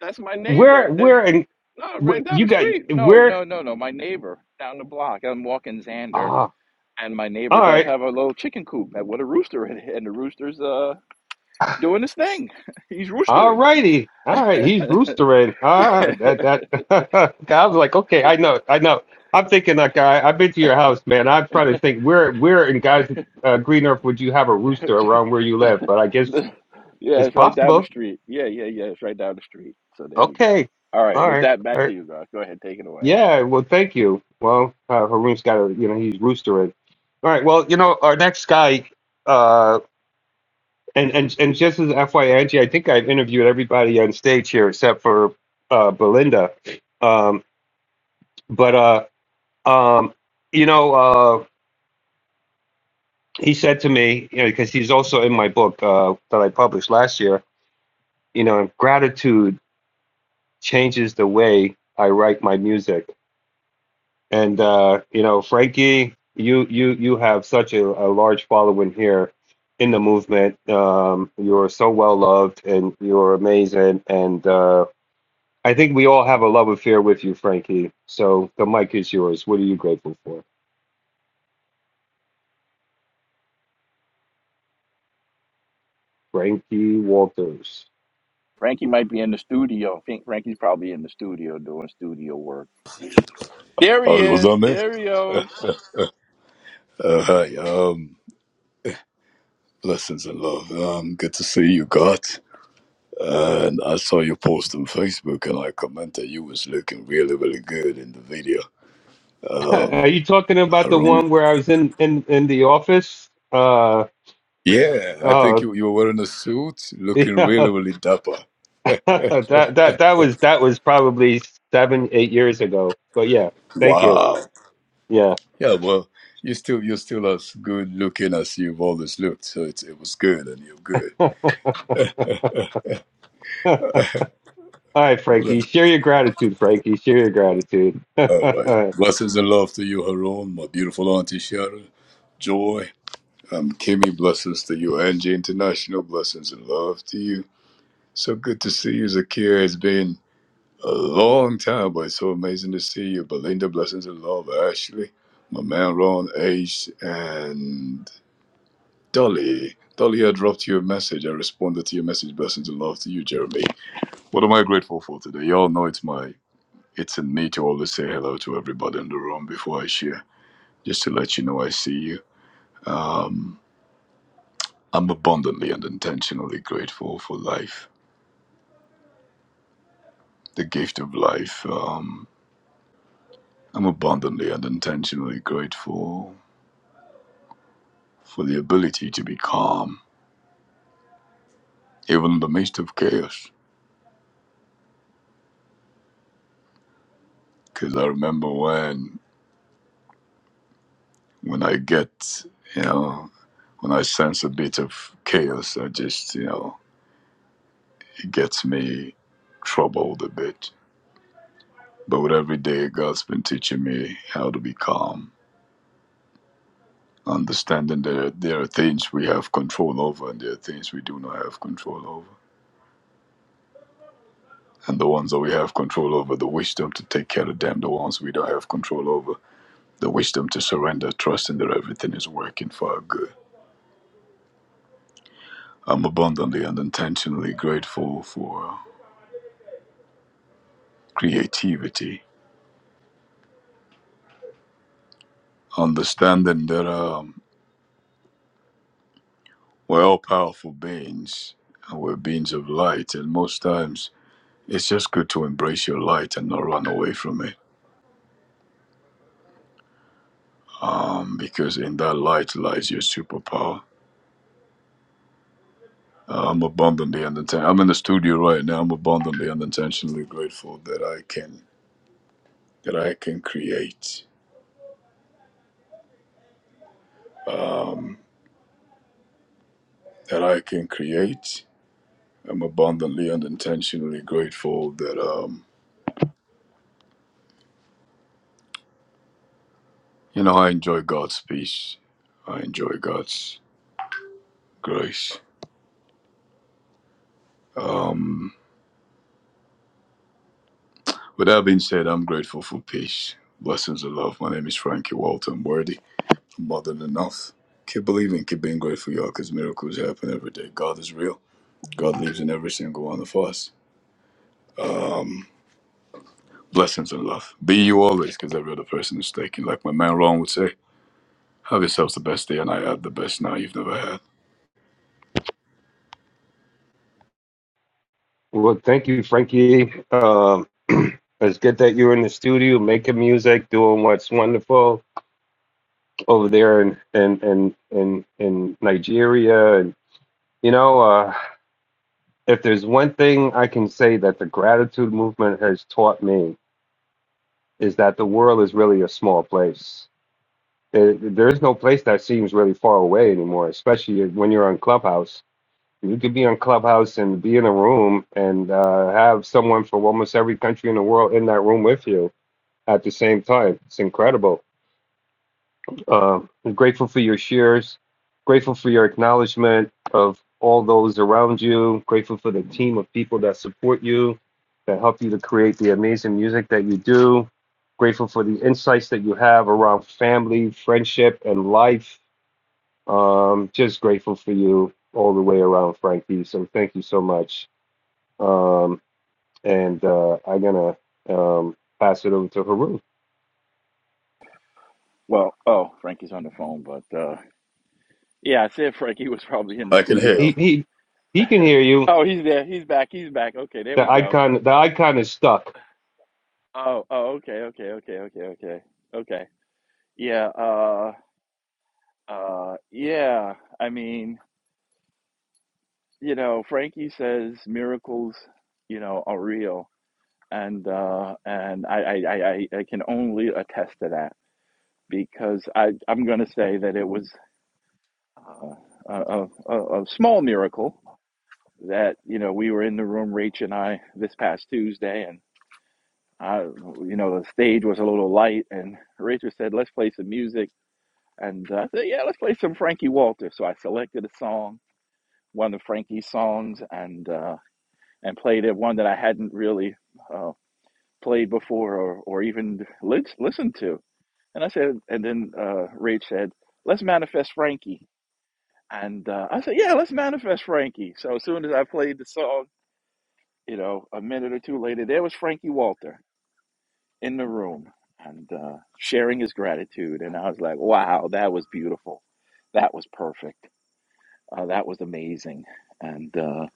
S21: That's my neighbor.
S17: Where,
S21: They
S17: where, and
S21: no
S17: wh-
S21: right down
S17: you
S21: the
S17: got
S21: street. No,
S17: where?
S21: no, no, no. My neighbor down the block. I'm walking Xander,
S17: Ah,
S21: and my
S17: all
S21: neighbor
S17: right.
S21: does have a little chicken coop. What a rooster! And the rooster's uh doing his thing. He's
S17: All
S21: roostering.
S17: righty. All right. He's roostering. Ah, that, that. I was like, okay, I know. I know. I'm thinking that guy. I've been to your house, man. I'm trying to think where, where in guys, uh, Green Earth would you have a rooster
S21: Just-
S17: around where you live? But I guess
S21: the- yeah,
S17: it's
S21: it's right down the
S17: possible.
S21: street. Yeah, yeah, yeah, it's right down the street. So there you go.
S17: Okay.
S21: All right,
S17: All
S21: with
S17: right.
S21: that,
S17: All
S21: back to
S17: right.
S21: you guys. Go ahead, take it away.
S17: Yeah. Well, thank you. Well, uh, Haroon's got a, you know, he's roostering. All right. Well, you know, our next guy. Uh, And and and just as FYI, Angie, I I think I've interviewed everybody on stage here except for uh, Belinda. Um, but uh, um, you know, uh, he said to me, you know, because he's also in my book uh, that I published last year. You know, gratitude changes the way I write my music. And uh, you know, Frankie, you you you have such a, a large following here in the movement. Um, you're so well loved, and you're amazing, and uh, I think we all have a love affair with you, Frankie. So the mic is yours. What are you grateful for? Frankie Walters.
S21: Frankie might be in the studio. I think Frankie's probably in the studio doing studio work. There he
S27: Oh, it was
S21: is.
S27: on there?
S21: There he goes.
S27: Uh, hi, um, blessings and love. Um, good to see you, God. And I saw your post on Facebook and I commented you was looking really, really good in the video.
S17: are you talking about the
S27: Haroon.
S17: one where I was in in in the office? Uh
S27: Yeah, I think
S17: uh
S27: you, you were wearing a suit, looking really,
S17: yeah.
S27: really dapper.
S17: that that that was that was probably 7 8 years ago. But yeah, thank you.
S27: Wow.
S17: Yeah.
S27: Yeah, well, you still, you're still as good looking as you've always looked. So it, it was good and you're good.
S17: all right, Frankie.
S27: Ble-
S17: Share your gratitude, Frankie. Share your gratitude.
S27: All right. Blessings and love to you, Haroon, my beautiful auntie Sharon. Joy. Um, Kimmy, blessings to you. Angie International, blessings and love to you. So good to see you, Zakir. It's been a long time, but it's so amazing to see you. Belinda, blessings and love. Ashley, my man Ron, Ace, and Dolly. Dolly, I dropped you a message. I responded to your message. Blessings and love to you, Jeremy. What am I grateful for today? Y'all know it's my, it's in me to always say hello to everybody in the room before I share, just to let you know I see you. Um, I'm abundantly and intentionally grateful for life, the gift of life. Um, I'm abundantly and intentionally grateful for the ability to be calm, even in the midst of chaos. Because I remember when, when I get, you know, when I sense a bit of chaos, I just, you know, it gets me troubled a bit. But with every day, God's been teaching me how to be calm understanding there there are things we have control over and there are things we do not have control over. And the ones that we have control over, the wisdom to take care of them. The ones we don't have control over, the wisdom to surrender, trusting that everything is working for our good. I'm abundantly and intentionally grateful for creativity, understanding that um, we're all powerful beings and we're beings of light. And most times, it's just good to embrace your light and not run away from it um, because in that light lies your superpower. Uh, I'm abundantly and inten- I'm in the studio right now. I'm abundantly and intentionally grateful that I can that I can create. Um, that I can create. I'm abundantly and intentionally grateful that um, you know I enjoy God's peace. I enjoy God's grace. Um, with that being said, I'm grateful for peace. Blessings of love. My name is Frankie Walton Worthy. more than enough. Keep believing, keep being grateful, y'all, because miracles happen every day. God is real. God lives in every single one of us. Blessings and love. Be you always, because every other person is taken. Like my man Ron would say, have yourselves the best day, and I had the best night you've never had.
S17: Well, thank you, Frankie. Um, it's good that you're in the studio making music, doing what's wonderful over there in in in in, in Nigeria. And you know, uh, if there's one thing I can say that the gratitude movement has taught me is that the world is really a small place. It, there is no place that seems really far away anymore, especially when you're on Clubhouse. You could be on Clubhouse and be in a room and uh, have someone from almost every country in the world in that room with you at the same time. It's incredible. Um, I'm grateful for your shares, grateful for your acknowledgement of all those around you, grateful for the team of people that support you, that help you to create the amazing music that you do, grateful for the insights that you have around family, friendship, and life. Um, just grateful for you all the way around, Frankie. So thank you so much. Um, and uh, I'm going to um, pass it over to Haru.
S21: Well, oh, Frankie's on the phone, but uh yeah, I said Frankie was probably in the
S27: I can hear you.
S17: He,
S21: studio.
S17: he, he can hear you.
S21: Oh, he's there. He's back. He's back. Okay, there
S17: The
S21: we go.
S17: icon, the icon is stuck.
S21: Oh, oh, okay, okay, okay, okay, okay, okay. Yeah, uh, uh, yeah. I mean, you know, Frankie says miracles, you know, are real, and uh, and I, I I I can only attest to that because I I'm going to say that it was uh, a, a a small miracle that you know we were in the room, Rach and I, this past Tuesday, and I you know the stage was a little light, and Rachel said, "Let's play some music," and uh, I said, "Yeah, let's play some Frankie Walter." So I selected a song, one of Frankie's songs, and. uh, and played it one that I hadn't really uh, played before or, or even lis- listened to. And I said, and then uh, Rach said, let's manifest Frankie. And uh, I said, yeah, let's manifest Frankie. So as soon as I played the song, you know, a minute or two later, there was Frankie Walter in the room and uh, sharing his gratitude. And I was like, wow, that was beautiful. That was perfect. Uh, that was amazing. And, uh,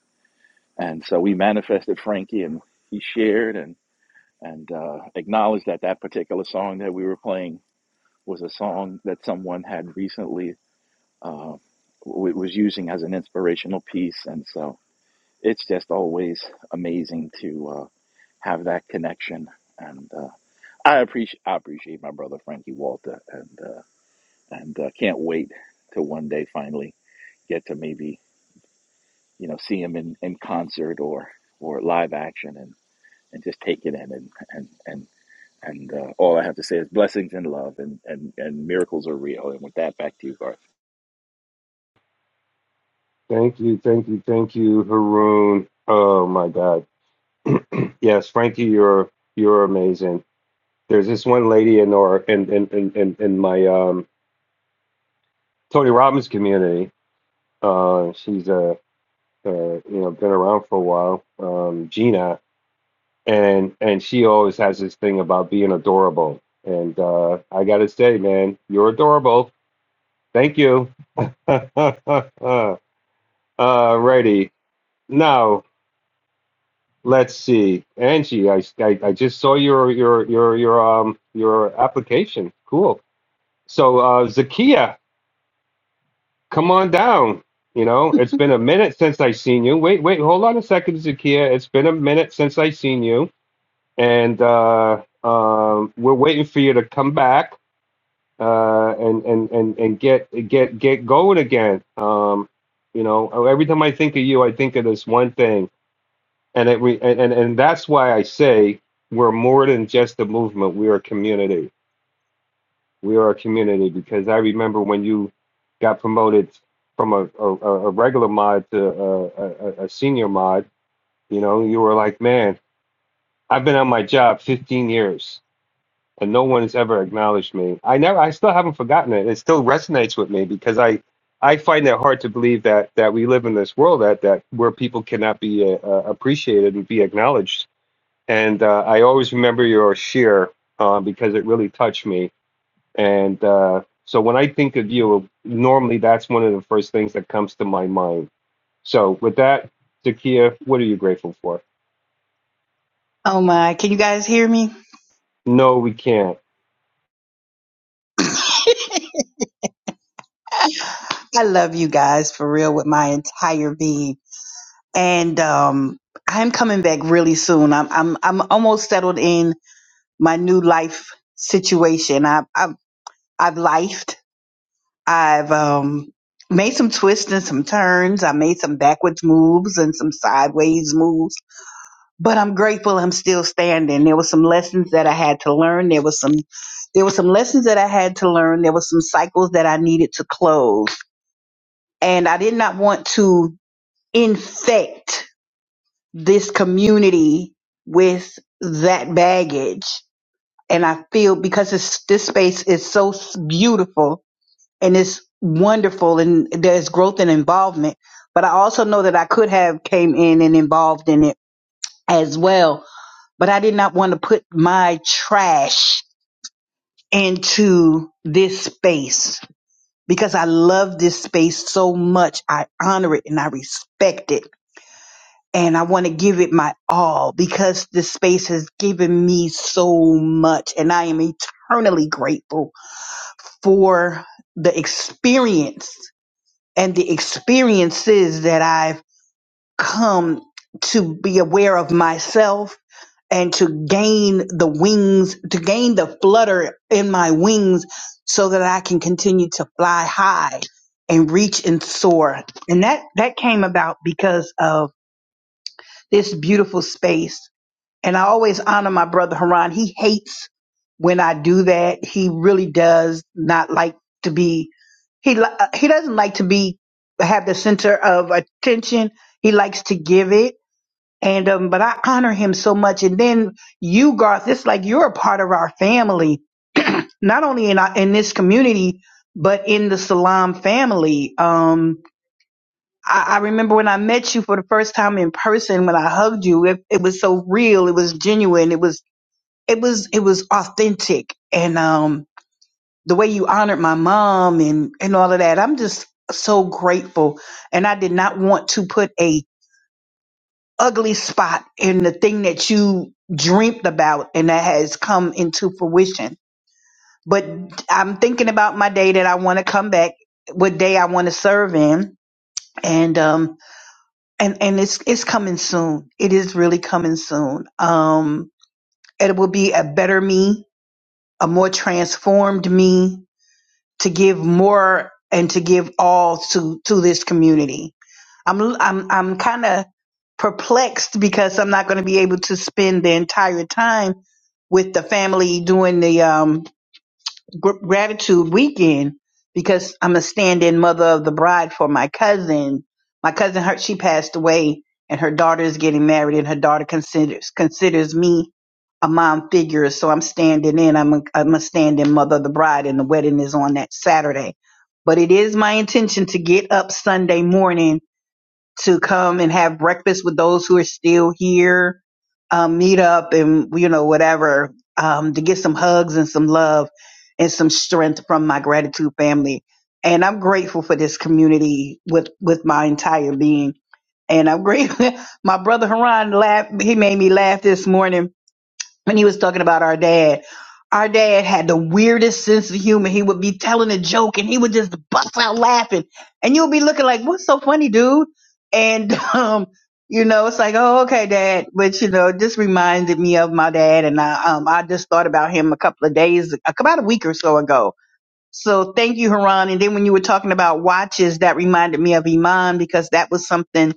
S21: and so we manifested Frankie and he shared. And and uh, acknowledge that that particular song that we were playing was a song that someone had recently uh, w- was using as an inspirational piece, and so it's just always amazing to uh, have that connection. And uh, I appreciate I appreciate my brother Frankie Walter, and uh, and uh, can't wait to one day finally get to maybe you know see him in, in concert or or live action and, and just take it in and and and And uh, all I have to say is blessings and love, and, and, and miracles are real. And with that, back to you, Garth.
S17: Thank you, thank you, thank you, Haroon. Oh my God. Yes, Frankie, you're you're amazing. There's this one lady in our in in in in, in my um, Tony Robbins community. Uh, she's a uh, uh, you know been around for a while, um, Gina, and and she always has this thing about being adorable. And uh, I gotta say, man, you're adorable. Thank you. Alrighty. Now, Let's see, Angie. I, I, I just saw your your your your um your application. Cool. So uh, Zakia, come on down. You know, it's been a minute since I seen you. Wait, wait, hold on a second, Zakia. It's been a minute since I seen you, and uh, um, we're waiting for you to come back uh, and and and and get get get going again. Um, you know, every time I think of you, I think of this one thing and it re, and and and that's why I say we're more than just a movement. We are a community. We are a community because I remember when you got promoted from a a, a regular mod to a, a, a a senior mod. You know, you were like, man, I've been on my job 15 years and no one has ever acknowledged me. I never, I still haven't forgotten it. It still resonates with me because I. I find it hard to believe that that we live in this world that that where people cannot be uh, uh, appreciated and be acknowledged And uh, I always remember your share uh, because it really touched me. And uh, so when I think of you, normally that's one of the first things that comes to my mind. So with that, Zakia, what are you grateful for?
S28: Oh my, can you guys hear me?
S17: No, we can't.
S28: I love you guys for real with my entire being. And um I'm coming back really soon. I'm I'm I'm almost settled in my new life situation. I I've I've lifed. I've um made some twists and some turns. I made some backwards moves and some sideways moves. but I'm grateful I'm still standing. There were some lessons that I had to learn. There was some there were some lessons that I had to learn. There were some cycles that I needed to close. And I did not want to infect this community with that baggage. And I feel because it's, this space is so s- beautiful and it's wonderful and there's growth and involvement. But I also know that I could have came in and involved in it as well but I did not want to put my trash into this space because I love this space so much. I honor it and I respect it. And I want to give it my all because this space has given me so much. And I am eternally grateful for the experience and the experiences that I've come to be aware of myself and to gain the wings, to gain the flutter in my wings so that I can continue to fly high and reach and soar. And that, that came about because of this beautiful space. And I always honor my brother Haran. He hates when I do that. He really does not like to be, he, li- he doesn't like to be, have the center of attention. He likes to give it and um, but I honor him so much. And then you, Garth, it's like you're a part of our family, not only in our, in this community, but in the Salam family. Um, I, I remember when I met you for the first time in person, when I hugged you, it, it was so real, it was genuine, it was it was it was authentic, and um, the way you honored my mom and and all of that, I'm just so grateful. And I did not want to put a ugly spot in the thing that you dreamt about and that has come into fruition. But I'm thinking about my day that I want to come back, what day I want to serve in. And um and and it's it's coming soon. It is really coming soon. Um it will be a better me, a more transformed me to give more and to give all to to this community I'm I'm I'm kind of perplexed because I'm not going to be able to spend the entire time with the family doing the um, gr- gratitude weekend because I'm a stand-in mother of the bride for my cousin. My cousin, her she passed away, and her daughter is getting married, and her daughter considers considers me a mom figure. So I'm standing in. I'm a, I'm a stand-in mother of the bride, and the wedding is on that Saturday. But it is my intention to get up Sunday morning to come and have breakfast with those who are still here, um, meet up and, you know, whatever, um, to get some hugs and some love and some strength from my gratitude family. And I'm grateful for this community with, with my entire being. And I'm grateful. my brother Haran laughed. He made me laugh this morning when he was talking about our dad. Our dad had the weirdest sense of humor. He would be telling a joke and he would just bust out laughing. And you'll be looking like, what's so funny, dude? And, um, you know, it's like, oh, okay, dad. But, you know, it just reminded me of my dad. And I, um, I just thought about him a couple of days, about a week or so ago. So thank you, Haran. And then when you were talking about watches, that reminded me of Iman because that was something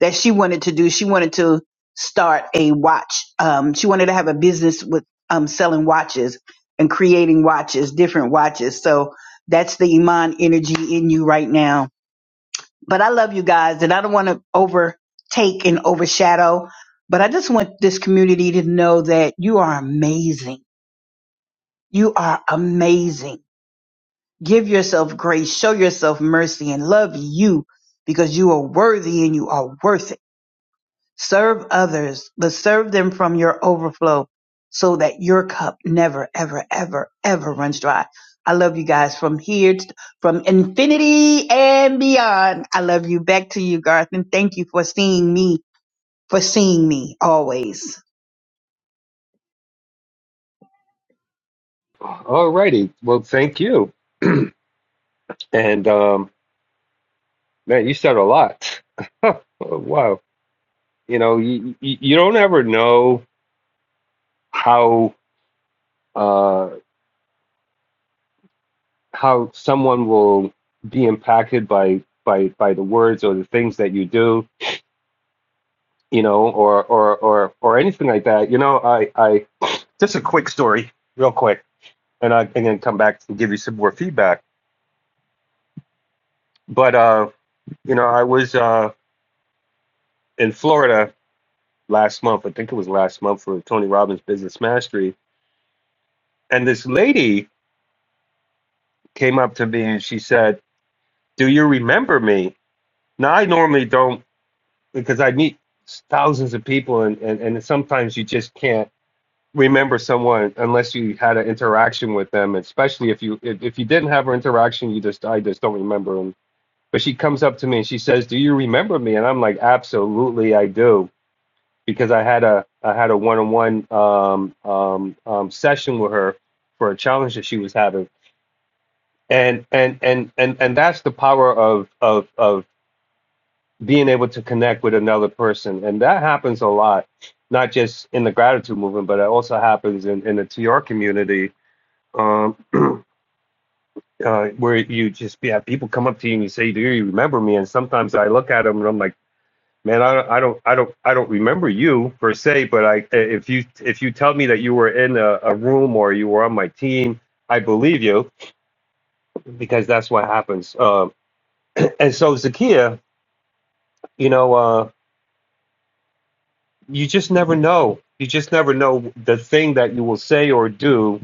S28: that she wanted to do. She wanted to start a watch. Um, she wanted to have a business with um, selling watches and creating watches, different watches. So that's the Iman energy in you right now. But I love you guys, and I don't want to overtake and overshadow. But I just want this community to know that you are amazing. You are amazing. Give yourself grace, show yourself mercy, and love you because you are worthy and you are worth it. Serve others, but serve them from your overflow so that your cup never, ever, ever, ever runs dry. I love you guys from here, to, from infinity and beyond. I love you. Back to you, Garth, and thank you for seeing me, for seeing me always.
S17: Alrighty. Well, thank you. And um, man, you said a lot. Oh, wow. You know, you, you you don't ever know how uh, how someone will be impacted by by by the words or the things that you do you know, or or or or anything like that. You know, I I just a quick story, real quick, and I can then come back and give you some more feedback. But uh, you know, I was uh in Florida last month. I think it was last month for Tony Robbins Business Mastery, and this lady came up to me and she said, "Do you remember me?" Now I normally don't because I meet thousands of people, and and, and sometimes you just can't remember someone unless you had an interaction with them especially if you if, if you didn't have her interaction you just i just don't remember them but she comes up to me and she says do you remember me and i'm like absolutely i do because i had a i had a one-on-one um, um, um, session with her for a challenge that she was having and and and and and that's the power of of of being able to connect with another person and that happens a lot not just in the gratitude movement but it also happens in in the tr community um, uh, where you just yeah, people come up to you and you say, "Do you remember me?" And sometimes I look at them and I'm like, "Man, I don't, I don't, I don't, I don't remember you per se, but I if you if you tell me that you were in a, a room or you were on my team, I believe you because that's what happens." Um, and so Zakia, you know, uh, you just never know. You just never know the thing that you will say or do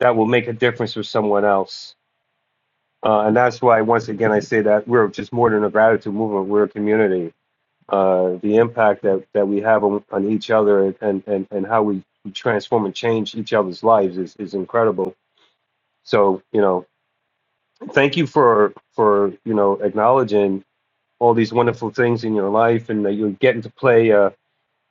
S17: that will make a difference for someone else Uh, and that's why, once again, I say that we're just more than a gratitude movement. We're a community. Uh, the impact that, that we have on, on each other and, and, and how we transform and change each other's lives is, is incredible. So, you know, thank you for, for, you know, acknowledging all these wonderful things in your life and that you're getting to play a,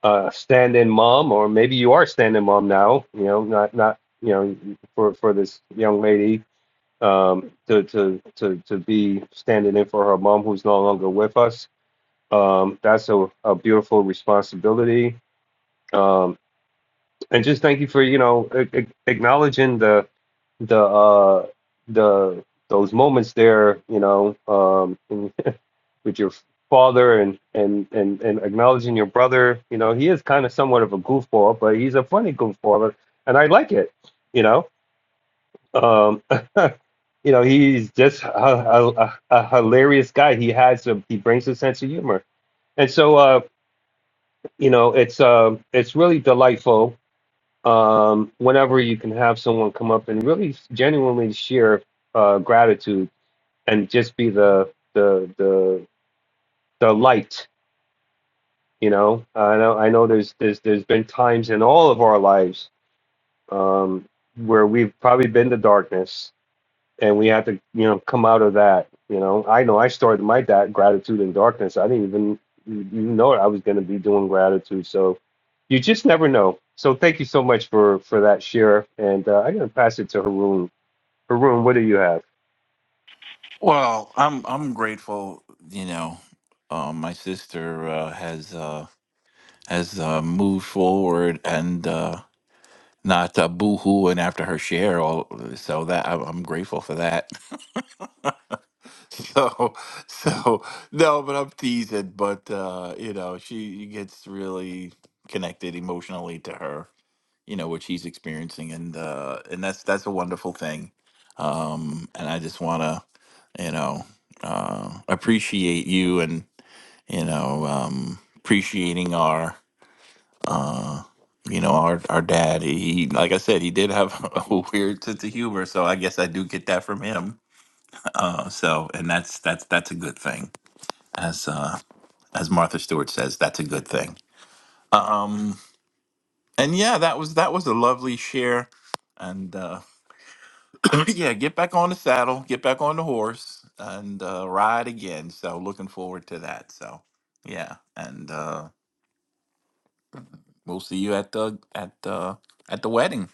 S17: a stand-in mom, or maybe you are stand-in mom now, you know, not, not, you know, for, for this young lady um, to, to to to be standing in for her mom who's no longer with us. Um, that's a, a beautiful responsibility. Um, and just thank you for you know a- a- acknowledging the the uh, the those moments there. You know, um, in- with your father and and and and acknowledging your brother. You know, he is kind of somewhat of a goofball, but he's a funny goofball, and I like it. You know um, you know, he's just a, a, a hilarious guy. He has a, he brings a sense of humor, and so uh, you know, it's uh, it's really delightful um, whenever you can have someone come up and really genuinely share uh, gratitude and just be the the the the light. You know, I know I know there's there's there's been times in all of our lives um, where we've probably been the darkness and we had to you know come out of that you know i know i started my that gratitude in darkness i didn't even even know i was going to be doing gratitude so you just never know so thank you so much for for that share and uh, i'm going to pass it to haroon haroon what do you have
S21: Well, I'm I'm grateful. You know, um, my sister uh, has uh, has uh, moved forward and uh, not uh, boohooing after her share. All so that I'm, I'm grateful for that. So so no, but I'm teasing. But uh, you know, she gets really connected emotionally to her. you know which he's experiencing and uh and that's that's a wonderful thing um and i just want to you know uh appreciate you and you know um appreciating our uh you know our our dad he like i said he did have a weird sense of humor so i guess i do get that from him uh so and that's that's that's a good thing as uh as martha stewart says that's a good thing um and yeah that was that was a lovely share and uh, yeah, get back on the saddle, get back on the horse, and uh, ride again. So looking forward to that. So yeah, and uh, we'll see you at the at the at the wedding.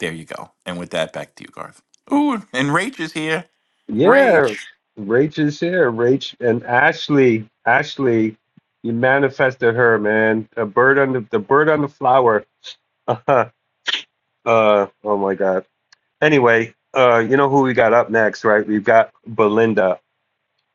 S21: There you go. And with that, back to you, Garth. Ooh, and Rach is here. Rach.
S17: yeah rach is here rach and ashley ashley you manifested her man a bird on the, the bird on the flower uh, oh my god anyway, uh, you know who we got up next, right? We've got Belinda.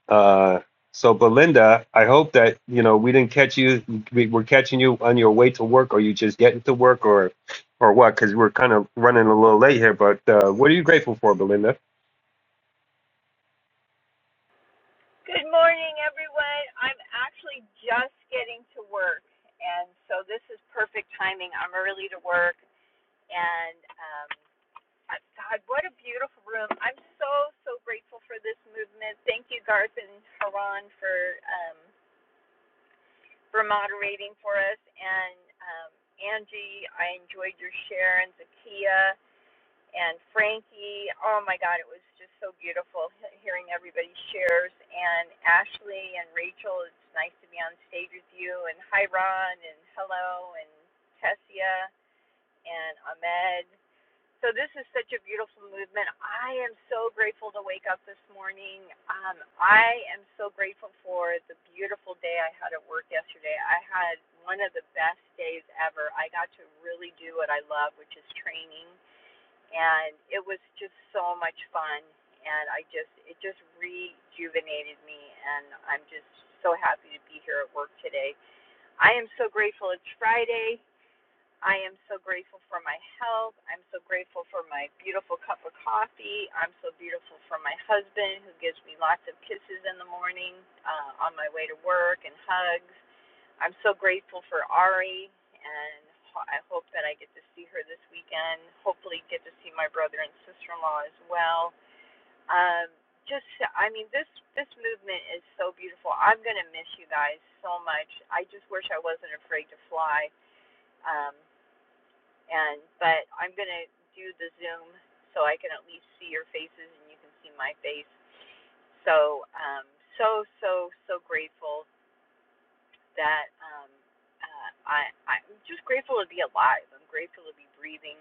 S17: Uh, so Belinda, I hope that you know we didn't catch you. We, we're catching you on your way to work, or you just getting to work, or or what? Because we're kind of running a little late here. But uh, what are you grateful for, Belinda?
S29: Good morning, everyone. I'm actually just getting to work, and so this is perfect timing. I'm early to work, and um, God, what a beautiful room. I'm so, so grateful for this movement. Thank you, Garth and Haran, for, um, for moderating for us, and um, Angie, I enjoyed your share, and Zakia and Frankie. Oh my God, it was just so beautiful hearing everybody's shares. And Ashley and Rachel, it's nice to be on stage with you. And hi, Ron, and hello, and Tessia, and Ahmed. So this is such a beautiful movement. I am so grateful to wake up this morning. Um, I am so grateful for the beautiful day I had at work yesterday. I had one of the best days ever. I got to really do what I love, which is training and it was just so much fun and I just it just rejuvenated me and I'm just so happy to be here at work today. I am so grateful it's Friday. I am so grateful for my health. I'm so grateful for my beautiful cup of coffee. I'm so beautiful for my husband who gives me lots of kisses in the morning uh, on my way to work and hugs. I'm so grateful for Ari, and I hope that I get to see her this weekend. Hopefully, get to see my brother and sister-in-law as well. Um, just, I mean, this this movement is so beautiful. I'm gonna miss you guys so much. I just wish I wasn't afraid to fly. Um, and but I'm gonna do the Zoom so I can at least see your faces and you can see my face. So, um, so so so grateful that um, uh, I, I'm just grateful to be alive. I'm grateful to be breathing.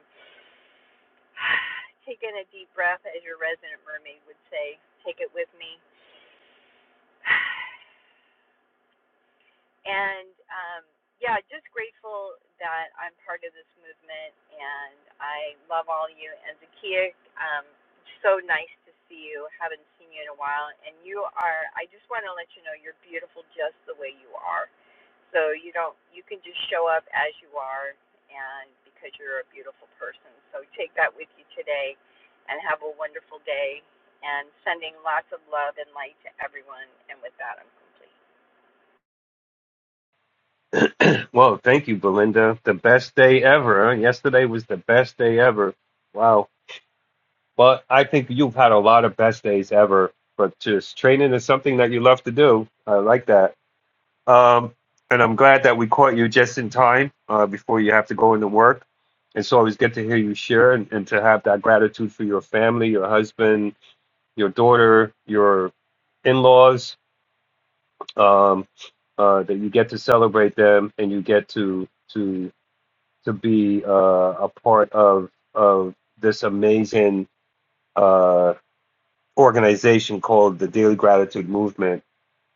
S29: take in a deep breath, as your resident mermaid would say. Take it with me. And um, yeah, just grateful that I'm part of this movement, and I love all of you. And Zakia, um, so nice to see you. Haven't seen you in a while, and you are. I just want to let you know you're beautiful just the way you are. So you don't. You can just show up as you are, and because you're a beautiful person. So take that with you today, and have a wonderful day. And sending lots of love and light to everyone. And with that, I'm complete.
S17: well, thank you, Belinda. The best day ever. huh? Yesterday was the best day ever. Wow. But I think you've had a lot of best days ever. But just training is something that you love to do. I like that. Um, and I'm glad that we caught you just in time uh, before you have to go into work. It's always good to hear you share and, and to have that gratitude for your family, your husband, your daughter, your in laws, um, uh, that you get to celebrate them and you get to to to be uh, a part of of this amazing uh, organization called the Daily Gratitude Movement,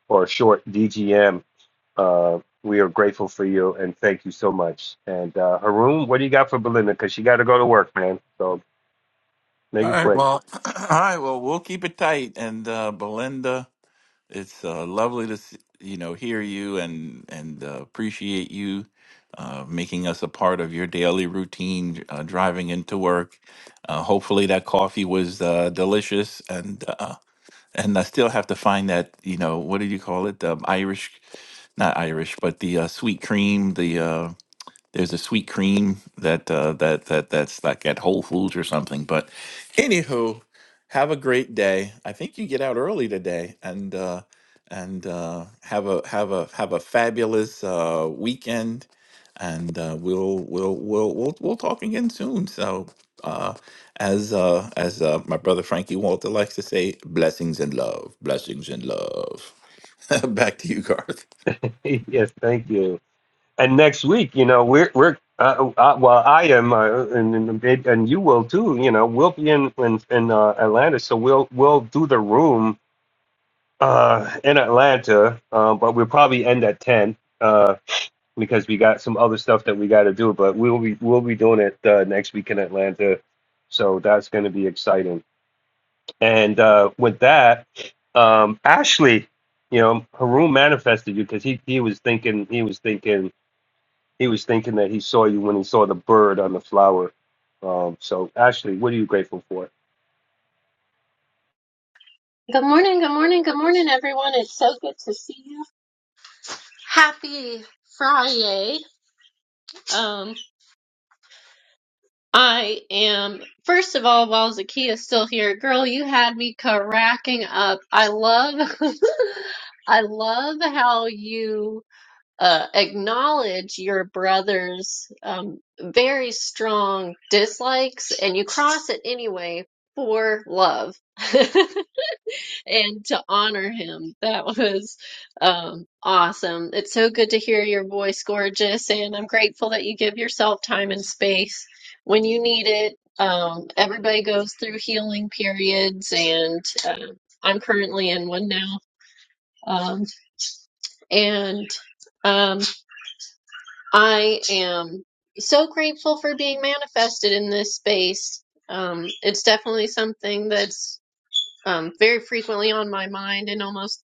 S17: or short DGM Uh, we are grateful for you and thank you so much. And uh, Haroon, what do you got for Belinda? Because she got to go to work, man. So make
S21: All
S17: it
S21: right.
S17: quick.
S21: Well, all right. Well, we'll keep it tight. And uh, Belinda. It's uh, lovely to s- you know hear you and and uh, appreciate you uh, making us a part of your daily routine uh, driving into work. Uh, hopefully that coffee was uh, delicious and uh, and I still have to find that you know what do you call it the Irish not Irish but the uh, sweet cream the uh, there's a sweet cream that uh, that that that's like at Whole Foods or something. But anywho, have a great day. I think you get out early today, and uh, and uh, have a have a have a fabulous uh, weekend. And uh, we'll we'll we'll we'll we'll talk again soon. So, uh, as uh, as uh, my brother Frankie Walter likes to say, blessings and love, blessings and love. Back to you, Garth.
S17: yes, thank you. And next week, you know, we're we're uh, uh, well, I am, uh, and and it- and you will too. You know, we'll be in in, in uh, Atlanta, so we'll we'll do the room uh, in Atlanta, uh, but we'll probably end at ten. Uh, because we got some other stuff that we got to do, but we'll be we'll be doing it uh, next week in Atlanta, so that's going to be exciting. And uh, with that, um, Ashley, you know, Haroon manifested you because he he was thinking he was thinking he was thinking that he saw you when he saw the bird on the flower. Um, so Ashley, what are you grateful for?
S30: Good morning, good morning, good morning, everyone. It's so good to see you. Happy Friday. Um, I am, first of all, while Zakia's still here, girl, you had me cracking up. I love, I love how you uh, acknowledge your brother's um, very strong dislikes and you cross it anyway for love. and to honor him. That was um, awesome. It's so good to hear your voice, gorgeous, and I'm grateful that you give yourself time and space when you need it. Um, everybody goes through healing periods, and uh, I'm currently in one now. Um, and um, I am so grateful for being manifested in this space. Um, it's definitely something that's um, very frequently on my mind and almost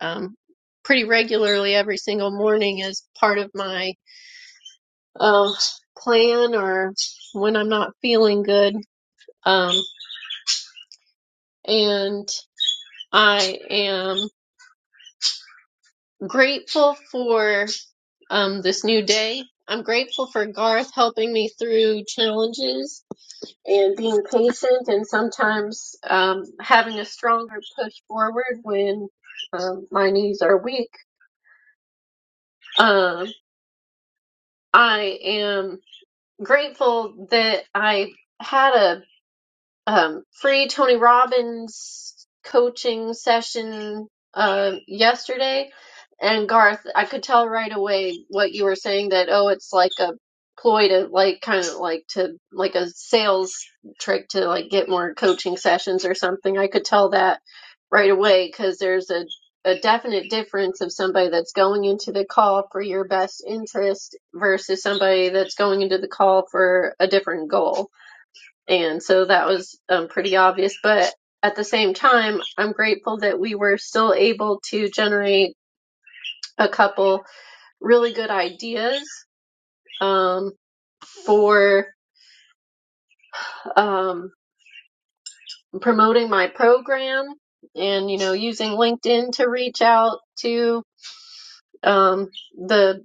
S30: um, pretty regularly every single morning as part of my um, plan or when I'm not feeling good. Um, and I am grateful for um, this new day. I'm grateful for Garth helping me through challenges and being patient and sometimes um, having a stronger push forward when um, my knees are weak. Um, I am grateful that I had a um, free Tony Robbins coaching session uh, yesterday, and Garth, I could tell right away what you were saying that oh, it's like a ploy to like kind of like to like a sales trick to like get more coaching sessions or something. I could tell that right away because there's a a definite difference of somebody that's going into the call for your best interest versus somebody that's going into the call for a different goal and so that was um, pretty obvious. But at the same time, I'm grateful that we were still able to generate a couple really good ideas um, for um, promoting my program and, you know, using LinkedIn to reach out to um, the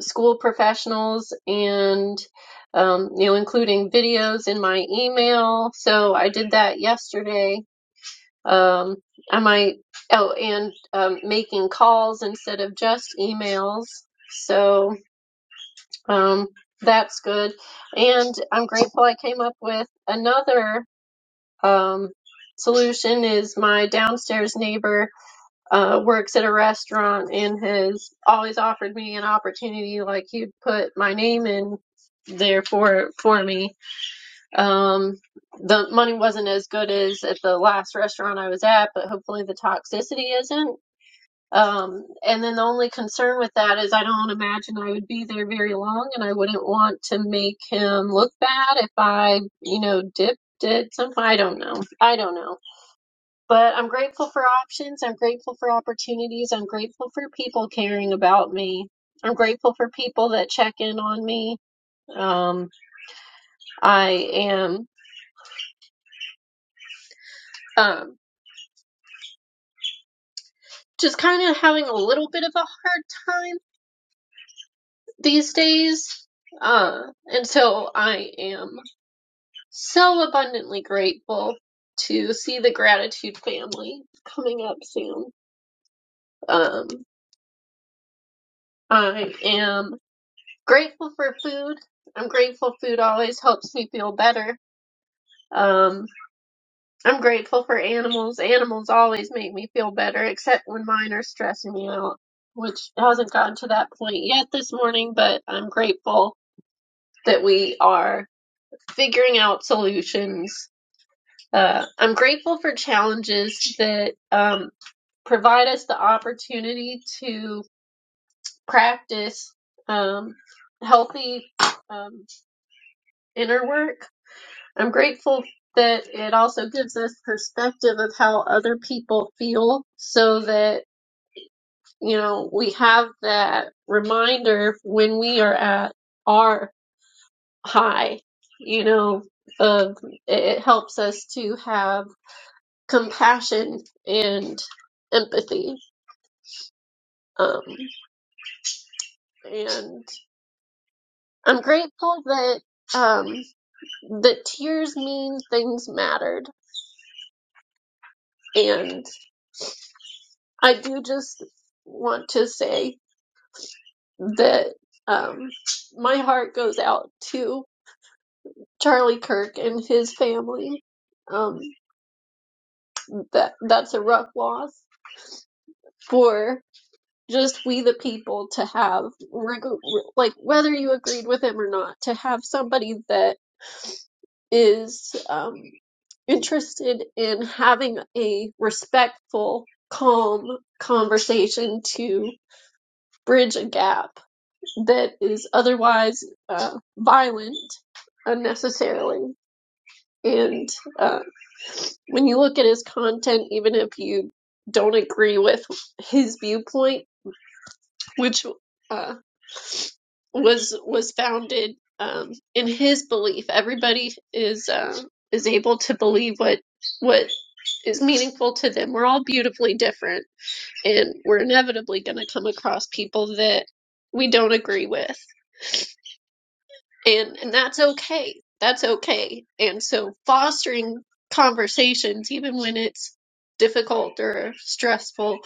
S30: school professionals and, um, you know, including videos in my email. So I did that yesterday Um, I might, oh, and um, making calls instead of just emails. So um, that's good. And I'm grateful I came up with another um, solution is my downstairs neighbor uh, works at a restaurant and has always offered me an opportunity like you'd put my name in there for for me um, the money wasn't as good as at the last restaurant I was at, but hopefully the toxicity isn't. Um, and then the only concern with that is I don't imagine I would be there very long, and I wouldn't want to make him look bad if I, you know, dipped did something. I don't know. I don't know. But I'm grateful for options. I'm grateful for opportunities. I'm grateful for people caring about me. I'm grateful for people that check in on me. Um, I am. Um. just kind of having a little bit of a hard time these days. Uh, and so I am so abundantly grateful to see the gratitude family coming up soon. Um, I am grateful for food. I'm grateful food always helps me feel better. Um, I'm grateful for animals. Animals always make me feel better, except when mine are stressing me out, which hasn't gotten to that point yet this morning, but I'm grateful that we are figuring out solutions. Uh, I'm grateful for challenges that um, provide us the opportunity to practice um, healthy um, inner work. I'm grateful that it also gives us perspective of how other people feel so that, you know, we have that reminder when we are at our high. You know, uh, it helps us to have compassion and empathy. Um, and I'm grateful that um, the tears mean things mattered. And I do just want to say that um, my heart goes out to Charlie Kirk and his family. Um, that that's a rough loss for. just we the people to have like whether you agreed with him or not to have somebody that is um, interested in having a respectful calm conversation to bridge a gap that is otherwise uh, violent unnecessarily and uh, when you look at his content even if you don't agree with his viewpoint which uh, was was founded um, in his belief. Everybody is uh, is able to believe what what is meaningful to them. We're all beautifully different, and we're inevitably going to come across people that we don't agree with and and that's okay that's okay and so fostering conversations even when it's difficult or stressful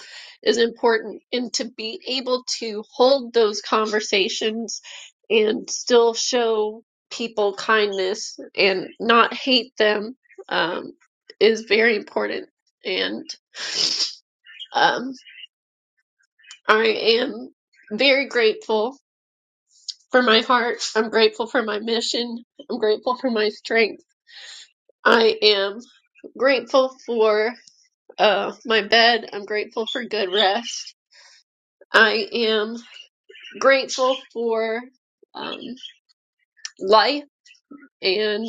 S30: is important and to be able to hold those conversations and still show people kindness and not hate them um, is very important and um, i am very grateful for my heart i'm grateful for my mission I'm grateful for my strength I am grateful for uh, my bed. I'm grateful for good rest. I am grateful for um, life, and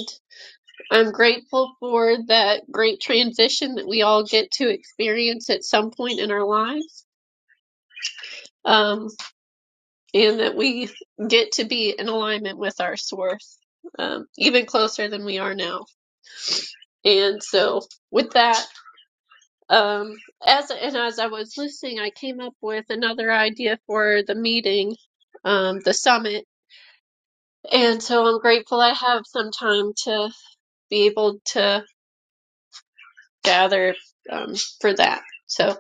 S30: I'm grateful for that great transition that we all get to experience at some point in our lives, um, and that we get to be in alignment with our source, um, even closer than we are now. And so, with that, Um, as and as I was listening, I came up with another idea for the meeting, um, the summit. And so I'm grateful I have some time to be able to gather um, for that. So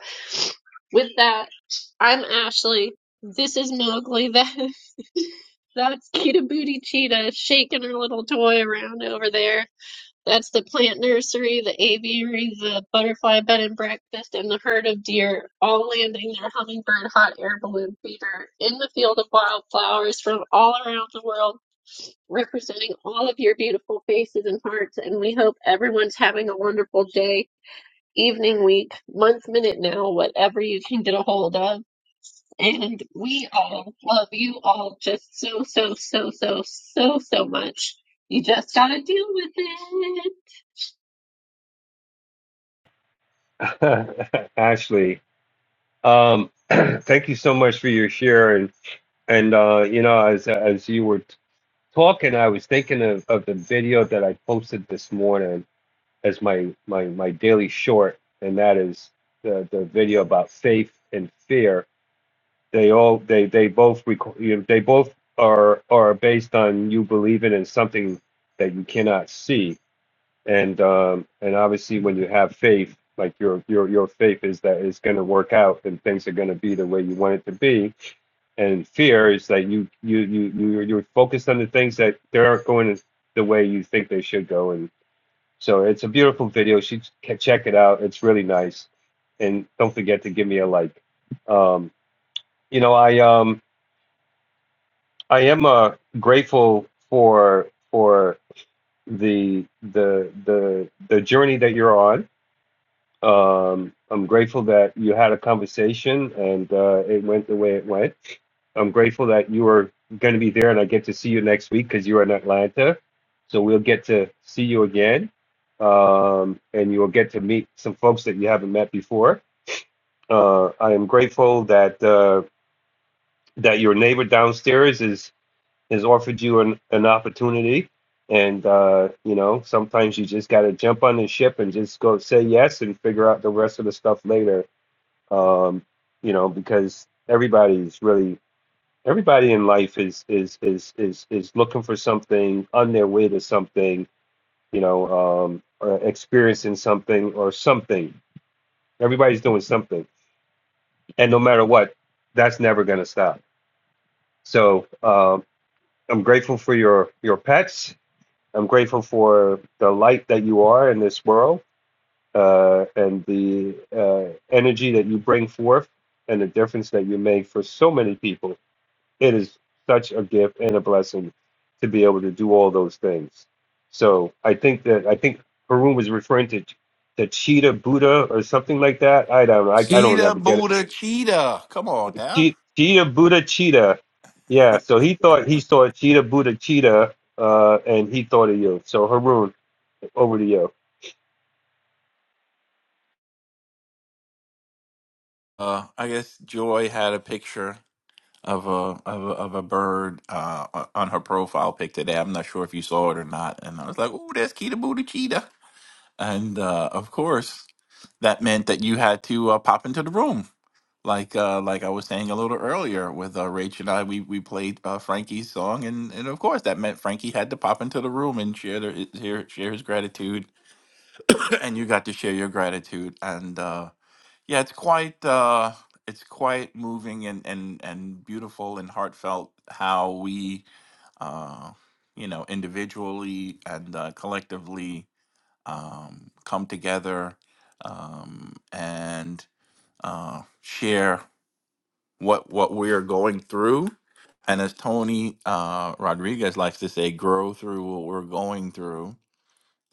S30: with that, I'm Ashley. This is Mowgli. That that's Cheetah Booty Cheetah shaking her little toy around over there. That's the plant nursery, the aviary, the butterfly bed and breakfast, and the herd of deer, all landing their hummingbird hot air balloon feeder in the field of wildflowers from all around the world, representing all of your beautiful faces and hearts. And we hope everyone's having a wonderful day, evening, week, month, minute now, whatever you can get a hold of. And we all love you all just so, so, so, so, so, so much. You just gotta deal with it.
S17: Ashley, um, thank you so much for your share and and uh, you know as as you were talking, I was thinking of, of the video that I posted this morning as my my my daily short, and that is the the video about faith and fear. They all they they both reco- you know, they both are are based on you believing in something that you cannot see, and um, and obviously when you have faith, like your your your faith is that it's going to work out and things are going to be the way you want it to be, and fear is that you you you you you're focused on the things that they aren't going the way you think they should go, And so it's a beautiful video. You should check it out. It's really nice. And don't forget to give me a like. Um, you know, I um I am uh, grateful for for the the the the journey that you're on Um, I'm grateful that you had a conversation and uh, it went the way it went. I'm grateful that you are going to be there and I get to see you next week because you're in Atlanta. So we'll get to see you again. Um, and you'll get to meet some folks that you haven't met before. Uh, I am grateful that uh, that your neighbor downstairs is has offered you an, an opportunity. And uh, you know, sometimes you just got to jump on the ship and just go say yes and figure out the rest of the stuff later um, you know, because everybody's really everybody in life is is is is is looking for something on their way to something, you know, um, or experiencing something or something. Everybody's doing something, and no matter what, that's never going to stop. So um, I'm grateful for your your pets. I'm grateful for the light that you are in this world uh, and the uh, energy that you bring forth and the difference that you make for so many people it is such a gift and a blessing to be able to do all those things. So I think that I think Harun was referring to the cheetah Buddha or something like that. I don't know. I, I don't
S21: Cheetah,
S17: ever get it.
S21: Buddha, cheetah. Come on now.
S17: Che- Cheetah Buddha cheetah. Yeah. So he thought he saw cheetah Buddha cheetah, uh, and he thought of you. So Harun, over to you.
S21: Uh, I guess Joy had a picture of a of a, of a bird uh, o- on her profile pic today. I'm not sure if you saw it or not. And I was like, "Oh, that's Kita Booty Cheetah." And uh, of course, that meant that you had to uh, pop into the room, like uh, like I was saying a little earlier with uh, Rach and I. We we played uh, Frankie's song, and and of course that meant Frankie had to pop into the room and share their, share share his gratitude, and you got to share your gratitude and. Uh, yeah, it's quite uh it's quite moving and and and beautiful and heartfelt how we uh you know individually and uh, collectively um come together um and uh share what what we're going through and as Tony uh Rodriguez likes to say grow through what we're going through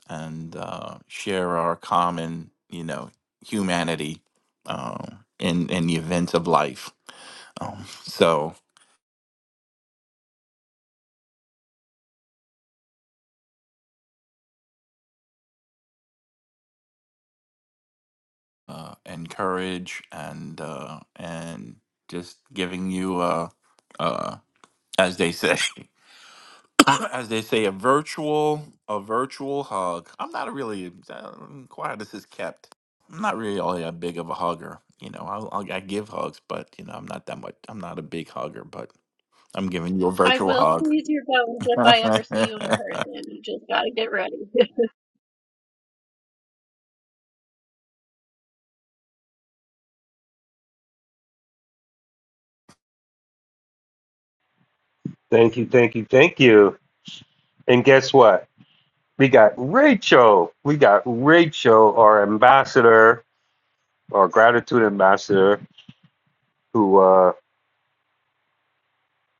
S21: and uh, share our common, you know, humanity um, in in the events of life. Um, so, uh, and courage, and uh, and just giving you, uh, uh, as they say, as they say, a virtual a virtual hug. I'm not really I'm quiet as is kept. I'm not really a big of a hugger. You know, I'll, I'll, I give hugs, but you know, I'm not that much. I'm not a big hugger, but I'm giving you a
S30: I
S21: virtual
S30: will
S21: hug.
S30: squeeze your bones if
S21: I'm
S30: I ever see you in person. You just gotta get ready.
S17: Thank you. Thank you. Thank you. And guess what? We got Rachel. We got Rachel, our ambassador, our gratitude ambassador, who uh,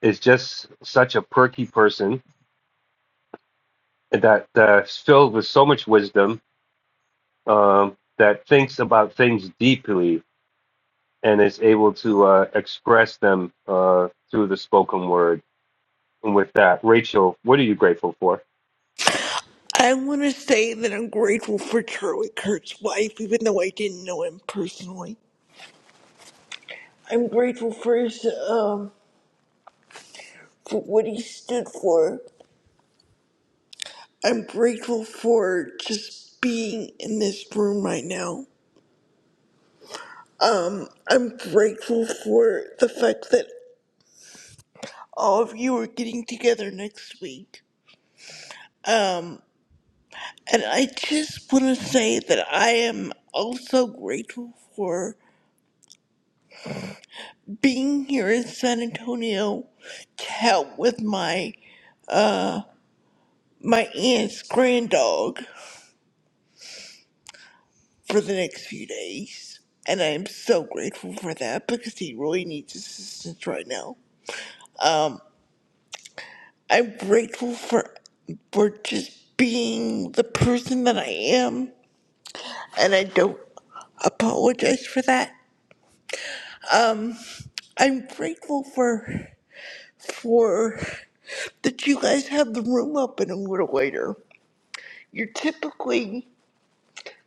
S17: is just such a perky person that that's filled with so much wisdom um, that thinks about things deeply and is able to uh, express them uh, through the spoken word. And with that, Rachel, what are you grateful for?
S31: I want to say that I'm grateful for Charlie Kirk's wife, even though I didn't know him personally. I'm grateful for his, um, for what he stood for. I'm grateful for just being in this room right now. I'm grateful for the fact that all of you are getting together next week. And I just want to say that I am also grateful for being here in San Antonio to help with my my aunt's grand dog for the next few days. And I'm so grateful for that because he really needs assistance right now. I'm grateful for for just being the person that I am and I don't apologize for that. I'm grateful for for that you guys have the room open a little later. You're typically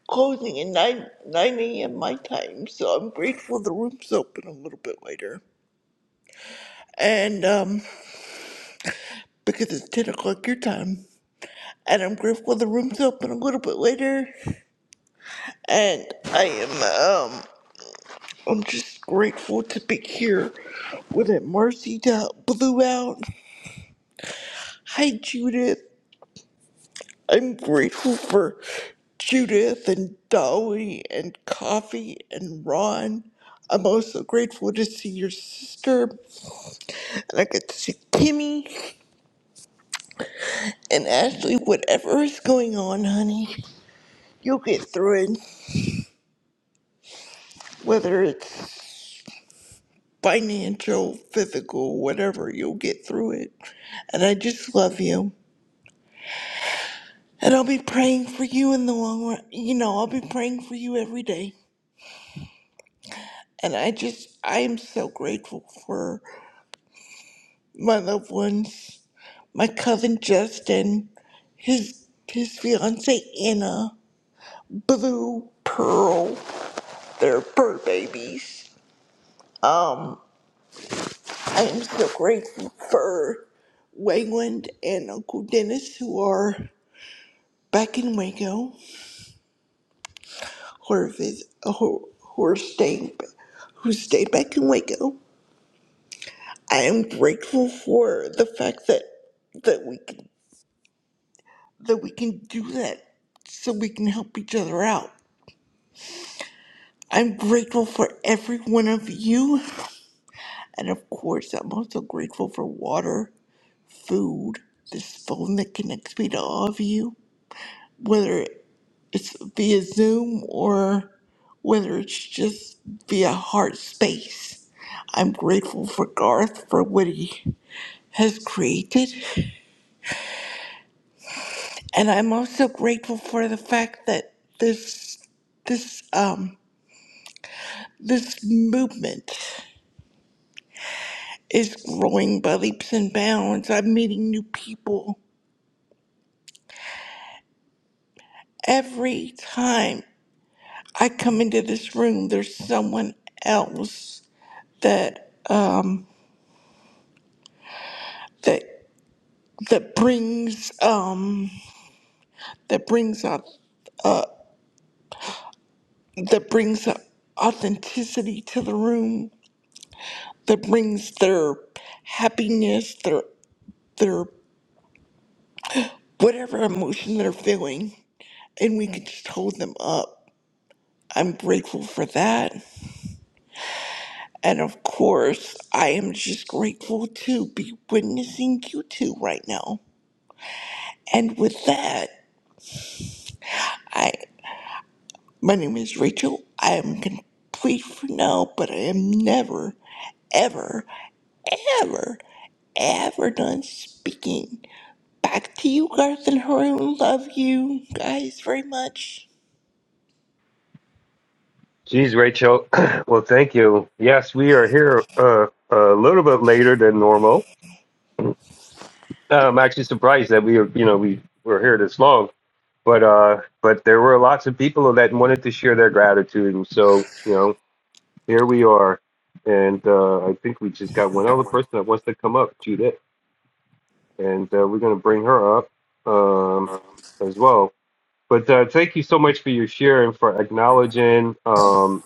S31: closing at nine nine AM my time, so I'm grateful the room's open a little bit later. and um, because it's 10 o'clock your time. And I'm grateful the room's open a little bit later. And I am, um, I'm just grateful to be here with it. Marcy that blew out. Hi, Judith. I'm grateful for Judith and Dolly and Coffee and Ron. I'm also grateful to see your sister. And I get to see Timmy and Ashley. Whatever is going on, honey, you'll get through it. whether it's financial, physical, whatever, you'll get through it. And I just love you. And I'll be praying for you in the long run. You know, I'll be praying for you every day. And I just, I am so grateful for my loved ones, my cousin Justin, his his fiance Anna, Blue, Pearl, their fur babies. Um, I am so grateful for Wayland and Uncle Dennis, who are back in Waco, or vis- who who are staying, who stayed back in Waco. I am grateful for the fact that that we can, that we can do that, so we can help each other out. I'm grateful for every one of you, and of course, I'm also grateful for water, food, this phone that connects me to all of you. Whether it's via Zoom or whether it's just via heart space. I'm grateful for Garth for what he has created, and I'm also grateful for the fact that this this um this movement is growing by leaps and bounds. I'm meeting new people every time I come into this room. There's someone else that that that brings um that brings up that brings authenticity to the room that brings their happiness their their whatever emotion they're feeling and we can just hold them up i'm grateful for that and of course i am just grateful to be witnessing you two right now and with that My name is Rachel. I am complete for now, but I am never, ever, ever, ever done speaking. Back to you, Garth and Haroon. Love you guys very much.
S17: Geez, Rachel. well, thank you. Yes, we are here uh, a little bit later than normal. Uh, I'm actually surprised that we, are, you know, we were here this long. But uh, but there were lots of people that wanted to share their gratitude, and so you know Here we are, and uh, I think we just got one other person that wants to come up, Judith, and uh, we're going to bring her up um, as well. But uh, thank you so much for your share and for acknowledging, um,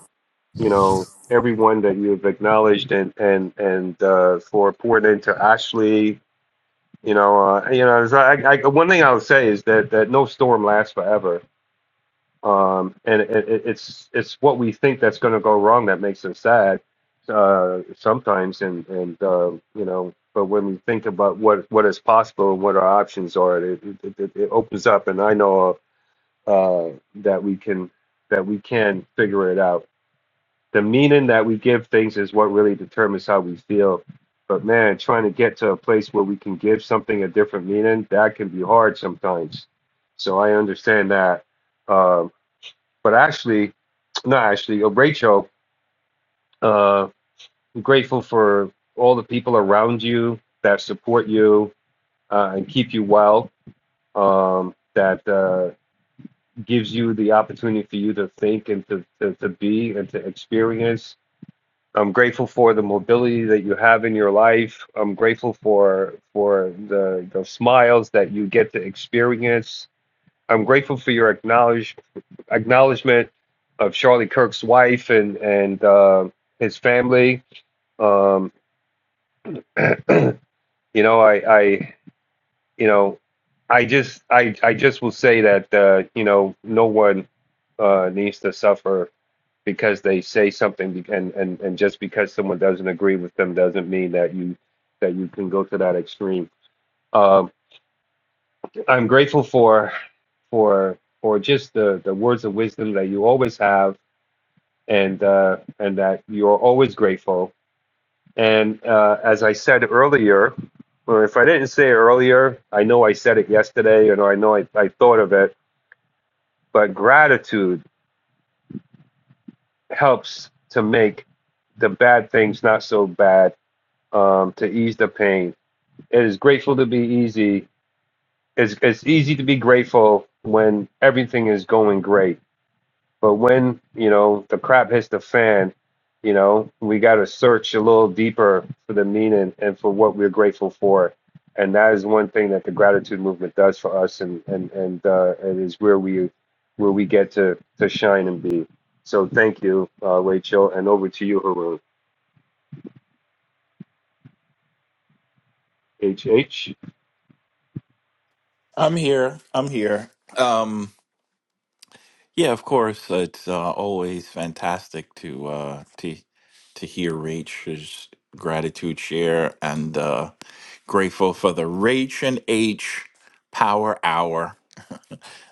S17: you know, everyone that you have acknowledged, and and and uh, for pouring into Ashley. You know, uh, you know, it's like- I, I, one thing I'll say is that that no storm lasts forever um, and it, it, it's it's what we think that's going to go wrong that makes us sad uh, sometimes, and and uh, you know, but when we think about what what is possible and what our options are, it it, it, it opens up, and I know uh, that we can that we can figure it out. The meaning that we give things is what really determines how we feel. But man, trying to get to a place where we can give something a different meaning, that can be hard sometimes. So I understand that um, but actually, not actually, oh, Rachel, uh, I'm grateful for all the people around you that support you uh, and keep you well, um, that uh, gives you the opportunity for you to think and to, to, to be and to experience. I'm grateful for the mobility that you have in your life. I'm grateful for for the, the smiles that you get to experience. I'm grateful for your acknowledge. acknowledgement of Charlie Kirk's wife and and uh, his family. Um, you know, I, I you know, I just I I just will say that uh, you know no one uh, needs to suffer because they say something and, and and just because someone doesn't agree with them doesn't mean that you that you can go to that extreme. Um, I'm grateful for for for just the the words of wisdom that you always have and uh, and that you're always grateful. And uh, as I said earlier, or if I didn't say it earlier, I know I said it yesterday, and I know I, I thought of it. But gratitude helps to make the bad things not so bad, um, to ease the pain. It is grateful to be easy. It's, it's easy to be grateful when everything is going great But when, you know, the crap hits the fan, you know, we got to search a little deeper for the meaning and for what we're grateful for. And that is one thing that the gratitude movement does for us. And, and, and, uh, it is where we, where we get to, to shine and be. So thank you, uh, Rachel. And over to you, Haroon. H. H.
S21: here. I'm here. Um, yeah, of course. It's uh, always fantastic to uh, to to hear Rach's gratitude share, and uh, grateful for the Rach and H Power Hour.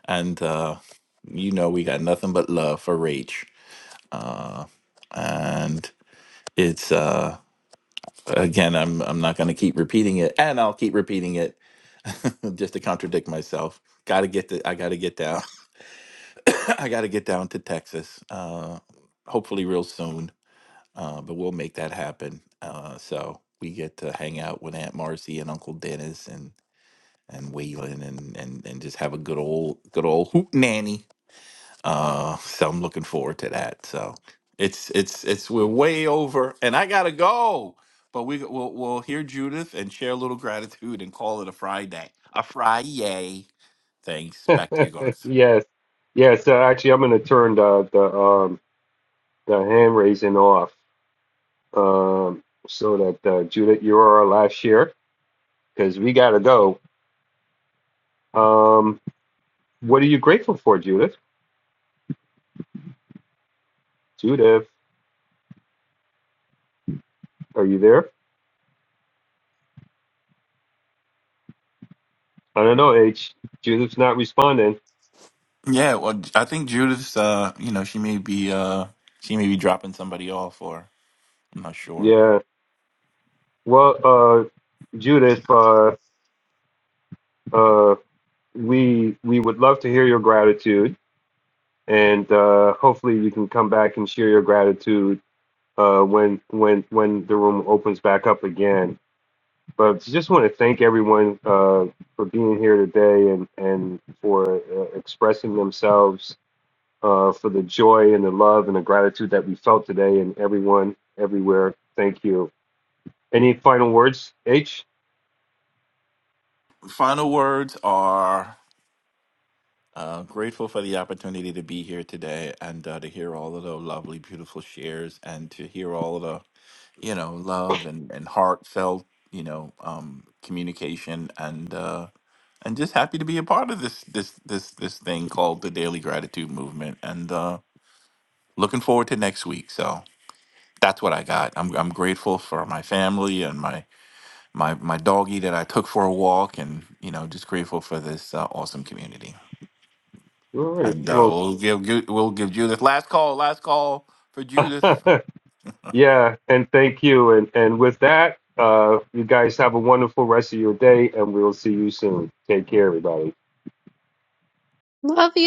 S21: And uh, you know, we got nothing but love for Rach. And it's uh, again, I'm I'm not going to keep repeating it, and I'll keep repeating it just to contradict myself. Got to get the I got to get down. I got to get down to Texas. Uh, hopefully real soon. Uh, but we'll make that happen. Uh, so we get to hang out with Aunt Marcy and Uncle Dennis and and Waylon and and and just have a good old good old hoot nanny. Uh, so I'm looking forward to that. So it's it's it's we're way over, and I gotta go. But we we'll, we'll hear Judith and share a little gratitude and call it a Friday. A Friday. Thanks. Back to you guys.
S17: yes. Yes. So actually, I'm going to turn the, the, um, the hand raising off. Um, so that uh, Judith, you are our last year. because we gotta go. Um, what are you grateful for, Judith? Judith, are you there? I don't know, H. Judith's not responding.
S21: Yeah.
S17: Yeah. Well, uh, Judith, uh, uh, we we would love to hear your gratitude, and uh, hopefully you can come back and share your gratitude uh, when when when the room opens back up again. But just want to thank everyone uh, for being here today and and for uh, expressing themselves uh, for the joy and the love and the gratitude that we felt today and everyone everywhere. Thank you. Any final words, H?
S21: Final words are. Uh, grateful for the opportunity to be here today and uh, to hear all of the lovely, beautiful shares and to hear all of the, you know, love and, and heartfelt, you know, um, communication and uh, and just happy to be a part of this this this this thing called the Daily Gratitude Movement and uh, looking forward to next week. So that's what I got. I'm I'm grateful for my family and my my my doggy that I took for a walk and you know just grateful for this uh, awesome community.
S17: All right.
S21: And uh,
S17: Well,
S21: we'll give we'll give Judith last call, last call for Judith.
S17: yeah, and thank you. And and with that, uh, you guys have a wonderful rest of your day, and we'll see you soon. Take care, everybody.
S30: Love you.